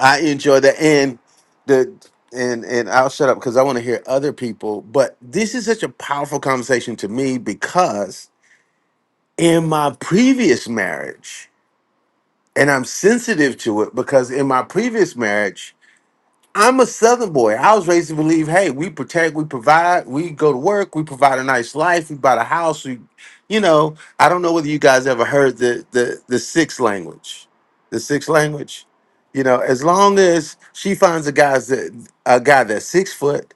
Speaker 17: I enjoy that, and the and and I'll shut up because I want to hear other people. But this is such a powerful conversation to me because in my previous marriage, and I'm sensitive to it because in my previous marriage, I'm a Southern boy. I was raised to believe, hey, we protect, we provide, we go to work, we provide a nice life, we buy a house. We, you know, I don't know whether you guys ever heard the the the sixth language, the sixth language. You know, as long as she finds a guy's that a guy that's six foot,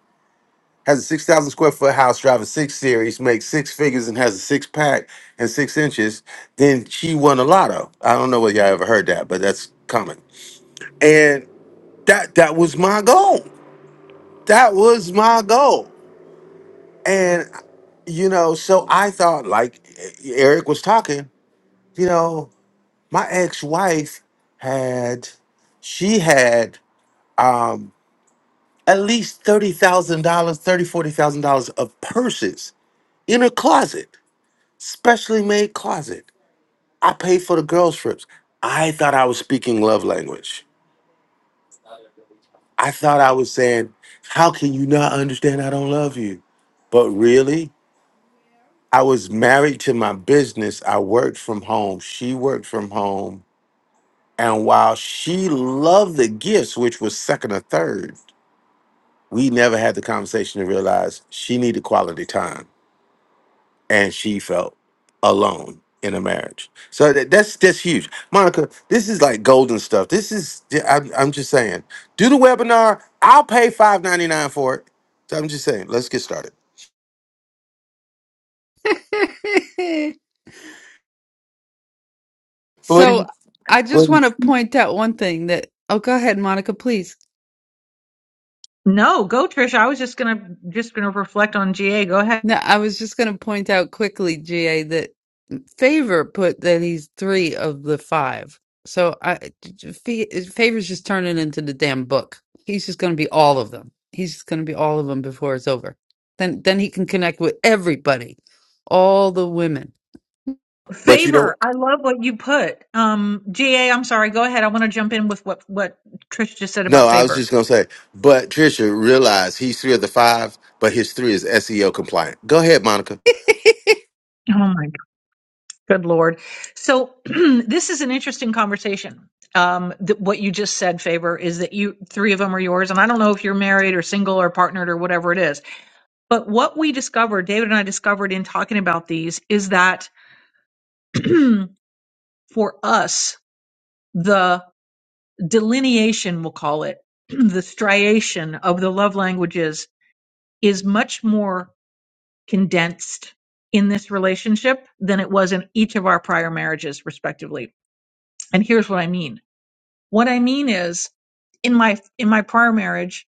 Speaker 17: has a six thousand square foot house, drives a six series, makes six figures, and has a six pack and six inches, then she won a lotto. I don't know whether y'all ever heard that, but that's common. And that that was my goal that was my goal. And, you know, so I thought, like Eric was talking, you know, my ex wife had, she had um, at least $30,000, thirty forty thousand dollars of purses in her closet, specially made closet. I paid for the girls' trips. I thought I was speaking love language. I thought I was saying, how can you not understand I don't love you? But really, I was married to my business. I worked from home. She worked from home. And while she loved the gifts, which was second or third, we never had the conversation to realize she needed quality time and she felt alone in a marriage. So that, that's that's huge. Monica, this is like golden stuff. This is I'm, I'm just saying, do the webinar. I'll pay five ninety nine for it. So I'm just saying, let's get started.
Speaker 3: guy.
Speaker 17: What do
Speaker 3: so
Speaker 17: you-
Speaker 3: I
Speaker 17: what
Speaker 3: just
Speaker 17: do you-
Speaker 3: want to
Speaker 16: in.
Speaker 3: point out one thing that oh go ahead, Monica, please.
Speaker 16: No, go Trish. I was just gonna just gonna reflect on GA. Go ahead.
Speaker 3: No, I was just going to point out quickly, GA, that Favor put that he's three of the five. So I, Fe- Favor's just turning into the damn book. He's just going to be all of them. He's just going to be all of them before it's over. Then, then he can connect with everybody, all the women.
Speaker 17: But you know,
Speaker 16: Favor. I love what you put. Um, GA. I'm sorry. Go ahead. I want to jump in with what what Trish just said
Speaker 17: No,
Speaker 16: about
Speaker 17: I was
Speaker 16: favor.
Speaker 17: just gonna say, but Trisha realized he's three of the five, but his three is SEO compliant. Go ahead, Monica.
Speaker 16: Oh my Good Lord. So this is an interesting conversation. Um, th- what you just said, Faber, is that you three of them are yours, and I don't know if you're married or single or partnered or whatever it is. But what we discovered, David and I discovered in talking about these, is that for us, the delineation, we'll call it, the striation of the love languages is much more condensed in this relationship than it was in each of our prior marriages, respectively. And here's what I mean What I mean is, in my in my prior marriage,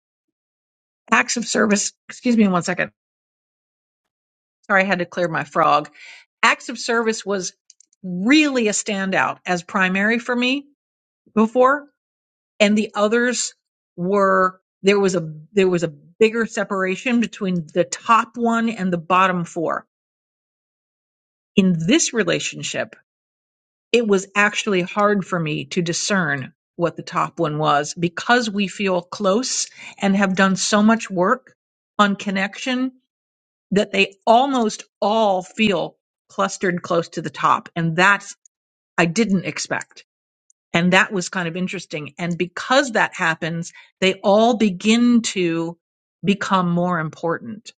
Speaker 16: acts of service. Excuse me, one second. Sorry, I had to clear my frog. Acts of service was really a standout as primary for me before, and the others were there was a there was a bigger separation between the top one and the bottom four. In this relationship, it was actually hard for me to discern what the top one was because we feel close and have done so much work on connection that they almost all feel clustered close to the top. And that's, I didn't expect. And that was kind of interesting. And because that happens, they all begin to become more important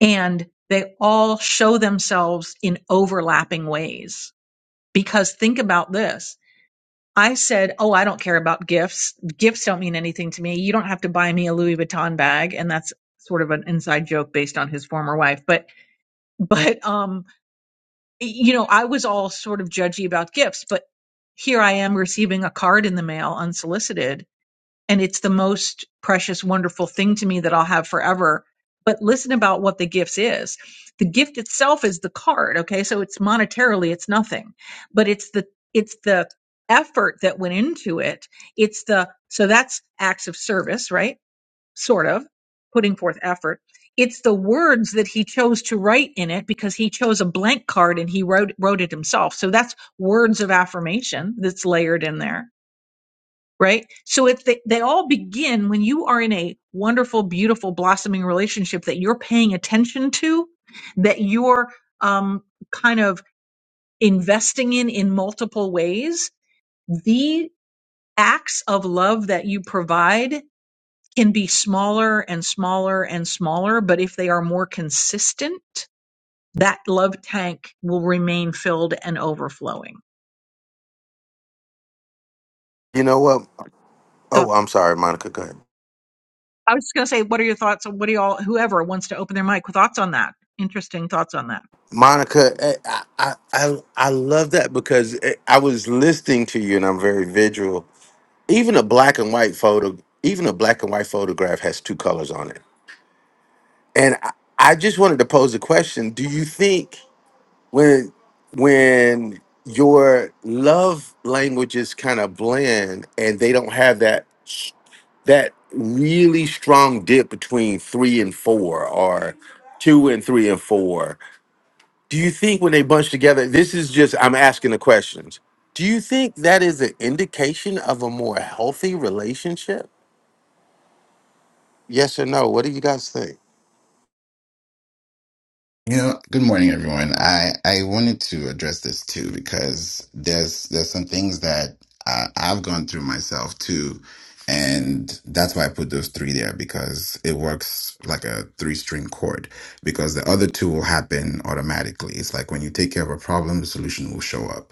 Speaker 16: and they all show themselves in overlapping ways. Because think about this I said, "Oh, I don't care about gifts. Gifts don't mean anything to me. You don't have to buy me a Louis Vuitton bag." And that's sort of an inside joke based on his former wife, but but um you know, I was all sort of judgy about gifts, but here I am receiving a card in the mail unsolicited and it's the most precious wonderful thing to me that i'll have forever but listen about what the gifts is the gift itself is the card okay so it's monetarily it's nothing but it's the it's the effort that went into it it's the so that's acts of service right sort of putting forth effort it's the words that he chose to write in it because he chose a blank card and he wrote wrote it himself so that's words of affirmation that's layered in there right? So if they, they all begin when you are in a wonderful, beautiful, blossoming relationship that you're paying attention to, that you're um, kind of investing in in multiple ways, the acts of love that you provide can be smaller and smaller and smaller, but if they are more consistent, that love tank will remain filled and overflowing.
Speaker 17: You know what?
Speaker 16: So
Speaker 17: Oh, I'm sorry, Monica. Go ahead,
Speaker 16: I was just going to say, what are your thoughts what do y'all, whoever wants to open their mic, thoughts on that? Interesting thoughts on that.
Speaker 17: Monica. eh, I I I, I love that because eh, I was listening to you, and I'm very visual. Even a black and white photo, even a black and white photograph has two colors on it. And I, I just wanted to pose a question: Do you think? when when your love languages kind of blend and they don't have that s- that really strong dip between three and four or two and three and four do you think when they bunch together this is just i'm asking the questions do you think that is an indication of a more healthy relationship yes or no what do you guys think
Speaker 21: You know, good morning, everyone. I I wanted to address this too because there's there's some things that uh, I've gone through myself too, and that's why I put those three there because it works like a three string chord because the other two will happen automatically. It's like when you take care of a problem, the solution will show up.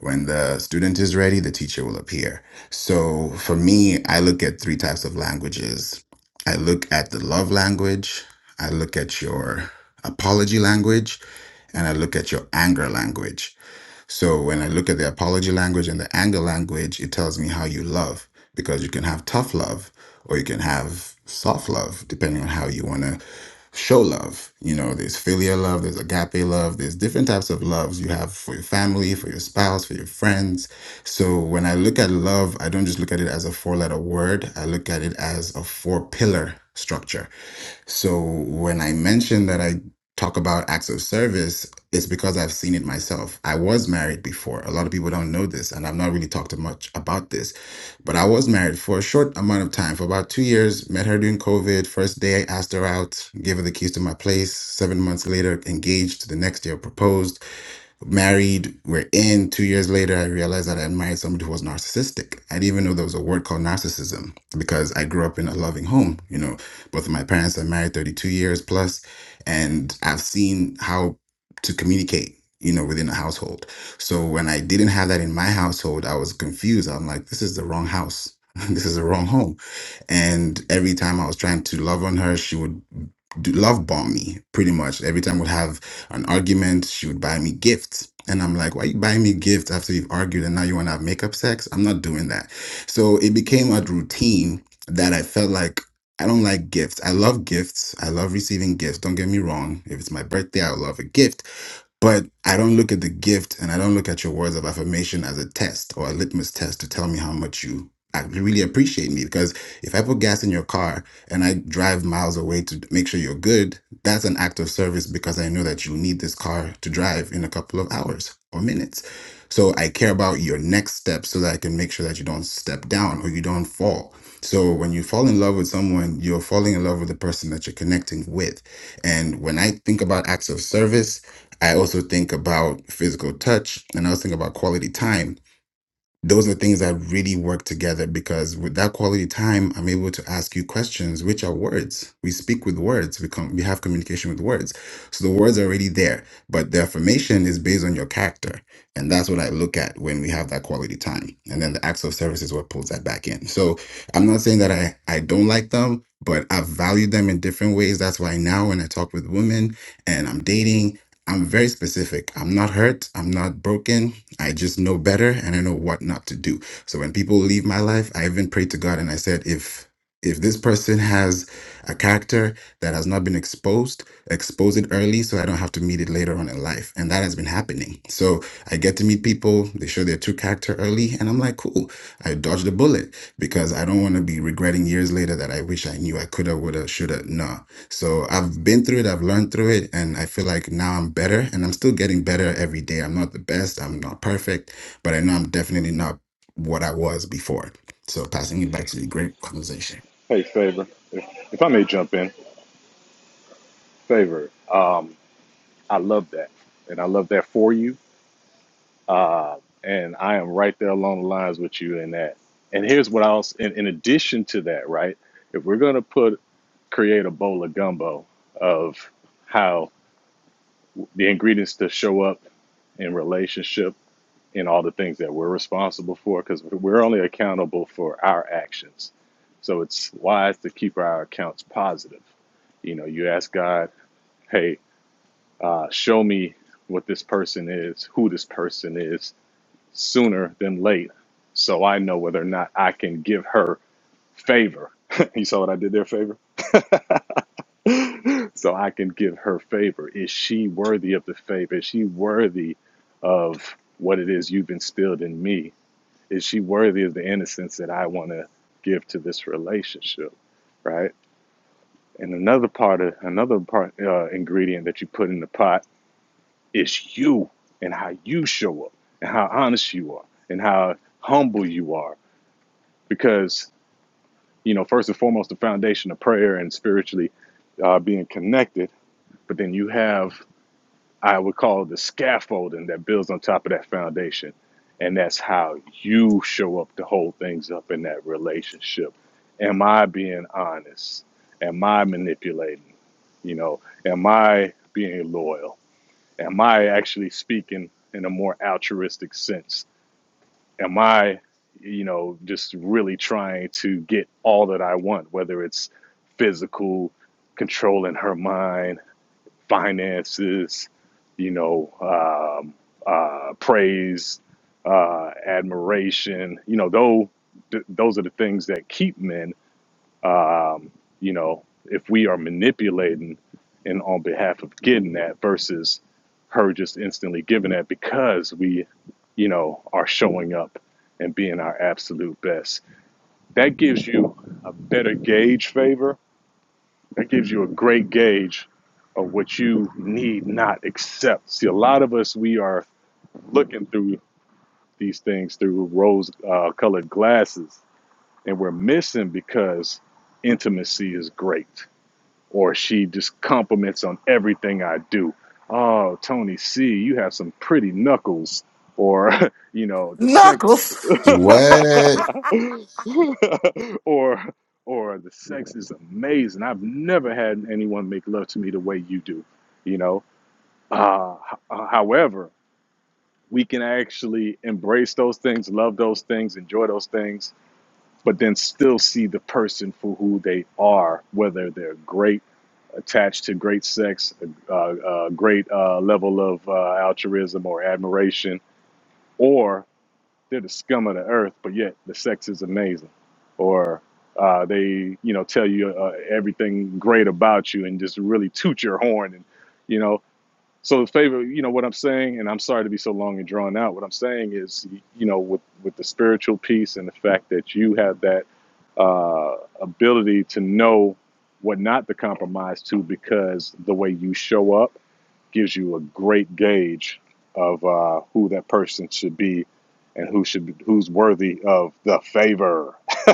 Speaker 21: When the student is ready, the teacher will appear. So for me, I look at three types of languages. I look at the love language. I look at your apology language and I look at your anger language so when I look at the apology language and the anger language, it tells me how you love because you can have tough love or you can have soft love, depending on how you want to show love. You know, there's filial love, there's agape love, there's different types of loves you have for your family, for your spouse, for your friends. So when I look at love, I don't just look at it as a four letter word, I look at it as a four pillar structure. So when I mentioned that I talk about acts of service is because I've seen it myself. I was married before. A lot of people don't know this, and I've not really talked much about this. But I was married for a short amount of time, for about two years. Met her during COVID. First day, I asked her out, gave her the keys to my place. Seven months later, engaged. The next year, proposed married, we're in. Two years later, I realized that I married somebody who was narcissistic. I didn't even know there was a word called narcissism because I grew up in a loving home. You know, both of my parents are married 32 years plus, and I've seen how to communicate, you know, within a household. So when I didn't have that in my household, I was confused. I'm like, this is the wrong house. this is the wrong home. And every time I was trying to love on her, she would do love bomb me pretty much. Every time would have an argument. She would buy me gifts. And I'm like, why you buying me gifts after you've argued and now you want to have makeup sex? I'm not doing that. So it became a routine that I felt like I don't like gifts. I love gifts. I love receiving gifts. Don't get me wrong. If it's my birthday, I love a gift but I don't look at the gift and I don't look at your words of affirmation as a test or a litmus test to tell me how much you ac- really appreciate me. Because if I put gas in your car and I drive miles away to make sure you're good, that's an act of service because I know that you need this car to drive in a couple of hours or minutes. So I care about your next step so that I can make sure that you don't step down or you don't fall. So when you fall in love with someone, you're falling in love with the person that you're connecting with. And when I think about acts of service, I also think about physical touch and I also think about quality time those are things that really work together because with that quality time i'm able to ask you questions which are words we speak with words we come we have communication with words so the words are already there but the affirmation is based on your character and that's what i look at when we have that quality time and then the acts of service is what pulls that back in so i'm not saying that i i don't like them but i value them in different ways that's why now when i talk with women and i'm dating I'm very specific. I'm not hurt. I'm not broken. I just know better and I know what not to do. So when people leave my life, I even prayed to God and I said, if if this person has a character that has not been exposed, expose it early so I don't have to meet it later on in life. And that has been happening. So I get to meet people, they show their true character early, and I'm like, cool, I dodged a bullet because I don't want to be regretting years later that I wish I knew I coulda, woulda, shoulda. No. So I've been through it, I've learned through it, and I feel like now I'm better and I'm still getting better every day. I'm not the best, I'm not perfect, but I know I'm definitely not what I was before. So passing it back to you, great conversation.
Speaker 22: Hey, Favor, if, if I may jump in, Favor, um, I love that. And I love that for you. Uh, and I am right there along the lines with you in that. And here's what else, in, in addition to that, right? If we're going to put, create a bowl of gumbo of how the ingredients to show up in relationship in all the things that we're responsible for, because we're only accountable for our actions. So it's wise to keep our accounts positive. You know, you ask God hey, uh, show me what this person is, who this person is, sooner than late, so I know whether or not I can give her favor. you saw what I did there, favor? so I can give her favor. Is she worthy of the favor? Is she worthy of what it is you've instilled in me? Is she worthy of the innocence that I want to give to this relationship? Right. And another part of another part uh, ingredient that you put in the pot It's you and how you show up and how honest you are and how humble you are. Because, you know, first and foremost, the foundation of prayer and spiritually uh, being connected. But then you have, I would call it the scaffolding that builds on top of that foundation. And that's how you show up to hold things up in that relationship. Am I being honest? Am I manipulating? You know, am I being loyal? am I actually speaking in a more altruistic sense? Am I, you know, just really trying to get all that I want, whether it's physical, controlling her mind, finances, you know, um, uh, praise, uh, admiration, you know, though, th- those are the things that keep men um, you know, if we are manipulating and on behalf of getting that versus her just instantly giving that because we, you know, are showing up and being our absolute best. That gives you a better gauge favor. That gives you a great gauge of what you need not accept. See, a lot of us, we are looking through these things through rose uh, colored glasses and we're missing because intimacy is great or she just compliments on everything I do. Oh, Tony C, you have some pretty knuckles, or you know the sex,
Speaker 17: Knuckles.
Speaker 21: What?
Speaker 22: or or the sex is amazing. I've never had anyone make love to me the way you do. You know. Uh, h- uh, however, we can actually embrace those things, love those things, enjoy those things, but then still see the person for who they are, whether they're great attached to great sex, a uh, uh, great uh, level of uh, altruism or admiration, or they're the scum of the earth, but yet the sex is amazing, or uh, they you know tell you uh, everything great about you and just really toot your horn and you know so the favor, you know what I'm saying, and I'm sorry to be so long and drawn out. What I'm saying is, you know, with with the spiritual piece and the fact that you have that uh, ability to know what not to compromise to, because the way you show up gives you a great gauge of uh, who that person should be and who should be, who's worthy of the favor.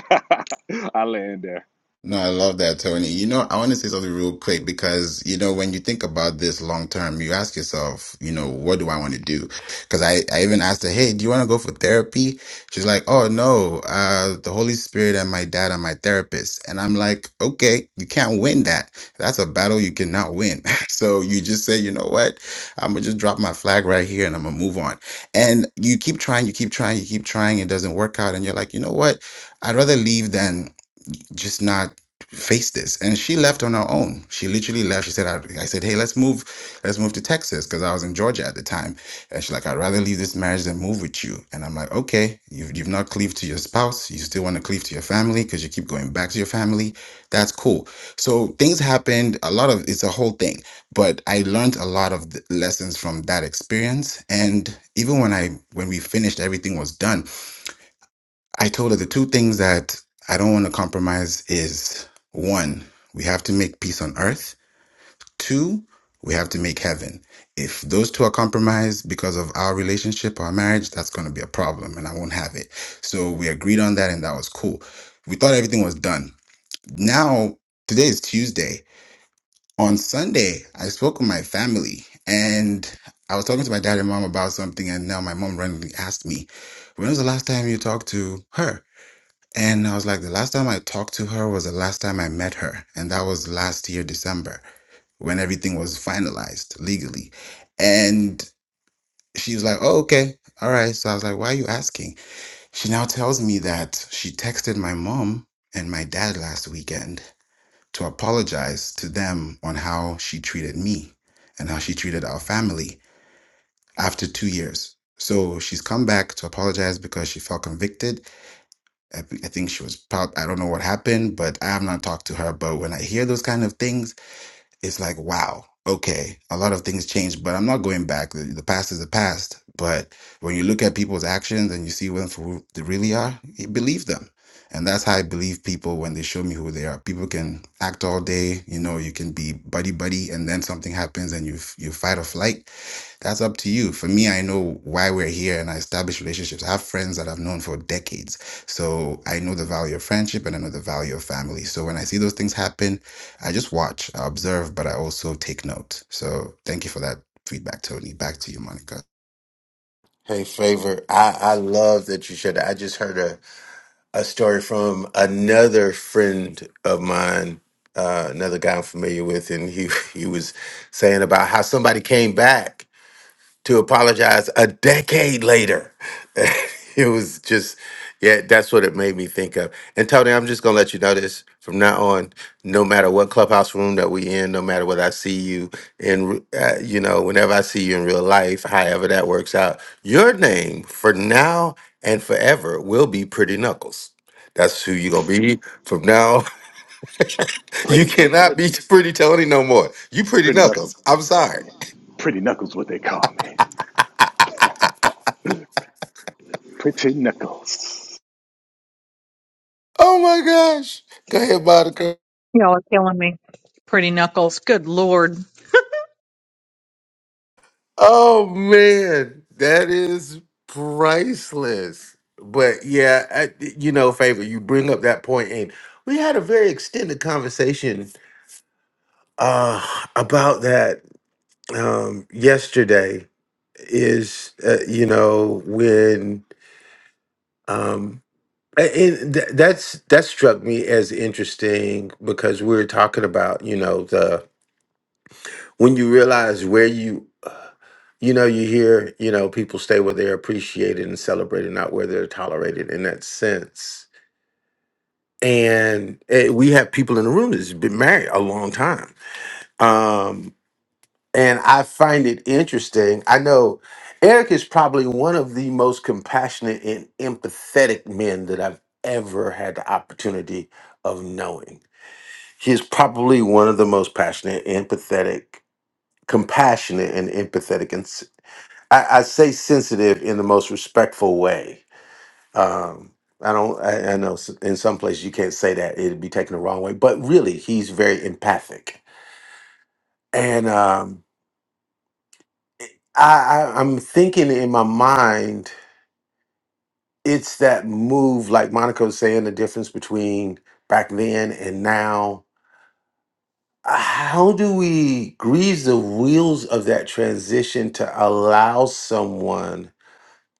Speaker 22: I land there,
Speaker 21: No, I love that, Tony. You know, I want to say something real quick because, you know, when you think about this long term, you ask yourself, you know, what do I want to do? Because I, I even asked her, hey, do you want to go for therapy? She's like, oh, no, uh, the Holy Spirit and my dad are my therapist. And I'm like, okay, you can't win that. That's a battle you cannot win. so you just say, you know what? I'm going to just drop my flag right here and I'm going to move on. And you keep trying, you keep trying, you keep trying. It doesn't work out. And you're like, you know what? I'd rather leave than just not face this and she left on her own she literally left she said i, I said hey let's move let's move to texas because i was in georgia at the time and she's like i'd rather leave this marriage than move with you and i'm like okay you've, you've not cleaved to your spouse you still want to cleave to your family because you keep going back to your family that's cool so things happened a lot of it's a whole thing but i learned a lot of th- lessons from that experience and even when i when we finished everything was done I told her the two things that I don't want to compromise is one, we have to make peace on earth. Two, we have to make heaven. If those two are compromised because of our relationship, our marriage, that's going to be a problem and I won't have it. So we agreed on that and that was cool. We thought everything was done. Now, today is Tuesday. On Sunday, I spoke with my family and I was talking to my dad and mom about something and now my mom randomly asked me, when was the last time you talked to her? And I was like, the last time I talked to her was the last time I met her. And that was last year, December, when everything was finalized legally. And she was like, oh, okay. All right. So I was like, why are you asking? She now tells me that she texted my mom and my dad last weekend to apologize to them on how she treated me and how she treated our family after two years. So she's come back to apologize because she felt convicted I, I think she was prob I don't know what happened, but I have not talked to her. But when I hear those kind of things, it's like, wow, okay, a lot of things changed, but I'm not going back. The, the past is the past. But when you look at people's actions and you see them for who they really are, you believe them. And that's how I believe people when they show me who they are. People can act all day, you know, you can be buddy buddy, and then something happens and you f- you fight or flight that's up to you. For me, I know why we're here and I establish relationships. I have friends that I've known for decades. So I know the value of friendship and I know the value of family. So when I see those things happen, I just watch, I observe, but I also take note. So thank you for that feedback, Tony. Back to you, Monica.
Speaker 17: Hey, favor. I I love that you shared that. I just heard her. a story from another friend of mine, uh, another guy I'm familiar with, and he he was saying about how somebody came back to apologize a decade later. it was just, yeah, that's what it made me think of. And Tony, I'm just gonna let you know this from now on. No matter what clubhouse room that we in, no matter what I see you in, uh, you know, whenever I see you in real life, however that works out, your name for now and forever will be Pretty Knuckles. That's who you're gonna be from now. you
Speaker 22: pretty,
Speaker 17: cannot
Speaker 22: pretty,
Speaker 17: be Pretty Tony no more. You Pretty
Speaker 22: pretty knuckles,
Speaker 17: Knuckles.
Speaker 22: what
Speaker 17: I'm
Speaker 22: they call
Speaker 17: sorry.
Speaker 22: me. Pretty knuckles, what they call me. Pretty Knuckles.
Speaker 17: Oh my gosh. Go ahead, Monica.
Speaker 16: Y'all are killing me. Pretty knuckles. Good lord.
Speaker 17: Oh man, that is priceless. But yeah, I, you know, favor you bring up that point, and we had a very extended conversation uh, about that um, yesterday. Is uh, you know when um, a- and th- that's that struck me as interesting because we were talking about you know the when you realize where you uh, you know, you hear, you know, people stay where they're appreciated and celebrated, not where they're tolerated in that sense. And eh, we have people in the room that's been married a long time. Um, and I find it interesting. I know Eric is probably one of the most compassionate and empathetic men that I've ever had the opportunity of knowing. He's probably one of the most passionate, empathetic, compassionate, and empathetic I, I say sensitive in the most respectful way. Um, I don't. I, I know s- in some places you can't say that; it'd be taken the wrong way. But really, he's very empathic, and um, I, I, I'm thinking in my mind, it's that move, like Monica's saying, the difference between back then and now. How do we grease the wheels of that transition to allow someone?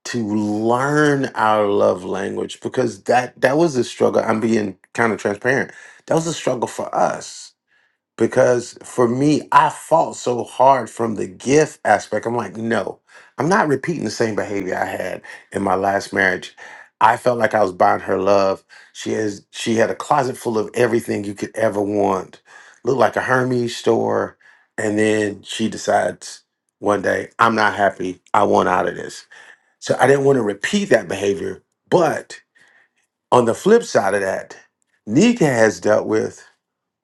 Speaker 17: to learn our love language because that that was a struggle i'm being kind of transparent that was a struggle for us because for me i fought so hard from the gift aspect i'm like no i'm not repeating the same behavior i had in my last marriage i felt like i was buying her love she has she had a closet full of everything you could ever want looked like a hermes store and then she decides one day i'm not happy i want out of this so I didn't want to repeat that behavior. But on the flip side of that, Nika has dealt with,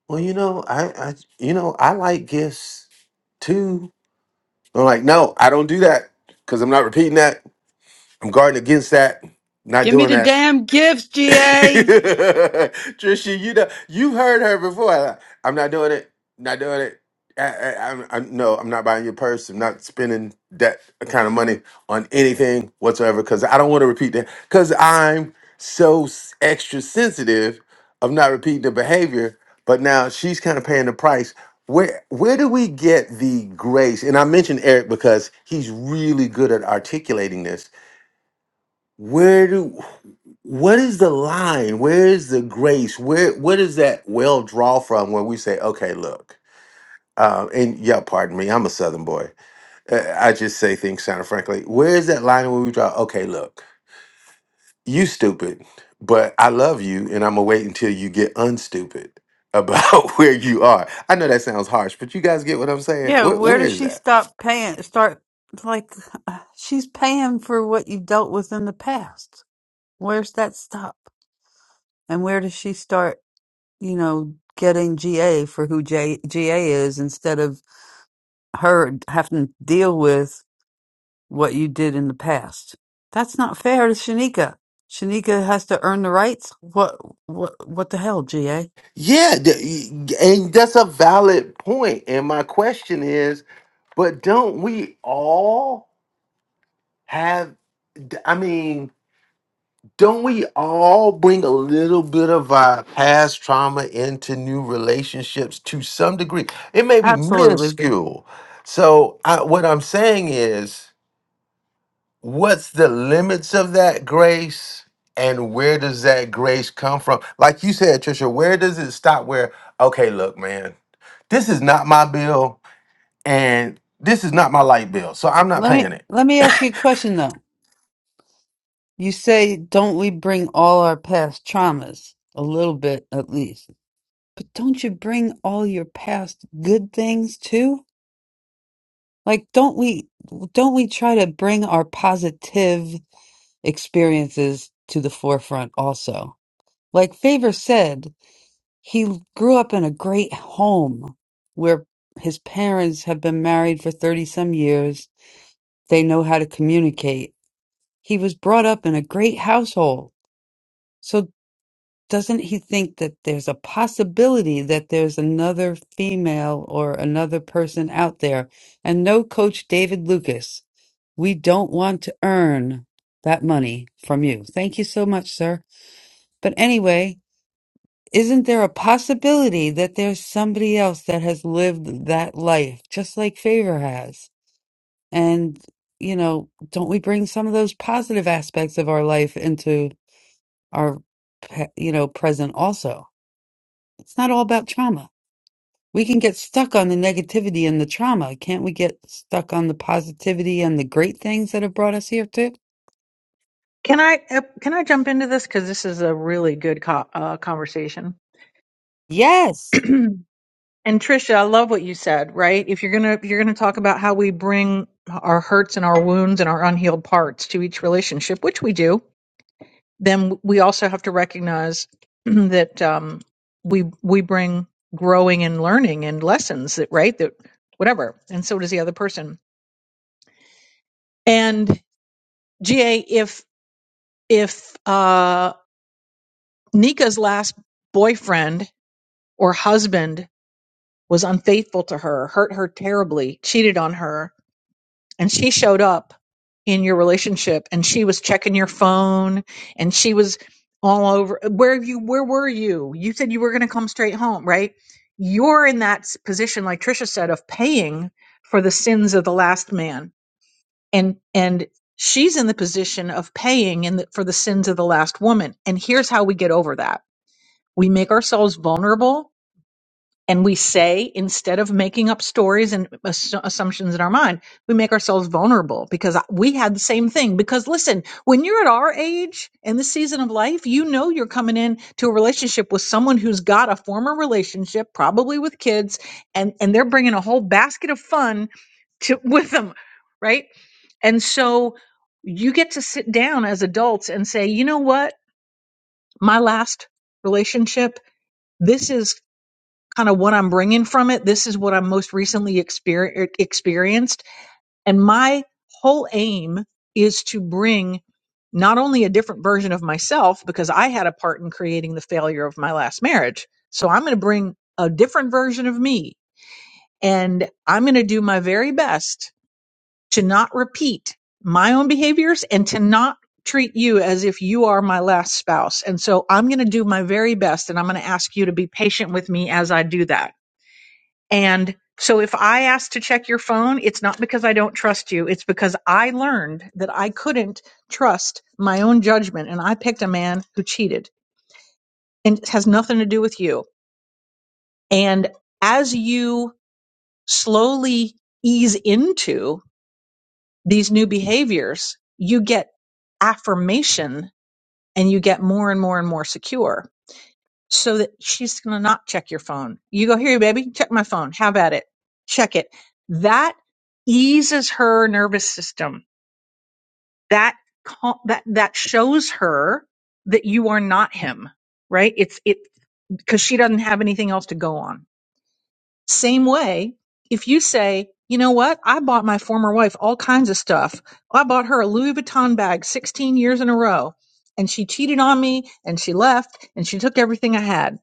Speaker 17: well, you know, I, I you know, I like gifts too. I'm like, no, I don't do that because I'm not repeating that. I'm guarding against that. Not
Speaker 3: Give me
Speaker 17: doing
Speaker 3: the
Speaker 17: that.
Speaker 3: damn gifts, GA.
Speaker 17: Trisha, you know you've heard her before. Like, I'm not doing it. Not doing it. I, I, I'm, I'm no. I'm not buying your purse. I'm not spending that kind of money on anything whatsoever because I don't want to repeat that. Because I'm so s- extra sensitive of not repeating the behavior. But now she's kind of paying the price. Where where do we get the grace? And I mentioned Eric because he's really good at articulating this where do what is the line where is the grace where where does that well draw from when we say okay look um, and yeah pardon me i'm a southern boy Uh, i just say things kind of frankly where is that line where we draw okay look you stupid but i love you and i'm gonna wait until you get unstupid about where you are i know that sounds harsh but you guys get what i'm saying
Speaker 3: Yeah,
Speaker 17: where,
Speaker 3: where
Speaker 17: where
Speaker 3: does
Speaker 17: is
Speaker 3: she
Speaker 17: that
Speaker 3: stop paying? Start like uh, she's paying for what you dealt with in the past. Where's that stop? And where does she start? You know, getting GA for who J, GA is instead of her having to deal with what you did in the past. That's not fair to Shanika. Shanika has to earn the rights. What what what the hell, GA?
Speaker 17: yeah th- and that's a valid point point. and my question is But don't we all have, I mean, don't we all bring a little bit of our past trauma into new relationships to some degree? It may be
Speaker 3: Absolutely.
Speaker 17: minuscule. So, I, what I'm saying is, what's the limits of that grace? And where does that grace come from? Like you said, Trisha, where does it stop? Where, okay, look, man, this is not my bill and this is not my light bill. So I'm not
Speaker 3: Let
Speaker 17: paying
Speaker 3: me
Speaker 17: it.
Speaker 3: let me ask you a question though. You say don't we bring all our past traumas a little bit at least. But don't you bring all your past good things too? Like don't we don't we try to bring our positive experiences to the forefront also? Like Favor said, he grew up in a great home where his parents have been married for 30 some years. They know how to communicate. He was brought up in a great household. So doesn't he think that there's a possibility that there's another female or another person out there? And no, Coach David Lucas, we don't want to earn that money from you. Thank you so much, sir. But anyway, Isn't there a possibility that there's somebody else that has lived that life, just like Favor has? And, you know, don't we bring some of those positive aspects of our life into our, pe- you know, present also? It's not all about trauma. We can get stuck on the negativity and the trauma. Can't we get stuck on the positivity and the great things that have brought us here too?
Speaker 16: Can I uh, can I jump into this because this is a really good co- uh, conversation.
Speaker 3: Yes.
Speaker 16: and Trisha, I love what you said. Right? If you're gonna if you're gonna talk about how we bring our hurts and our wounds and our unhealed parts to each relationship, which we do, then we also have to recognize that um, we we bring growing and learning and lessons that right that whatever, and so does the other person. And GA, if if uh, Nika's last boyfriend or husband was unfaithful to her, hurt her terribly, cheated on her, and she showed up in your relationship and she was checking your phone and she was all over where you where were you you said you were going to come straight home right you're in that s- position like trisha said of paying for the sins of the last man and and she's in the position of paying in the, for the sins of the last woman and here's how we get over that we make ourselves vulnerable and we say instead of making up stories and assu- assumptions in our mind we make ourselves vulnerable because we had the same thing because listen when you're at our age and this season of life you know you're coming in to a relationship with someone who's got a former relationship probably with kids and and they're bringing a whole basket of fun to with them right and so you get to sit down as adults and say you know what my last relationship this is kind of what I'm bringing from it. This is what I'm most recently exper- er, experienced. And my whole aim is to bring not only a different version of myself, because I had a part in creating the failure of my last marriage. So I'm going to bring a different version of me and I'm going to do my very best to not repeat my own behaviors and to not treat you as if you are my last spouse. And so I'm going to do my very best and I'm going to ask you to be patient with me as I do that and so if I ask to check your phone, it's not because I don't trust you. It's because I learned that I couldn't trust my own judgment. And I picked a man who cheated and it has nothing to do with you. And as you slowly ease into these new behaviors, you get affirmation and you get more and more and more secure so that she's going to not check your phone. You go, here, baby, check my phone. How about it? Check it. That eases her nervous system. That, cal- that, that shows her that you are not him, right? It's it, cause she doesn't have anything else to go on. Same way, if you say, you know what? I bought my former wife all kinds of stuff. I bought her a Louis Vuitton bag 16 years in a row and she cheated on me and she left and she took everything I had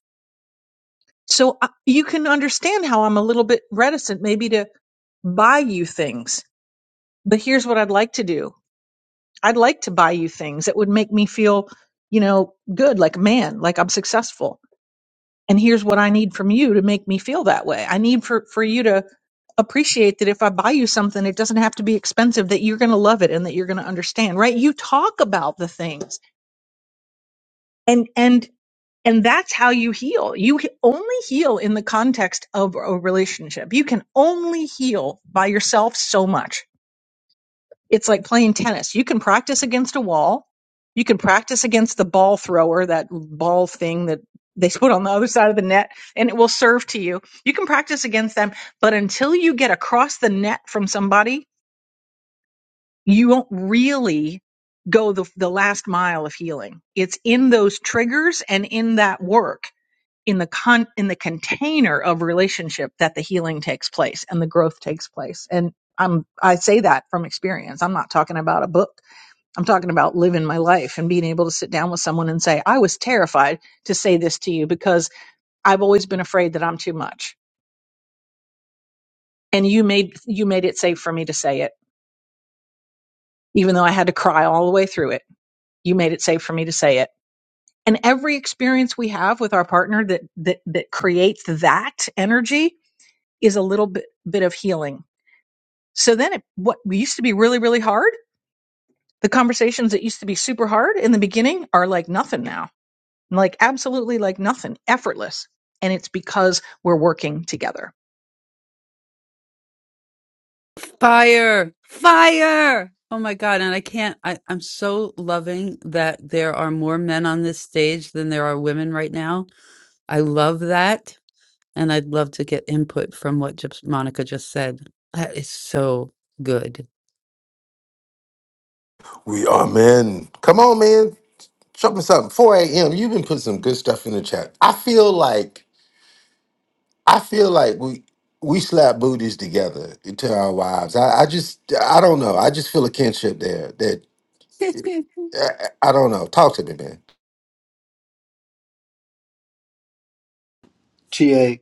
Speaker 16: So I- you can understand how I'm a little bit reticent maybe to buy you things. But here's what I'd like to do. I'd like to buy you things that would make me feel, you know, good, like a man, like I'm successful. And here's what I need from you to make me feel that way. I need for, for you to appreciate that if I buy you something, it doesn't have to be expensive, that you're going to love it and that you're going to understand, right? You talk about the things and, and And that's how you heal. You he- only heal in the context of a relationship. You can only heal by yourself so much. It's like playing tennis. You can practice against a wall. You can practice against the ball thrower, that ball thing that they put on the other side of the net and it will serve to you. You can practice against them, but until you get across the net from somebody, you won't really go the, the last mile of healing. It's in those triggers and in that work in the con in the container of relationship that the healing takes place and the growth takes place and i'm i say that from experience i'm not talking about a book i'm talking about living my life and being able to sit down with someone and say i was terrified to say this to you because i've always been afraid that i'm too much and you made you made it safe for me to say it even though i had to cry all the way through it you made it safe for me to say it and every experience we have with our partner that that that creates that energy is a little bit bit of healing So then it, what used to be really, really hard, the conversations that used to be super hard in the beginning are like nothing now, like absolutely like nothing, effortless. And it's because we're working together.
Speaker 3: Fire! Fire! Oh my God. And I can't, I, I'm so loving that there are more men on this stage than there are women right now. I love that. And I'd love to get input from what just, Monica just said. That is so good.
Speaker 17: We are men. Come on, man. Show me something. 4 a.m. You've been putting some good stuff in the chat. I feel like I feel like we we slap booties together to our wives. I, I just I don't know. I just feel a kinship there. That I, I don't know. Talk to me, man.
Speaker 15: Ta.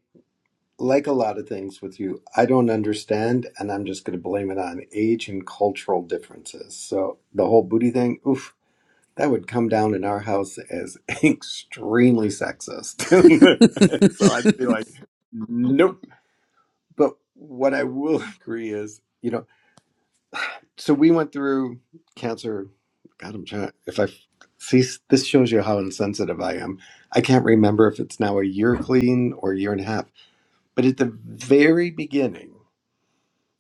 Speaker 15: like a lot of things with you, I don't understand, and I'm just going to blame it on age and cultural differences. So the whole booty thing, oof, that would come down in our house as extremely sexist. so I'd be like, nope. But what I will agree is, you know, so we went through cancer. God, I'm trying. If I see, this shows you how insensitive I am. I can't remember if it's now a year clean or a year and a half. But at the very beginning.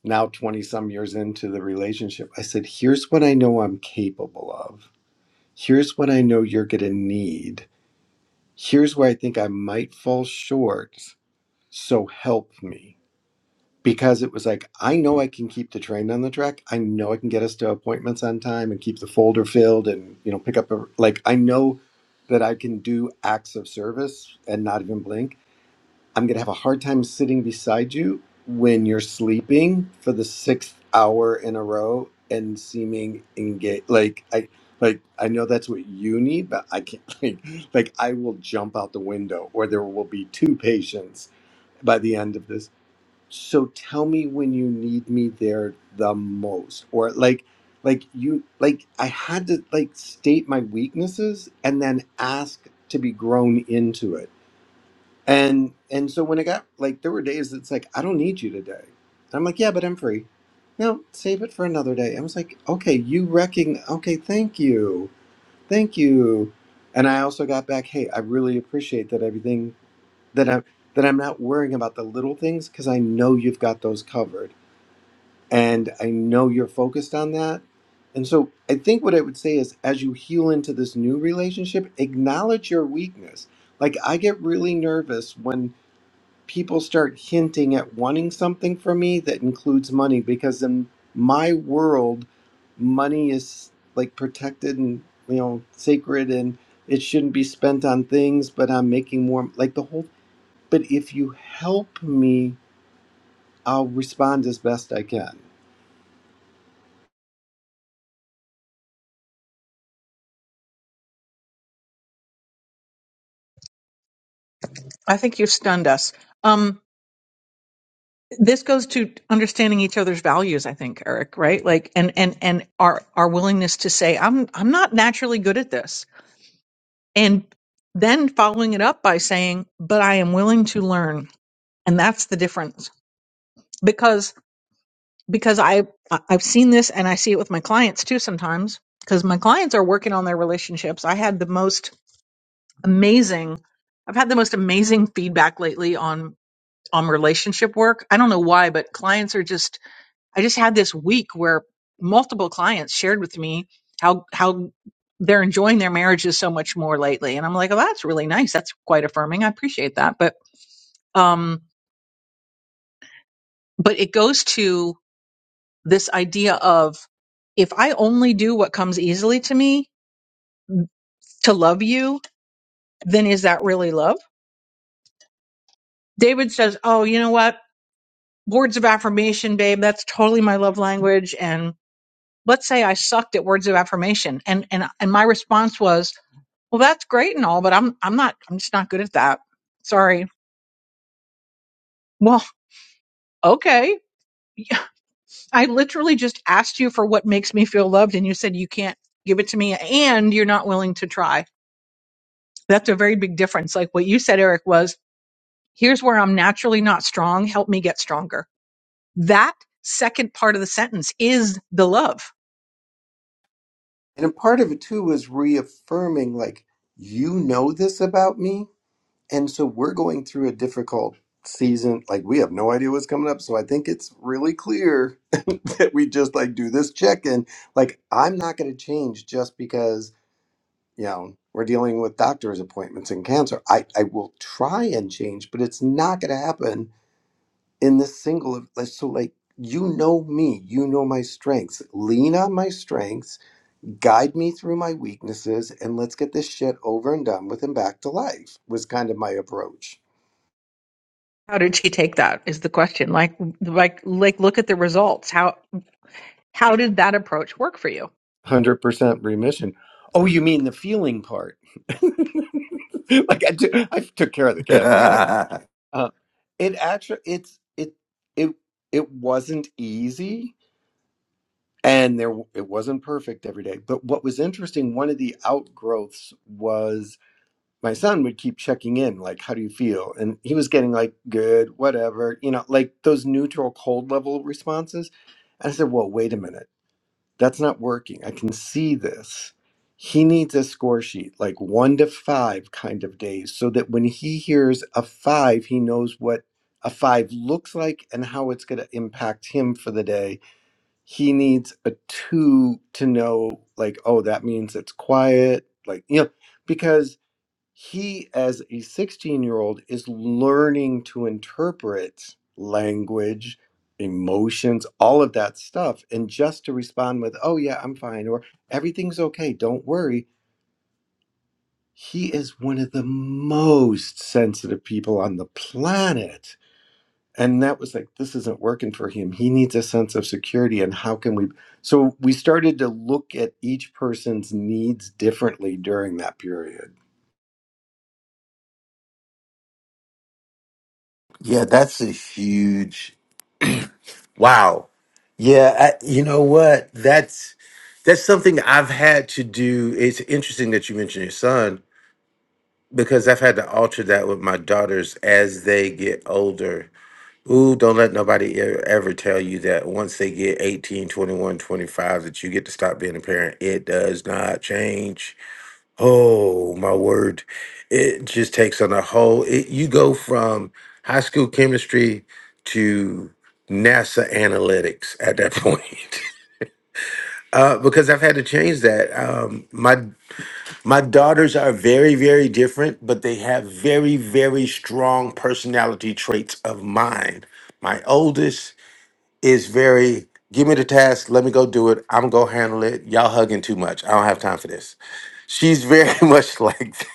Speaker 15: now 20 some years into the relationship, I said, Here's what I know I'm capable of. Here's what I know you're going to need. Here's where I think I might fall short. So help me. Because it was like, I know I can keep the train on the track. I know I can get us to appointments on time and keep the folder filled and, you know, pick up a, like, I know that I can do acts of service and not even blink I'm going to have a hard time sitting beside you when you're sleeping for the sixth hour in a row and seeming engaged. Like I, like I know that's what you need, but I can't. Like, like I will jump out the window, or there will be two patients by the end of this. So tell me when you need me there the most, or like, like you, like I had to like state my weaknesses and then ask to be grown into it and and so when it got like there were days that's like, I don't need you today. And I'm like, Yeah, but I'm free. No, save it for another day. I was like, Okay, you wrecking okay, thank you. Thank you. And I also got back, hey, I really appreciate that everything that I'm that I'm not worrying about the little things because I know you've got those covered. And I know you're focused on that. And so I think what I would say is as you heal into this new relationship, acknowledge your weakness. Like I get really nervous when people start hinting at wanting something from me that includes money because in my world money is like protected and you know sacred and it shouldn't be spent on things but i'm making more like the whole but if you help me i'll respond as best i can
Speaker 16: I think you've stunned us. Um, this goes to understanding each other's values, I think, Eric, right? Like, and, and, and our, our willingness to say, I'm, I'm not naturally good at this. And then following it up by saying, but I am willing to learn. And that's the difference because. because I I- have seen this and I see it with my clients too sometimes because my clients are working on their relationships. I had the most amazing I've had the most amazing feedback lately on on relationship work. I don't know why, but clients are just I just had this week where multiple clients shared with me how how they're enjoying their marriages so much more lately and I'm like, "Oh, that's really nice. That's quite affirming. I appreciate that." But um but it goes to this idea of if I only do what comes easily to me mm, to love you, then is that really love? David says, Oh, you know what? Words of affirmation, babe, that's totally my love language. And let's say I sucked at words of affirmation. And and and my response was, Well, that's great and all, but I'm I'm not I'm just not good at that. Sorry. Well, okay. I literally just asked you for what makes me feel loved and you said you can't give it to me and you're not willing to try That's a very big difference. Like what you said, Eric, was here's where I'm naturally not strong. Help me get stronger. That second part of the sentence is the love.
Speaker 15: and a part of it too was reaffirming like you know this about me and so we're going through a difficult season like we have no idea what's coming up so i think it's really clear that we just like do this check in. Like, I'm not going to change just because, you know, we're dealing with doctor's appointments and cancer. I, I will try and change, but it's not going to happen in this single. of- like, So, like, you know me, you know my strengths. Lean on my strengths, guide me through my weaknesses, and let's get this shit over and done with and back to life was kind of my approach.
Speaker 16: How did she take that is the question. Like, like, like, look at the results. How, how did that approach work for you?
Speaker 15: 100% remission. Oh, you mean the feeling part? like I, t- I took care of the cancer. That was. Uh, it actually it's it it it wasn't easy and there it wasn't perfect every day. But what was interesting, one of the outgrowths was my son would keep checking in, like, how do you feel? And he was getting like good, whatever, you know, like those neutral cold level responses. And I said, Well, wait a minute. That's not working. I can see this. He needs a score sheet, like one to five kind of days, so that when he hears a five, he knows what a five looks like and how it's going to impact him for the day. He needs a two to know, like, oh, that means it's quiet. Like, you know, because he as a 16 year old is learning to interpret language emotions all of that stuff and just to respond with oh yeah i'm fine or everything's okay don't worry he is one of the most sensitive people on the planet and that was like this isn't working for him he needs a sense of security and how can we so we started to look at each person's needs differently during that period
Speaker 17: yeah, that's a huge wow. Yeah, I, you know what? That's that's something I've had to do. It's interesting that you mentioned your son because I've had to alter that with my daughters as they get older. Ooh, don't let nobody e- ever tell you that once they get 18, 21, 25, that you get to stop being a parent. It does not change. Oh, my word. It just takes on a whole it, you go from high school chemistry to NASA analytics at that point. Uh, because I've had to change that. Um, my my daughters are very, very different, but they have very, very strong personality traits of mine. My oldest is very, give me the task, let me go do it. I'm gonna handle it. Y'all hugging too much. I don't have time for this. She's very much like that.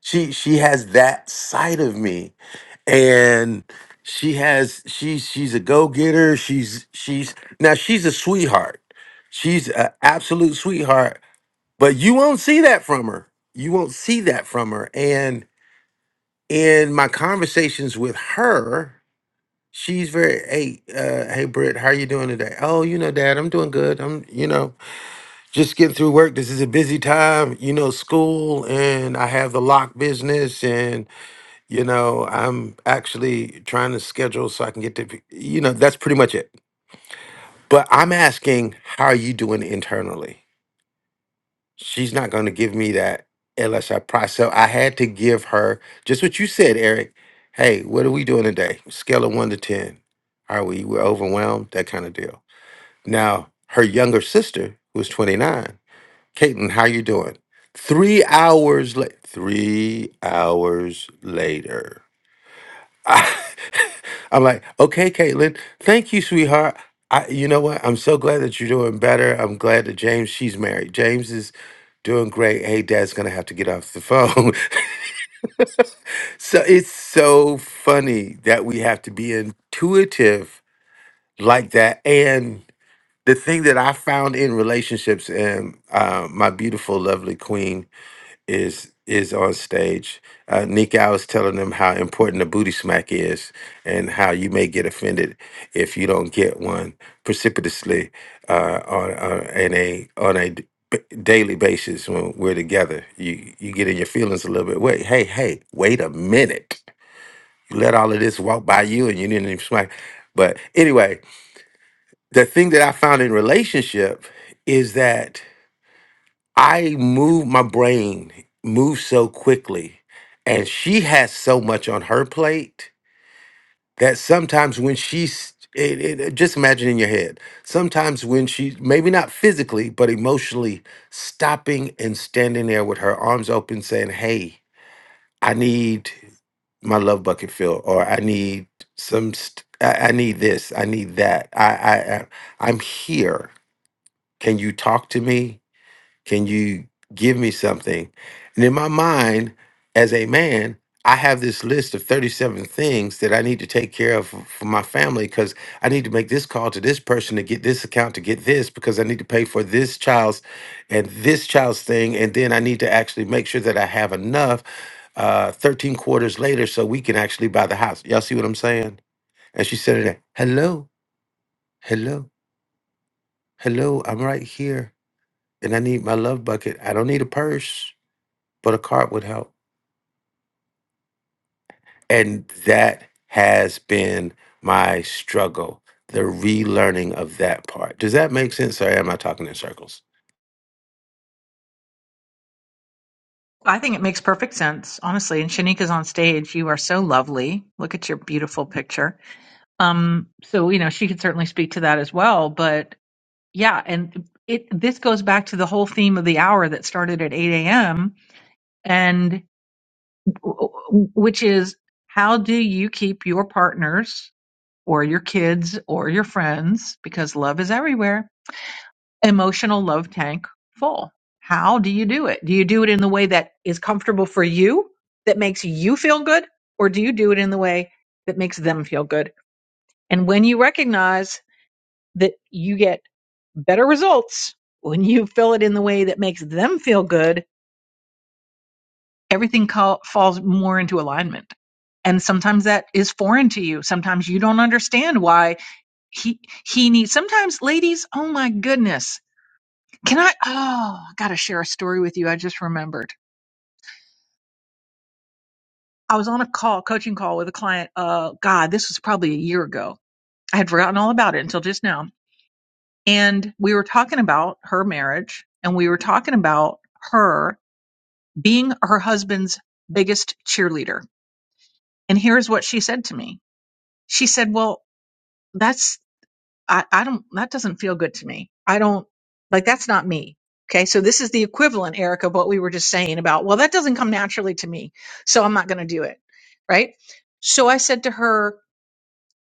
Speaker 17: she she has that side of me. And she has she she's a go-getter. She's she's now she's a sweetheart. She's an absolute sweetheart, but you won't see that from her. You won't see that from her. And in my conversations with her, she's very, hey, uh, hey, Britt, how are you doing today? Oh, you know, Dad, I'm doing good. I'm, you know, just getting through work. This is a busy time, you know, school, and I have the lock business, and you know, I'm actually trying to schedule so I can get to, you know, that's pretty much it. But I'm asking, how are you doing internally? she's not going to give me that unless I price. So I had to give her just what you said, Eric. Hey, what are we doing today? Scale of one to 10. Are we we're overwhelmed? That kind of deal. Now, her younger sister, who's 29, Caitlin, how you doing? Three hours late. Three hours later. I, I'm like, okay, Caitlin, thank you, sweetheart. I, you know what? I'm so glad that you're doing better. I'm glad that James, she's married. James is doing great. Hey, Dad's gonna have to get off the phone. so it's so funny that we have to be intuitive like that. And the thing that I found in relationships, and uh, my beautiful, lovely queen is is on stage. Uh, Nick, I was telling them how important the booty smack is, and how you may get offended if you don't get one precipitously uh, on uh, in a on a d- b- daily basis when we're together. You you get in your feelings a little bit. Wait, hey, hey, wait a minute. You let all of this walk by you, and you didn't even smack. But anyway, the thing that I found in relationship is that I move my brain moves so quickly and she has so much on her plate that sometimes when she's it, it, just imagine in your head sometimes when she maybe not physically but emotionally stopping and standing there with her arms open saying hey i need my love bucket filled or i need some st- I, I need this i need that I, I i i'm here can you talk to me can you give me something? And in my mind, as a man, I have this list of 37 things that I need to take care of for for my family because I need to make this call to this person to get this account to get this because I need to pay for this child's and this child's thing. And then I need to actually make sure that I have enough uh, 13 quarters later so we can actually buy the house. Y'all see what I'm saying? And she said, it, Hello, hello, hello, I'm right here and I need my love bucket. I don't need a purse but a card would help. And that has been my struggle, the relearning of that part. Does that make sense? Or am I talking in circles?
Speaker 16: I think it makes perfect sense, honestly. And Shanika's on stage. You are so lovely. Look at your beautiful picture. Um, so, you know, she could certainly speak to that as well. But yeah, and it, this goes back to the whole theme of the hour that started at 8 a.m and which is how do you keep your partners or your kids or your friends because love is everywhere emotional love tank full how do you do it do you do it in the way that is comfortable for you that makes you feel good or do you do it in the way that makes them feel good and when you recognize that you get better results when you fill it in the way that makes them feel good everything call, falls more into alignment and sometimes that is foreign to you sometimes you don't understand why he he needs sometimes ladies oh my goodness can i oh i gotta share a story with you i just remembered i was on a call coaching call with a client uh god this was probably a year ago i had forgotten all about it until just now and we were talking about her marriage and we were talking about her being her husband's biggest cheerleader and here's what she said to me she said well that's I, I don't that doesn't feel good to me. I don't like that's not me. Okay, so this is the equivalent, Erica of what we were just saying about, well, that doesn't come naturally to me, so I'm not gonna do it. Right? So I said to her,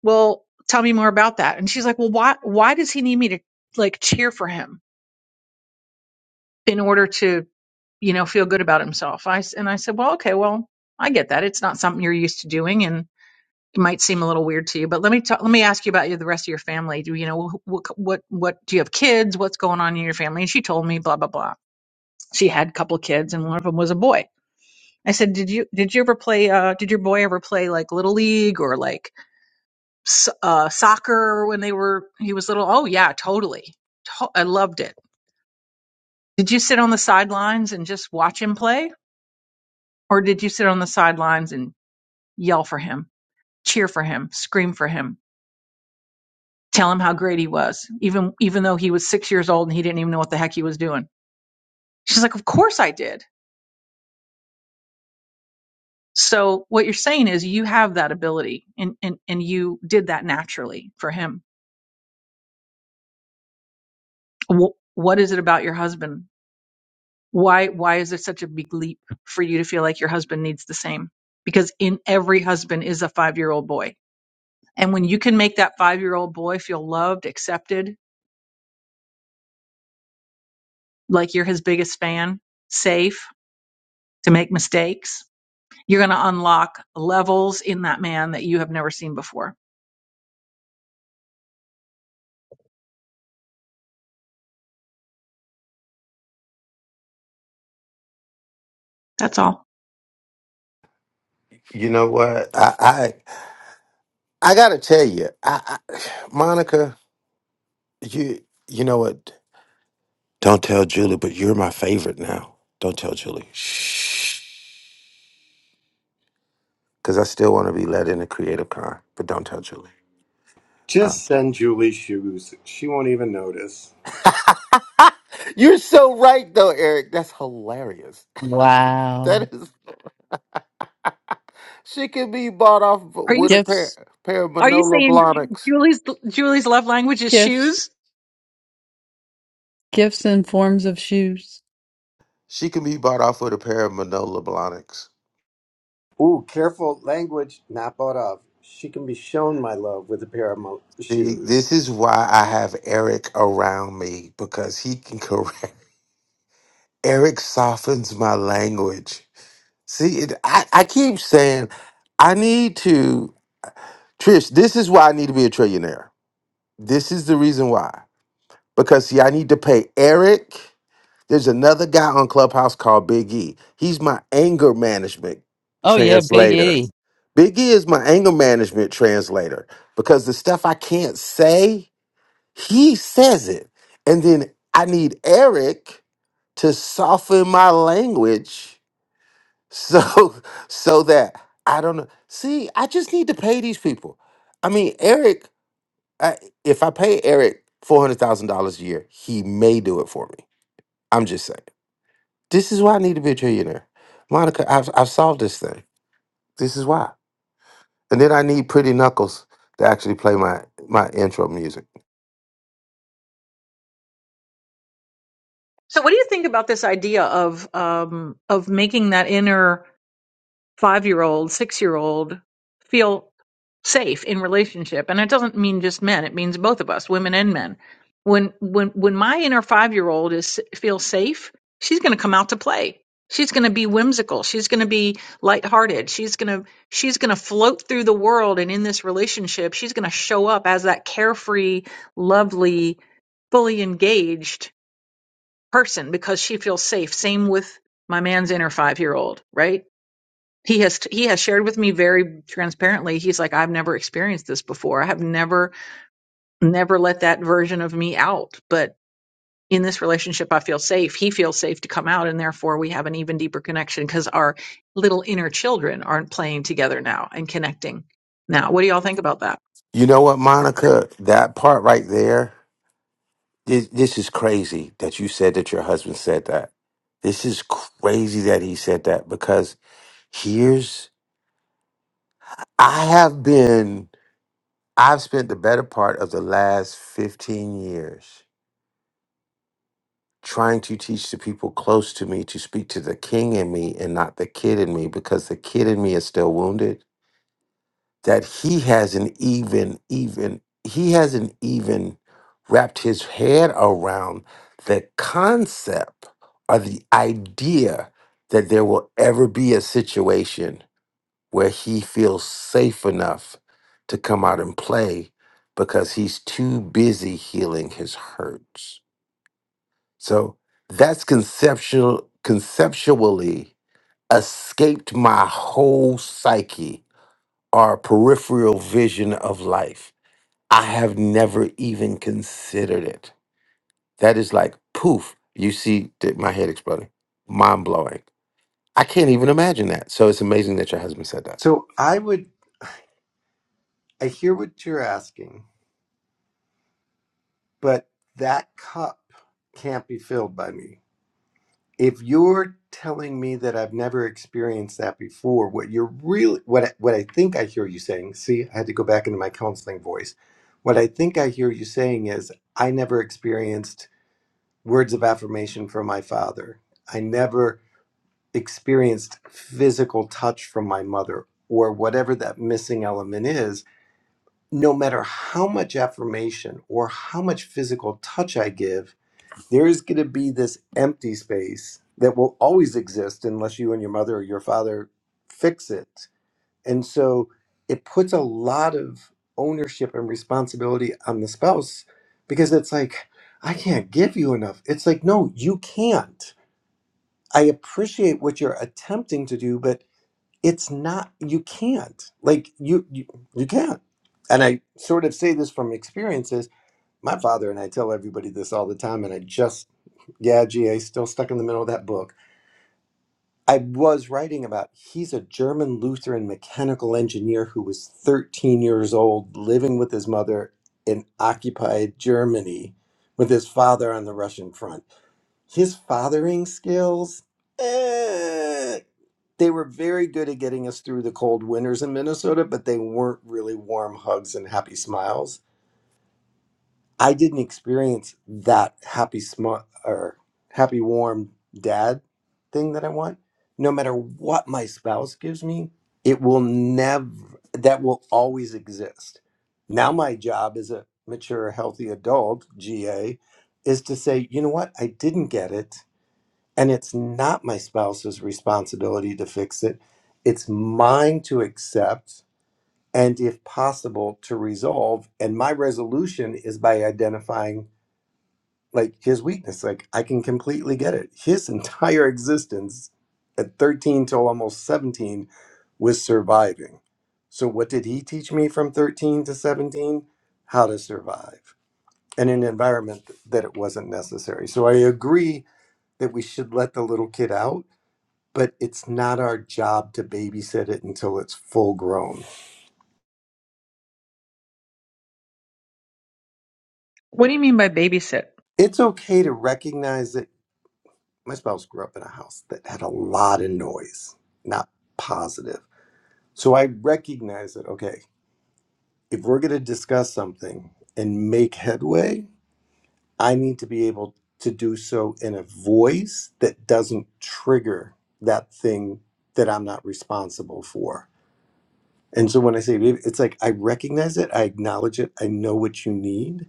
Speaker 16: Well, tell me more about that. And she's like, Well, why why does he need me to like cheer for him in order to, you know, feel good about himself? I s- and I said, Well, okay, well, I get that. It's not something you're used to doing and. might seem a little weird to you, but let me talk, let me ask you about you, the rest of your family. Do you know what what what do you have kids? What's going on in your family? And she told me blah blah blah. She had a couple of kids, and one of them was a boy. I said, did you did you ever play? Uh, did your boy ever play like little league or like so- uh, soccer when they were he was little? Oh yeah, totally. To- I loved it. Did you sit on the sidelines and just watch him play, or did you sit on the sidelines and yell for him, cheer for him, scream for him? tell him how great he was, even even though he was six years old and he didn't even know what the heck he was doing. She's like, Of course I did. So what you're saying is you have that ability and and, and you did that naturally for him. Wh- what is it about your husband? Why why is there such a big leap for you to feel like your husband needs the same? Because in every husband is a five year old boy. And when you can make that five year old boy feel loved, accepted, like you're his biggest fan, safe to make mistakes, You're going to unlock levels in that man that you have never seen before. That's all.
Speaker 17: You know what? I I, I gotta tell you, I, I Monica, you you know what? Don't tell Julie, but you're my favorite now. Don't tell Julie. Shh. Because I still want to be let into Creative Con, but don't tell Julie. Uh.
Speaker 15: Just send Julie shoes. She won't even notice.
Speaker 17: you're so right, though, Eric. That's hilarious.
Speaker 3: wow.
Speaker 17: That is. She can be bought off
Speaker 16: Are you
Speaker 17: with a pair
Speaker 3: Gifts,
Speaker 17: pair of
Speaker 16: are you
Speaker 17: Manolo
Speaker 16: saying
Speaker 17: Blahniks.
Speaker 16: Julie's Julie's love language is
Speaker 3: gifts,
Speaker 16: shoes?
Speaker 3: gifts in forms of shoes.
Speaker 17: She can be bought off with a pair of Manolo Blahniks.
Speaker 15: Ooh, careful language, not bought of. She can be shown my love with a pair of mo-
Speaker 17: See,
Speaker 15: shoes.
Speaker 17: this is why I have Eric around me because he can correct. Eric softens my language. See, it, I, I keep saying I need to Trish. This is why I need to be a trillionaire. This is the reason why because see, I need to pay Eric. There's another guy on Clubhouse called Big E. He's my anger management
Speaker 3: Oh, yeah, Big
Speaker 17: translator.
Speaker 3: E.
Speaker 17: Big E is my anger management translator because the stuff I can't say, he says it. And then I need Eric to soften my language so so that I don't know. See, I just need to pay these people. I mean, Eric, I, if I pay Eric $400,000 a year, he may do it for me. I'm just saying. This is why I need to be a trillionaire. Monica, I've, I've solved this thing. This is why. And then I need Pretty Knuckles to actually play my, my intro music.
Speaker 16: So what do you think about this idea of um of making that inner five-year-old, six-year-old feel safe in relationship. And it doesn't mean just men; it means both of us, women and men. When when when my inner five-year-old is feels safe, she's going to come out to play. She's going to be whimsical. She's going to be lighthearted. She's going to she's going to float through the world and in this relationship, she's going to show up as that carefree, lovely, fully engaged person because she feels safe. Same with my man's inner five-year-old, right? he has he has shared with me very transparently he's like i've never experienced this before i have never never let that version of me out but in this relationship i feel safe he feels safe to come out and therefore we have an even deeper connection because our little inner children aren't playing together now and connecting now what do y'all think about that
Speaker 17: You know what, Monica? That part right there, this, this is crazy that you said that your husband said that. This is crazy that he said that because here's, I have been, I've spent the better part of the last 15 years trying to teach the people close to me to speak to the king in me and not the kid in me because the kid in me is still wounded that he hasn't even even he hasn't even wrapped his head around the concept or the idea that there will ever be a situation where he feels safe enough to come out and play because he's too busy healing his hurts so that's conceptual conceptually escaped my whole psyche or peripheral vision of life. I have never even considered it. That is like poof, you see th- my head exploding. Mind blowing. I can't even imagine that. So it's amazing that your husband said that.
Speaker 15: So I would, I hear what you're asking, but that cup can't be filled by me. If you're telling me that I've never experienced that before, what you're really, what I, what I think I hear you saying, see, I had to go back into my counseling voice. What I think I hear you saying is, I never experienced words of affirmation from my father. I never experienced physical touch from my mother or whatever that missing element is. No matter how much affirmation or how much physical touch I give, there is going to be this empty space that will always exist unless you and your mother or your father fix it. And so it puts a lot of ownership and responsibility on the spouse because it's like, I can't give you enough. It's like, no, you can't. I appreciate what you're attempting to do, but it's not, you can't. Like, you, you, you can't. And I sort of say this from experiences. My father and I tell everybody this all the time, and I just, yeah, gee, I still stuck in the middle of that book I was writing about he's a German Lutheran mechanical engineer who was 13 years old, living with his mother in occupied Germany with his father on the Russian front. His fathering skills, eh, they were very good at getting us through the cold winters in Minnesota, but they weren't really warm hugs and happy smiles I didn't experience that happy smart or happy warm dad thing that I want. No matter what my spouse gives me, it will never that will always exist. Now my job as a mature healthy adult, GA, is to say, you know what? I didn't get it and it's not my spouse's responsibility to fix it. It's mine to accept and if possible to resolve and my resolution is by identifying like his weakness. Like I can completely get it. His entire existence at 13 till almost 17 was surviving. So what did he teach me from 13 to 17? How to survive in an environment that it wasn't necessary. So I agree that we should let the little kid out, but it's not our job to babysit it until it's full grown.
Speaker 16: What do you mean by babysit?
Speaker 15: It's okay to recognize that my spouse grew up in a house that had a lot of noise, not positive So I recognize that, okay, if we're going to discuss something and make headway, I need to be able to do so in a voice that doesn't trigger that thing that I'm not responsible for. And so when I say, it's like I recognize it, I acknowledge it, I know what you need,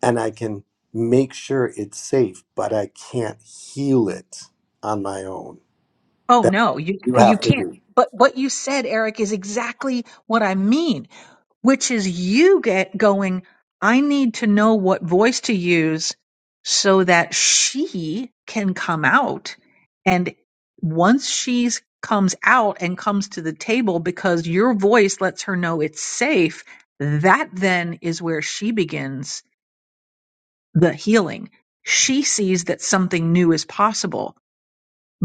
Speaker 15: and I can make sure it's safe, but I can't heal it on my own.
Speaker 16: Oh
Speaker 15: That
Speaker 16: no, you
Speaker 15: you
Speaker 16: you
Speaker 15: have to
Speaker 16: can't.
Speaker 15: do.
Speaker 16: But what you said, Eric, is exactly what I mean. which is you get going, I need to know what voice to use so that she can come out. And once she comes out and comes to the table because your voice lets her know it's safe, that then is where she begins the healing. She sees that something new is possible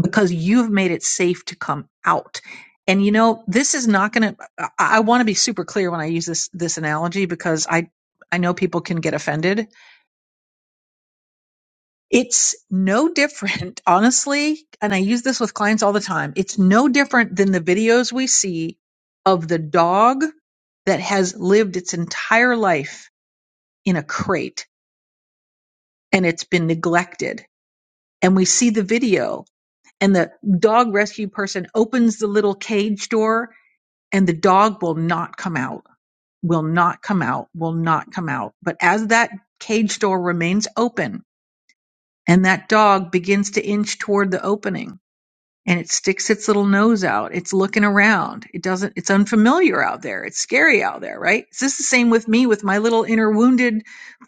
Speaker 16: because you've made it safe to come out. And you know, this is not going to, I want to be super clear when I use this, this analogy because I, I know people can get offended. It's no different, honestly. And I use this with clients all the time. It's no different than the videos we see of the dog that has lived its entire life in a crate and it's been neglected. And we see the video and the dog rescue person opens the little cage door and the dog will not come out, will not come out, will not come out. But as that cage door remains open and that dog begins to inch toward the opening and it sticks its little nose out, it's looking around. It doesn't, it's unfamiliar out there. It's scary out there, right? Is this the same with me with my little inner wounded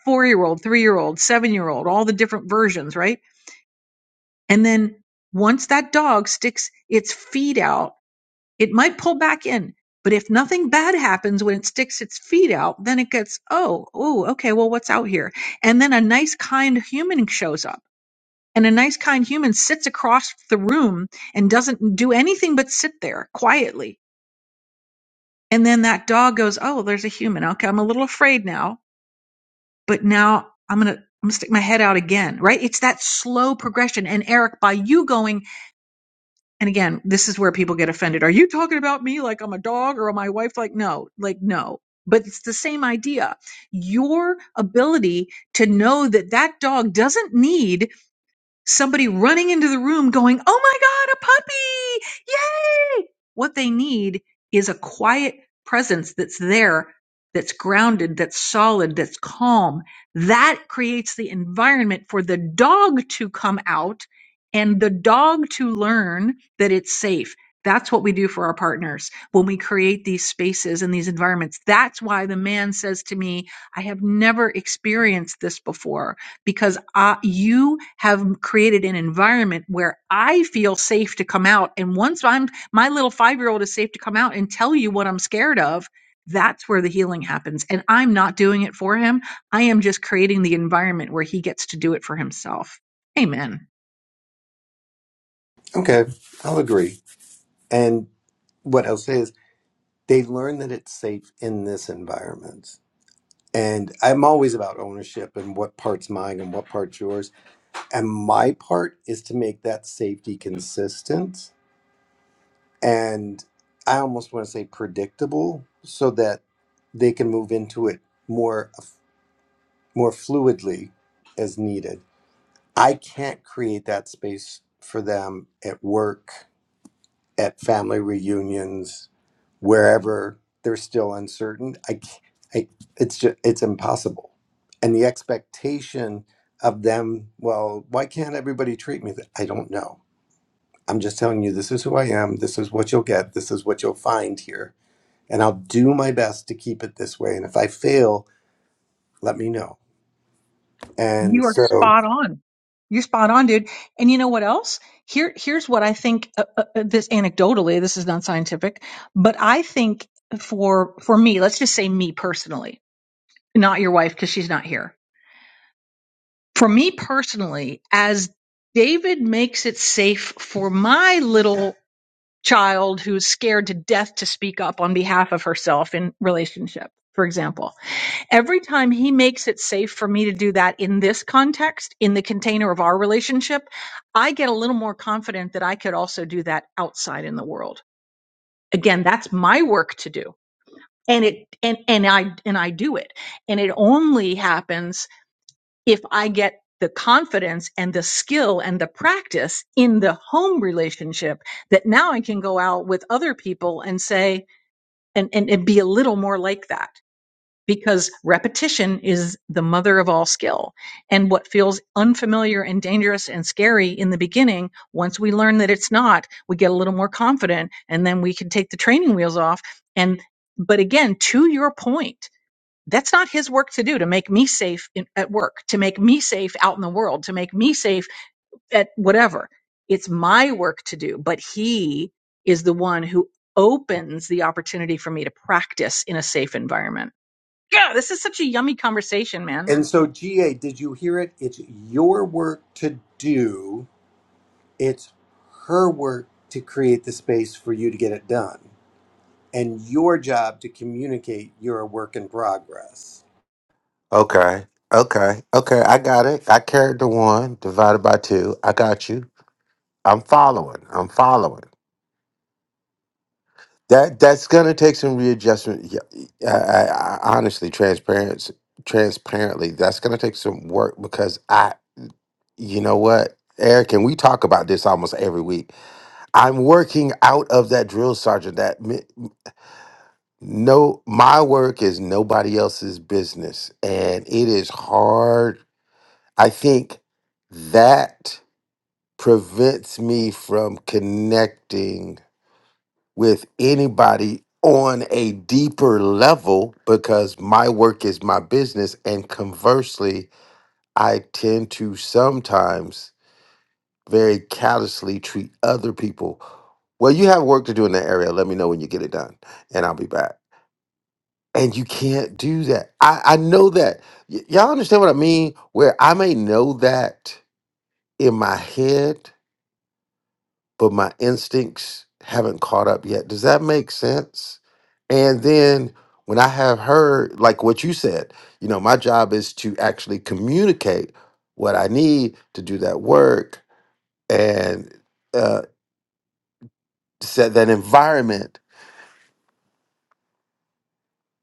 Speaker 16: four year old, three year old, seven year old, all the different versions, right? And then once that dog sticks its feet out it might pull back in, but if nothing bad happens when it sticks its feet out, then it gets, oh, oh, okay, well, what's out here? And then a nice, kind human shows up. And a nice, kind human sits across the room and doesn't do anything but sit there quietly. And then that dog goes, oh, there's a human. Okay, I'm a little afraid now, but now I'm going to. I'm gonna stick my head out again, right? It's that slow progression. And Eric, by you going and again, this is where people get offended. Are you talking about me like I'm a dog or my wife? Like, no, like, no. But it's the same idea. Your ability to know that that dog doesn't need somebody running into the room going, Oh my God, a puppy! Yay! What they need is a quiet presence that's there, that's grounded, that's solid, that's calm. That creates the environment for the dog to come out and the dog to learn that it's safe. That's what we do for our partners when we create these spaces and these environments. That's why the man says to me, I have never experienced this before because I, you have created an environment where I feel safe to come out. And once I'm, my little five year old is safe to come out and tell you what I'm scared of, that's where the healing happens. And I'm not doing it for him. I am just creating the environment where he gets to do it for himself. Amen.
Speaker 15: Okay, I'll agree. And what else? they learn that it's safe in this environment. And I'm always about ownership and what part's mine and what part's yours. And my part is to make that safety consistent and I almost want to say predictable so that they can move into it more more fluidly as needed. I can't create that space for them at work, at family reunions, wherever they're still uncertain i, c- I- it's just it's impossible and the expectation of them well why can't everybody treat me that i don't know i'm just telling you this is who i am this is what you'll get this is what you'll find here and i'll do my best to keep it this way and if i fail let me know and
Speaker 16: You are
Speaker 15: so
Speaker 16: spot on. You're spot on, dude. And you know what else? Here, here's what I think. Uh, uh, uh, this anecdotally, this is not scientific, but I think for for me, let's just say me personally. not your wife because she's not here. For me personally, as David makes it safe for my little child who's scared to death to speak up on behalf of herself in relationship, for example, every time he makes it safe for me to do that in this context, in the container of our relationship, I get a little more confident that I could also do that outside in the world. Again, that's my work to do. And it and and I and I do it. And it only happens if I get the confidence and the skill and the practice in the home relationship that now I can go out with other people and say, and, and, and be a little more like that because repetition is the mother of all skill. And what feels unfamiliar and dangerous and scary in the beginning, once we learn that it's not, we get a little more confident and then we can take the training wheels off. And, but again, to your point, that's not his work to do to make me safe in, at work, to make me safe out in the world, to make me safe at whatever. It's my work to do, but he is the one who opens the opportunity for me to practice in a safe environment. Yeah, this is such a yummy conversation, man.
Speaker 15: and so ga did you hear it it's your work to do it's her work to create the space for you to get it done and your job to communicate you're a work in progress.
Speaker 17: Okay. Okay. Okay. I got it. I carried the one divided by two. I got you. I'm following. I'm following. That that's gonna take some readjustment. Yeah, I, I, I honestly, transparency, transparently, that's gonna take some work because I, you know what, Eric, and we talk about this almost every week. I'm working out of that drill sergeant. That mi- no, my work is nobody else's business, and it is hard. I think that prevents me from connecting with anybody on a deeper level because my work is my business. And conversely, I tend to sometimes very callously treat other people. Well, you have work to do in that area. Let me know when you get it done, and I'll be back. And you can't do that. I, I know that. Y- y'all understand what I mean? Where I may know that in my head, but my instincts haven't caught up yet. Does that make sense? And then when I have heard, like what you said, you know, my job is to actually communicate what I need to do that work and uh, set that environment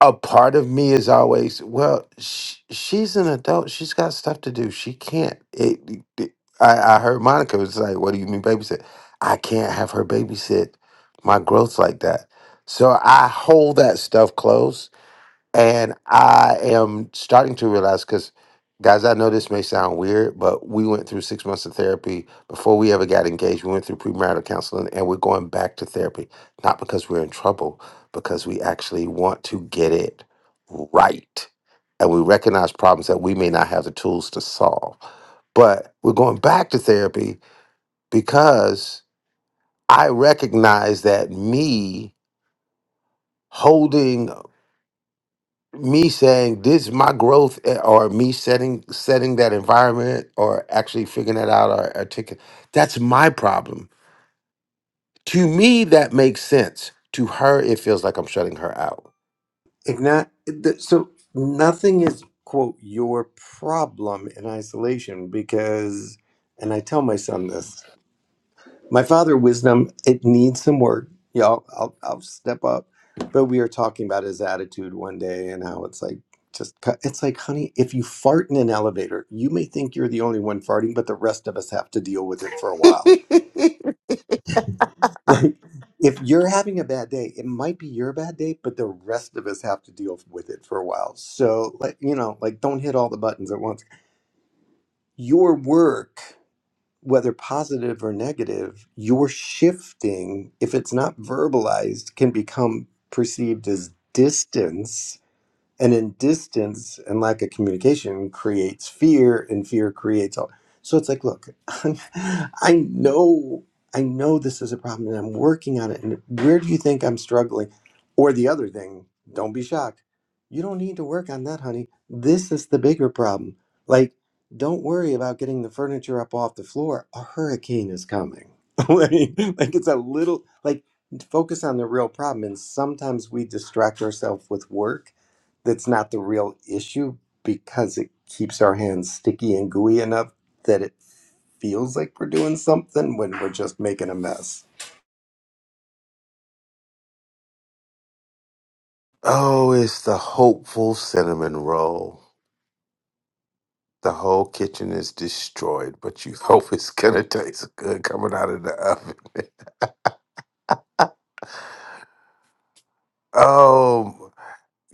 Speaker 17: a part of me is always well sh- she's an adult she's got stuff to do she can't it, it- I, I heard monica was like what do you mean babysit i can't have her babysit my growth like that so i hold that stuff close and I am starting to realize because, guys, I know this may sound weird, but we went through six months of therapy before we ever got engaged. We went through premarital counseling and we're going back to therapy, not because we're in trouble, because we actually want to get it right. And we recognize problems that we may not have the tools to solve. But we're going back to therapy because I recognize that me holding me saying this is my growth eh, or me setting setting that environment or actually figuring that out or articulate that's my problem to me that makes sense to her it feels like i'm shutting her out
Speaker 15: Igna- th- so nothing is, quote, your problem in isolation because, and I tell my son this, my father wisdom, it needs some work. Y'all, I'll, I'll step up. But we were talking about his attitude one day and how it's like, just, cu- it's like, honey, if you fart in an elevator, you may think you're the only one farting, but the rest of us have to deal with it for a while Like, if you're having a bad day, it might be your bad day, but the rest of us have to deal with it for a while. So, like, you know, like, don't hit all the buttons at once. Your work, whether positive or negative, your shifting, if it's not verbalized, can become perceived as distance and in distance and lack of communication creates fear and fear creates all so it's like look i know i know this is a problem and i'm working on it and where do you think i'm struggling or the other thing don't be shocked you don't need to work on that honey this is the bigger problem like don't worry about getting the furniture up off the floor a hurricane is coming like, like it's a little like focus on the real problem and sometimes we distract ourselves with work that's not the real issue because it keeps our hands sticky and gooey enough that it feels like we're doing something when we're just making a mess.
Speaker 17: oh it's the hopeful cinnamon roll the whole kitchen is destroyed but you hope it's gonna taste good coming out of the oven Oh,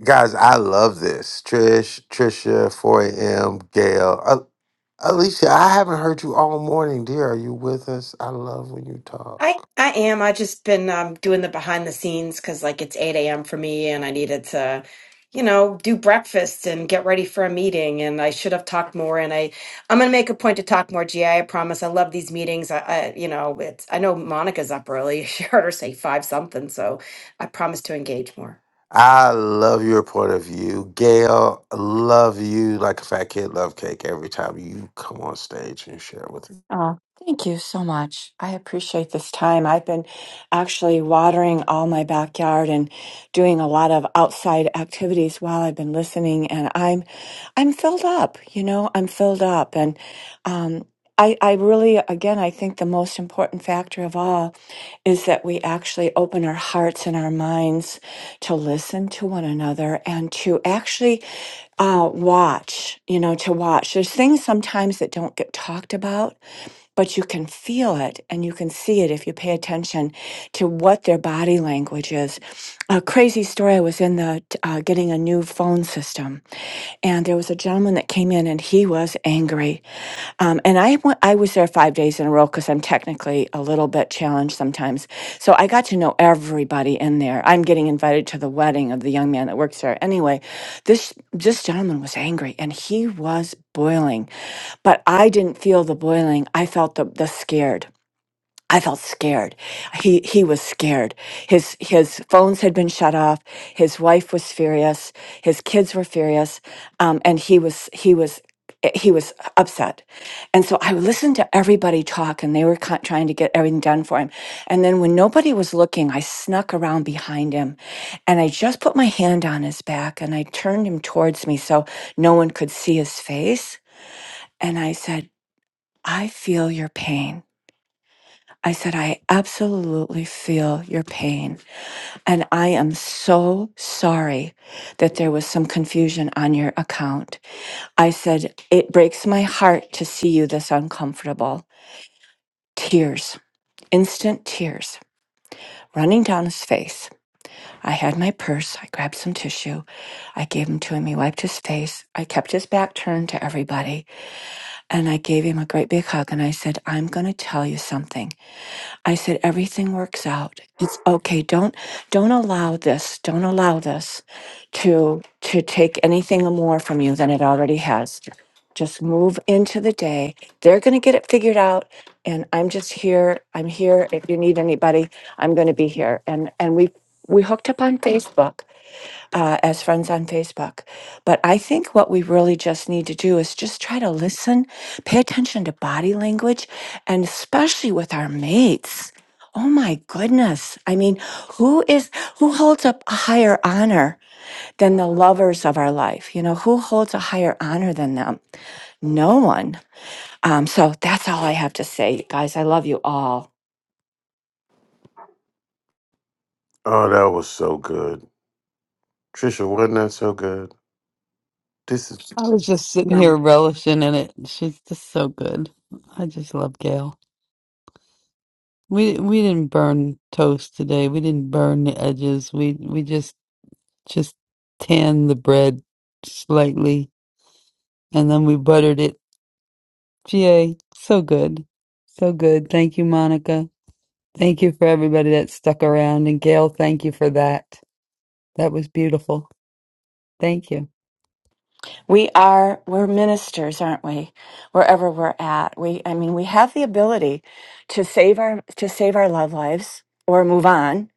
Speaker 17: guys, I love this. Trish, Trisha, 4am, Gail. Alicia, I haven't heard you all morning, dear. Are you with us? I love when you talk.
Speaker 23: I I am. I just been um, doing the behind the scenes because like it's eight a.m. for me, and I needed to, you know, do breakfast and get ready for a meeting. And I should have talked more. And I I'm gonna make a point to talk more. GI, I I promise. I love these meetings. I, I you know, it's I know Monica's up early. She heard her say five something, so I promise to engage more.
Speaker 17: I love your point of view. Gail, love you like a fat kid love cake every time you come on stage and share with me.
Speaker 20: Oh, thank you so much. I appreciate this time. I've been actually watering all my backyard and doing a lot of outside activities while I've been listening and I'm I'm filled up, you know, I'm filled up and um I, I really, again, I think the most important factor of all is that we actually open our hearts and our minds to listen to one another and to actually uh, watch, you know, to watch. There's things sometimes that don't get talked about, but you can feel it and you can see it if you pay attention to what their body language is. A crazy story I was in the t- uh, getting a new phone system, and there was a gentleman that came in and he was angry Missouri. Um, and I went, I was there five days in a row because I'm technically a little bit challenged sometimes. So I got to know everybody in there. I'm getting invited to the wedding of the young man that works there. Anyway, this this gentleman was angry and he was boiling, but I didn't feel the boiling. I felt the the scared. I felt scared. He he was scared. His his phones had been shut off. His wife was furious. His kids were furious, um, and he was he was he was upset. And so I listened to everybody talk, and they were ki- trying to get everything done for him. And then when nobody was looking, I snuck around behind him, and I just put my hand on his back, and I turned him towards me so no one could see his face. And I said, "I feel your pain." I said, I absolutely feel your pain. And I am so sorry that there was some confusion on your account. I said, it breaks my heart to see you this uncomfortable. Tears, instant tears running down his face. I had my purse. I grabbed some tissue. I gave him to him. He wiped his face. I kept his back turned to everybody. And I gave him a great big hug. And I said, I'm going to tell you something. I said everything works out. It's okay. Don't don't allow this. Don't allow this to to take anything more from you than it already has. Just move into the day. They're going to get it figured out and I'm just here. I'm here if you need anybody. I'm going to be here. And and we we hooked up on Facebook uh, as friends on Facebook. But I think what we really just need to do is just try to listen, pay attention to body language, and especially with our mates. Oh my goodness. I mean, who is, who holds up a higher honor than the lovers of our life? You know, who holds a higher honor than them? No one. Um, so that's all I have to say, guys. I love you all.
Speaker 17: Oh, that was so good. Trisha, wasn't that so good? This is
Speaker 3: I was just sitting here relishing in it. She's just so good. I just love Gail. We we didn't burn toast today. We didn't burn the edges. We we just just tanned the bread slightly and then we buttered it. Yay, so good. So good. Thank you, Monica. Thank you for everybody that stuck around and Gail, thank you for that. That was beautiful. Thank you.
Speaker 20: we are we're ministers aren't we wherever we're at we i mean we have the ability to save our to save our love lives or move on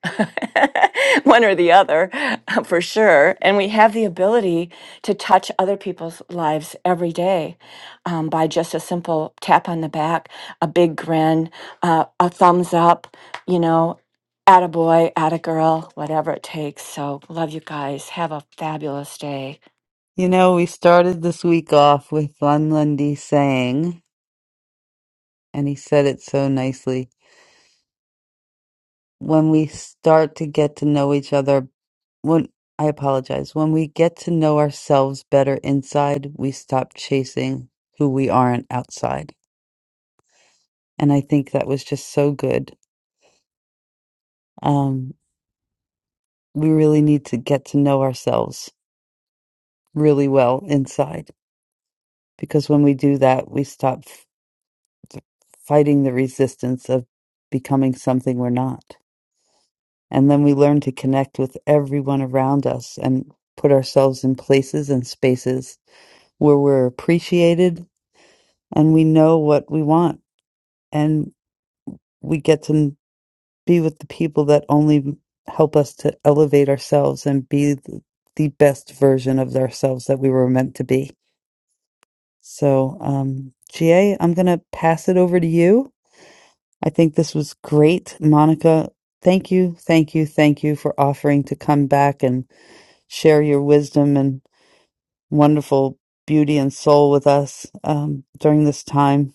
Speaker 20: one or the other for sure and we have the ability to touch other people's lives every day um, by just a simple tap on the back a big grin uh, a thumbs up you know at a boy at a girl whatever it takes so love you guys have a fabulous day
Speaker 3: You know, we started this week off with Lon Lundy saying, and he said it so nicely. when we start to get to know each other when I apologize, when we get to know ourselves better inside, we stop chasing who we aren't outside. And I think that was just so good. Um, we really need to get to know ourselves really well inside because when we do that, we stop f- fighting the resistance of becoming something we're not. And then we learn to connect with everyone around us and put ourselves in places and spaces where we're appreciated and we know what we want and we get to be with the people that only help us to elevate ourselves and be th- the best version of ourselves that we were meant to be. So, um, GA, I'm going to pass it over to you. I think this was great. Monica, thank you, thank you, thank you for offering to come back and share your wisdom and wonderful beauty and soul with us um, during this time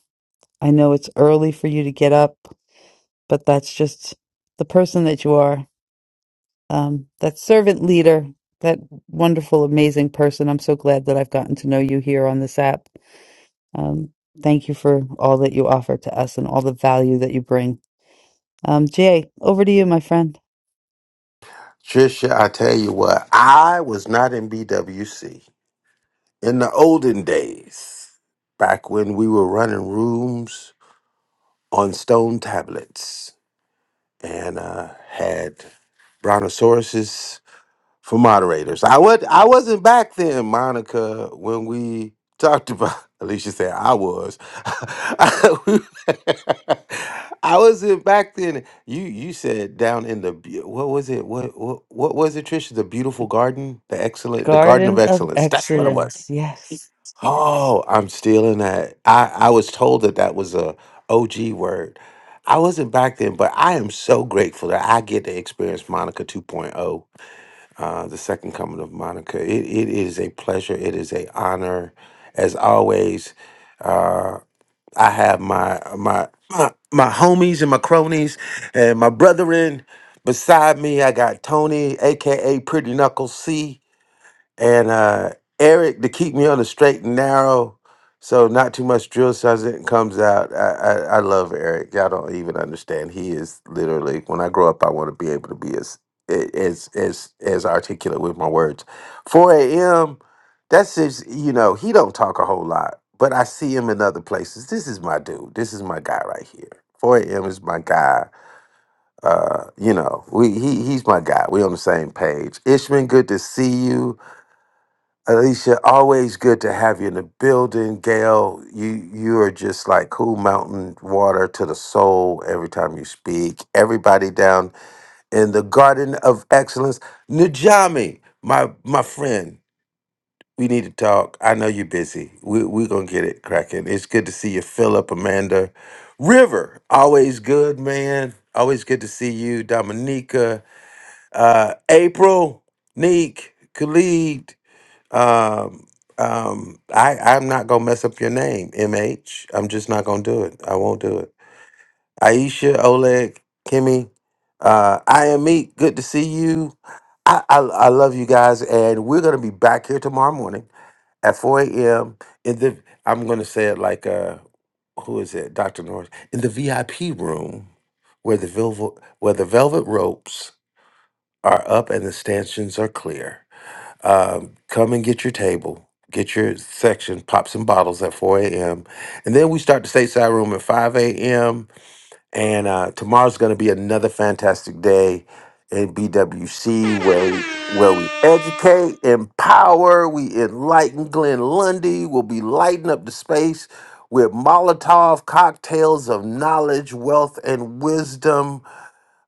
Speaker 3: I know it's early for you to get up, but that's just the person that you are. Um, that servant leader, that wonderful, amazing person. I'm so glad that I've gotten to know you here on this app. Um, thank you for all that you offer to us and all the value that you bring. Um, Jay, over to you, my friend.
Speaker 17: Trisha, I tell you what, I was not in BWC in the olden days, back when we were running rooms on stone tablets. and uh, had brontosauruses for moderators. I would I wasn't back then, Monica, when we talked about Alicia said I was. I wasn't back then. You you said down in the beau- what was it? What what what was it, Trisha? The beautiful garden, the excellent, the garden of
Speaker 3: Garden of
Speaker 17: excellence. That's what it was.
Speaker 3: Excellence. Yes.
Speaker 17: Oh, I'm stealing that. I I was told that that was a OG word. I wasn't back then, but I am so grateful that I get to experience Monica 2.0 uh, the second coming of Monica. It, it is a pleasure. It is a honor. As always, uh, I have my, my my my homies and my cronies and my brethren beside me. I got Tony, aka Pretty Knuckles C and uh, Eric to keep me on the straight and narrow, so not too much drill sergeant comes out. I, I, I love Eric. Y'all don't even understand. He is literally when I grow up, I want to be able to be as as as as articulate with my words. Four a.m. That's just you know he don't talk a whole lot, but I see him in other places. This is my dude. This is my guy right here. 4 a.m. is my guy. Uh, you know, we he he's my guy. We on the same page. Ishman, good to see you. Alicia, always good to have you in the building. Gail, you you are just like cool mountain water to the soul every time you speak. Everybody down in the Garden of Excellence. Najami, my my friend, we need to talk. I know you're busy. We we're gonna get it cracking. It's good to see you, Philip, Amanda. River, always good, man. Always good to see you, Dominica, uh, April, Neek, Khalid. Um, um, I I'm not gonna mess up your name, MH. I'm just not gonna do it. I won't do it. Aisha, Oleg, Kimmy, uh, I am Meek. Good to see you. I, I I love you guys, and we're gonna be back here tomorrow morning at 4 a.m. In the I'm gonna say it like uh, who is it, Doctor Norris, in the VIP room where the velvet where the velvet ropes are up and the stanchions are clear. Um, come and get your table, get your section, pop some bottles at 4 a.m. And then we start the stateside room at 5 a.m. And uh, tomorrow's going to be another fantastic day in BWC where we, where we educate, empower, we enlighten. Glenn Lundy will be lighting up the space with Molotov cocktails of knowledge, wealth, and wisdom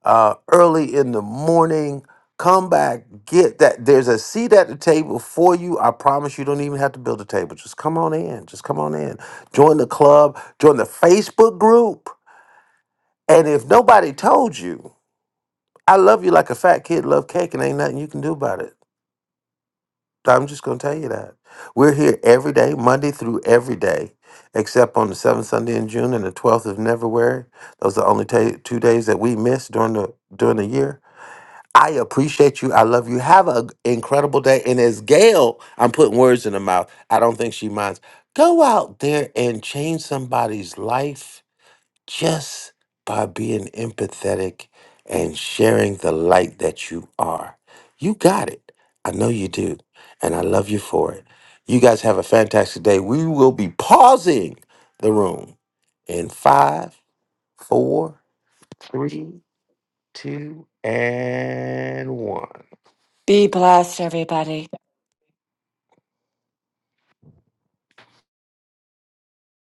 Speaker 17: uh, early in the morning. Come back, get that. There's a seat at the table for you. I promise you don't even have to build a table. Just come on in. Just come on in. Join the club, join the Facebook group. And if nobody told you, I love you like a fat kid love cake and ain't nothing you can do about it. I'm just going to tell you that. We're here every day, Monday through every day, except on the seventh Sunday in June and the 12th of February. Those are the only ta two days that we miss during the during the year I appreciate you. I love you. Have an incredible day. And as Gail, I'm putting words in her mouth. I don't think she minds. Go out there and change somebody's life just by being empathetic and sharing the light that you are. You got it. I know you do. And I love you for it. You guys have a fantastic day. We will be pausing the room in five, four, three, two, and one.
Speaker 20: Be blessed, everybody.